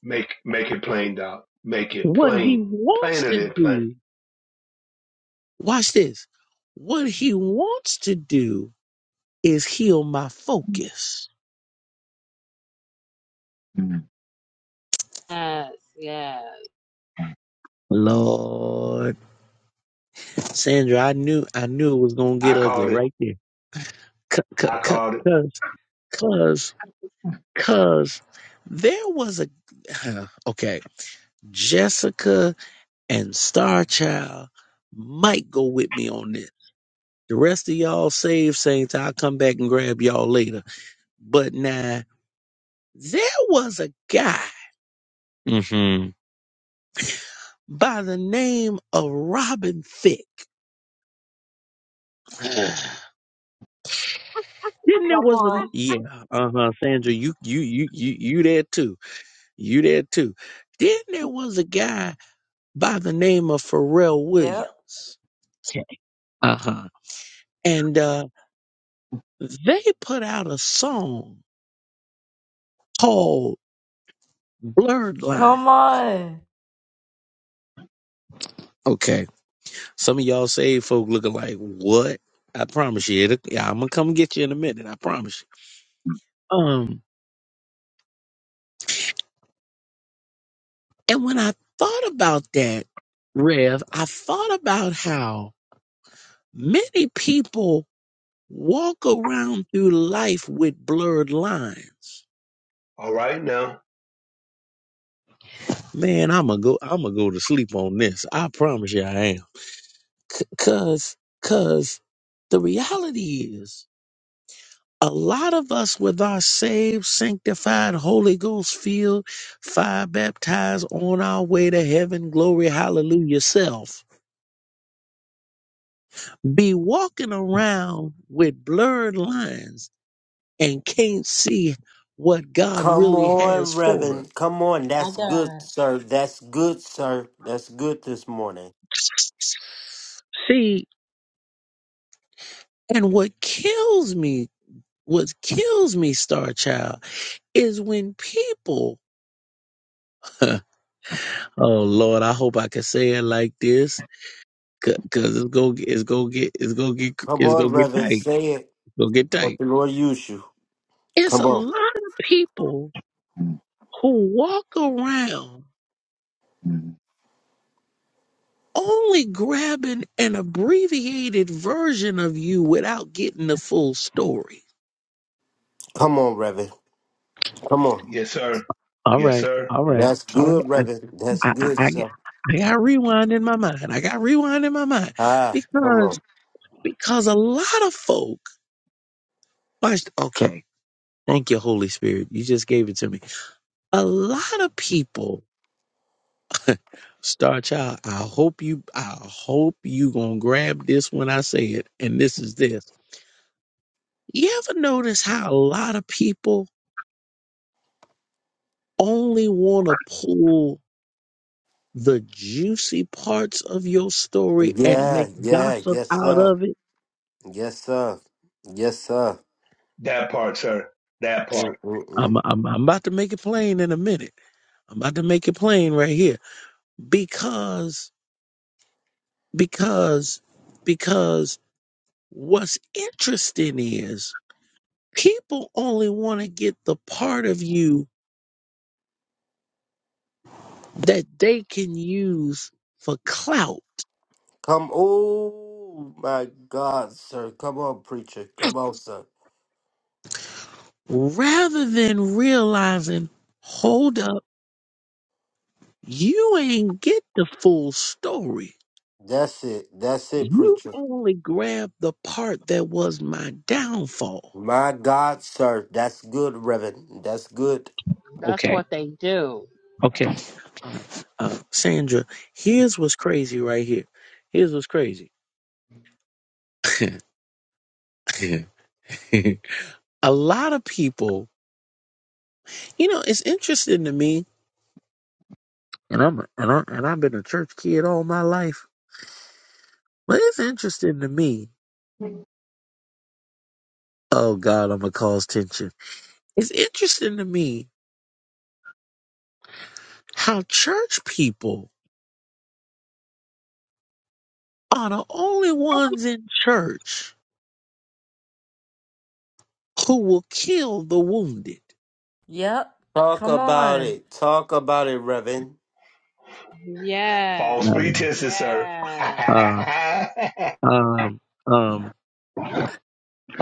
Speaker 3: Make make it plain, Doc. Make it
Speaker 14: what he
Speaker 3: plain.
Speaker 14: wants
Speaker 3: Plainer
Speaker 14: to
Speaker 3: than plain.
Speaker 14: do, watch this. What he wants to do is heal my focus.
Speaker 15: Yes, yes.
Speaker 14: Lord, Sandra, I knew I knew it was gonna
Speaker 3: I
Speaker 14: get ugly
Speaker 3: called it.
Speaker 14: right there. Cause,
Speaker 3: I called it.
Speaker 14: cause, cause, cause there was a okay, Jessica and Star Child might go with me on this. The rest of y'all save saints, I'll come back and grab y'all later. But now there was a guy mhm, by the name of Robin Thicke. Then there
Speaker 1: Come
Speaker 14: was a
Speaker 1: on.
Speaker 14: yeah, uh huh, Sandra, you you you you you there too, you there too. Then there was a guy by the name of Pharrell
Speaker 1: Yep.
Speaker 14: Williams. Uh huh, and uh, they put out a song whole blurred line.
Speaker 1: Come on.
Speaker 14: Okay. Some of y'all saved folk looking like what? I promise you. It'll, yeah, I'm gonna come get you in a minute. I promise you. Um, and when I thought about that, Rev, I thought about how many people walk around through life with blurred lines.
Speaker 3: All right now.
Speaker 14: Man, I'm gonna go. I'm gonna go to sleep on this. I promise you, I am. C- cause, cause the reality is. a lot of us with our saved, sanctified, Holy Ghost filled, fire baptized on our way to heaven, glory, hallelujah, self, be walking around with blurred lines and can't see what God
Speaker 2: Come
Speaker 14: really has
Speaker 2: on,
Speaker 14: for
Speaker 2: Reverend. Come on.
Speaker 1: My
Speaker 2: That's good,
Speaker 1: God.
Speaker 2: sir. That's good, sir. That's good this morning.
Speaker 14: us. See, and what kills me, what kills me, Star Child, is when people, oh Lord, I hope I can say it like this Cause Cause it's go it's go get it's go get
Speaker 2: Come
Speaker 14: it's
Speaker 2: on,
Speaker 14: go get
Speaker 2: Reverend.
Speaker 14: tight.
Speaker 2: Say it.
Speaker 14: It's go get
Speaker 2: What
Speaker 14: tight.
Speaker 2: the Lord use you.
Speaker 14: It's a
Speaker 2: Come on.
Speaker 14: lot of people who walk around only grabbing an abbreviated version of you without getting the full story.
Speaker 2: Come on, Reverend. Come on.
Speaker 3: Yes, sir.
Speaker 14: All
Speaker 3: Yes,
Speaker 14: right,
Speaker 3: sir.
Speaker 14: all right,
Speaker 2: That's
Speaker 14: all right.
Speaker 2: good,
Speaker 14: I
Speaker 2: Reverend. That's
Speaker 14: I I,
Speaker 2: good,
Speaker 14: I got
Speaker 2: sir.
Speaker 14: I got rewind in my mind. I got rewind in my mind
Speaker 2: Ah, come on.
Speaker 14: because because a lot of folk. watch- Okay, thank you, Holy Spirit. You just gave it to me. A lot of people Star Child, I hope you I hope you gonna grab this when I say it. And this is this. You ever notice how a lot of people only wanna pull the juicy parts of your story and
Speaker 2: Yeah,
Speaker 14: make
Speaker 2: yeah.
Speaker 14: gossip
Speaker 2: Yes,
Speaker 14: out
Speaker 2: sir.
Speaker 14: of it?
Speaker 2: Yes, sir. Yes, sir.
Speaker 3: That part, sir. That part.
Speaker 14: I'm
Speaker 2: Mm-mm-mm.
Speaker 14: I'm I'm about to make it plain in a minute. I'm about to make it plain right here. Because because because what's interesting is people only want to get the part of you that they can use for clout
Speaker 2: Come. Oh, my God, sir. Come on, preacher. Come on, sir.
Speaker 14: rather than realizing, hold up, you ain't get the full story.
Speaker 2: That's it. That's it,
Speaker 14: You
Speaker 2: preacher.
Speaker 14: only grabbed the part that was my downfall.
Speaker 2: My God, sir, that's good, Reverend. That's good.
Speaker 15: That's
Speaker 14: Okay,
Speaker 15: what they do.
Speaker 14: okay. Uh, uh, Sandra, here's what's crazy right here. Here's what's crazy. A lot of people, you know, it's interesting to me, and I'm and, I, and I've been a church kid all my life, but it's interesting to me Oh God, I'm gonna cause tension. It's interesting to me how church people are the only ones in church who will kill the wounded.
Speaker 1: Yep.
Speaker 2: Talk
Speaker 1: Come
Speaker 2: about
Speaker 1: on.
Speaker 2: it. Talk about it, Reverend.
Speaker 15: Yes,
Speaker 3: False
Speaker 14: Um,
Speaker 3: pretenses, sir.
Speaker 15: yes.
Speaker 14: uh, um, um,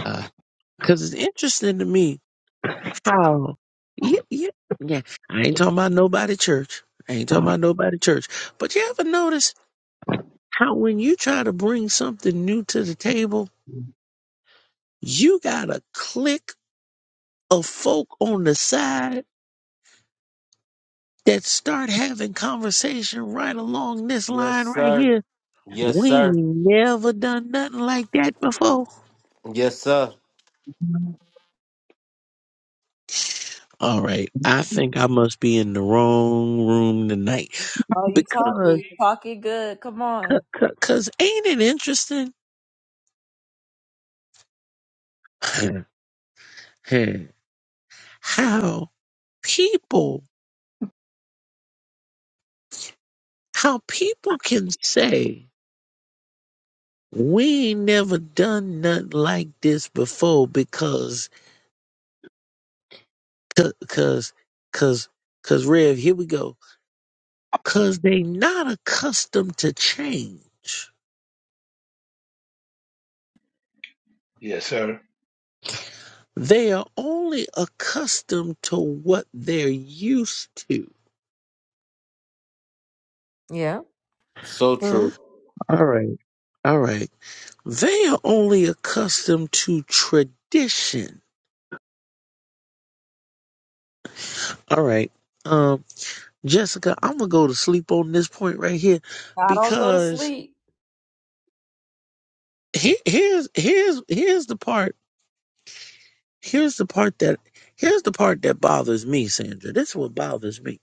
Speaker 14: uh, cause it's interesting to me how, yeah, yeah, yeah. I ain't talking about nobody church. I ain't talking about nobody church. But you ever notice how when you try to bring something new to the table, you got a clique of folk on the side that start having conversation right along this
Speaker 2: Yes,
Speaker 14: line right
Speaker 2: sir.
Speaker 14: here.
Speaker 2: Yes,
Speaker 14: We
Speaker 2: sir.
Speaker 14: ain't never done nothing like that before.
Speaker 2: Yes, sir.
Speaker 14: All right, I think I must be in the wrong room tonight
Speaker 1: Oh, you talking?
Speaker 14: because,
Speaker 1: You talking good? Come on.
Speaker 14: cause, cause ain't it interesting how people, how people can say we ain't never done nothing like this before because, cause, cause, cause, cause Rev, here we go because they not accustomed to change.
Speaker 3: yes, sir.
Speaker 14: They are only accustomed to what they're used to.
Speaker 1: Yeah.
Speaker 2: So true.
Speaker 1: True.
Speaker 14: All right, all right. They are only accustomed to tradition. All right, um, Jessica, I'm gonna go to sleep on this point right here
Speaker 1: I don't go to
Speaker 14: because
Speaker 1: sleep.
Speaker 14: he- here's here's here's the part. Here's the part that here's the part that bothers me, Sandra. This is what bothers me.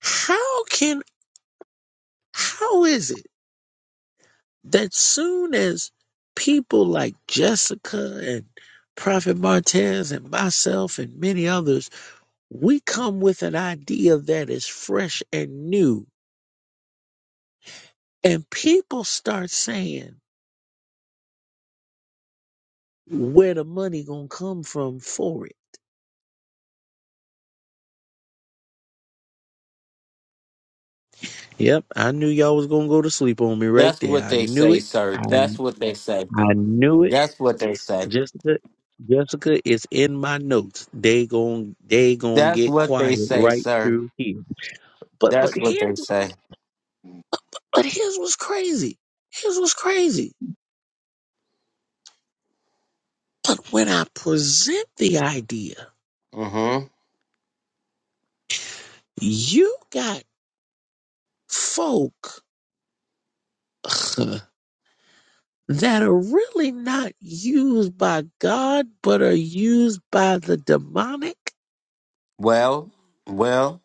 Speaker 14: How can how is it? that soon as people like Jessica and Prophet Martez and myself and many others, we come with an idea that is fresh and new, and people start saying where the money gonna come from for it. Yep, I knew y'all was gonna go to sleep on me right
Speaker 2: That's
Speaker 14: there.
Speaker 2: what
Speaker 14: I
Speaker 2: they
Speaker 14: knew
Speaker 2: say,
Speaker 14: it.
Speaker 2: sir.
Speaker 14: I
Speaker 2: That's what they say.
Speaker 14: I knew it.
Speaker 2: That's what they say.
Speaker 14: Jessica, Jessica is in my notes. They gon' they gonna
Speaker 2: That's
Speaker 14: get
Speaker 2: what they
Speaker 14: quiet
Speaker 2: say,
Speaker 14: right
Speaker 2: sir.
Speaker 14: through here. But but
Speaker 2: That's what
Speaker 14: here's
Speaker 2: they say.
Speaker 14: But here's what's crazy. Here's what's crazy. But when I present the idea,
Speaker 2: Mm-hmm.
Speaker 14: you got folk that are really not used by God, but are used by the demonic.
Speaker 2: Well, well,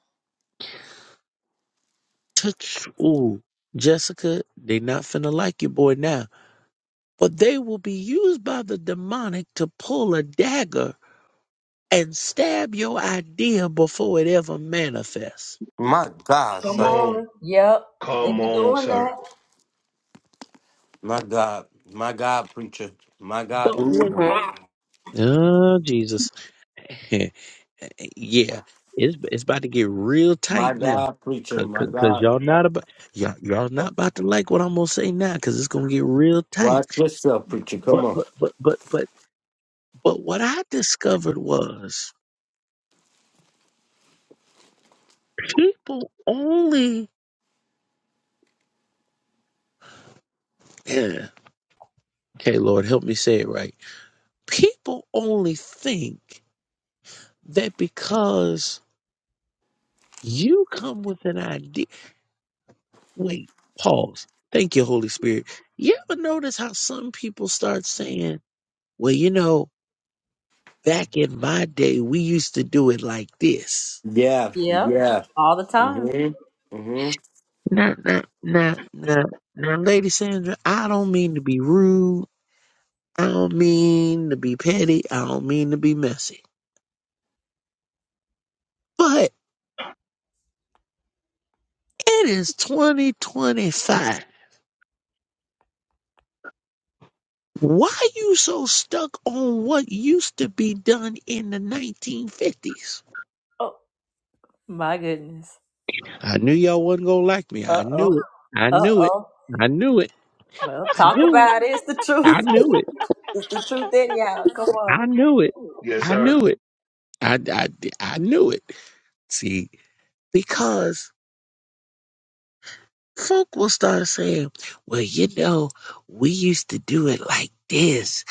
Speaker 14: To Ooh, Jessica, they not finna like your boy now. But they will be used by the demonic to pull a dagger and stab your idea before it ever manifests.
Speaker 2: my God,
Speaker 3: Come
Speaker 1: Come
Speaker 2: sir.
Speaker 3: on.
Speaker 1: on. Yep. They
Speaker 3: Come
Speaker 1: be
Speaker 3: on,
Speaker 1: doing
Speaker 3: sir.
Speaker 1: that.
Speaker 2: My God. My God, preacher. My God,
Speaker 14: But
Speaker 13: hmm
Speaker 2: this
Speaker 14: what?
Speaker 2: morning.
Speaker 14: Oh, Jesus. yeah, it's it's about to get real tight
Speaker 2: My
Speaker 14: now.
Speaker 2: God, preacher.
Speaker 14: Cause,
Speaker 2: My
Speaker 14: cause, 'cause
Speaker 2: God.
Speaker 14: y'all not about y'all y'all not about to like what I'm gonna say now, cause it's gonna get real tight.
Speaker 2: Watch yourself, preacher. Come
Speaker 14: But
Speaker 2: on.
Speaker 14: but but but but but what I discovered was people only yeah. Okay, Lord, help me say it right. People only think that because you come with an idea. Wait, pause. Thank you, Holy Spirit. You ever notice how some people start saying, "Well, you know." Back in my day, we used to do it like this.
Speaker 2: Yeah,
Speaker 1: Yep.
Speaker 2: yeah.
Speaker 1: All the time.
Speaker 2: Mm-hmm. Mm-hmm.
Speaker 14: Now, now, now, now, now, Lady Sandra, I don't mean to be rude. I don't mean to be petty. I don't mean to be messy. But it is 2025. Why you so stuck on what used to be done in the 1950s?
Speaker 1: Oh my goodness.
Speaker 14: I knew y'all wasn't gonna like me. I
Speaker 1: Uh oh.
Speaker 14: knew it. I
Speaker 1: Uh
Speaker 14: knew it.
Speaker 1: oh.
Speaker 14: I knew it.
Speaker 1: Well,
Speaker 14: I
Speaker 1: talk
Speaker 14: knew it.
Speaker 1: about it. It's the truth.
Speaker 14: I knew it.
Speaker 1: it's the truth anyhow. Come on.
Speaker 14: I knew it.
Speaker 3: Yes,
Speaker 14: I
Speaker 3: sir.
Speaker 14: knew it. I, I, I knew it. See, because folk will start saying, well, you know, we used to do it like this.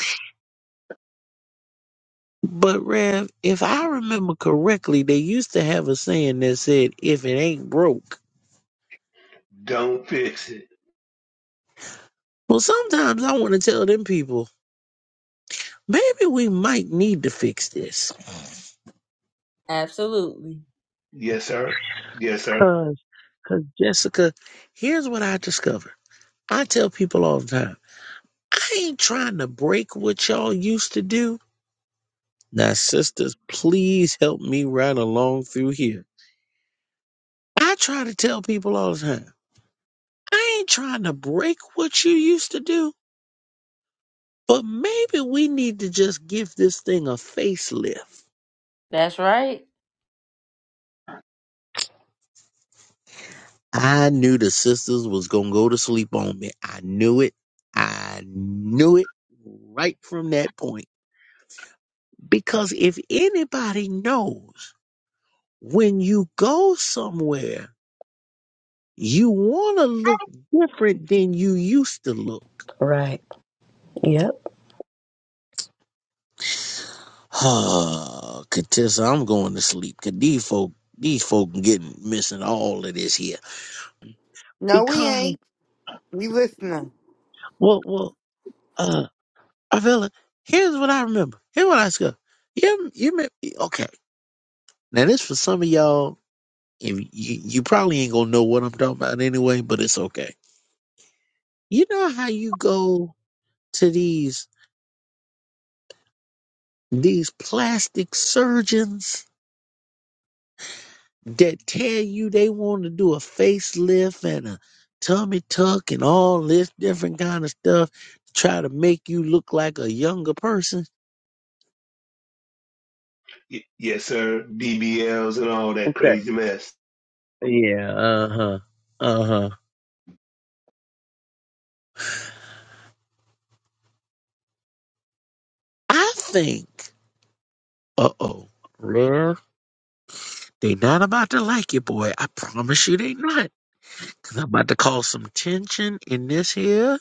Speaker 14: But, Rev, if I remember correctly, they used to have a saying that said, if it ain't broke.
Speaker 3: Don't fix it.
Speaker 14: Well, sometimes I want to tell them people, maybe we might need to fix this.
Speaker 1: Absolutely.
Speaker 3: Yes, sir. Yes, sir.
Speaker 14: Because, cause 'cause Jessica, here's what I discovered. I tell people all the time, I ain't trying to break what y'all used to do. Now, sisters, please help me right along through here. I try to tell people all the time, I ain't trying to break what you used to do, but maybe we need to just give this thing a facelift.
Speaker 1: That's right.
Speaker 14: I knew the sisters was going to go to sleep on me. I knew it. I knew it right from that point. Because if anybody knows when you go somewhere, you want to look different than you used to look.
Speaker 13: Right. Yep.
Speaker 14: Ah, Katissa, I'm going to sleep. Cause these folk, these folk getting missing all of this here.
Speaker 11: No, we
Speaker 14: Because
Speaker 11: ain't. We listening.
Speaker 14: well, well, uh, Avila, here's what I remember. Here's what I said. You, you, may- okay? Now this for some of y'all. If you, you probably ain't gonna know what I'm talking about anyway, but it's okay. You know how you go to these these plastic surgeons that tell you they want to do a facelift and a tummy tuck and all this different kind of stuff to try to make you look like a younger person.
Speaker 3: Y- yes, sir. BBLs and all that
Speaker 14: Okay.
Speaker 3: crazy mess.
Speaker 14: Yeah. Uh huh. Uh huh. I think. Uh oh. Well, they not about to like you, boy. I promise you, they not. Cause I'm about to cause some tension in this here.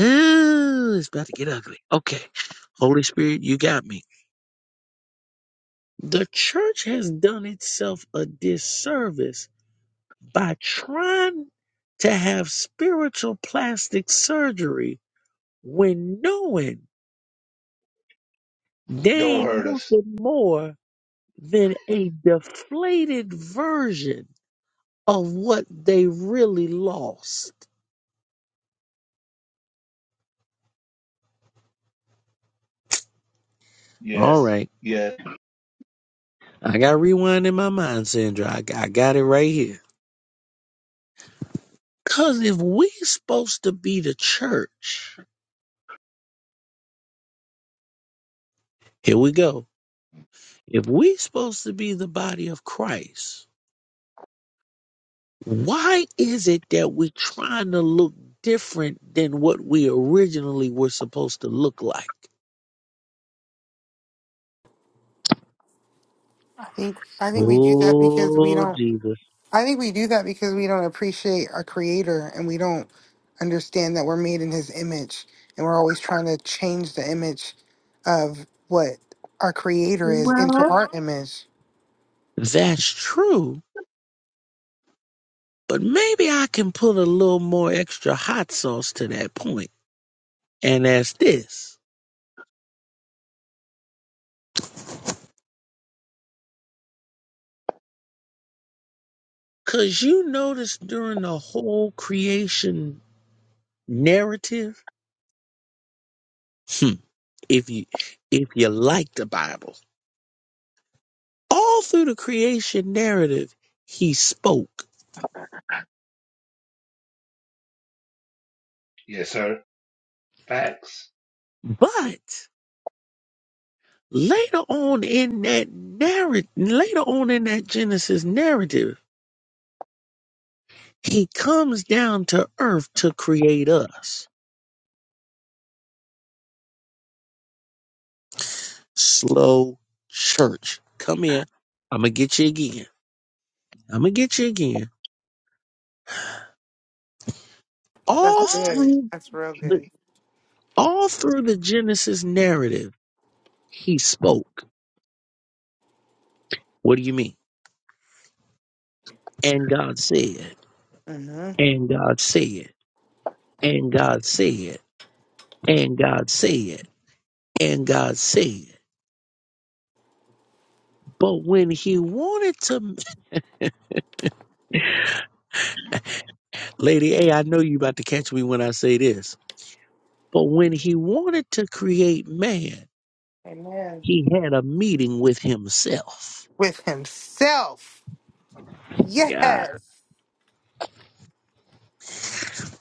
Speaker 14: Ooh, it's about to get ugly. Okay. Holy Spirit, you got me. The church has done itself a disservice by trying to have spiritual plastic surgery when knowing they
Speaker 3: Don't
Speaker 14: ain't
Speaker 3: hurt us.
Speaker 14: nothing more than a deflated version of what they really lost. All
Speaker 3: Yes.
Speaker 14: right.
Speaker 3: Yes.
Speaker 14: I got rewind in my mind, Sandra. I, I got it right here. Because if we supposed to be the church, here we go. If we supposed to be the body of Christ, Why is it that we're trying to look different than what we originally were supposed to look like?
Speaker 11: I think I think we do that because we
Speaker 14: Oh,
Speaker 11: don't
Speaker 14: Jesus.
Speaker 11: I think we do that because we don't appreciate our creator and we don't understand that we're made in his image and we're always trying to change the image of what our creator is into
Speaker 14: Well,
Speaker 11: our image.
Speaker 14: that's true, but maybe I can put a little more extra hot sauce to that point. And that's this. Cause you notice during the whole creation narrative, hmm, if you if you like the Bible, all through the creation narrative, he spoke.
Speaker 3: Yes, sir. Facts.
Speaker 14: But Later on in that narrative, later on in that Genesis narrative, he comes down to earth to create us. Slow church. Come here. I'm gonna get you again. I'm gonna get you again.
Speaker 11: That's
Speaker 14: All
Speaker 11: good.
Speaker 14: through
Speaker 11: That's real
Speaker 14: the
Speaker 11: good.
Speaker 14: all through the Genesis narrative, he spoke. What do you mean? And God said,
Speaker 11: Mhm.
Speaker 14: and God said, and God said, and God said, and God said. But when he wanted to Lady A, I know you about to catch me when I say this, but when he wanted to create man,
Speaker 11: Amen.
Speaker 14: he had a meeting with himself.
Speaker 11: With himself.
Speaker 14: God.
Speaker 11: Yes.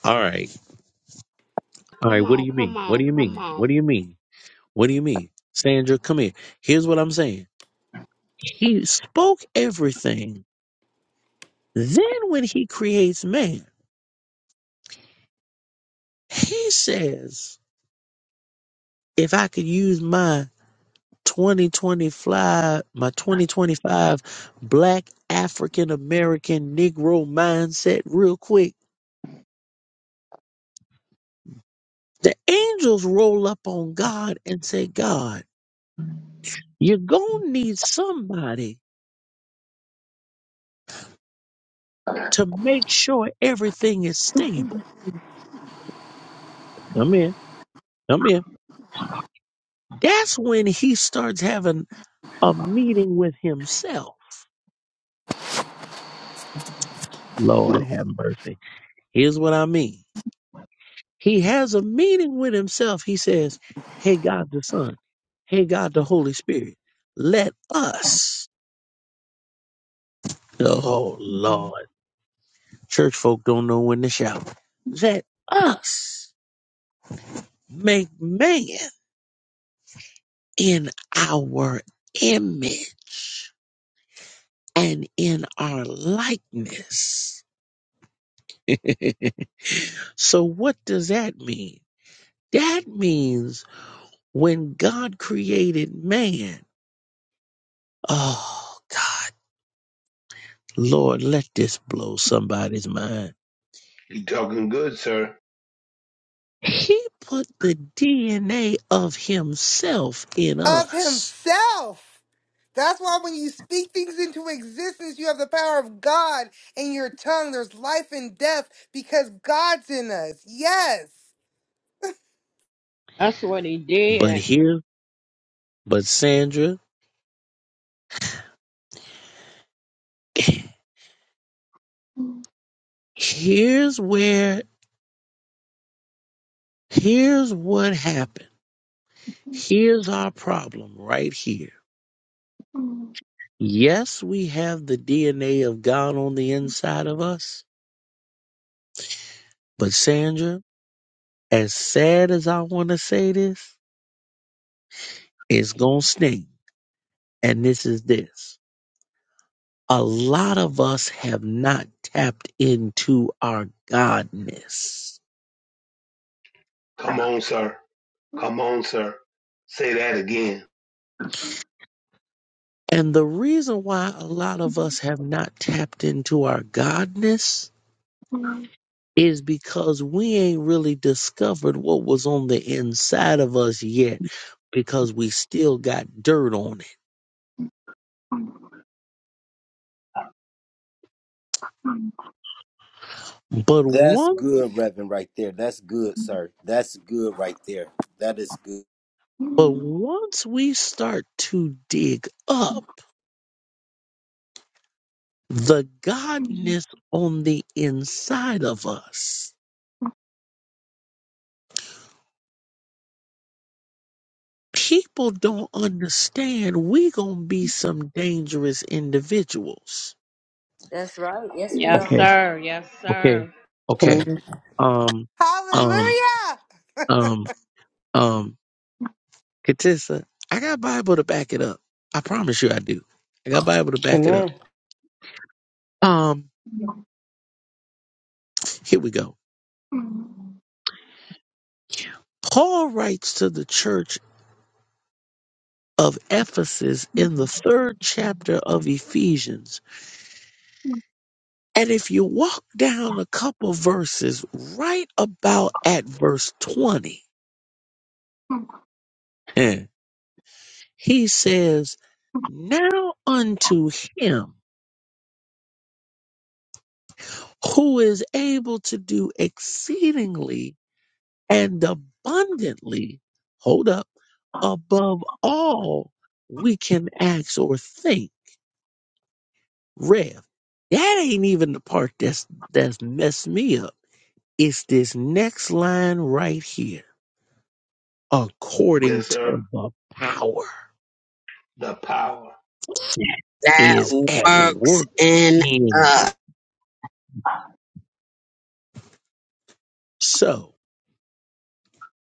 Speaker 14: All right. All
Speaker 15: Come
Speaker 14: right. What do
Speaker 15: on,
Speaker 14: you
Speaker 15: come
Speaker 14: mean? What
Speaker 15: on,
Speaker 14: do you
Speaker 15: come
Speaker 14: mean?
Speaker 15: on.
Speaker 14: What do you mean? What do you mean? Sandra, come here. Here's what I'm saying. He spoke everything. Then when he creates man, he says, if I could use my." 2025 my 2025 black african american negro mindset real quick the angels roll up on god and say god you're going to need somebody to make sure everything is stable come in come in that's when he starts having a meeting with himself lord have mercy here's what i mean He has a meeting with himself. He says, Hey, God the Son, hey, God the Holy Spirit, let us, oh Lord, church folk don't know when to shout, let us make man in our image and in our likeness. so, what does that mean? That means when God created man, oh God. Lord, let this blow somebody's mind.
Speaker 3: You talking good, sir.
Speaker 14: He put the DNA of himself in
Speaker 11: of
Speaker 14: us.
Speaker 11: himself. That's why when you speak things into existence, you have the power of God in your tongue. There's life and death because God's in us. Yes.
Speaker 15: That's what he
Speaker 14: But
Speaker 15: did.
Speaker 14: here, but Sandra, here's where, here's what happened. Here's our problem right here. Yes, we have the DNA of God on the inside of us, but Sandra, as sad as I want to say this, it's going to sting. And this is this. a lot of us have not tapped into our godness.
Speaker 3: Come on, sir. Come on, sir. Say that again.
Speaker 14: And the reason why a lot of us have not tapped into our godness is because we ain't really discovered what was on the inside of us yet because we still got dirt on it. But
Speaker 8: That's
Speaker 14: once
Speaker 8: good, Reverend, right there. That's good, sir. That's good right there. That is good.
Speaker 14: but once we start to dig up the godness on the inside of us, people don't understand we gonna be some dangerous individuals.
Speaker 1: That's right. Yes, we
Speaker 15: Yes,
Speaker 1: are.
Speaker 14: Okay,
Speaker 15: sir. Yes,
Speaker 14: okay,
Speaker 15: sir.
Speaker 14: okay.
Speaker 13: Amen.
Speaker 14: Um, um,
Speaker 11: Hallelujah.
Speaker 14: um, um, Katissa, I got Bible to back it up. I promise you I do. I got Bible to back it up.
Speaker 13: Amen.
Speaker 14: Um, here we go. Paul writes to the church of Ephesus in the third chapter of Ephesians. And if you walk down a couple verses right about at verse 20, He says, Now unto him who is able to do exceedingly and abundantly, hold up, above all we can ask or think. Rev. That ain't even the part that's that's messed me up. It's this next line right here. According
Speaker 3: Yes, sir.
Speaker 14: to the power
Speaker 3: The power.
Speaker 14: that is
Speaker 15: That
Speaker 14: at
Speaker 15: works
Speaker 14: work
Speaker 15: in
Speaker 14: in. us.
Speaker 15: us.
Speaker 14: So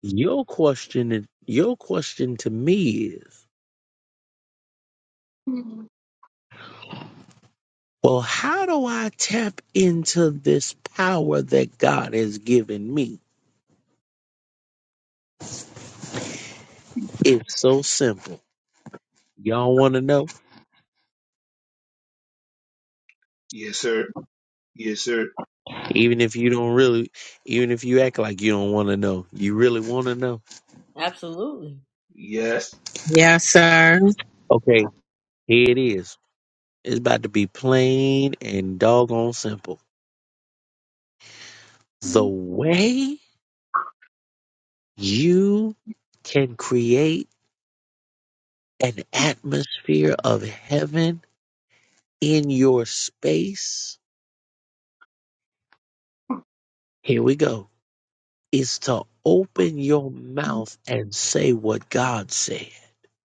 Speaker 14: Your question, your question to me is, well, how do I tap into this power that God has given me? It's so simple. Y'all want to know?
Speaker 3: Yes, sir. Yes, sir.
Speaker 14: Even if you don't really, even if you act like you don't want to know, you really want to know.
Speaker 1: Absolutely.
Speaker 3: Yes.
Speaker 15: Yes, sir.
Speaker 14: Okay, here it is. It's about to be plain and doggone simple. The way you can create an atmosphere of heaven in your space Here we go. Is to open your mouth and say what God said.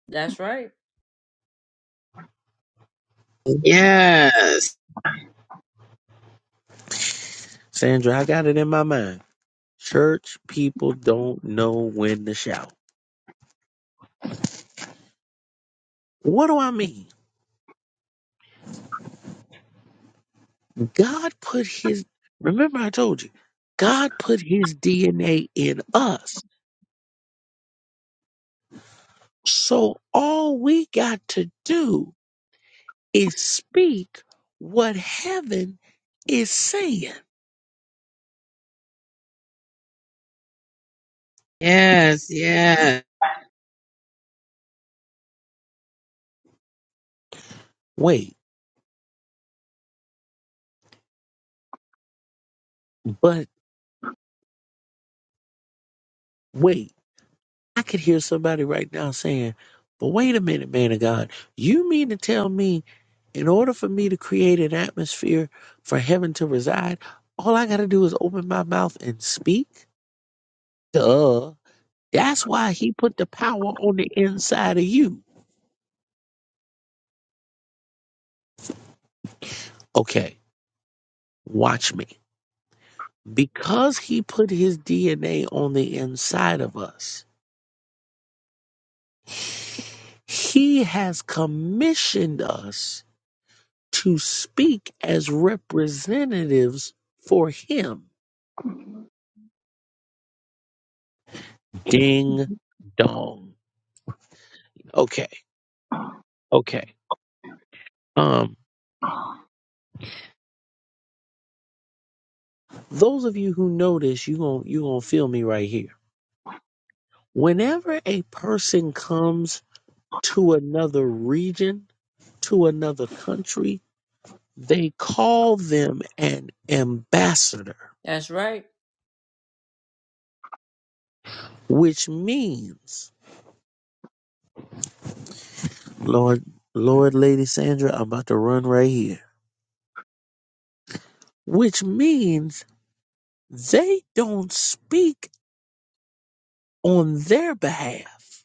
Speaker 1: That's right.
Speaker 15: Yes.
Speaker 14: Sandra, I got it in my mind. Church people don't know when to shout. What do I mean? God put his, remember I told you, God put his DNA in us. So all we got to do is speak what heaven is saying.
Speaker 15: Yes. Yes.
Speaker 14: Wait, but wait. I could hear somebody right now saying, but wait a minute, man of God, you mean to tell me in order for me to create an atmosphere for heaven to reside, all I got to do is open my mouth and speak? Duh. That's why he put the power on the inside of you. Okay, watch me. Because he put his DNA on the inside of us, he has commissioned us to speak as representatives for him. Ding dong. Okay, okay. Um, those of you who know this, you gon' you gonna feel me right here. Whenever a person comes to another region, to another country, they call them an ambassador,
Speaker 1: That's right.
Speaker 14: which means, Lord, Lord, Lady Sandra, I'm about to run right here. Which means they don't speak on their behalf.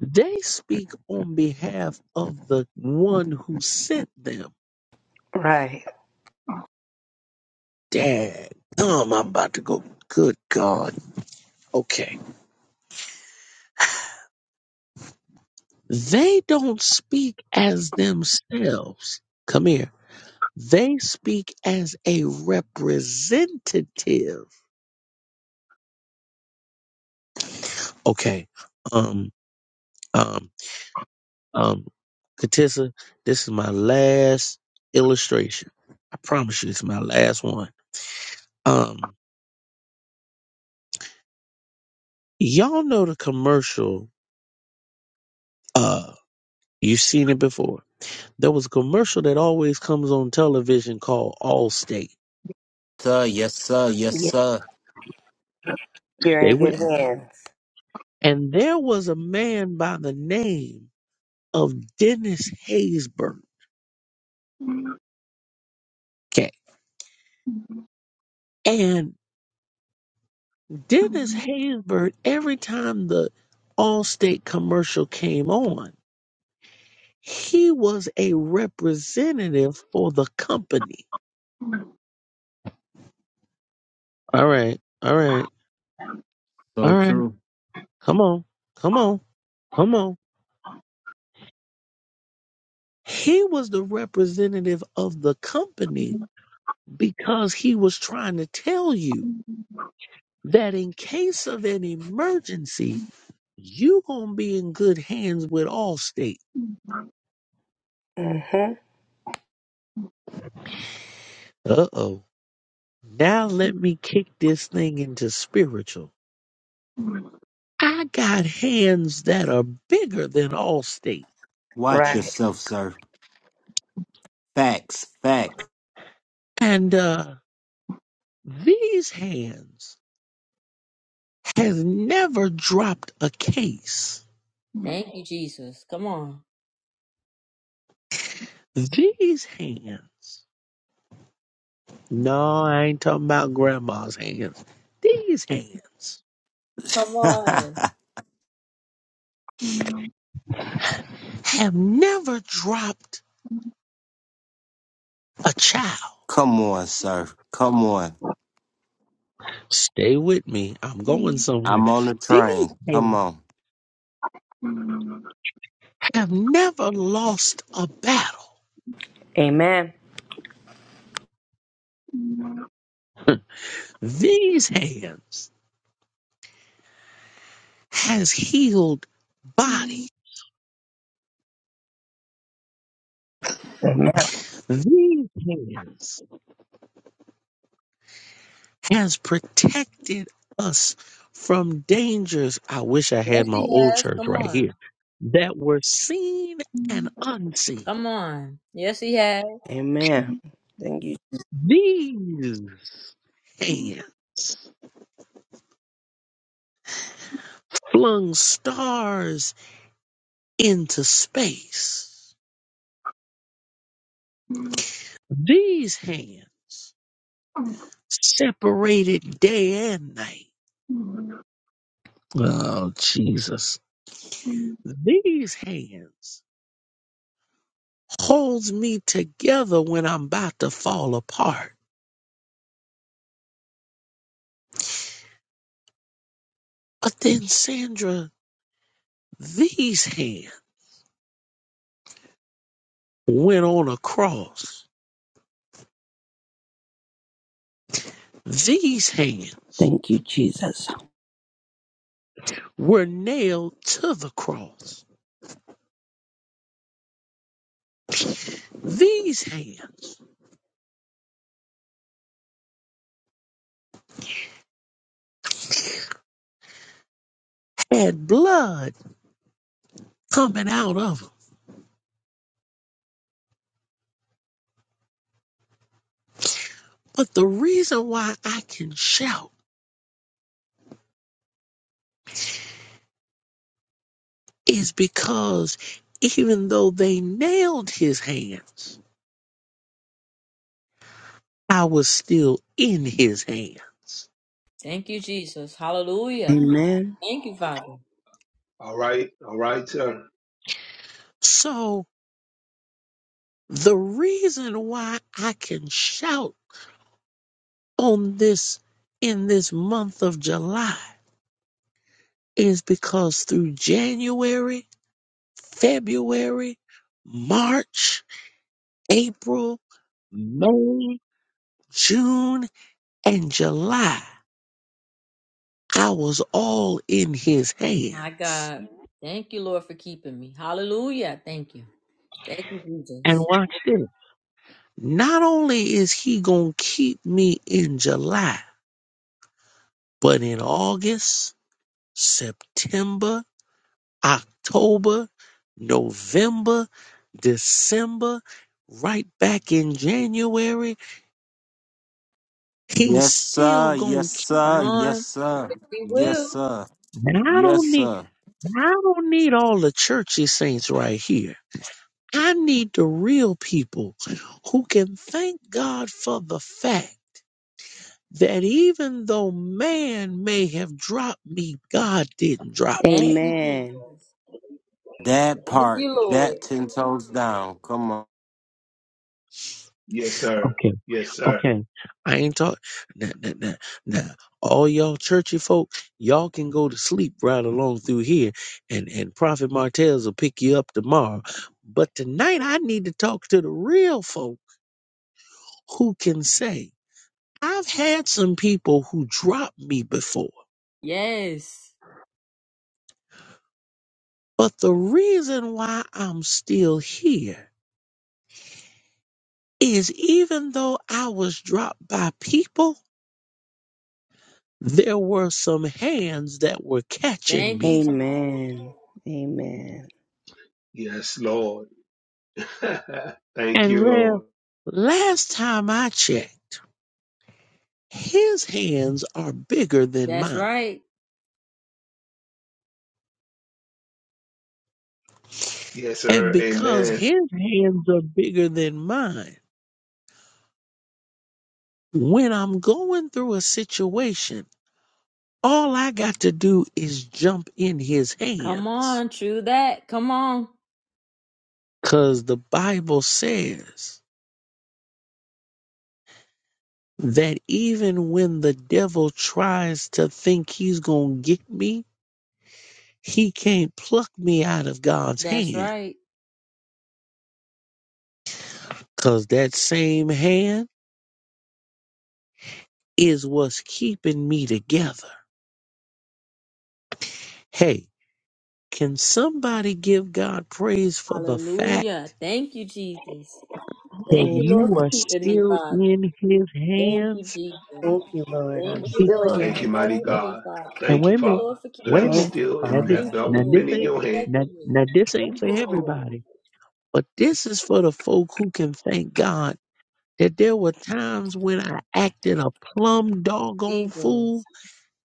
Speaker 14: They speak on behalf of the one who sent them.
Speaker 13: Right.
Speaker 14: Dad, um, I'm about to go. Good God. Okay. They don't speak as themselves. Come here. They speak as a representative. Okay. Um, um, um, Katissa, this is my last illustration. I promise you, it's my last one. Um, Y'all know the commercial. Uh, you've seen it before. There was a commercial that always comes on television called Allstate.
Speaker 2: Sir, yes, sir, yes,
Speaker 13: Yeah.
Speaker 2: sir.
Speaker 13: You're in
Speaker 14: Stay
Speaker 13: good
Speaker 14: with me.
Speaker 13: hands.
Speaker 14: And there was a man by the name of Dennis Haysbert. Okay. And Dennis Haysbert, every time the Allstate commercial came on, he was a representative for the company. All right. All right.
Speaker 2: So
Speaker 14: All right.
Speaker 2: true.
Speaker 14: Come on. Come on. Come on. He was the representative of the company because he was trying to tell you that in case of an emergency, you gonna be in good hands with Allstate.
Speaker 13: Mm-hmm.
Speaker 14: Uh oh. Now let me kick this thing into spiritual. I got hands that are bigger than Allstate.
Speaker 2: Watch
Speaker 13: Right.
Speaker 2: yourself, sir. Facts, facts.
Speaker 14: And uh these hands has never dropped a case.
Speaker 1: Thank you, Jesus. Come on.
Speaker 14: These hands No, I ain't talking about grandma's hands. These hands
Speaker 1: Come on.
Speaker 14: have never dropped a child.
Speaker 2: Come on, sir. Come on.
Speaker 14: Stay with me. I'm going somewhere.
Speaker 2: I'm on the
Speaker 14: These
Speaker 2: train. Come
Speaker 14: hands
Speaker 2: on.
Speaker 14: have never lost a battle.
Speaker 13: Amen.
Speaker 14: These hands has healed body.
Speaker 13: Amen.
Speaker 14: These hands has protected us from dangers. I wish I
Speaker 1: Yes,
Speaker 14: had my
Speaker 1: he
Speaker 14: old
Speaker 1: has.
Speaker 14: church
Speaker 1: Come
Speaker 14: right
Speaker 1: on.
Speaker 14: here that were seen and unseen.
Speaker 1: Come on. Yes, he has.
Speaker 13: Amen. Thank you.
Speaker 14: These hands flung stars into space. These hands separated day and night. Oh, Jesus. These hands holds me together when I'm about to fall apart. But then, Sandra, these hands went on a cross. These hands
Speaker 13: Thank you, Jesus.
Speaker 14: were nailed to the cross. These hands and blood coming out of them. But the reason why I can shout is because even though they nailed his hands, I was still in his hands.
Speaker 1: Thank you, Jesus. Hallelujah.
Speaker 13: Amen.
Speaker 1: Thank you, Father.
Speaker 3: All right. All right, sir.
Speaker 14: So the reason why I can shout on this in this month of July is because through January, February, March, April, May, June, And July, I was all in his
Speaker 1: My
Speaker 14: hands.
Speaker 1: God. Thank you, Lord, for keeping me. Hallelujah. Thank you. Thank you,
Speaker 14: And
Speaker 1: Jesus.
Speaker 14: watch this. Not only is he going to keep me in July, but in August, September, October, November, December, right back in January, he's
Speaker 2: Yes,
Speaker 14: still
Speaker 2: sir. Yes,
Speaker 14: going to keep
Speaker 1: Come
Speaker 2: sir.
Speaker 14: me.
Speaker 2: Yes,
Speaker 1: on.
Speaker 2: sir.
Speaker 1: He
Speaker 2: Yes,
Speaker 1: will.
Speaker 2: sir.
Speaker 14: And I
Speaker 2: Yes,
Speaker 14: don't need,
Speaker 2: sir.
Speaker 14: I don't need all the churchy saints right here. I need the real people who can thank God for the fact that even though man may have dropped me, God didn't drop.
Speaker 1: Thank you,
Speaker 13: Amen.
Speaker 1: Jesus.
Speaker 2: That
Speaker 1: Thank
Speaker 2: part,
Speaker 1: you, Lord.
Speaker 2: that ten toes down. Come on.
Speaker 3: Yes,
Speaker 14: me.
Speaker 3: sir.
Speaker 14: Okay,
Speaker 3: Yes, sir.
Speaker 14: okay. I ain't talk. Nah, nah, nah, nah. All y'all churchy folk, y'all can go to sleep right along through here, and and Prophet Martez will pick you up tomorrow. But tonight, I need to talk to the real folk who can say, "I've had some people who dropped me before."
Speaker 1: Yes.
Speaker 14: But the reason why I'm still here is even though I was dropped by people, there were some hands that were catching
Speaker 1: Thank
Speaker 14: me.
Speaker 1: you, Jesus.
Speaker 13: Amen. Amen.
Speaker 3: Yes, Lord. Thank
Speaker 14: And
Speaker 3: you,
Speaker 14: well,
Speaker 3: Lord.
Speaker 14: last time I checked, his hands are bigger than
Speaker 1: That's
Speaker 14: mine.
Speaker 1: right.
Speaker 3: Yes,
Speaker 14: And
Speaker 3: sir.
Speaker 14: because
Speaker 3: Amen.
Speaker 14: his hands are bigger than mine, when I'm going through a situation, all I got to do is jump in his
Speaker 1: Come
Speaker 14: hands.
Speaker 1: on. True that. Come on.
Speaker 14: Cause the Bible says that even when the devil tries to think he's going to get me, he can't pluck me out of God's
Speaker 1: That's
Speaker 14: hand
Speaker 1: right.
Speaker 14: because that same hand is what's keeping me together. Hey, can somebody give God praise for the fact
Speaker 1: Hallelujah. Thank you, Jesus.
Speaker 14: that
Speaker 1: Thank
Speaker 13: Amen.
Speaker 1: you, Lord,
Speaker 14: you
Speaker 1: for
Speaker 14: are
Speaker 1: keeping me,
Speaker 14: still
Speaker 1: Father.
Speaker 14: in his
Speaker 1: Thank you,
Speaker 14: hands?
Speaker 1: Jesus.
Speaker 13: Thank you, Lord. I'm
Speaker 1: Thank you,
Speaker 13: still in
Speaker 1: Lord,
Speaker 14: Because,
Speaker 13: your
Speaker 3: Thank
Speaker 1: for
Speaker 3: you,
Speaker 13: hands.
Speaker 3: mighty
Speaker 1: holding me,
Speaker 3: God.
Speaker 1: Father.
Speaker 14: and
Speaker 3: Thank you,
Speaker 1: Thank
Speaker 14: wait a
Speaker 1: you,
Speaker 14: minute,
Speaker 3: Father,
Speaker 1: Lord, for
Speaker 3: that
Speaker 14: wait a
Speaker 3: I'm
Speaker 1: keeping
Speaker 14: minute.
Speaker 13: Thank
Speaker 1: me.
Speaker 13: you,
Speaker 3: still
Speaker 14: Now
Speaker 3: and
Speaker 14: this,
Speaker 13: Father.
Speaker 1: Thank
Speaker 3: have
Speaker 1: you,
Speaker 14: now
Speaker 3: always
Speaker 1: Lord,
Speaker 14: this
Speaker 3: been in
Speaker 1: for
Speaker 14: ain't,
Speaker 3: your hand.
Speaker 14: now,
Speaker 1: protecting me.
Speaker 14: now this ain't
Speaker 1: Thank
Speaker 14: for
Speaker 1: you, Lord.
Speaker 14: everybody, but this is for the folk who can thank God that there were times when I acted a plumb doggone
Speaker 1: Jesus.
Speaker 14: fool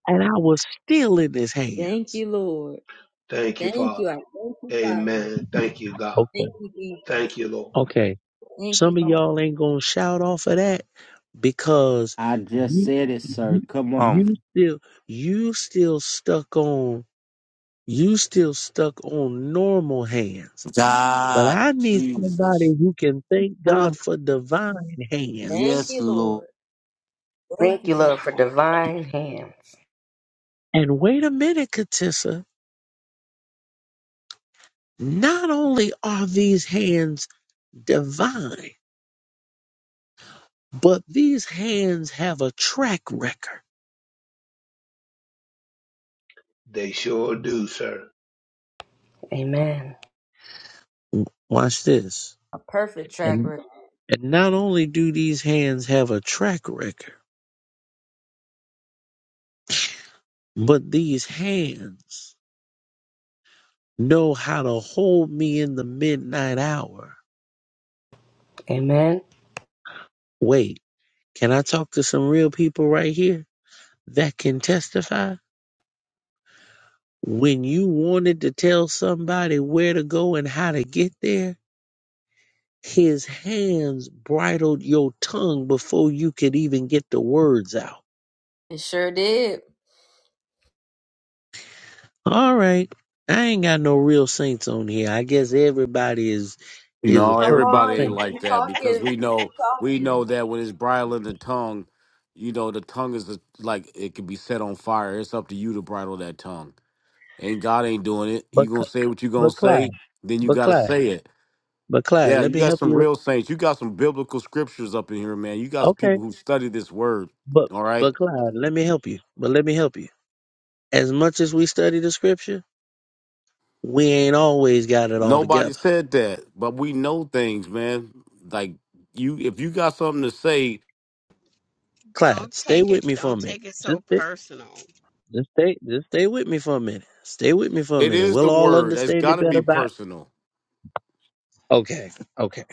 Speaker 14: and I was still in his
Speaker 1: Thank
Speaker 14: hands.
Speaker 1: you, Lord.
Speaker 3: Thank you,
Speaker 1: Thank you.
Speaker 3: Father.
Speaker 1: I thank you, Father.
Speaker 3: Amen. Thank you, God.
Speaker 14: Okay.
Speaker 1: Thank you,
Speaker 3: Thank
Speaker 1: Jesus.
Speaker 3: you, Lord.
Speaker 14: Okay.
Speaker 1: Thank you,
Speaker 14: Some of
Speaker 1: Father.
Speaker 14: y'all ain't gonna shout off of that because
Speaker 2: I just
Speaker 14: you
Speaker 2: said it, sir.
Speaker 14: you,
Speaker 2: Come on.
Speaker 14: you still you still stuck on you still stuck on normal hands. But
Speaker 2: God,
Speaker 14: I need
Speaker 2: Jesus.
Speaker 14: somebody who can thank
Speaker 2: Huh.
Speaker 14: God for divine
Speaker 1: Thank
Speaker 14: hands.
Speaker 2: Yes,
Speaker 1: you,
Speaker 2: Lord.
Speaker 1: Lord. Thank
Speaker 13: Thank
Speaker 1: you,
Speaker 13: you,
Speaker 1: Jesus.
Speaker 13: Lord, for divine hands.
Speaker 14: And wait a minute, Katissa. Not only are these hands divine, but these hands have a track record.
Speaker 3: They sure do, sir.
Speaker 13: Amen.
Speaker 14: Watch this.
Speaker 1: A perfect track
Speaker 14: And,
Speaker 1: record.
Speaker 14: and not only do these hands have a track record, but these hands know how to hold me in the midnight hour.
Speaker 13: Amen.
Speaker 14: Wait, can I talk to some real people right here that can testify? When you wanted to tell somebody where to go and how to get there, His hands bridled your tongue before you could even get the words out.
Speaker 1: It sure did.
Speaker 14: All right. I ain't got no real saints on here. I guess everybody is is a
Speaker 16: No,
Speaker 1: Come
Speaker 14: perfect
Speaker 16: everybody
Speaker 1: on,
Speaker 16: ain't
Speaker 1: you,
Speaker 14: saint.
Speaker 1: you
Speaker 16: like that because
Speaker 1: talking. you
Speaker 16: we know we
Speaker 1: talking.
Speaker 16: know that when it's bridling the tongue, you know the tongue is the, like it can be set on fire. It's up to you to bridle that tongue, and God ain't doing it. You
Speaker 14: But
Speaker 16: gonna
Speaker 14: Cl-
Speaker 16: say what you gonna
Speaker 14: but
Speaker 16: say,
Speaker 14: Clyde,
Speaker 16: then you
Speaker 14: but
Speaker 16: gotta
Speaker 14: Clyde,
Speaker 16: say it.
Speaker 14: but Clyde,
Speaker 16: Yeah,
Speaker 14: let
Speaker 16: you
Speaker 14: me
Speaker 16: got
Speaker 14: help
Speaker 16: some
Speaker 14: you. re-
Speaker 16: real saints. You got some biblical scriptures up in here, man. You got some
Speaker 14: Okay.
Speaker 16: people who study this word.
Speaker 14: But
Speaker 16: All right,
Speaker 14: but Clyde, let me help you. But let me help you. As much as we study the scripture, we ain't always got it all
Speaker 16: nobody
Speaker 14: together.
Speaker 16: said that, but we know things, man. Like you, if you got something to say,
Speaker 14: Clyde,
Speaker 15: Don't
Speaker 14: stay
Speaker 15: take it.
Speaker 14: with me for
Speaker 15: Don't
Speaker 14: a minute.
Speaker 15: take it
Speaker 14: Just
Speaker 15: so
Speaker 14: stay,
Speaker 15: personal.
Speaker 14: Just stay, just stay with me for a minute. Stay with me for a
Speaker 16: it
Speaker 14: minute.
Speaker 16: is
Speaker 14: We'll
Speaker 16: the
Speaker 14: all
Speaker 16: word. That's
Speaker 14: understand it
Speaker 16: got to
Speaker 14: better
Speaker 16: be
Speaker 14: by.
Speaker 16: personal.
Speaker 14: Okay, okay.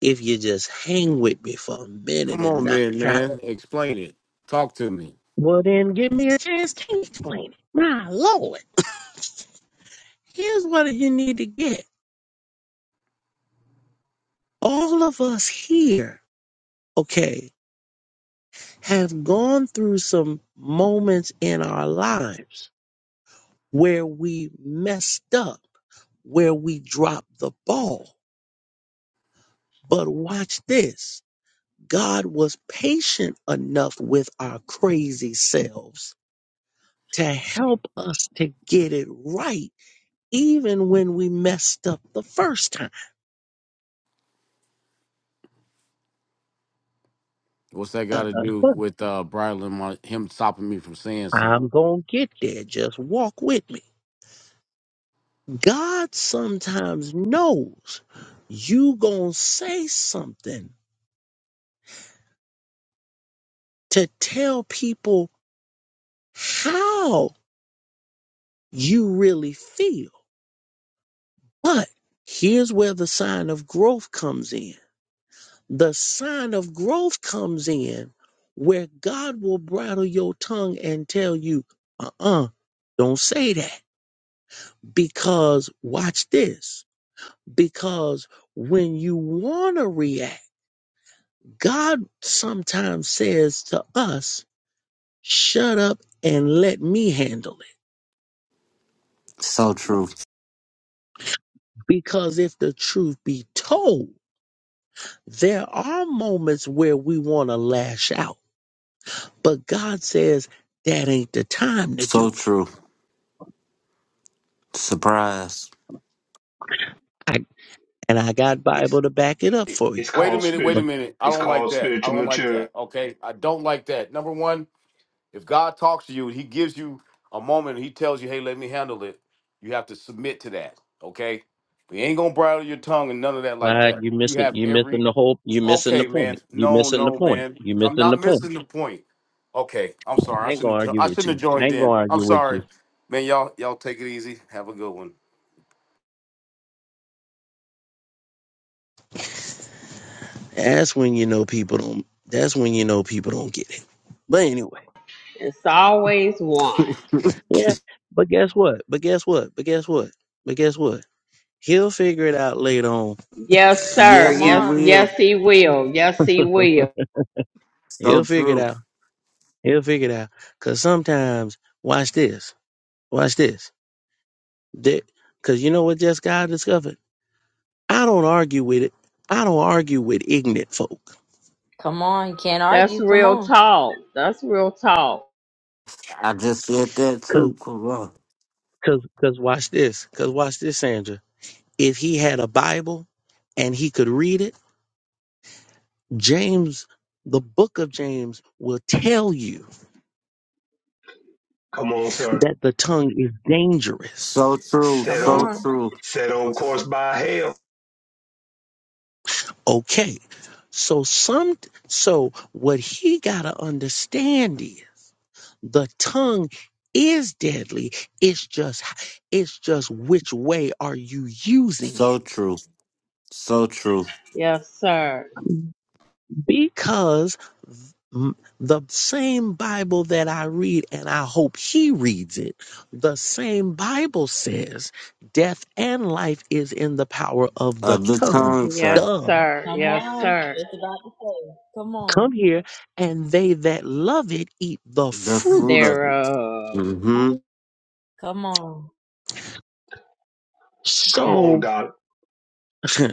Speaker 14: If you just hang with me for a minute
Speaker 16: Come
Speaker 14: and
Speaker 16: on
Speaker 14: not
Speaker 16: then,
Speaker 14: try to.
Speaker 16: man. Explain it. Talk to me.
Speaker 14: Well, then give me a chance to explain it. My lord, here's what you need to get. All of us here, okay, have gone through some moments in our lives where we messed up, where we dropped the ball. But watch this God was patient enough with our crazy selves to help us to get it right, even when we messed up the first time.
Speaker 16: What's that
Speaker 14: Uh,
Speaker 16: got to do
Speaker 14: but
Speaker 16: with uh bridling my him stopping me from saying something?
Speaker 14: I'm going to get there. Just walk with me. God sometimes knows you going to say something to tell people how you really feel. But here's where the sign of growth comes in the sign of growth comes in where God will bridle your tongue and tell you, uh uh-uh, uh, do not say that. Because watch this. Because when you want to react, God sometimes says to us, shut up and let me handle it.
Speaker 2: So true.
Speaker 14: Because if the truth be told, there are moments where we want to lash out, but God says, that ain't the time to do
Speaker 2: So true. Surprise.
Speaker 14: it. And I got
Speaker 3: It's
Speaker 14: Bible to back it up for you.
Speaker 3: it's
Speaker 16: Wait a
Speaker 3: called
Speaker 16: minute,
Speaker 3: spirit.
Speaker 16: wait
Speaker 14: But
Speaker 16: a minute. I
Speaker 3: It's
Speaker 16: don't like
Speaker 3: called
Speaker 16: that. I
Speaker 3: spiritual
Speaker 16: don't like that.
Speaker 3: maturity.
Speaker 16: Okay. I don't like that. Number one, if God talks to you and he gives you a moment and he tells you, hey, let me handle it, you have to submit to that. Okay. We ain't gonna bridle your tongue and none of that like
Speaker 14: Clyde,
Speaker 16: that.
Speaker 14: you
Speaker 16: You
Speaker 14: missing
Speaker 16: have
Speaker 14: you missing
Speaker 16: every
Speaker 14: the whole you missing the
Speaker 16: Okay,
Speaker 14: point.
Speaker 16: man.
Speaker 14: You
Speaker 16: No,
Speaker 14: missing the
Speaker 16: no,
Speaker 14: point.
Speaker 16: man.
Speaker 14: You
Speaker 16: I'm
Speaker 14: missing the
Speaker 16: not
Speaker 14: point.
Speaker 16: missing the point. Okay, I'm sorry.
Speaker 14: I
Speaker 16: I
Speaker 14: ain't gonna
Speaker 16: shouldn't. have jo-
Speaker 14: argue
Speaker 16: I
Speaker 14: with
Speaker 16: shouldn't have
Speaker 14: you. I
Speaker 16: joined
Speaker 14: ain't
Speaker 16: in.
Speaker 14: gonna
Speaker 16: I'm
Speaker 14: argue with
Speaker 16: sorry,
Speaker 14: you.
Speaker 16: man. Y'all, y'all take it easy. Have a good one.
Speaker 14: That's when you know people don't that's when you know people don't get it. But anyway.
Speaker 15: It's always one.
Speaker 14: Yeah. But guess what? But guess what? But guess what? But guess what? He'll figure it out later on.
Speaker 15: Yes, sir.
Speaker 1: Come
Speaker 2: yes, he
Speaker 15: Yes,
Speaker 1: on.
Speaker 2: will.
Speaker 15: yes, he will. Yes, he will.
Speaker 2: So
Speaker 14: He'll figure it
Speaker 2: true.
Speaker 14: out. He'll figure it out. Cause sometimes watch this. Watch this. That because you know what just God discovered? I don't argue with it. I don't argue with ignorant folk.
Speaker 1: Come on. You can't
Speaker 15: That's
Speaker 1: argue. Come
Speaker 15: real
Speaker 1: on.
Speaker 15: talk. That's real talk.
Speaker 2: I just said that
Speaker 14: Because
Speaker 2: too. Come on.
Speaker 14: Cause, cause, cause watch this. Cause watch this, Sandra. If he had a Bible and he could read it, James, the book of James will tell you
Speaker 3: Come on, sir.
Speaker 14: that the tongue is dangerous.
Speaker 2: So true.
Speaker 3: Set
Speaker 1: Come
Speaker 2: So
Speaker 3: on
Speaker 1: on.
Speaker 2: true.
Speaker 3: set on course by hell.
Speaker 14: Okay. So some so what he gotta understand is the tongue is deadly it's just it's just which way are you using it
Speaker 2: So true. So true.
Speaker 15: Yes, sir.
Speaker 14: because mm, the same bible that i read and i hope he reads it the same bible says death and life is in the power of the
Speaker 2: Of the
Speaker 14: tongue
Speaker 2: tongue, sir.
Speaker 15: Yes,
Speaker 14: duh
Speaker 15: sir.
Speaker 1: Come
Speaker 15: Yes,
Speaker 1: on.
Speaker 15: sir.
Speaker 1: Just about to say. Come
Speaker 14: come
Speaker 1: on.
Speaker 14: here and they that love it eat the
Speaker 2: The fruit
Speaker 14: fruit
Speaker 2: of it.
Speaker 15: Thereof.
Speaker 2: Mm-hmm.
Speaker 15: Come-
Speaker 1: Come on.
Speaker 3: Come on,
Speaker 14: so
Speaker 3: Doc.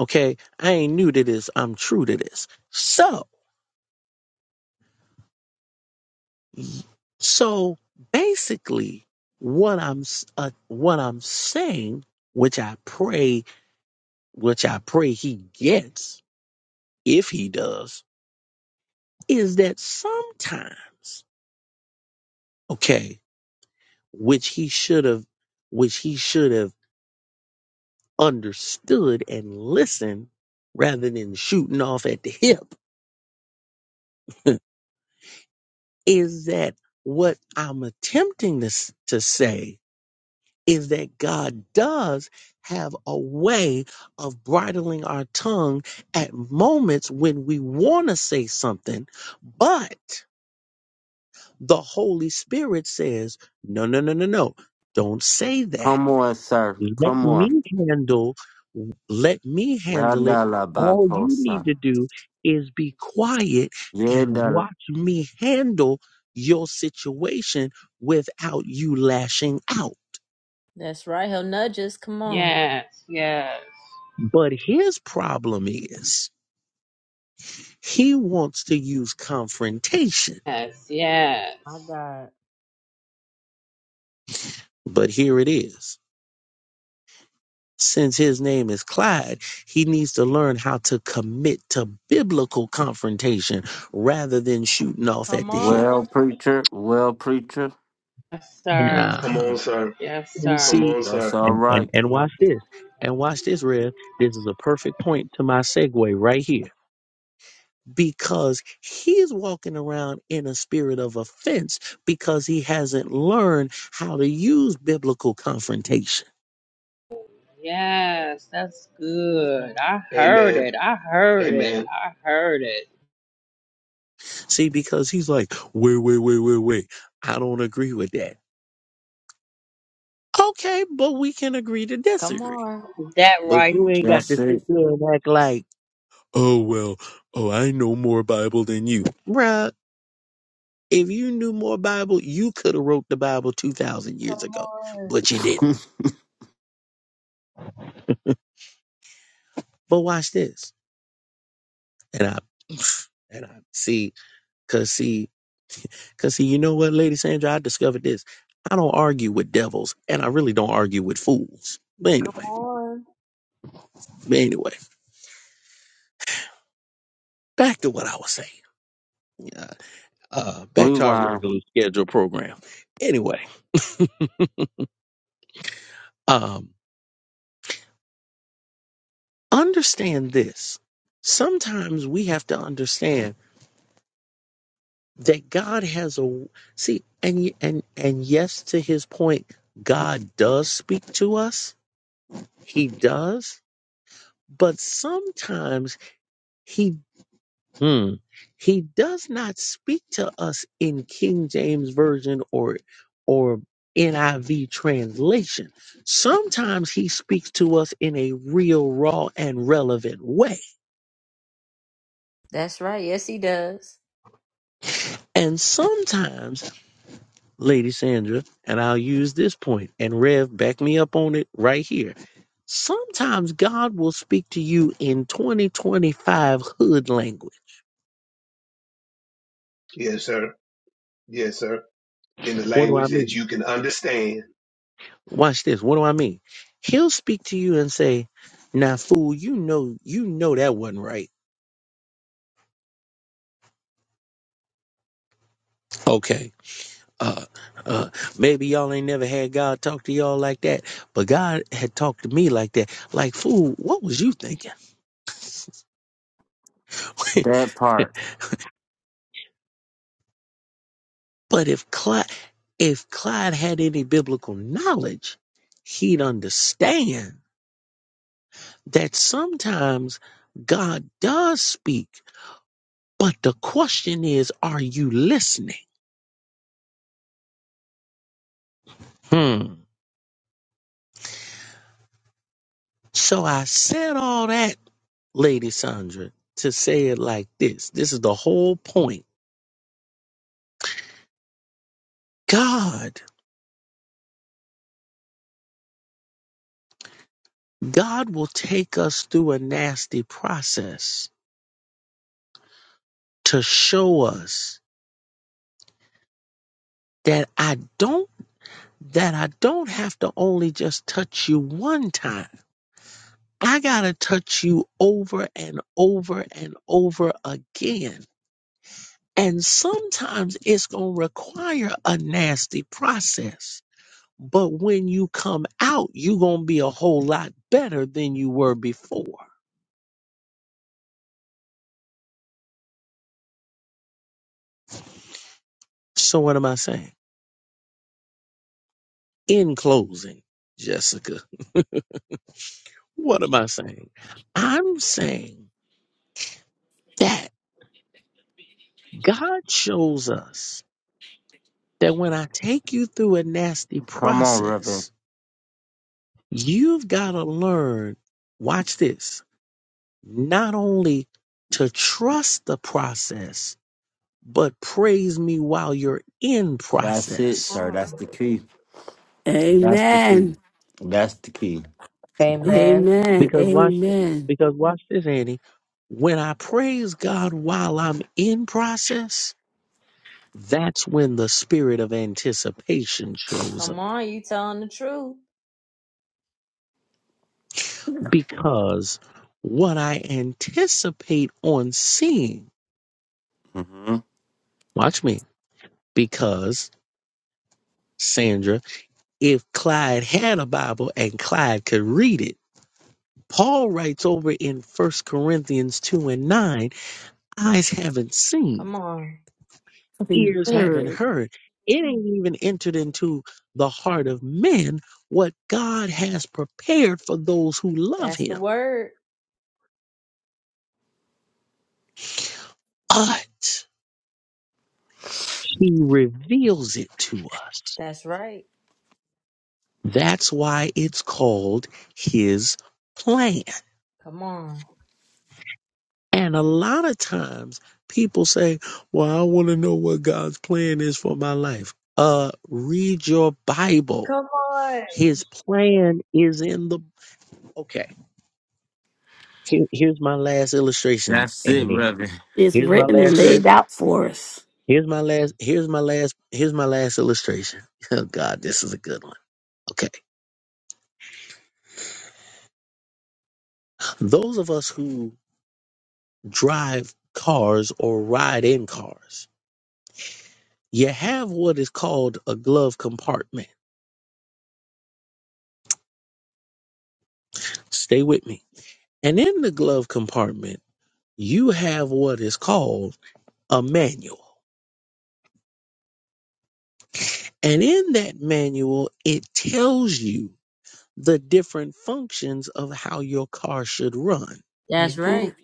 Speaker 14: okay i ain't new to this i'm true to this so So basically, what I'm s- uh, what I'm saying, which I pray, which I pray he gets, if he does, is that sometimes, okay, which he should have, which he should have understood and listened rather than shooting off at the hip, is that what I'm attempting to s- to say is that God does have a way of bridling our tongue at moments when we want to say something, but the Holy Spirit says, no, no, no, no, no, don't say that.
Speaker 2: Come on, sir.
Speaker 14: Let
Speaker 2: Come on.
Speaker 14: me handle, let me handle it. All you need
Speaker 2: Radalabakosa.
Speaker 14: to do is be quiet and
Speaker 2: Yedala-
Speaker 14: watch me handle your situation without you lashing out.
Speaker 1: That's right. He'll nudge us. Come on.
Speaker 15: Yes, yes,
Speaker 14: But his problem is he wants to use confrontation.
Speaker 15: yes, yes.
Speaker 1: My God.
Speaker 14: But here it is. Since his name is Clyde, he needs to learn how to commit to biblical confrontation rather than shooting off at
Speaker 1: Come
Speaker 14: the hip.
Speaker 1: on.
Speaker 2: Well, preacher. Well, preacher.
Speaker 15: Yes,
Speaker 14: Yeah.
Speaker 15: sir.
Speaker 3: Come
Speaker 14: Uh-huh.
Speaker 3: on, sir.
Speaker 15: Yes,
Speaker 14: And
Speaker 15: sir.
Speaker 3: Come
Speaker 14: see,
Speaker 3: on,
Speaker 2: That's
Speaker 3: sir.
Speaker 2: all
Speaker 14: and, and,
Speaker 2: right.
Speaker 14: and watch this. And watch this, Rev. This is a perfect point to my segue right here because he's walking around in a spirit of offense because he hasn't learned how to use biblical confrontation.
Speaker 15: Yes, that's good. I heard
Speaker 3: Amen.
Speaker 15: it. I heard it.
Speaker 3: Amen.
Speaker 15: I heard it.
Speaker 14: See, because he's like, wait, wait, wait, wait, wait. I don't agree with that. Okay, but we can agree to
Speaker 1: Come
Speaker 14: disagree.
Speaker 1: on.
Speaker 15: That
Speaker 14: But
Speaker 15: right.
Speaker 14: you ain't got to
Speaker 2: That's
Speaker 14: sit
Speaker 2: it.
Speaker 14: there and act like, oh, well, oh, I know more Bible than you. Bruh, if you knew more Bible, you could have wrote the Bible 2,000 years
Speaker 1: Come
Speaker 14: ago,
Speaker 1: on.
Speaker 14: but you didn't. But watch this. And I, and I see Cause see, cause see, you know what, Lady Sandra, I discovered this. I don't argue with devils, and I really don't argue with fools. But
Speaker 1: Come
Speaker 14: anyway,
Speaker 1: on.
Speaker 14: but anyway, back to what I was saying. Yeah, uh, back to our
Speaker 2: Rewind
Speaker 14: regularly scheduled program. Anyway, um, understand this. Sometimes we have to understand that God has a see, and y- and and yes, to his point, God does speak to us. He does, but sometimes. he. Hmm. He does not speak to us in King James Version or or NIV translation. Sometimes he speaks to us in a real, raw, and relevant way.
Speaker 1: That's right. Yes, he does.
Speaker 14: And sometimes, Lady Sandra, and I'll use this point, and Rev, back me up on it right here. Sometimes God will speak to you in 2025 hood language.
Speaker 3: Yes, sir. Yes, sir. In the
Speaker 14: What do I
Speaker 3: language
Speaker 14: mean?
Speaker 3: that you can understand.
Speaker 14: Watch this. What do I mean? He'll speak to you and say, "Now, fool, you know, you know that wasn't right." Okay. Uh, uh, maybe y'all ain't never had God talk to y'all like that, but God had talked to me like that. Like, fool, what was you thinking?
Speaker 2: that part.
Speaker 14: but if Clyde, if Clyde had any biblical knowledge, he'd understand that sometimes God does speak, but the question is, are you listening? Hmm. So I said all that, Lady Sandra, to say it like this. This is the whole point. God, God will take us through a nasty process to show us that I don't that I don't have to only just touch you one time. I got to touch you over and over and over again. And sometimes it's going to require a nasty process But when you come out, you're going to be a whole lot better than you were before. So, what am I saying? In closing, Jessica, what am I saying? I'm saying that God shows us that when I take you through a nasty
Speaker 2: Come on, Reverend.
Speaker 14: process, you've got to learn, watch this, not only to trust the process, but praise me while you're in
Speaker 2: That's it,
Speaker 14: process
Speaker 2: sir. That's the key. That's the key.
Speaker 5: Amen.
Speaker 2: That's the key.
Speaker 13: Amen.
Speaker 5: Amen.
Speaker 14: Because watch,
Speaker 5: Amen.
Speaker 14: because watch this, Andy. When I praise God while I'm in process, that's when the spirit of anticipation shows
Speaker 1: Come
Speaker 14: up.
Speaker 1: on. You telling the truth.
Speaker 14: Because what I anticipate on seeing,
Speaker 2: hmm
Speaker 14: watch me. Because Sandra, if Clyde had a Bible and Clyde could read it, Paul writes over in First Corinthians 2 and 9, eyes haven't seen.
Speaker 1: Come on.
Speaker 5: Something
Speaker 14: ears haven't
Speaker 5: heard.
Speaker 14: heard. It ain't even entered into the heart of men what God has prepared for those who love
Speaker 1: That's the
Speaker 14: him.
Speaker 1: word.
Speaker 14: But he reveals it to us.
Speaker 1: That's right.
Speaker 14: That's why it's called his plan.
Speaker 1: Come on.
Speaker 14: And a lot of times people say, Well, I want to know what God's plan is for my life. Uh, read your Bible.
Speaker 1: Come on.
Speaker 14: His plan is in the. Okay. Here, here's my last illustration,
Speaker 2: That's it,
Speaker 14: Annie.
Speaker 2: Reverend.
Speaker 5: is
Speaker 14: Here's my
Speaker 5: written and
Speaker 14: last
Speaker 5: laid
Speaker 14: illustration.
Speaker 5: out for us.
Speaker 14: Here's my last. Here's my last. Here's my last illustration. Oh God, this is a good one. Okay, those of us who drive cars or ride in cars, you have what is called a glove compartment. Stay with me. And in the glove compartment, you have what is called a manual. And in that manual, it tells you the different functions of how your car should run.
Speaker 1: That's right.
Speaker 5: Amen.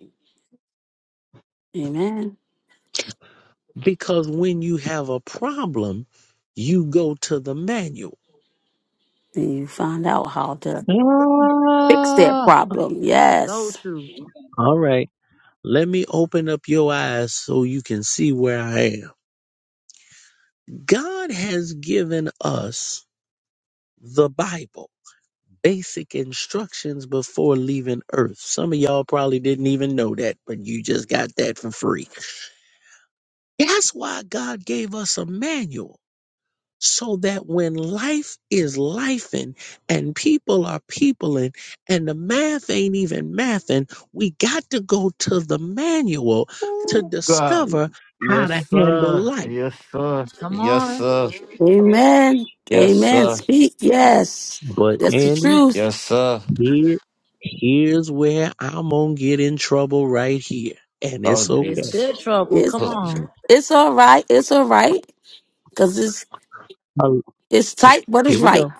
Speaker 5: Amen.
Speaker 14: Because when you have a problem, you go to the manual.
Speaker 5: And you find out how to fix that
Speaker 14: Ah,
Speaker 5: problem.
Speaker 1: So
Speaker 5: Yes.
Speaker 1: true.
Speaker 14: all right. Let me open up your eyes so you can see where I am. God has given us the Bible, basic instructions before leaving earth. Some of y'all probably didn't even know that, but you just got that for free. That's why God gave us a manual so that when life is lifing and people are peopling and the math ain't even mathing, we got to go to the manual to
Speaker 2: Ooh, God.
Speaker 14: discover how
Speaker 2: Yes,
Speaker 14: to handle
Speaker 2: sir.
Speaker 14: life.
Speaker 2: Yes, sir.
Speaker 1: Come
Speaker 2: Yes,
Speaker 1: on.
Speaker 2: sir.
Speaker 5: Amen.
Speaker 2: Yes,
Speaker 5: Amen.
Speaker 2: sir.
Speaker 5: Speak. Yes.
Speaker 14: But
Speaker 5: That's the
Speaker 14: Annie,
Speaker 5: truth.
Speaker 2: Yes, sir.
Speaker 14: here, here's where I'm gonna get in trouble right here, and
Speaker 2: Oh,
Speaker 14: it's
Speaker 1: It's
Speaker 14: okay.
Speaker 2: Jesus.
Speaker 1: good trouble.
Speaker 5: It's
Speaker 1: Come
Speaker 2: Oh,
Speaker 1: on.
Speaker 2: Jesus.
Speaker 5: it's all right. It's all right. Because it's
Speaker 14: Oh,
Speaker 5: it's tight, but it's
Speaker 14: here we
Speaker 5: right.
Speaker 14: go.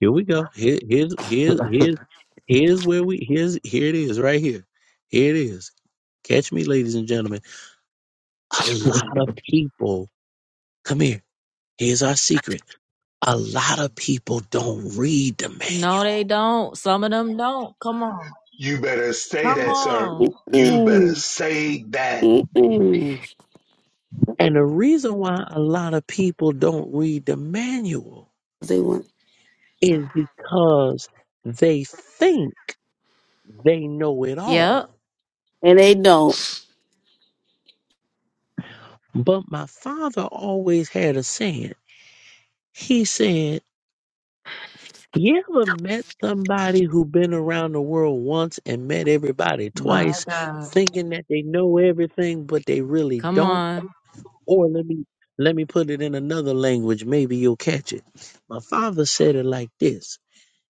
Speaker 14: Here we go. Here, here's here's here's here's where we here's here it is right here. Here it is. Catch me, ladies and gentlemen. a lot of people, come here, here's our secret. A lot of people don't read the
Speaker 1: No, they
Speaker 14: manual.
Speaker 1: don't. Some of them don't. Come on.
Speaker 3: You better say
Speaker 1: Come
Speaker 3: that, sir.
Speaker 1: on.
Speaker 3: You better
Speaker 5: Mm-mm.
Speaker 3: say that.
Speaker 5: Mm-mm.
Speaker 14: And the reason why a lot of people don't read the manual
Speaker 5: They want
Speaker 14: is because they think they know it
Speaker 1: Yep.
Speaker 14: all.
Speaker 5: and they don't.
Speaker 14: But my father always had a saying. He said, you ever met somebody who been around the world once and met everybody
Speaker 1: My
Speaker 14: twice,
Speaker 1: God.
Speaker 14: thinking that they know everything, but they really
Speaker 1: Come
Speaker 14: don't?
Speaker 1: on.
Speaker 14: Or let me let me put it in another language, maybe you'll catch it. My father said it like this.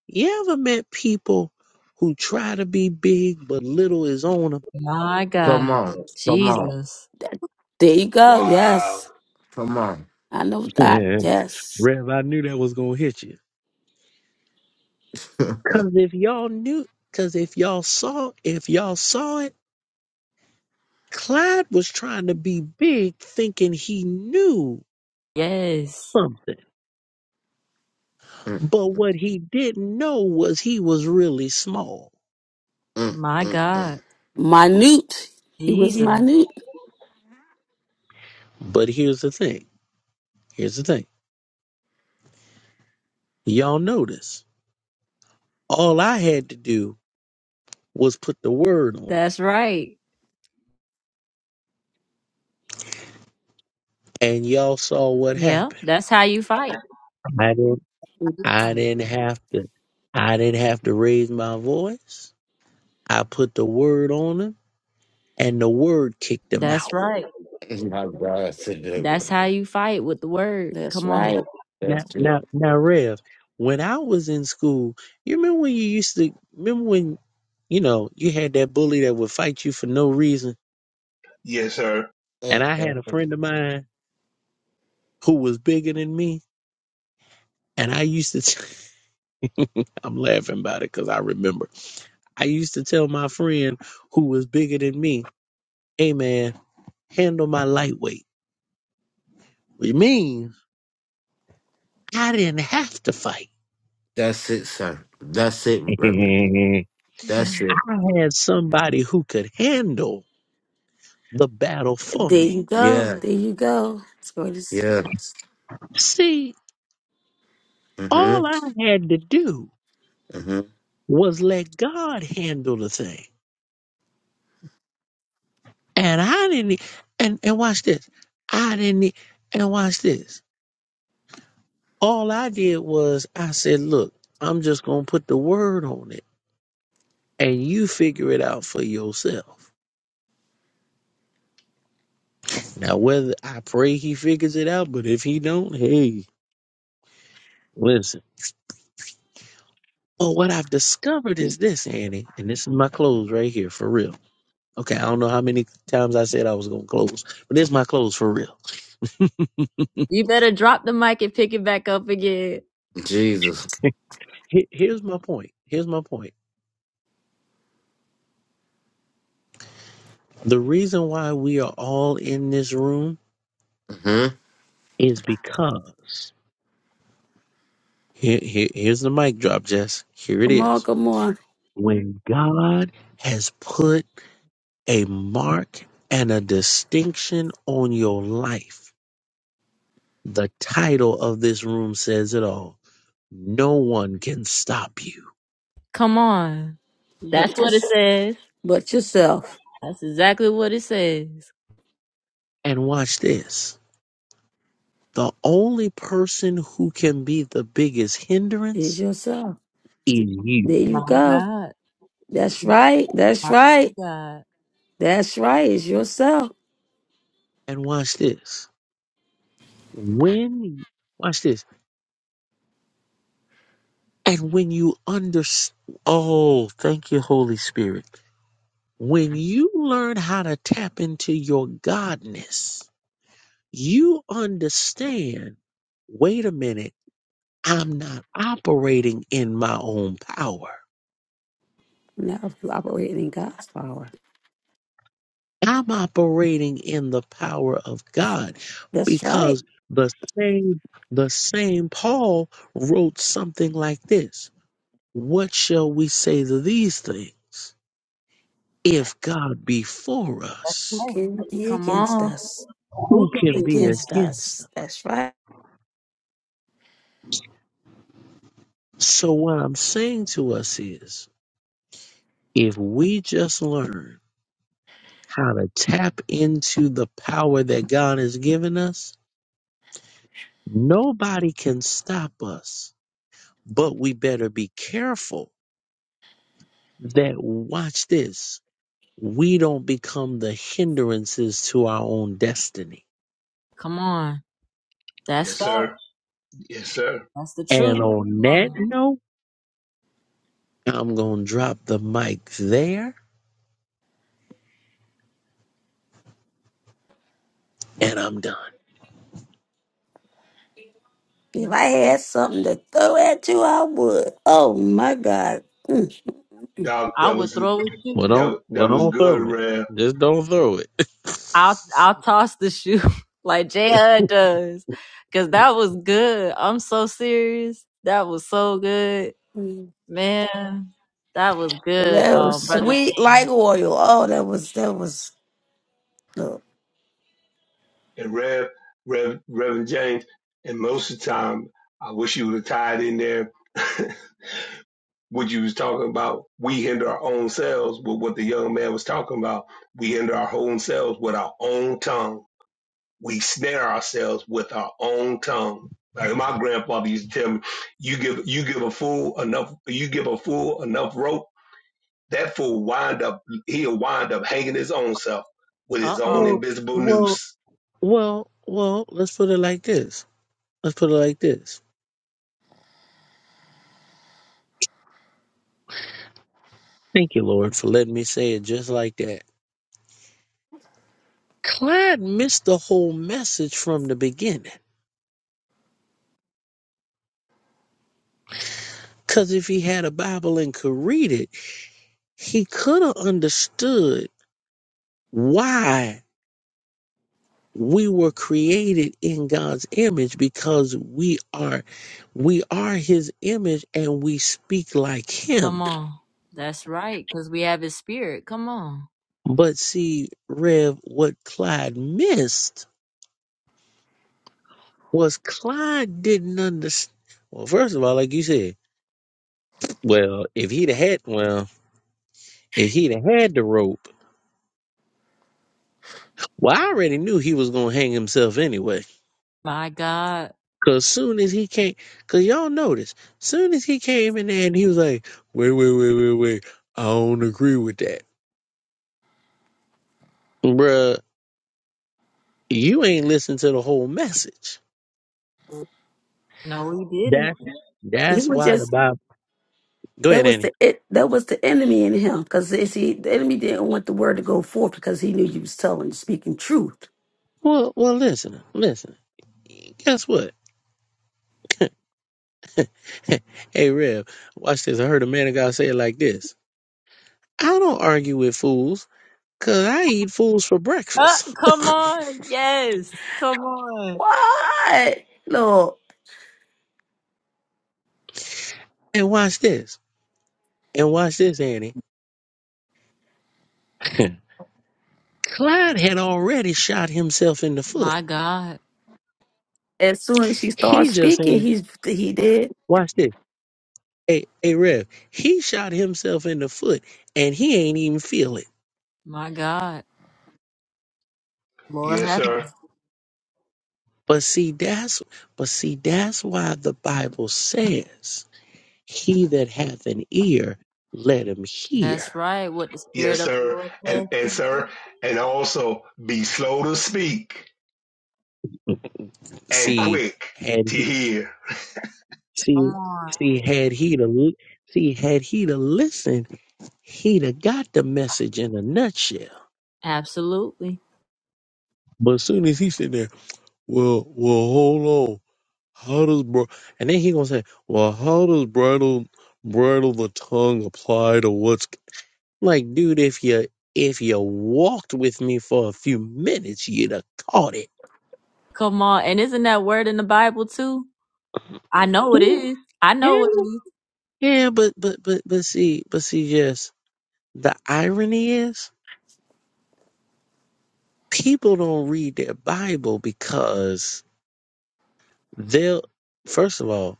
Speaker 14: You ever met people who try to be big but little is on them?
Speaker 1: My
Speaker 2: Come
Speaker 1: God.
Speaker 2: on. Come on.
Speaker 1: Jesus.
Speaker 5: There you go.
Speaker 3: Wow.
Speaker 5: Yes,
Speaker 2: Come on.
Speaker 5: I know that.
Speaker 14: Yeah.
Speaker 5: Yes,
Speaker 14: Rev, I knew that was gonna hit you. Cause if y'all knew cause if y'all saw if y'all saw it, Clyde was trying to be big thinking he knew
Speaker 1: Yes.
Speaker 14: something.
Speaker 2: Mm,
Speaker 14: But what he didn't know was he was really small.
Speaker 2: mm,
Speaker 1: My
Speaker 2: mm,
Speaker 1: God.
Speaker 5: minute. He was
Speaker 1: Jesus.
Speaker 5: minute.
Speaker 14: But here's the thing. Here's the thing. Y'all notice. All I had to do was put the word on her,
Speaker 1: That's right.
Speaker 14: and y'all saw what
Speaker 1: Yeah.
Speaker 14: happened.
Speaker 1: That's how you fight.
Speaker 14: I didn't. I didn't have to. I didn't have to raise my voice. I put the word on them, and the word kicked them
Speaker 1: That's
Speaker 14: out.
Speaker 1: right.
Speaker 2: mm. My God, today,
Speaker 1: That's how
Speaker 2: Reverend.
Speaker 1: you fight with the word.
Speaker 5: That's
Speaker 1: Come on.
Speaker 5: right.
Speaker 14: Now,
Speaker 2: That's it.
Speaker 14: now, now, Rev. When I was in school, you remember when you used to remember when you know you had that bully that would fight you for no reason,
Speaker 3: Yes, sir.
Speaker 14: and
Speaker 2: Mm,
Speaker 14: I
Speaker 2: mm,
Speaker 14: had a
Speaker 2: mm.
Speaker 14: friend of mine who was bigger than me, and I used to. i I'm laughing about it because I remember I used to tell my friend who was bigger than me, hey man, handle my lightweight, which means I didn't have to fight.
Speaker 2: That's it, sir. That's it, Reverend. That's
Speaker 5: There
Speaker 2: it.
Speaker 14: I had somebody who could handle the battle for me.
Speaker 5: you go.
Speaker 2: Yeah.
Speaker 5: There you go. It's going to s-
Speaker 2: Yeah.
Speaker 14: See,
Speaker 2: Mm-hmm.
Speaker 14: all I had to do
Speaker 2: Mm-hmm.
Speaker 14: was let God handle the thing. And I didn't, e, and, and watch this. I didn't, e, and watch this. All I did was I said, look, I'm just going to put the word on it and you figure it out for yourself. Now, whether I pray he figures it out, but if he don't, hey, listen. Well, what I've discovered is this, Annie, and this is my clothes right here for real. Okay, I don't know how many times I said I was gonna close, but this is my clothes for real.
Speaker 1: You better drop the mic and pick it back up again.
Speaker 2: Jesus.
Speaker 14: He- Here's my point. Here's my point. The reason why we are all in this room
Speaker 2: Mm-hmm.
Speaker 14: is because here, here- here's the mic drop, Jess. Here it
Speaker 5: come on,
Speaker 14: is.
Speaker 5: come on.
Speaker 14: When God has put a mark and a distinction on your life. The title of this room says it all. No one can stop you.
Speaker 1: Come on.
Speaker 5: But
Speaker 1: That's what it
Speaker 5: just
Speaker 1: says.
Speaker 5: but yourself
Speaker 1: That's exactly what it says.
Speaker 14: And watch this. The only person who can be the biggest
Speaker 5: is
Speaker 14: hindrance
Speaker 5: yourself.
Speaker 14: is you.
Speaker 5: There you
Speaker 1: My
Speaker 5: go.
Speaker 1: God.
Speaker 5: That's right. That's
Speaker 1: My
Speaker 5: right.
Speaker 1: God.
Speaker 5: That's right. It's yourself.
Speaker 14: And watch this. When, watch this. And when you understand, oh, thank you, Holy Spirit. When you learn how to tap into your godness, you understand wait a minute, I'm not operating in my own power.
Speaker 5: Now operating in God's power.
Speaker 14: I'm operating in the power of God
Speaker 5: That's right.
Speaker 14: because the same the same Paul wrote something like this. What shall we say to these things? If God be for
Speaker 5: Who
Speaker 14: us,
Speaker 1: Hey.
Speaker 5: can be
Speaker 1: Come
Speaker 5: against
Speaker 1: on.
Speaker 5: us?
Speaker 14: who
Speaker 1: Who can
Speaker 14: can
Speaker 1: be
Speaker 14: be
Speaker 1: against? it?
Speaker 5: Against
Speaker 14: against
Speaker 5: us.
Speaker 14: us?
Speaker 5: That's right.
Speaker 14: So what I'm saying to us is if we just learn how to tap into the power that God has given us, nobody can stop us. But we better be careful that, watch this, we don't become the hindrances to our own destiny.
Speaker 1: Come on. That's
Speaker 3: Yes,
Speaker 1: fact.
Speaker 3: sir. Yes, sir.
Speaker 1: That's the truth.
Speaker 14: And on
Speaker 1: Come on.
Speaker 14: that note, I'm going to drop the mic there and I'm done.
Speaker 5: If I had something to throw at you, I would. Oh my God. Mm, mm,
Speaker 3: Doc,
Speaker 1: I
Speaker 3: that
Speaker 1: would
Speaker 3: was
Speaker 1: throw a shoe.
Speaker 14: Well, don't,
Speaker 3: that
Speaker 14: well,
Speaker 3: that was
Speaker 14: don't
Speaker 3: good,
Speaker 14: throw it.
Speaker 3: Rev.
Speaker 14: Just don't throw it.
Speaker 1: I'll I'll toss the shoe like Jay does. Cause that was good. I'm so serious. That was so good.
Speaker 5: mm.
Speaker 1: Man, that was good,
Speaker 5: That was
Speaker 1: um, brother.
Speaker 5: sweet like oil. Oh, that was that was look.
Speaker 3: And Rev, Rev, Reverend James. And most of the time, I wish you would have tied in there what you was talking about. We hinder our own selves with what the young man was talking about. We hinder our own selves with our own tongue. we snare ourselves with our own tongue. Like my grandfather used to tell me, "You give you give a fool enough you give a fool enough rope, that fool wind up he'll wind up hanging his own self with
Speaker 1: Uh
Speaker 3: his own
Speaker 1: oh.
Speaker 14: well,
Speaker 3: invisible
Speaker 14: well,
Speaker 3: noose."
Speaker 14: well, well, let's put it like this. Let's put it like this Thank you, Lord, for letting me say it just like that. Clyde missed the whole message from the beginning. Because if he had a Bible and could read it, he could have understood why we were created in God's image because we are we are his image and we speak like
Speaker 1: Come
Speaker 14: him.
Speaker 1: on. That's right, because we have his spirit. Come on.
Speaker 14: But see, Rev, what Clyde missed was Clyde didn't understand. Well, first of all, like you said, well, if he'd had, well, If he'd have had the rope, well, I already knew he was gonna hang himself anyway.
Speaker 1: My God.
Speaker 14: Cause soon as he came, cause y'all notice, soon as he came in there and he was like, "Wait, wait, wait, wait, wait, I don't agree with that, bruh. You ain't listened to the whole message.
Speaker 1: No, we didn't.
Speaker 14: That's
Speaker 5: He
Speaker 14: that's
Speaker 5: was
Speaker 14: why the
Speaker 5: just
Speaker 14: Bible. Go
Speaker 5: that
Speaker 14: ahead,
Speaker 5: was
Speaker 14: Annie.
Speaker 5: the it that was the enemy in him. Cause see, the enemy didn't want the word to go forth because he knew you was telling speaking truth.
Speaker 14: Well, well, listen, listen. Guess what? hey, Rev, watch this. I heard a man of God say it like this. I don't argue with fools, cause I eat fools for
Speaker 1: Uh,
Speaker 14: breakfast.
Speaker 1: come on. Yes. Come on.
Speaker 5: What? Look,
Speaker 14: and watch this. And watch this, Annie. Clyde had already shot himself in the foot.
Speaker 1: My God.
Speaker 5: as soon as she
Speaker 14: He
Speaker 5: started
Speaker 14: just
Speaker 5: speaking,
Speaker 14: ain't
Speaker 5: he's he did.
Speaker 14: watch this. Hey, hey, Rev. He shot himself in the foot, and he ain't even feel it.
Speaker 1: My God. Lord
Speaker 3: Yes,
Speaker 1: have mercy.
Speaker 3: sir.
Speaker 14: But see, that's but see, that's why the Bible says, "He that hath an ear, let him hear."
Speaker 1: That's right. What the
Speaker 3: Yes,
Speaker 1: spirit of the
Speaker 3: sir.
Speaker 1: Lord
Speaker 3: And
Speaker 1: says
Speaker 3: and
Speaker 1: to the
Speaker 3: sir,
Speaker 1: church.
Speaker 3: and also be slow to speak and
Speaker 14: See,
Speaker 3: quick
Speaker 14: had
Speaker 3: to
Speaker 14: he,
Speaker 3: hear.
Speaker 1: Come
Speaker 14: see,
Speaker 1: on.
Speaker 14: see, had he to l- see, had he to listen, he'd have got the message in a nutshell.
Speaker 1: Absolutely.
Speaker 14: But soon as he said that. Well, well, hold on. How does br- and then he gonna say, well, how does bridle bridle the tongue apply to what's like, dude? If you if you walked with me for a few minutes, you'd have caught it.
Speaker 1: Come on. And isn't that word in the Bible too? I know it
Speaker 14: Yeah,
Speaker 1: is. I know it
Speaker 14: yeah,
Speaker 1: is.
Speaker 14: yeah, but but but but see, but see, just the irony is people don't read their Bible because they'll first of all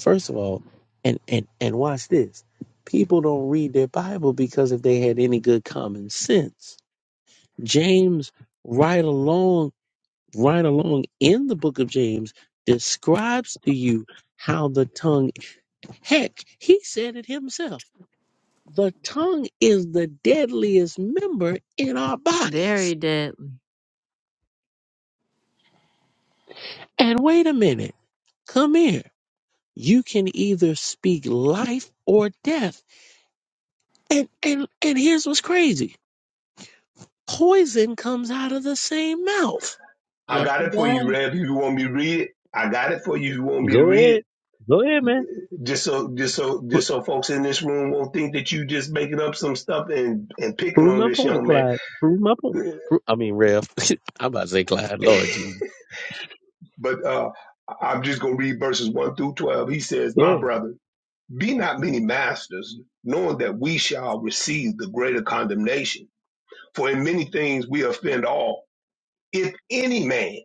Speaker 14: First of all, and and and watch this. People don't read their Bible because if they had any good common sense, James right along right along in the book of James describes to you how the tongue heck, he said it himself. The tongue is the deadliest member in our
Speaker 1: Very
Speaker 14: bodies.
Speaker 1: deadly.
Speaker 14: And wait a minute, come here. You can either speak life or death. And and and here's what's crazy. Poison comes out of the same mouth.
Speaker 3: I
Speaker 1: Yes,
Speaker 3: got
Speaker 1: it
Speaker 3: it for you,
Speaker 1: does.
Speaker 3: Rev. If you want me to read it, I got it for you. If you want me to
Speaker 14: Go
Speaker 3: read it.
Speaker 14: ahead. Go ahead, man.
Speaker 3: Just so, just so,
Speaker 14: Pr-
Speaker 3: just so, folks in this room won't think that you just making up some stuff and and picking
Speaker 14: prove
Speaker 3: on
Speaker 14: my
Speaker 3: this
Speaker 14: point,
Speaker 3: young man.
Speaker 14: Clyde. Prove my point. Pro- I mean, Rev. I'm about to say Clyde. Lord Jesus.
Speaker 3: But uh, I'm just gonna read verses one through twelve. He says,
Speaker 14: Go
Speaker 3: "My
Speaker 14: ahead.
Speaker 3: brother, be not many masters, knowing that we shall receive the greater condemnation. For in many things we offend all. If any man,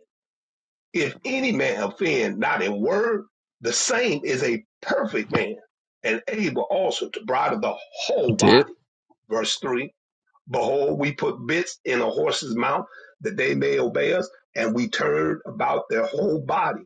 Speaker 3: if any man offend not in word, the same is a perfect man, and able also to bridle the whole
Speaker 14: Yep.
Speaker 3: body." Verse three. Behold, we put bits in a horse's mouth that they may obey us, and we turn about their whole body.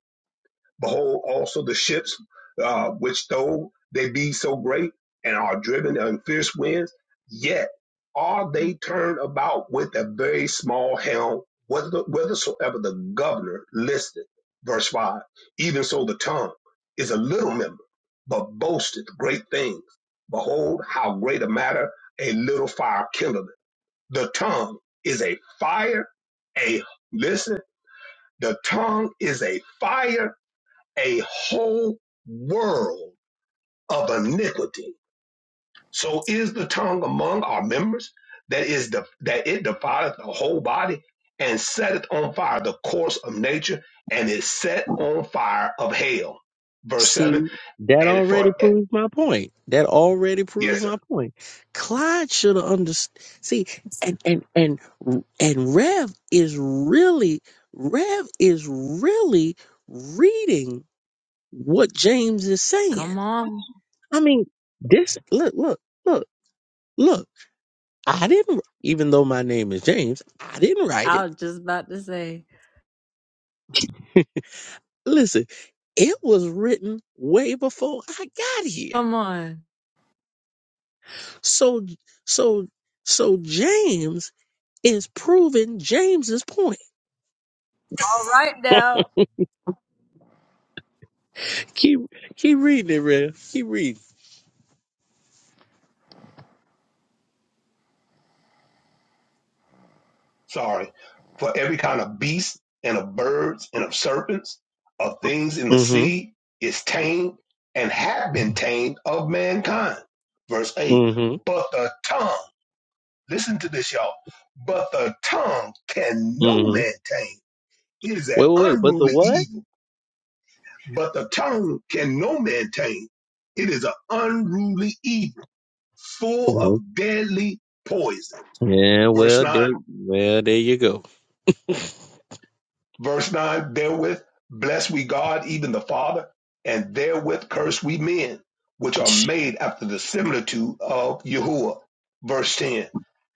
Speaker 3: Behold, also the ships, uh, which though they be so great and are driven on fierce winds, yet are they turned about with a very small helm, whither- whithersoever the governor listeth. Verse 5 Even so, the tongue is a little member, but boasteth great things. Behold, how great a matter a little fire kindleth the tongue is a fire, a listen, the tongue is a fire, a whole world of iniquity. So is the tongue among our members that is the that it defileth the whole body and setteth on fire the course of nature and is set on fire of hell. Verse 7
Speaker 14: See, that
Speaker 3: and for
Speaker 14: already proves my point. That already proves
Speaker 3: yes
Speaker 14: my point. Clyde should have understood. See, and and and and Rev is really Rev is really reading what James is saying.
Speaker 1: Come on.
Speaker 14: I mean, this look, look, look. Look, I didn't, even though my name is James, I didn't write
Speaker 1: I
Speaker 14: it.
Speaker 1: was just about to say,
Speaker 14: Listen, it was written way before I got here.
Speaker 1: come on.
Speaker 14: So, so, so James is proving James's point.
Speaker 1: All right now.
Speaker 14: Keep, keep reading it, Rev. Keep reading.
Speaker 3: sorry, for every kind of beast and of birds and of serpents, of things in the
Speaker 14: Mm-hmm.
Speaker 3: sea, is tamed and have been tamed of mankind. Verse 8.
Speaker 14: Mm-hmm.
Speaker 3: But the tongue, listen to this, y'all. But the tongue can no
Speaker 14: Mm-hmm.
Speaker 3: man tame. It is an
Speaker 14: Wait, wait, wait. But the
Speaker 3: unruly
Speaker 14: what?
Speaker 3: evil. But the tongue can no man tame. It is an unruly evil, full of
Speaker 14: Oh.
Speaker 3: deadly poison.
Speaker 14: Yeah.
Speaker 3: Verse
Speaker 14: Well,
Speaker 3: 9
Speaker 14: there. Well, there you go.
Speaker 3: Verse 9, therewith bless we God, even the Father, and therewith curse we men, which are made after the similitude of Yahuwah. Verse 10,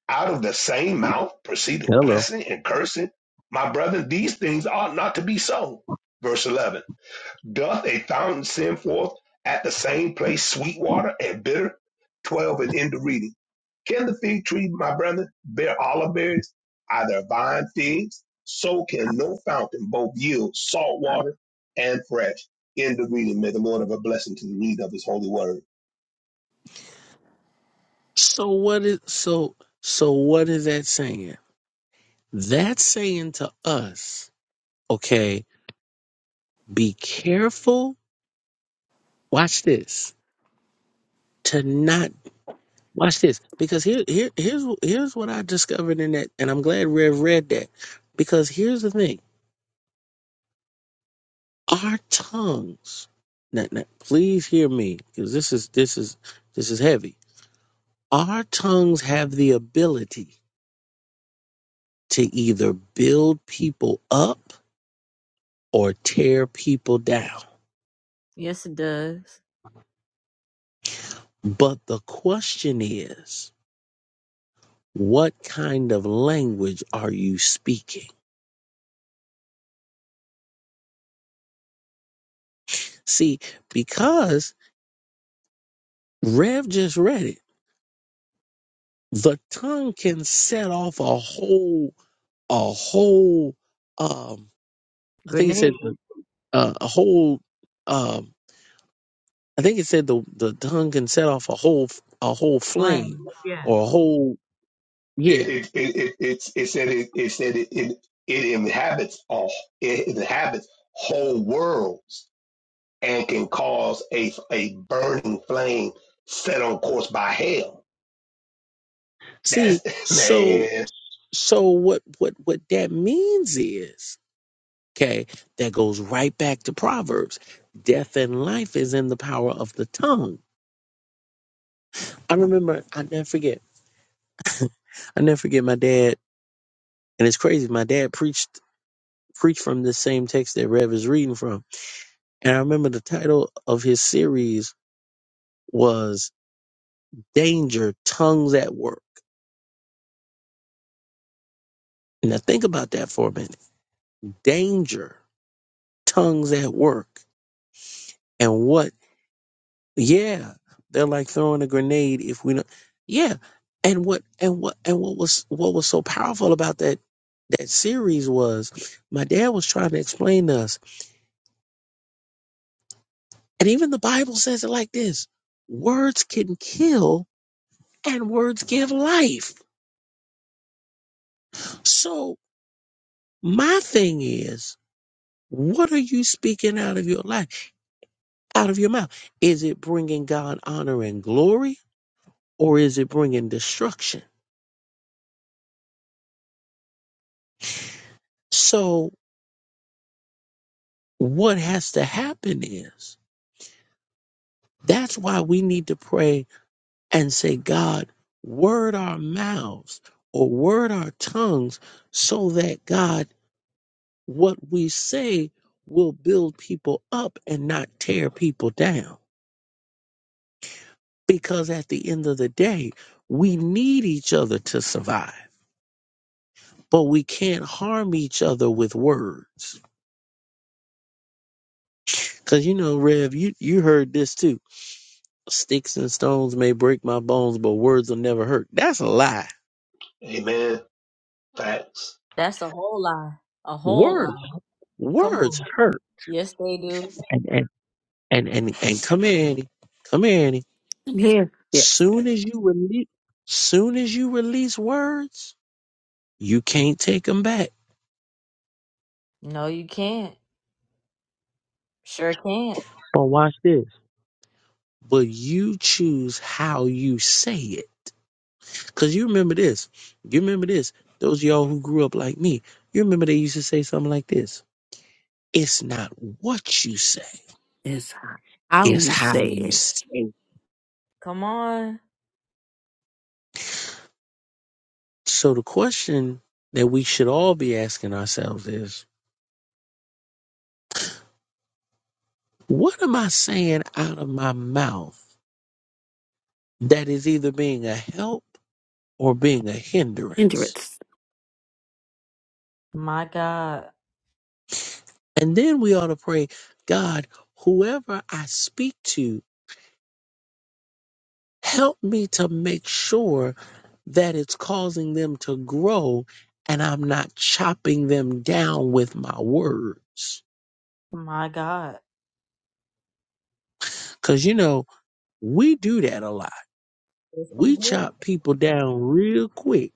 Speaker 3: out of the same mouth proceeded
Speaker 14: Hello.
Speaker 3: blessing and cursing. My brethren, these things ought not to be so. Verse 11, Doth a fountain send forth at the same place sweet water and bitter? 12 and end of reading. Can the fig tree, my brother, bear olive berries, either vine figs? So can no fountain both yield salt water and fresh. End of reading. May the Lord have a blessing to the read of His holy word.
Speaker 14: So what is so so what is that saying? That's saying to us Okay, be careful. Watch this. To not watch this because here, here, here's here's what I discovered in that, and I'm glad Rev read that because here's the thing: our tongues. Now, now, please hear me because this is this is this is heavy. Our tongues have the ability to either build people up or tear people down.
Speaker 1: Yes, it does.
Speaker 14: But the question is, what kind of language are you speaking? See, because Rev just read it, the tongue can set off a whole, a whole, um, I think it
Speaker 1: Grenade,
Speaker 14: said the, uh, a whole, um, I think it said the the tongue can set off a whole, a whole
Speaker 1: flame.
Speaker 14: flame or a whole,
Speaker 3: It
Speaker 14: yeah.
Speaker 3: it it it, it, it said it, it said it, it it inhabits all it inhabits whole worlds and can cause a, a burning flame set on course by hell. That's
Speaker 14: See, so
Speaker 3: man,
Speaker 14: so what what what that means is, okay, that goes right back to Proverbs. Death and life is in the power of the tongue. I remember, I never forget. I never forget my dad, and it's crazy. My dad preached preached from the same text that Rev is reading from, and I remember the title of his series was "Danger: Tongues at Work." Now think about that for a minute. Danger: Tongues at Work, and what? Yeah, they're like throwing a grenade if we don't. Yeah, and what? And what? And what was what was so powerful about that that series was my dad was trying to explain to us And even the Bible says it like this words can kill and words give life. So my thing is, what are you speaking out of your life, out of your mouth? Is it bringing God honor and glory or is it bringing destruction? So what has to happen is that's why we need to pray and say, God, word our mouths or word our tongues so that God what we say will build people up and not tear people down. Because at the end of the day, we need each other to survive, but we can't harm each other with words. Cause you know, Rev, you, you heard this too. Sticks and stones may break my bones, but words will never hurt. That's a lie.
Speaker 3: amen. Facts.
Speaker 1: That's a whole lie. A whole lie.
Speaker 14: Words,
Speaker 1: Come on.
Speaker 14: words hurt.
Speaker 1: Yes, they do.
Speaker 14: And and and and, and come here, Annie. Come here, Annie.
Speaker 5: I'm here. Yes.
Speaker 14: Soon as you release, soon as you release words, You can't take them back.
Speaker 1: No, you can't. Sure can't.
Speaker 14: But watch this. but you choose how you say it. Cause you remember this. You remember this. Those of y'all who grew up like me, you remember they used to say something like this. It's not what you say,
Speaker 5: is how
Speaker 14: it's
Speaker 5: you
Speaker 14: how
Speaker 5: say
Speaker 14: you
Speaker 5: it.
Speaker 14: say it.
Speaker 1: Come on.
Speaker 14: So the question that we should all be asking ourselves is, what am I saying out of my mouth that is either being a help or being a hindrance?
Speaker 5: Hindrance.
Speaker 1: My God.
Speaker 14: And then we ought to pray, God, whoever I speak to, help me to make sure that it's causing them to grow and I'm not chopping them down with my words.
Speaker 1: My God.
Speaker 14: Because, you know, we do that a lot.
Speaker 1: Yes, they
Speaker 14: We
Speaker 1: do.
Speaker 14: chop people down real quick.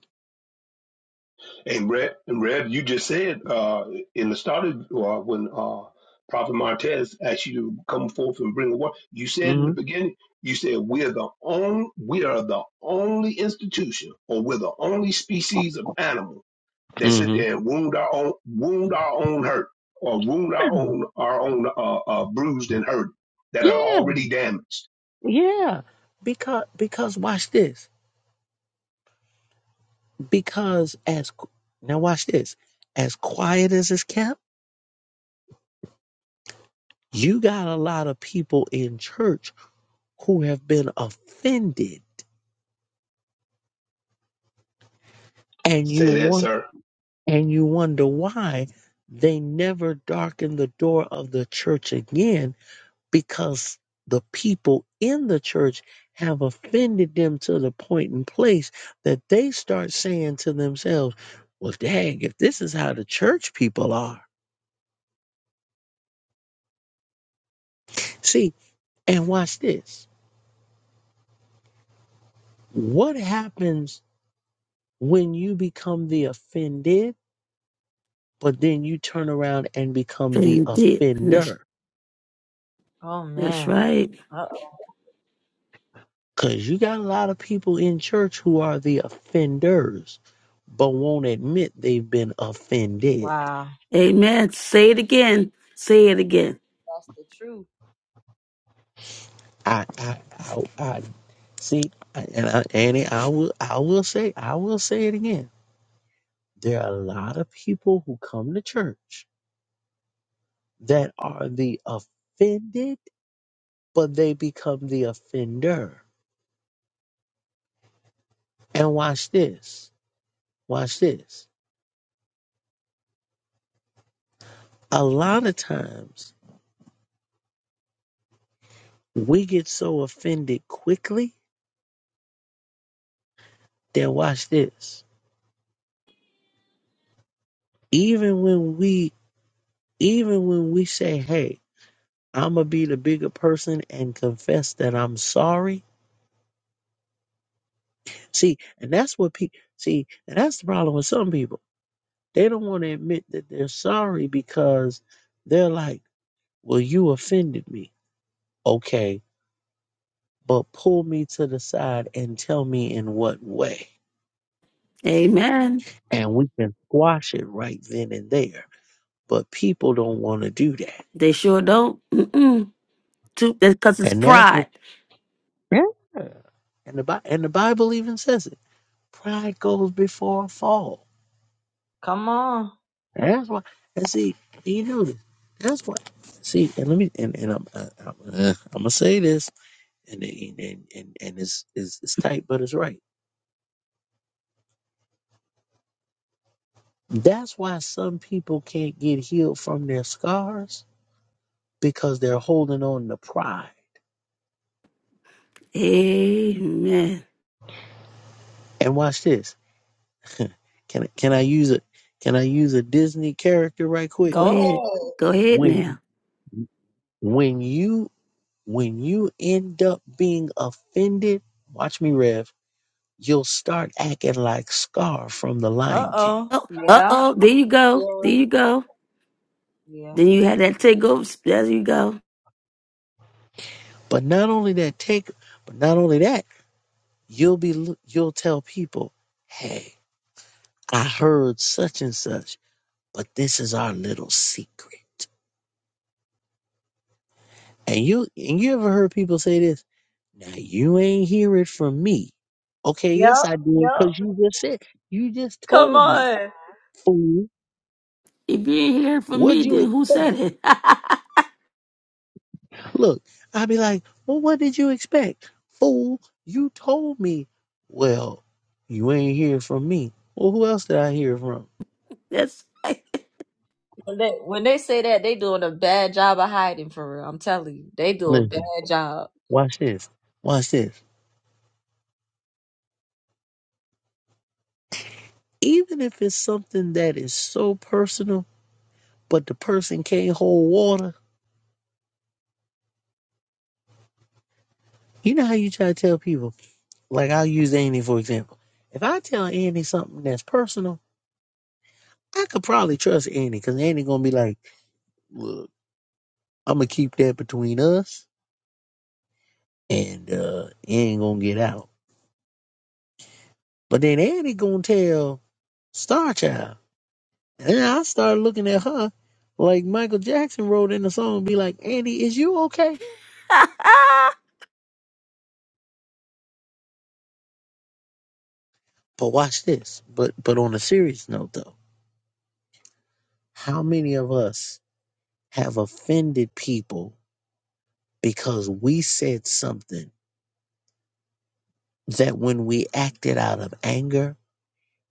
Speaker 3: And Rev, and Rev, you just said uh, in the start of uh, when uh, Prophet Martez asked you to come forth and bring the word, you said in
Speaker 14: hmm
Speaker 3: the beginning, you said we are the only we are the only institution, or we're the only species of animal that sit
Speaker 14: hmm
Speaker 3: there and wound our own wound our own hurt or wound our own our own uh, uh, bruised and hurt that are
Speaker 14: Yeah,
Speaker 3: already damaged.
Speaker 14: yeah. Because, because watch this. Because as, now watch this. As quiet as it's kept, You got a lot of people in church who have been offended and you
Speaker 3: Say that,
Speaker 14: want
Speaker 3: sir.
Speaker 14: and you wonder why they never darken the door of the church again because the people in the church have offended them to the point and place that they start saying to themselves, Well, dang, if this is how the church people are. See, and watch this. What happens when you become the offended? but then you turn around and become the
Speaker 5: Indeed. That's,
Speaker 14: offender.
Speaker 1: Oh,
Speaker 5: that's
Speaker 1: man.
Speaker 5: right.
Speaker 1: Uh-oh.
Speaker 14: Because you got a lot of people in church who are the offenders, but won't admit they've been offended.
Speaker 1: Wow.
Speaker 5: Amen. Say it again. Say it again.
Speaker 1: That's the truth.
Speaker 14: I, I, I, I see, and I, Annie, I will, I will say, I will say it again. There are a lot of people who come to church that are the offended, but they become the offender. And watch this, watch this. A lot of times We get so offended quickly that watch this. Even when we even when we say, Hey, I'ma be the bigger person and confess that I'm sorry. See, and that's what people see, and that's the problem with some people. They don't want to admit that they're sorry because they're like, Well, you offended me. Okay, but pull me to the side and tell me in what way.
Speaker 5: Amen.
Speaker 14: And we can squash it right then and there. But people don't want to do that
Speaker 5: They sure don't. Mm-mm. Because it's
Speaker 14: And that's what,
Speaker 5: pride.
Speaker 14: yeah. And the Bi- and the Bible even says it. Pride goes before a fall.
Speaker 1: Come on.
Speaker 14: And that's why. And see, you know this. That's why. See, and let me and and I'm I, I'm, uh, I'm gonna say this, and and and and and it's, it's it's tight, but it's right. That's why some people can't get healed from their scars because they're holding on to pride.
Speaker 5: Amen.
Speaker 14: And watch this. Can I- can I use a can I use a Disney character right quick?
Speaker 5: Go
Speaker 1: Go ahead.
Speaker 5: ahead. Go ahead
Speaker 14: When
Speaker 5: now.
Speaker 14: when you when you end up being offended, watch me, Rev, you'll start acting like Scar from The
Speaker 1: Uh
Speaker 14: Lion King.
Speaker 1: oh.
Speaker 5: Oh, uh
Speaker 1: Yeah.
Speaker 5: oh. There you go. There you go.
Speaker 1: Yeah.
Speaker 5: Then you had that takeover. sp- There you go.
Speaker 14: But not only that, take, but not only that, you'll be, you'll tell people, hey, I heard such and such, but this is our little secret. And you, and you ever heard people say this? Now you ain't hear it from me. Okay,
Speaker 1: Yep.
Speaker 14: yes I did,
Speaker 1: Yep.
Speaker 14: cause you just said, you just
Speaker 1: Come
Speaker 14: told me,
Speaker 1: on.
Speaker 14: fool.
Speaker 5: If you ain't hearing from me,
Speaker 14: What'd you
Speaker 5: then who
Speaker 14: expect?
Speaker 5: said it?
Speaker 14: Look, I'd be like, well, what did you expect? Fool, you told me. Well, you ain't hear from me. Well, who else did I hear from?
Speaker 5: That's right.
Speaker 1: When they, when they say that, they doing a bad job of hiding for real. I'm telling you. They do a bad
Speaker 14: Listen,
Speaker 1: job.
Speaker 14: watch this. Watch this. Even if it's something that is so personal, but the person can't hold water, you know how you try to tell people, like I'll use Annie for example. If I tell Annie something that's personal, I could probably trust Annie because Annie gonna be like, look, I'm gonna keep that between us and uh, it ain't gonna get out. But then Annie gonna tell Star Child. And then I started looking at her like Michael Jackson wrote in the song, be like, Annie, is you okay? But watch this. But but on a serious note though, how many of us have offended people because we said something that when we acted out of anger,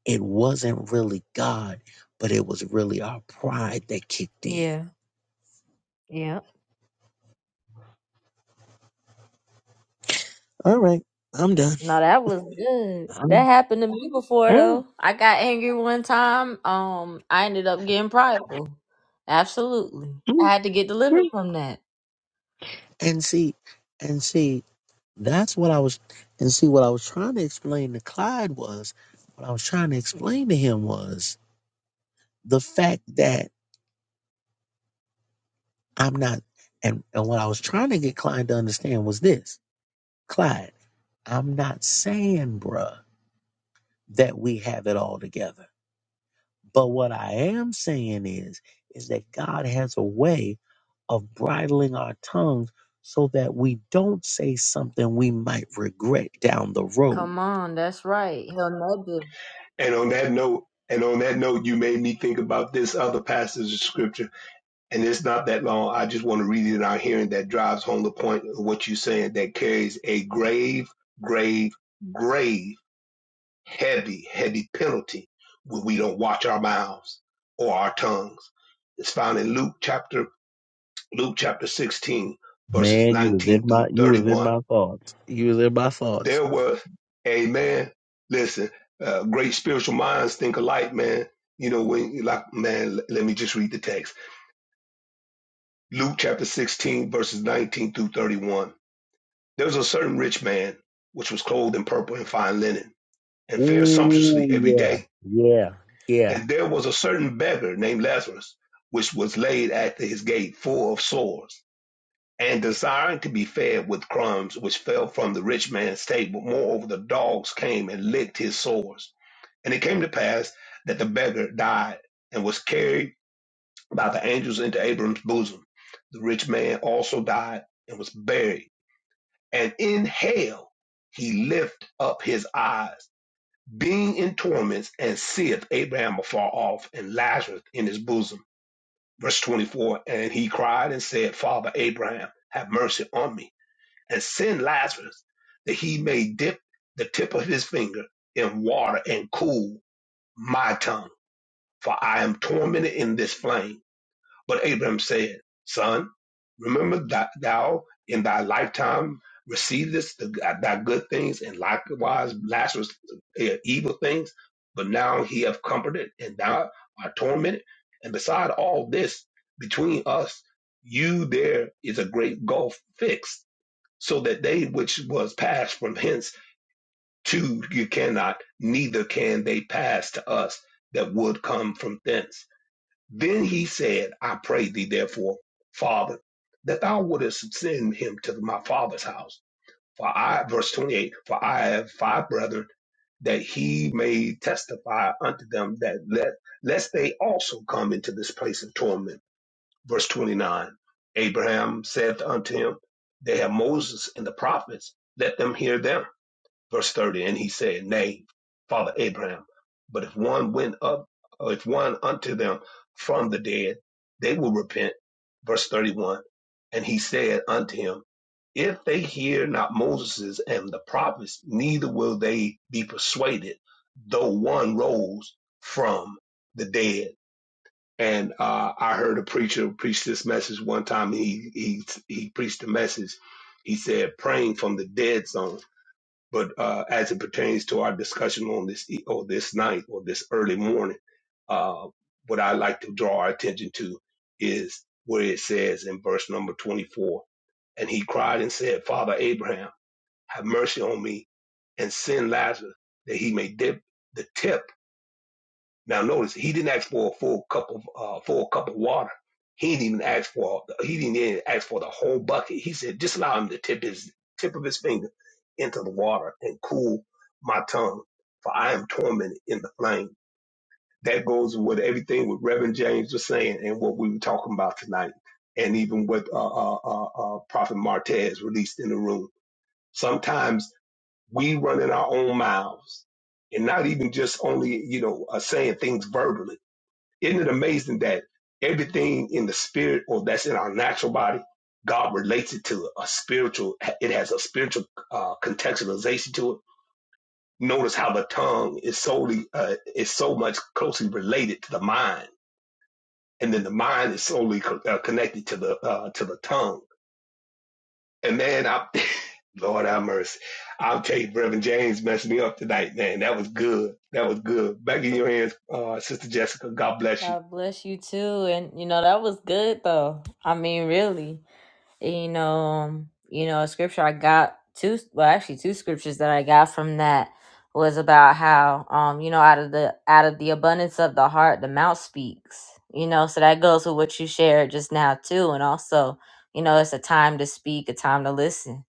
Speaker 14: it wasn't really God, but it was really our pride that kicked in.
Speaker 1: Yeah. Yeah.
Speaker 14: All right, I'm done.
Speaker 1: No, that was good. That
Speaker 14: I'm,
Speaker 1: happened to me before
Speaker 14: all right.
Speaker 1: though. I got angry one time. Um, I ended up getting prideful. Absolutely.
Speaker 14: Mm,
Speaker 1: I had to get delivered
Speaker 14: mm.
Speaker 1: from that.
Speaker 14: And see, and see. That's what I was, and see, what I was trying to explain to Clyde was, what I was trying to explain to him was the fact that I'm not, and, and what I was trying to get Clyde to understand was this Clyde, I'm not saying, bruh, that we have it all together. But what I am saying is, is that God has a way of bridling our tongues so that we don't say something we might regret down the road.
Speaker 1: Come on, that's right. Hell no
Speaker 3: And on that note, and on that note, you made me think about this other passage of scripture, and it's not that long. I just want to read it out here, and that drives home the point of what you're saying. That carries a grave, grave, grave, heavy, heavy penalty when we don't watch our mouths or our tongues. It's found in Luke chapter Luke chapter 16, verses
Speaker 14: Man, you was
Speaker 3: 19
Speaker 14: in my
Speaker 3: through
Speaker 14: you was in
Speaker 3: 31.
Speaker 14: my thoughts. You was in my thoughts.
Speaker 3: There were, amen. Listen, uh, great spiritual minds think alike, man. You know, when, like, man, l- let me just read the text. Luke chapter 16, verses 19 through 31. There was a certain rich man, which was clothed in purple and fine linen, and fared
Speaker 14: Ooh
Speaker 3: sumptuously every
Speaker 14: yeah.
Speaker 3: day.
Speaker 14: Yeah. yeah.
Speaker 3: And there was a certain beggar named Lazarus, which was laid at his gate full of sores and desiring to be fed with crumbs which fell from the rich man's table. Moreover, the dogs came and licked his sores. And it came to pass that the beggar died and was carried by the angels into Abram's bosom. The rich man also died and was buried. And in hell he lift up his eyes, being in torments, and seeth Abraham afar off and Lazarus in his bosom. Verse 24 And he cried and said, Father Abraham, have mercy on me and send Lazarus that he may dip the tip of his finger in water and cool my tongue, for I am tormented in this flame. But Abraham said, Son, remember that thou in thy lifetime receivest the, thy good things, and likewise Lazarus eh, evil things. But now he have comforted, and thou art tormented. And beside all this, between us, you there is a great gulf fixed so that they which was passed from hence to you cannot, neither can they pass to us that would come from thence. Then he said, I pray thee therefore, Father, that thou wouldest send him to my father's house. For I, verse 28, for I have five brethren, that he may testify unto them that let, lest they also come into this place of torment verse 29. Abraham saith unto him, They have Moses and the prophets, let them hear them. Verse 30. And he said, Nay, Father Abraham, but if one went up, or if one unto them from the dead, they will repent. Verse 31. And he said unto him, If they hear not Moses and the prophets, neither will they be persuaded, though one rose from the dead. And uh, I heard a preacher preach this message one time. He he he preached a message. He said praying from the dead zone. But uh, as it pertains to our discussion on this e- or this night or this early morning, uh, what I like to draw our attention to is where it says in verse number twenty-four, and he cried and said, "Father Abraham, have mercy on me and send Lazarus that he may dip the tip." Now notice he didn't ask for a full cup of uh, full cup of water. He didn't even ask for he didn't even ask for the whole bucket. He said, just allow him to tip his tip of his finger into the water and cool my tongue, for I am tormented in the flame. That goes with everything what Reverend James was saying and what we were talking about tonight, and even what uh, uh, uh, uh, Prophet Martez released in the room. Sometimes we run in our own mouths, and not even just only you know uh, saying things verbally isn't it amazing that everything in the spirit or that's in our natural body, God relates it to a spiritual, it has a spiritual uh, contextualization to it. Notice how the tongue is solely, uh, is so much closely related to the mind. And then the mind is solely co- uh, connected to the, uh, to the tongue. And man, I, Lord have mercy. I'll tell you, Reverend James messed me up tonight, man. That was good. That was good. Back in your hands, uh, Sister Jessica. God bless you.
Speaker 1: God bless you too. And you know, that was good though. I mean, really you know, you know, a scripture I got two, well, actually two scriptures that I got from that was about how, um, you know, out of the out of the abundance of the heart, the mouth speaks. You know, so that goes with what you shared just now too, and also, you know, it's a time to speak, a time to listen.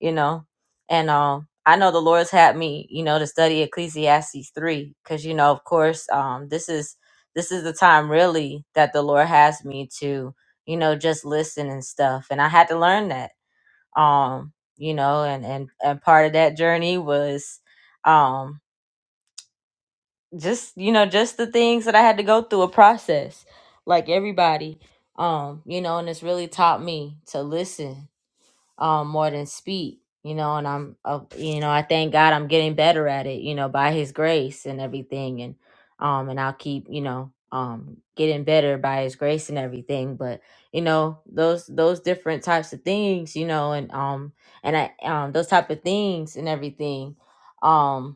Speaker 1: You know, and um, I know the Lord's had me, you know, to study Ecclesiastes three because you know, of course, um, this is this is the time really that the Lord has me to you know, just listen and stuff. And I had to learn that. Um, you know, and and and part of that journey was um just, you know, just the things that I had to go through a process like everybody. Um, you know, and it's really taught me to listen um, more than speak. You know, and I'm, uh, you know, I thank God I'm getting better at it. You know, by His grace and everything, and um, and I'll keep, you know, um, getting better by His grace and everything. But you know, those those different types of things, you know, and um, and I um, those type of things and everything, um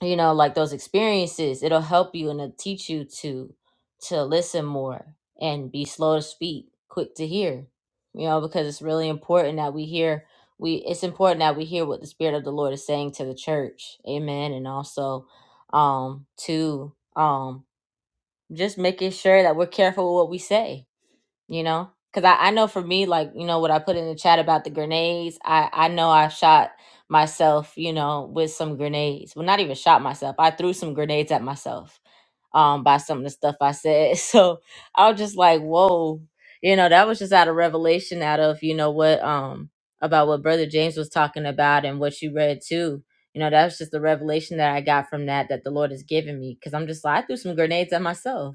Speaker 1: you know like those experiences it'll help you and it'll teach you to to listen more and be slow to speak quick to hear you know because it's really important that we hear we it's important that we hear what the spirit of the lord is saying to the church amen and also um to um just making sure that we're careful with what we say you know because I, I know for me like you know what i put in the chat about the grenades i i know i shot myself you know with some grenades well not even shot myself i threw some grenades at myself um by some of the stuff i said so i was just like whoa you know that was just out of revelation out of you know what um about what brother james was talking about and what you read too you know that's just the revelation that i got from that that the lord has given me because i'm just like i threw some grenades at myself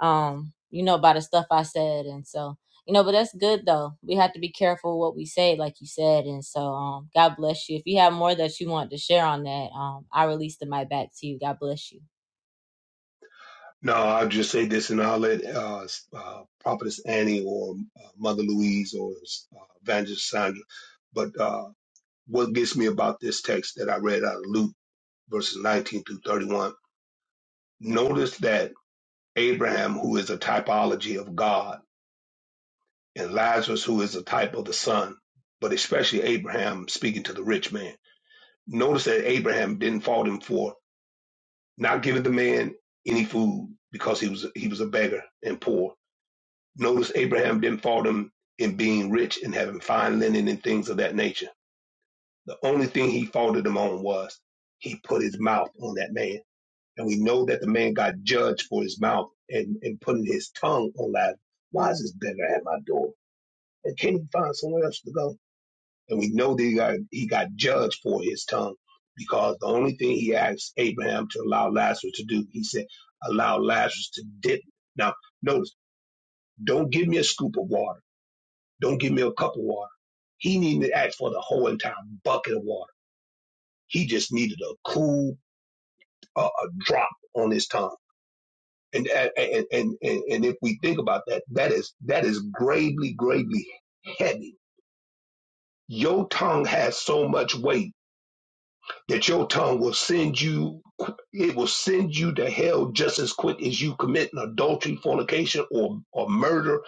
Speaker 1: um, you know, by the stuff I said. And so, you know, but that's good though. We have to be careful what we say, like you said. And so, um, God bless you. If you have more that you want to share on that, um, I release the mic back to you. God bless you.
Speaker 3: No, I'll just say this, and I'll let uh, uh, Prophetess Annie or uh, Mother Louise or uh, Evangelist Sandra. But uh, what gets me about this text that I read out of Luke verses 19 through 31, notice that Abraham, who is a typology of God, and Lazarus, who is a type of the Son, but especially Abraham speaking to the rich man. Notice that Abraham didn't fault him for not giving the man any food because he was he was a beggar and poor Notice Abraham didn't fault him in being rich and having fine linen and things of that nature. The only thing he faulted him on was he put his mouth on that man. And we know that the man got judged for his mouth and, and putting his tongue on that. Why is this beggar at my door? And can he find somewhere else to go? And we know that he got, he got judged for his tongue because the only thing he asked Abraham to allow Lazarus to do, he said, allow Lazarus to dip. Now, notice, don't give me a scoop of water Don't give me a cup of water. He needed to ask for the whole entire bucket of water. He just needed a cool uh, a drop on his tongue. And and, and and and and if we think about that, that is that is gravely, gravely heavy. Your tongue has so much weight that your tongue will send you it will send you to hell just as quick as you commit an adultery, fornication, or or murder,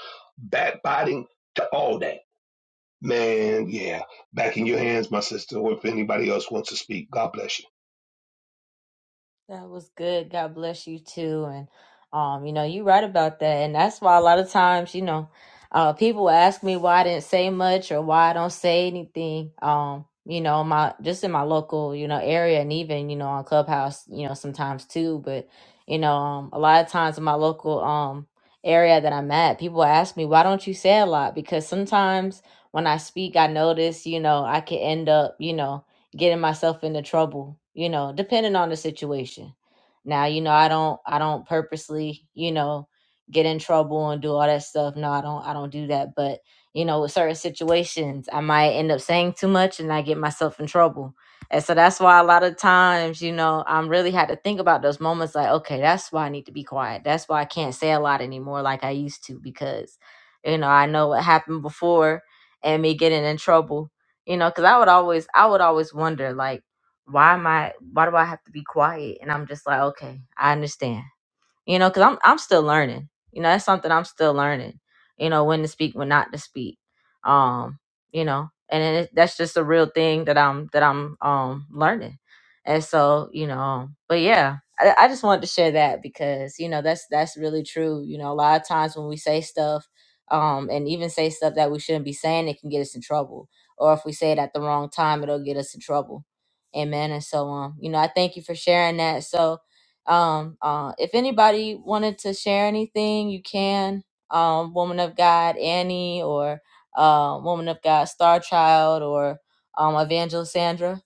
Speaker 3: backbiting, to all that Man, yeah. Back in your hands, my sister, or if anybody else wants to speak. God bless you.
Speaker 1: That was good. God bless you too. And um, you know, you right about that. And that's why a lot of times, you know, uh people ask me why I didn't say much or why I don't say anything. Um, you know, my just in my local, you know, area and even, you know, on Clubhouse, you know, sometimes too. But, you know, um a lot of times in my local um area that I'm at, people ask me, why don't you say a lot? Because sometimes when I speak, I notice, you know, I can end up, you know, getting myself into trouble, you know, depending on the situation. Now, you know, I don't I don't purposely, you know, get in trouble and do all that stuff. No, I don't I don't do that, but you know, with certain situations, I might end up saying too much and I get myself in trouble. And so that's why a lot of times, you know, I'm really had to think about those moments like, okay, that's why I need to be quiet. That's why I can't say a lot anymore like I used to because you know, I know what happened before and me getting in trouble you know because i would always i would always wonder like why am i why do i have to be quiet and i'm just like okay i understand you know, because I'm I'm still learning. You know, that's something I'm still learning. You know, when to speak, when not to speak. Um, you know, and then it, that's just a real thing that I'm that I'm um learning. And so, you know, but yeah, I, I just wanted to share that because you know that's that's really true. You know, a lot of times when we say stuff, um, and even say stuff that we shouldn't be saying, it can get us in trouble. Or if we say it at the wrong time, it'll get us in trouble. Amen. And so, um, you know, I thank you for sharing that. So, um, uh, if anybody wanted to share anything, you can. Um, Woman of God, Annie, or uh, Woman of God, Star Child, or um, Evangelist Sandra,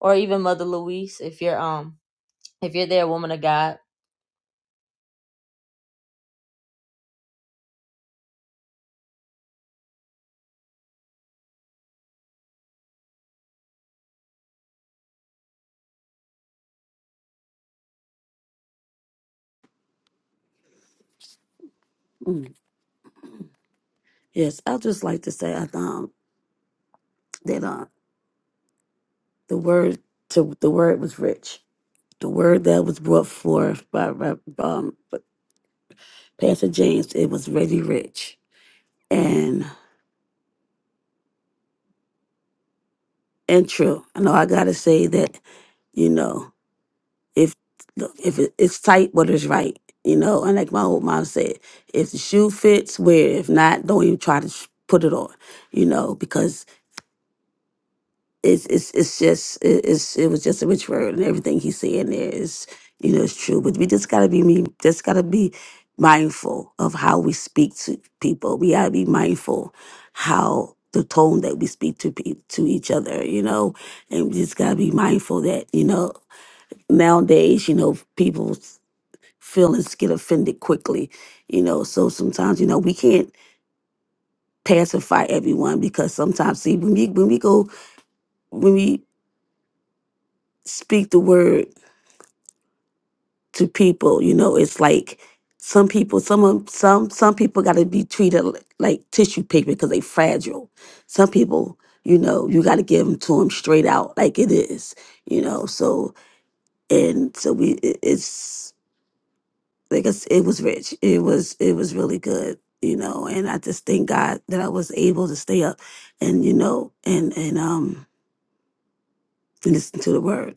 Speaker 1: or even Mother Louise, if you're um, if you're there, Woman of God.
Speaker 5: yes, I just like to say I um, that. uh. The word to the word was rich. The word that was brought forth by Rev- um, Pastor James, it was really rich and and true. I know I gotta say that you know if look, if it, it's tight, but it's right. You know, and like my old mom said, if the shoe fits, wear. it. If not, don't even try to sh- put it on. You know, because. it's it's it's just it- it's it was just a rich word and everything he's saying there is you know it's true but we just gotta be me just gotta be mindful of how we speak to people we gotta be mindful how the tone that we speak to pe- to each other you know and we just gotta be mindful that you know nowadays you know people feelings get offended quickly you know so sometimes you know we can't pacify everyone because sometimes see when we when we go when we speak the word to people. You know, it's like some people, some of- some some people got to be treated li- like tissue paper because they fragile. Some people, you know, you got to give them to them straight out like it is. You know, so and so we it, it's like I s it was rich. It was it was really good. You know, and I just thank God that I was able to stay up and you know and and um and listen to the word.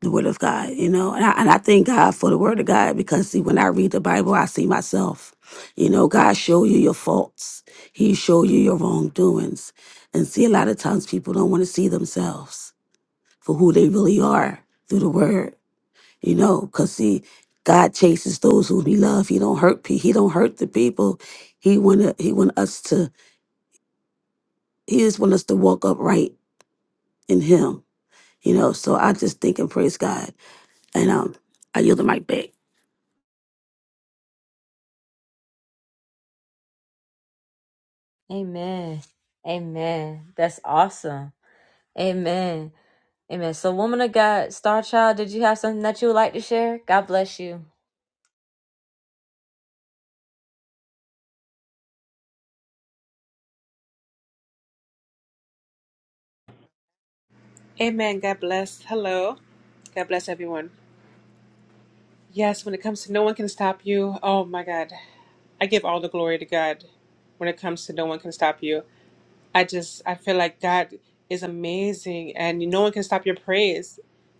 Speaker 5: the word of God, you know. And I, and I thank God for the word of God because see, when I read the Bible, I see myself. You know, God show you your faults. He show you your wrongdoings. And see, a lot of times people don't want to see themselves for who they really are through the word, you know, because see, God chases those who he love. He don't hurt people. He don't hurt the people. He wanna he want us to he just want us to walk upright in him. You know, so I just think and praise God. And um I yield the mic back.
Speaker 1: Amen. Amen. That's awesome. Amen. Amen. So, Woman of God, Star Child, did you have something that you would like to share? God bless you.
Speaker 6: Amen. God bless. Hello. God bless everyone. Yes, when it comes to no one can stop you, oh my God. I give all the glory to God when it comes to no one can stop you. I just, I feel like God is amazing and no one can stop your praise.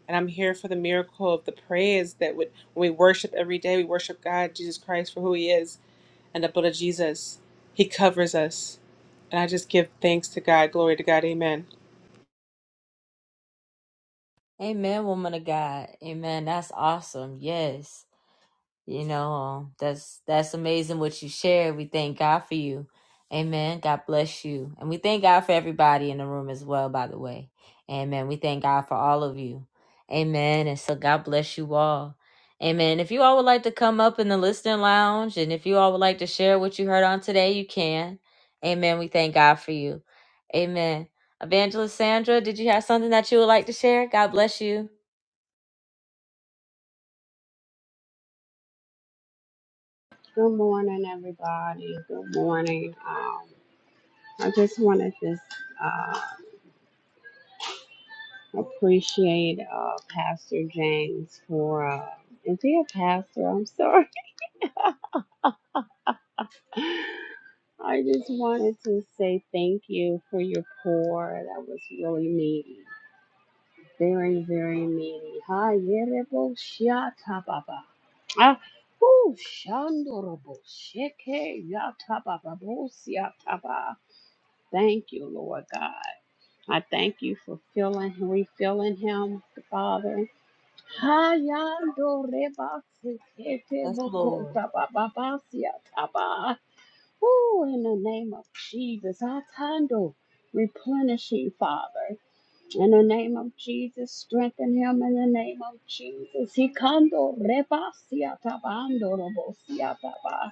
Speaker 6: And I'm here for the miracle of the praise that would, when we worship every day, we worship God, Jesus Christ, for who He is and the blood of Jesus. He covers us. And I just give thanks to God. Glory to God. Amen.
Speaker 1: Amen, woman of God. Amen. That's awesome. Yes. You know, um, that's that's amazing what you share. We thank God for you. Amen. God bless you. And we thank God for everybody in the room as well, by the way. Amen. We thank God for all of you. Amen. And so God bless you all. Amen. If you all would like to come up in the listening lounge and if you all would like to share what you heard on today, you can. Amen. We thank God for you. Amen. Evangelist Sandra, did you have something that you would like to share? God bless you.
Speaker 15: Good morning, everybody. Good morning. Um, I just wanted to uh, appreciate uh, Pastor James for. Uh, is he a pastor? I'm sorry. I just wanted to say thank you for your pour. That was really needy, Very, very needy. Hi, Yerebo Shiata Baba. Ah, whoo, Shandorobo Sheke Yata Baba bo siata ba. Thank you, Lord God. I thank you for filling, refilling him, Father. Hayando reba kete
Speaker 1: Yes,
Speaker 15: boko
Speaker 1: Lord.
Speaker 15: taba babasia taba. Ooh, in the name of Jesus, Atando, replenish him, Father. In the name of Jesus, strengthen him. In the name of Jesus, Hikando reba sia tabando robo sia taba.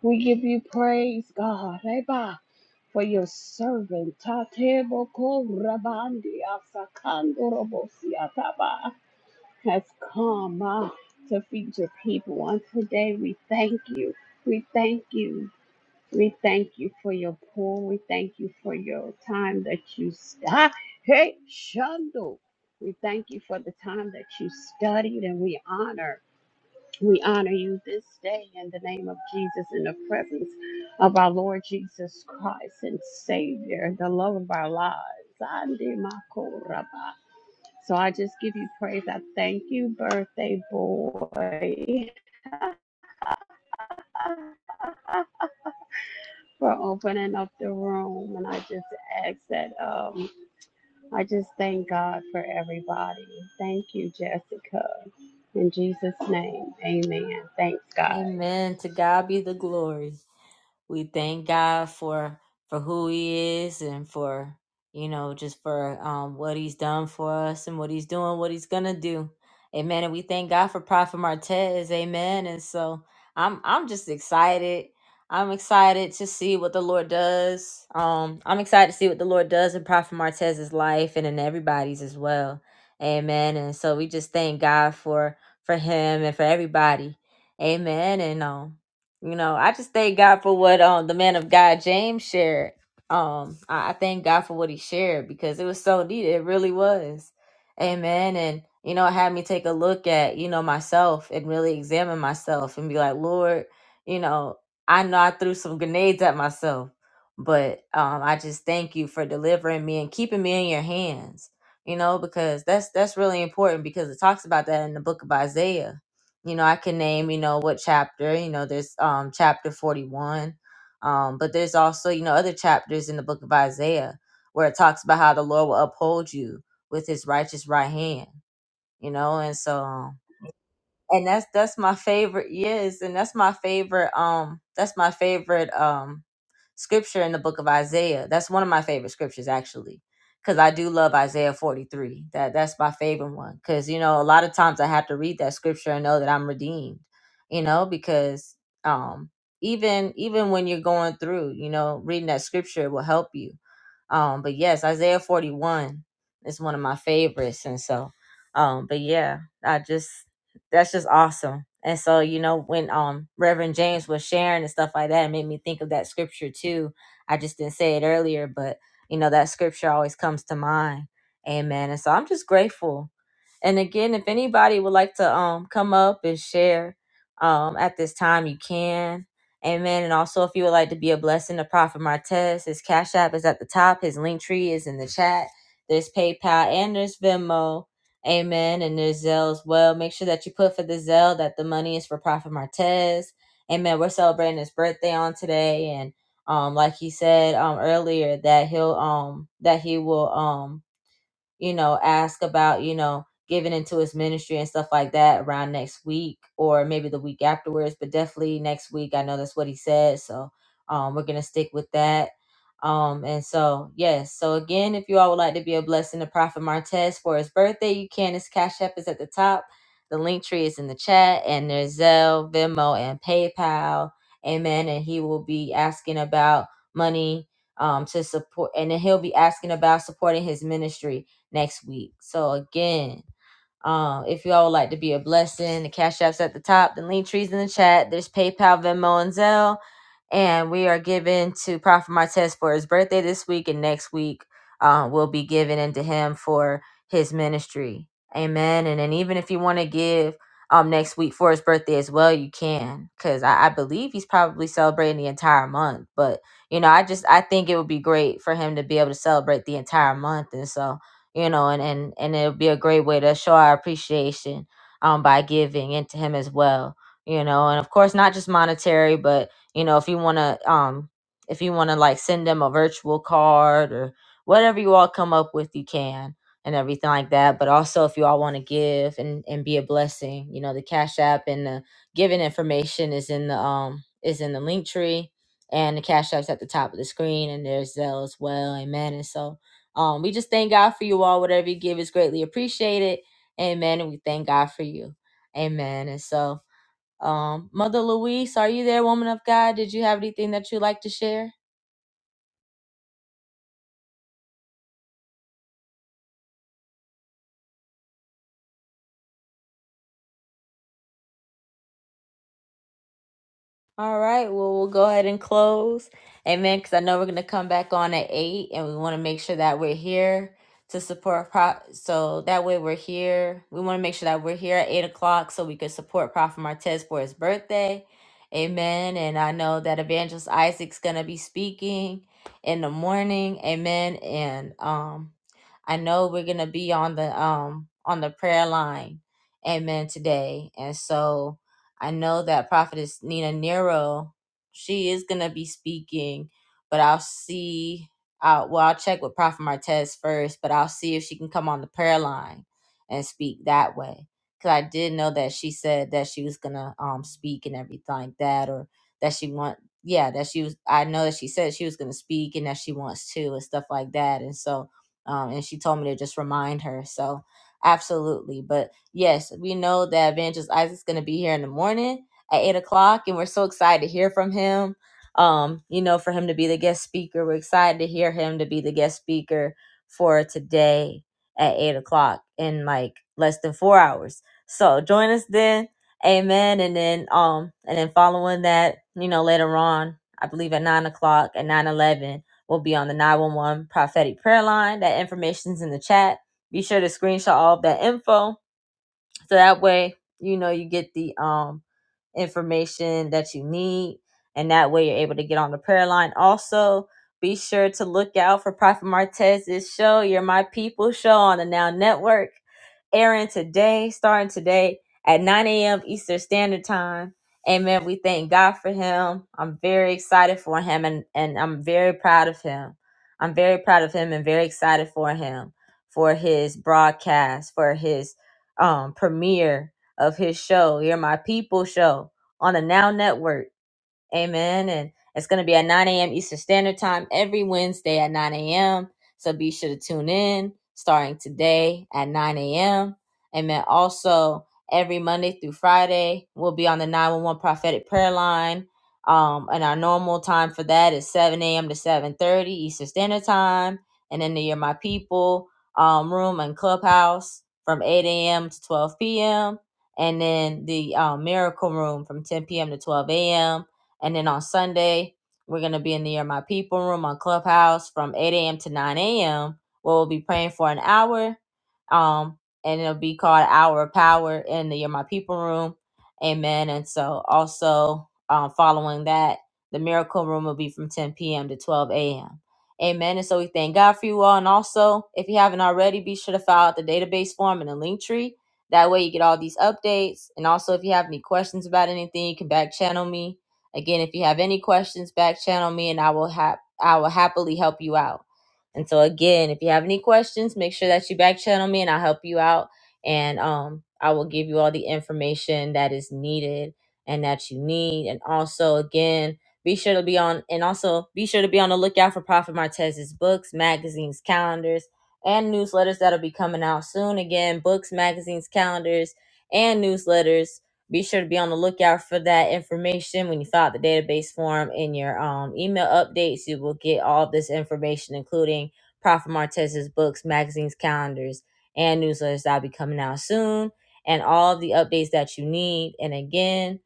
Speaker 15: We give you praise, God, reba, for your servant. Tate boko rabandi asakando robo taba has come uh, to feed your people. On today, we thank you. We thank you. We thank you for your pour. We thank you for your time that you stop. Hey, Shundo. We thank you for the time that you studied and we honor. We honor you this day in the name of Jesus in the presence of our Lord Jesus Christ and Savior, the love of our lives. Ande makoraba. So I just give you praise. I thank you, birthday boy, for opening up the room. And I just ask that um, I just thank God for everybody. Thank you, Jessica. In Jesus' name, amen. Thanks, guys.
Speaker 1: Amen. To God be the glory. we thank God for for who He is and for you know just for um, what He's done for us and what He's doing, what He's gonna do. Amen. And we thank God for Prophet Martez. Amen. And so I'm I'm just excited. I'm excited to see what the Lord does. Um, I'm excited to see what the Lord does in Prophet Martez's life and in everybody's as well. Amen. And so we just thank God for for him and for everybody. Amen. And um you know i just thank god for what um the man of god james shared um i, I thank god for what he shared because it was so needed it really was amen and you know it had me take a look at you know myself and really examine myself and be like lord you know i know i threw some grenades at myself but um i just thank you for delivering me and keeping me in your hands you know because that's that's really important because it talks about that in the book of isaiah you know i can name you know what chapter you know there's um chapter 41 um but there's also you know other chapters in the book of isaiah where it talks about how the lord will uphold you with his righteous right hand you know and so um, and that's that's my favorite yes and that's my favorite um that's my favorite um scripture in the book of isaiah that's one of my favorite scriptures actually because i do love isaiah 43 that that's my favorite one because you know a lot of times i have to read that scripture and know that i'm redeemed you know because um even even when you're going through you know reading that scripture will help you um but yes isaiah 41 is one of my favorites and so um but yeah i just that's just awesome. And so, you know, when um Reverend James was sharing and stuff like that, it made me think of that scripture too. I just didn't say it earlier, but you know, that scripture always comes to mind. Amen. And so I'm just grateful. And again, if anybody would like to um come up and share um at this time, you can. Amen. And also, if you would like to be a blessing to Prophet Martez, his Cash App is at the top. His link tree is in the chat. There's PayPal and there's Venmo. Amen. And there's Zelle as well. Make sure that you put for the Zelle that the money is for Prophet Martez. Amen. We're celebrating his birthday on today. And um, like he said um earlier, that he'll um that he will um you know, ask about, you know, giving into his ministry and stuff like that around next week or maybe the week afterwards, but definitely next week. I know that's what he said. So um, we're going to stick with that. Um, and so, yes. So again, if you all would like to be a blessing to Prophet Martez for his birthday, you can. His Cash App is at the top. The link tree is in the chat and there's Zelle, Venmo, and PayPal. Amen. And he will be asking about money um, to support, and then he'll be asking about supporting his ministry next week. So again, um, if y'all would like to be a blessing, the cash apps at the top, the link trees in the chat. There's PayPal, Venmo, and Zelle. And we are giving to Prophet Martez for his birthday this week and next week. Um, will be given into him for his ministry. Amen. And then even if you want to give um next week for his birthday as well, you can. Cause I, I believe he's probably celebrating the entire month. But you know, I just I think it would be great for him to be able to celebrate the entire month. And so you know, and and and it'll be a great way to show our appreciation um by giving into him as well, you know, and of course not just monetary, but you know, if you want to um if you want to like send them a virtual card or whatever you all come up with, you can and everything like that. But also if you all want to give and and be a blessing, you know, the Cash App and the giving information is in the um is in the link tree and the cash apps at the top of the screen and there's Zelle as well. Amen. And so um, we just thank God for you all. Whatever you give is greatly appreciated. Amen. And we thank God for you. Amen. And so, um, Mother Louise, are you there, woman of God? Did you have anything that you'd like to share? All right. Well, we'll go ahead and close. Amen. Because I know we're going to come back on at eight, and we want to make sure that we're here to support. Pro- so that way we're here. We want to make sure that we're here at eight o'clock so we can support Prophet Martez for his birthday. Amen. And I know that Evangelist Isaac's going to be speaking in the morning. Amen. And um, I know we're going to be on the um on the prayer line. Amen. Today, and so. I know that Prophetess Nina Nero, she is gonna be speaking, but I'll see. Uh, well, I'll check with Prophet Martez first, but I'll see if she can come on the prayer line and speak that way. Cause I did know that she said that she was gonna um speak and everything like that, or that she want yeah that she was. I know that she said she was gonna speak and that she wants to and stuff like that, and so um and she told me to just remind her. So absolutely, but Yes, we know that Evangelist Isaac's going to be here in the morning at eight o'clock, and we're so excited to hear from him. Um, you know, for him to be the guest speaker, we're excited to hear him to be the guest speaker for today at eight o'clock in like less than four hours. So join us then, Amen. And then, um, and then following that, you know, later on, I believe at nine o'clock at nine eleven, we'll be on the nine one one prophetic prayer line. That information's in the chat. Be sure to screenshot all of that info so that way you know you get the um information that you need and that way you're able to get on the prayer line also be sure to look out for prophet martez's show you're my people show on the now network airing today, starting today at 9 a.m. Eastern Standard Time. Amen. We thank God for him. I'm very excited for him and, and I'm very proud of him. I'm very proud of him and very excited for him for his broadcast, for his um, premiere of his show, Hear My People show on the Now Network. Amen. And it's going to be at 9 a.m. Eastern Standard Time every Wednesday at 9 a.m. So be sure to tune in starting today at 9 a.m. Amen. Also, every Monday through Friday, we'll be on the 911 prophetic prayer line. Um, and our normal time for that is 7 a.m. to 7.30 Eastern Standard Time. And then the You're My People um, room and clubhouse from 8 a.m. to 12 p.m. And then the um, Miracle Room from 10 p.m. to 12 a.m and then on Sunday, we're going to be in the Year My People room on Clubhouse from 8 a.m. to 9 a.m., where we'll be praying for an hour. Um, and it'll be called Hour of Power in the Year My People room. Amen. And so also um, following that, the Miracle Room will be from 10 p.m. to 12 a.m. Amen. And so we thank God for you all. And also, if you haven't already, be sure to fill out the database form in the link tree. That way you get all these updates. And also, if you have any questions about anything, you can back channel me Again, if you have any questions, back channel me and I will have I will happily help you out. And so again, if you have any questions, make sure that you back channel me and I'll help you out and um I will give you all the information that is needed and that you need. And also again, be sure to be on and also be sure to be on the lookout for Prophet Martez's books, magazines, calendars, and newsletters that'll be coming out soon. Again, books, magazines, calendars, and newsletters be sure to be on the lookout for that information when you fill out the database form in your um, email updates. You will get all this information, including Prophet Martez's books, magazines, calendars, and newsletters that'll be coming out soon, and all the updates that you need. And again,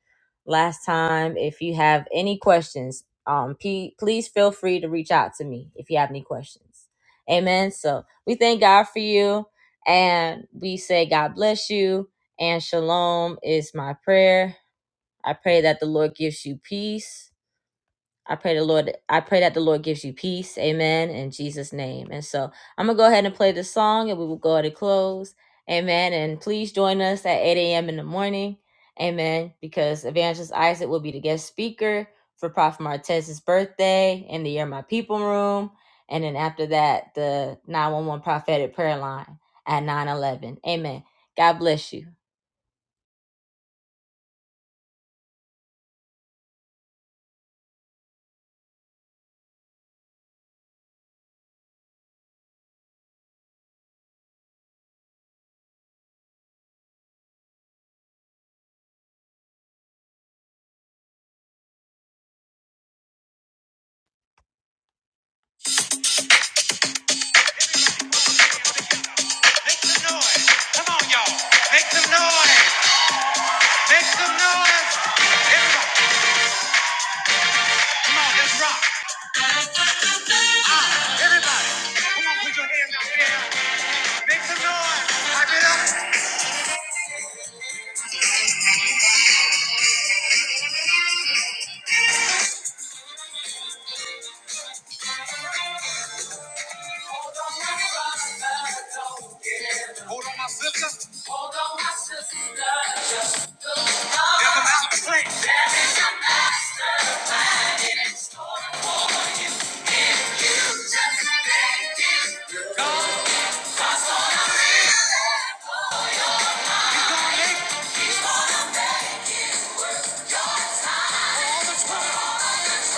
Speaker 1: last time, if you have any questions, um, P- please feel free to reach out to me if you have any questions. Amen. So we thank God for you, and we say God bless you and shalom is my prayer. I pray that the Lord gives you peace. I pray the Lord I pray that the Lord gives you peace. Amen. In Jesus' name. And so I'm gonna go ahead and play this song and we will go ahead and close. Amen. And please join us at 8 a.m. in the morning. Amen. Because Evangelist Isaac will be the guest speaker for Prophet Martez's birthday in the Year My People room. And then after that, the 911 prophetic prayer line at 911. Amen. God bless you. Come on, y'all. Come on, let's rock. Everybody, come on, put your hands out there. Make some noise. Pipe it up. Hold on, my sister. Hold on, my sister. Just the love. There's a mountain to There is a mastermind in store for you. If you just let it go. Cause on a real level, Yes,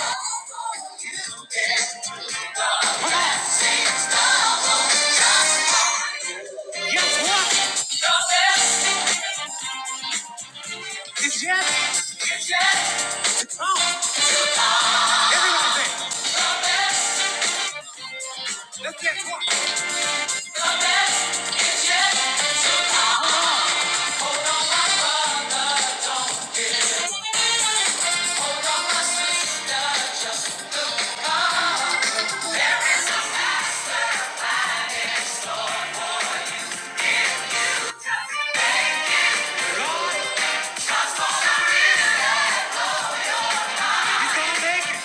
Speaker 1: he's gonna make it.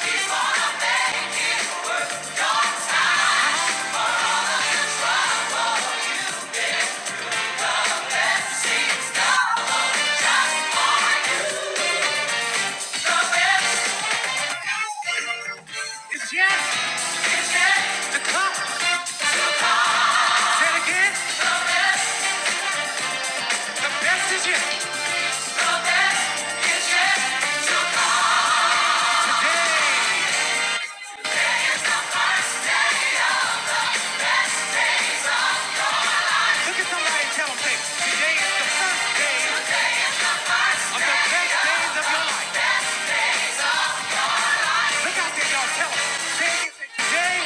Speaker 1: Yes. Say it again. The best is yet. Look at somebody and tell them, say, today the first day of the best days of your life. Look out there, y'all. Tell them. Say today,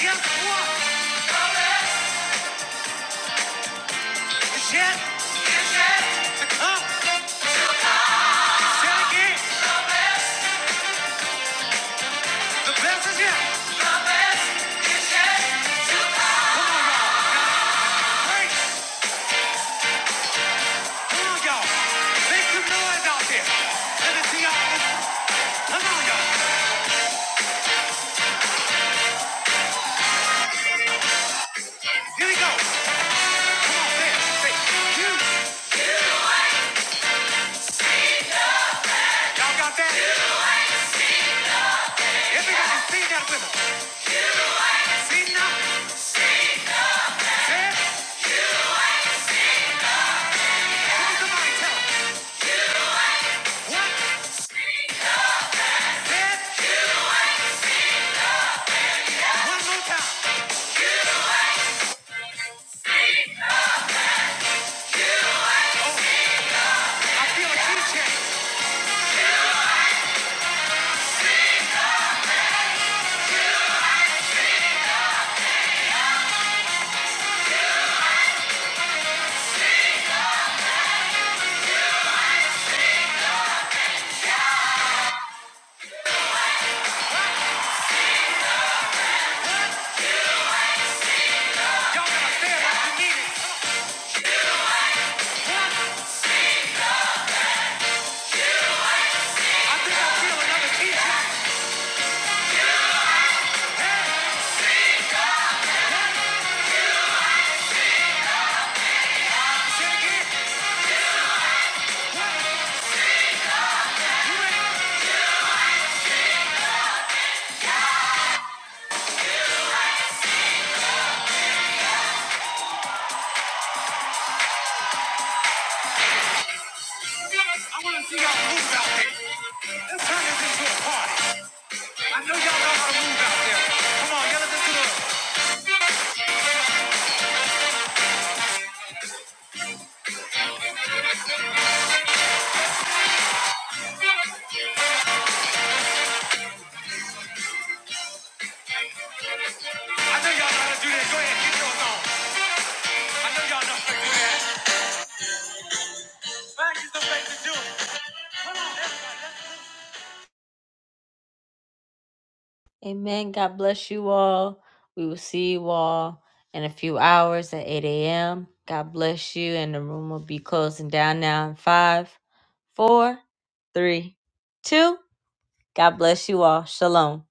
Speaker 1: guess what? The best is yet. To come. Say it again. The best is yet. The best is yet. Come on, y'all. Come on, y'all. Make some noise out there. Let me see y'all. Come on, y'all. Here we go. Come on, say You. Y'all got that? Everybody sing that with us. See now? Y'all gotta say it like you I think I feel another beat. Say again. Y'all move out there. turn this into a party. I know y'all know how to move out there. Come on, yell at the I know y'all know how to do that. Go ahead, get yours on. I know y'all know. how to do Amen. God bless you all. We will see you all in a few hours at 8 a.m. God bless you. And the room will be closing down now in five, four, three, two. God bless you all. Shalom.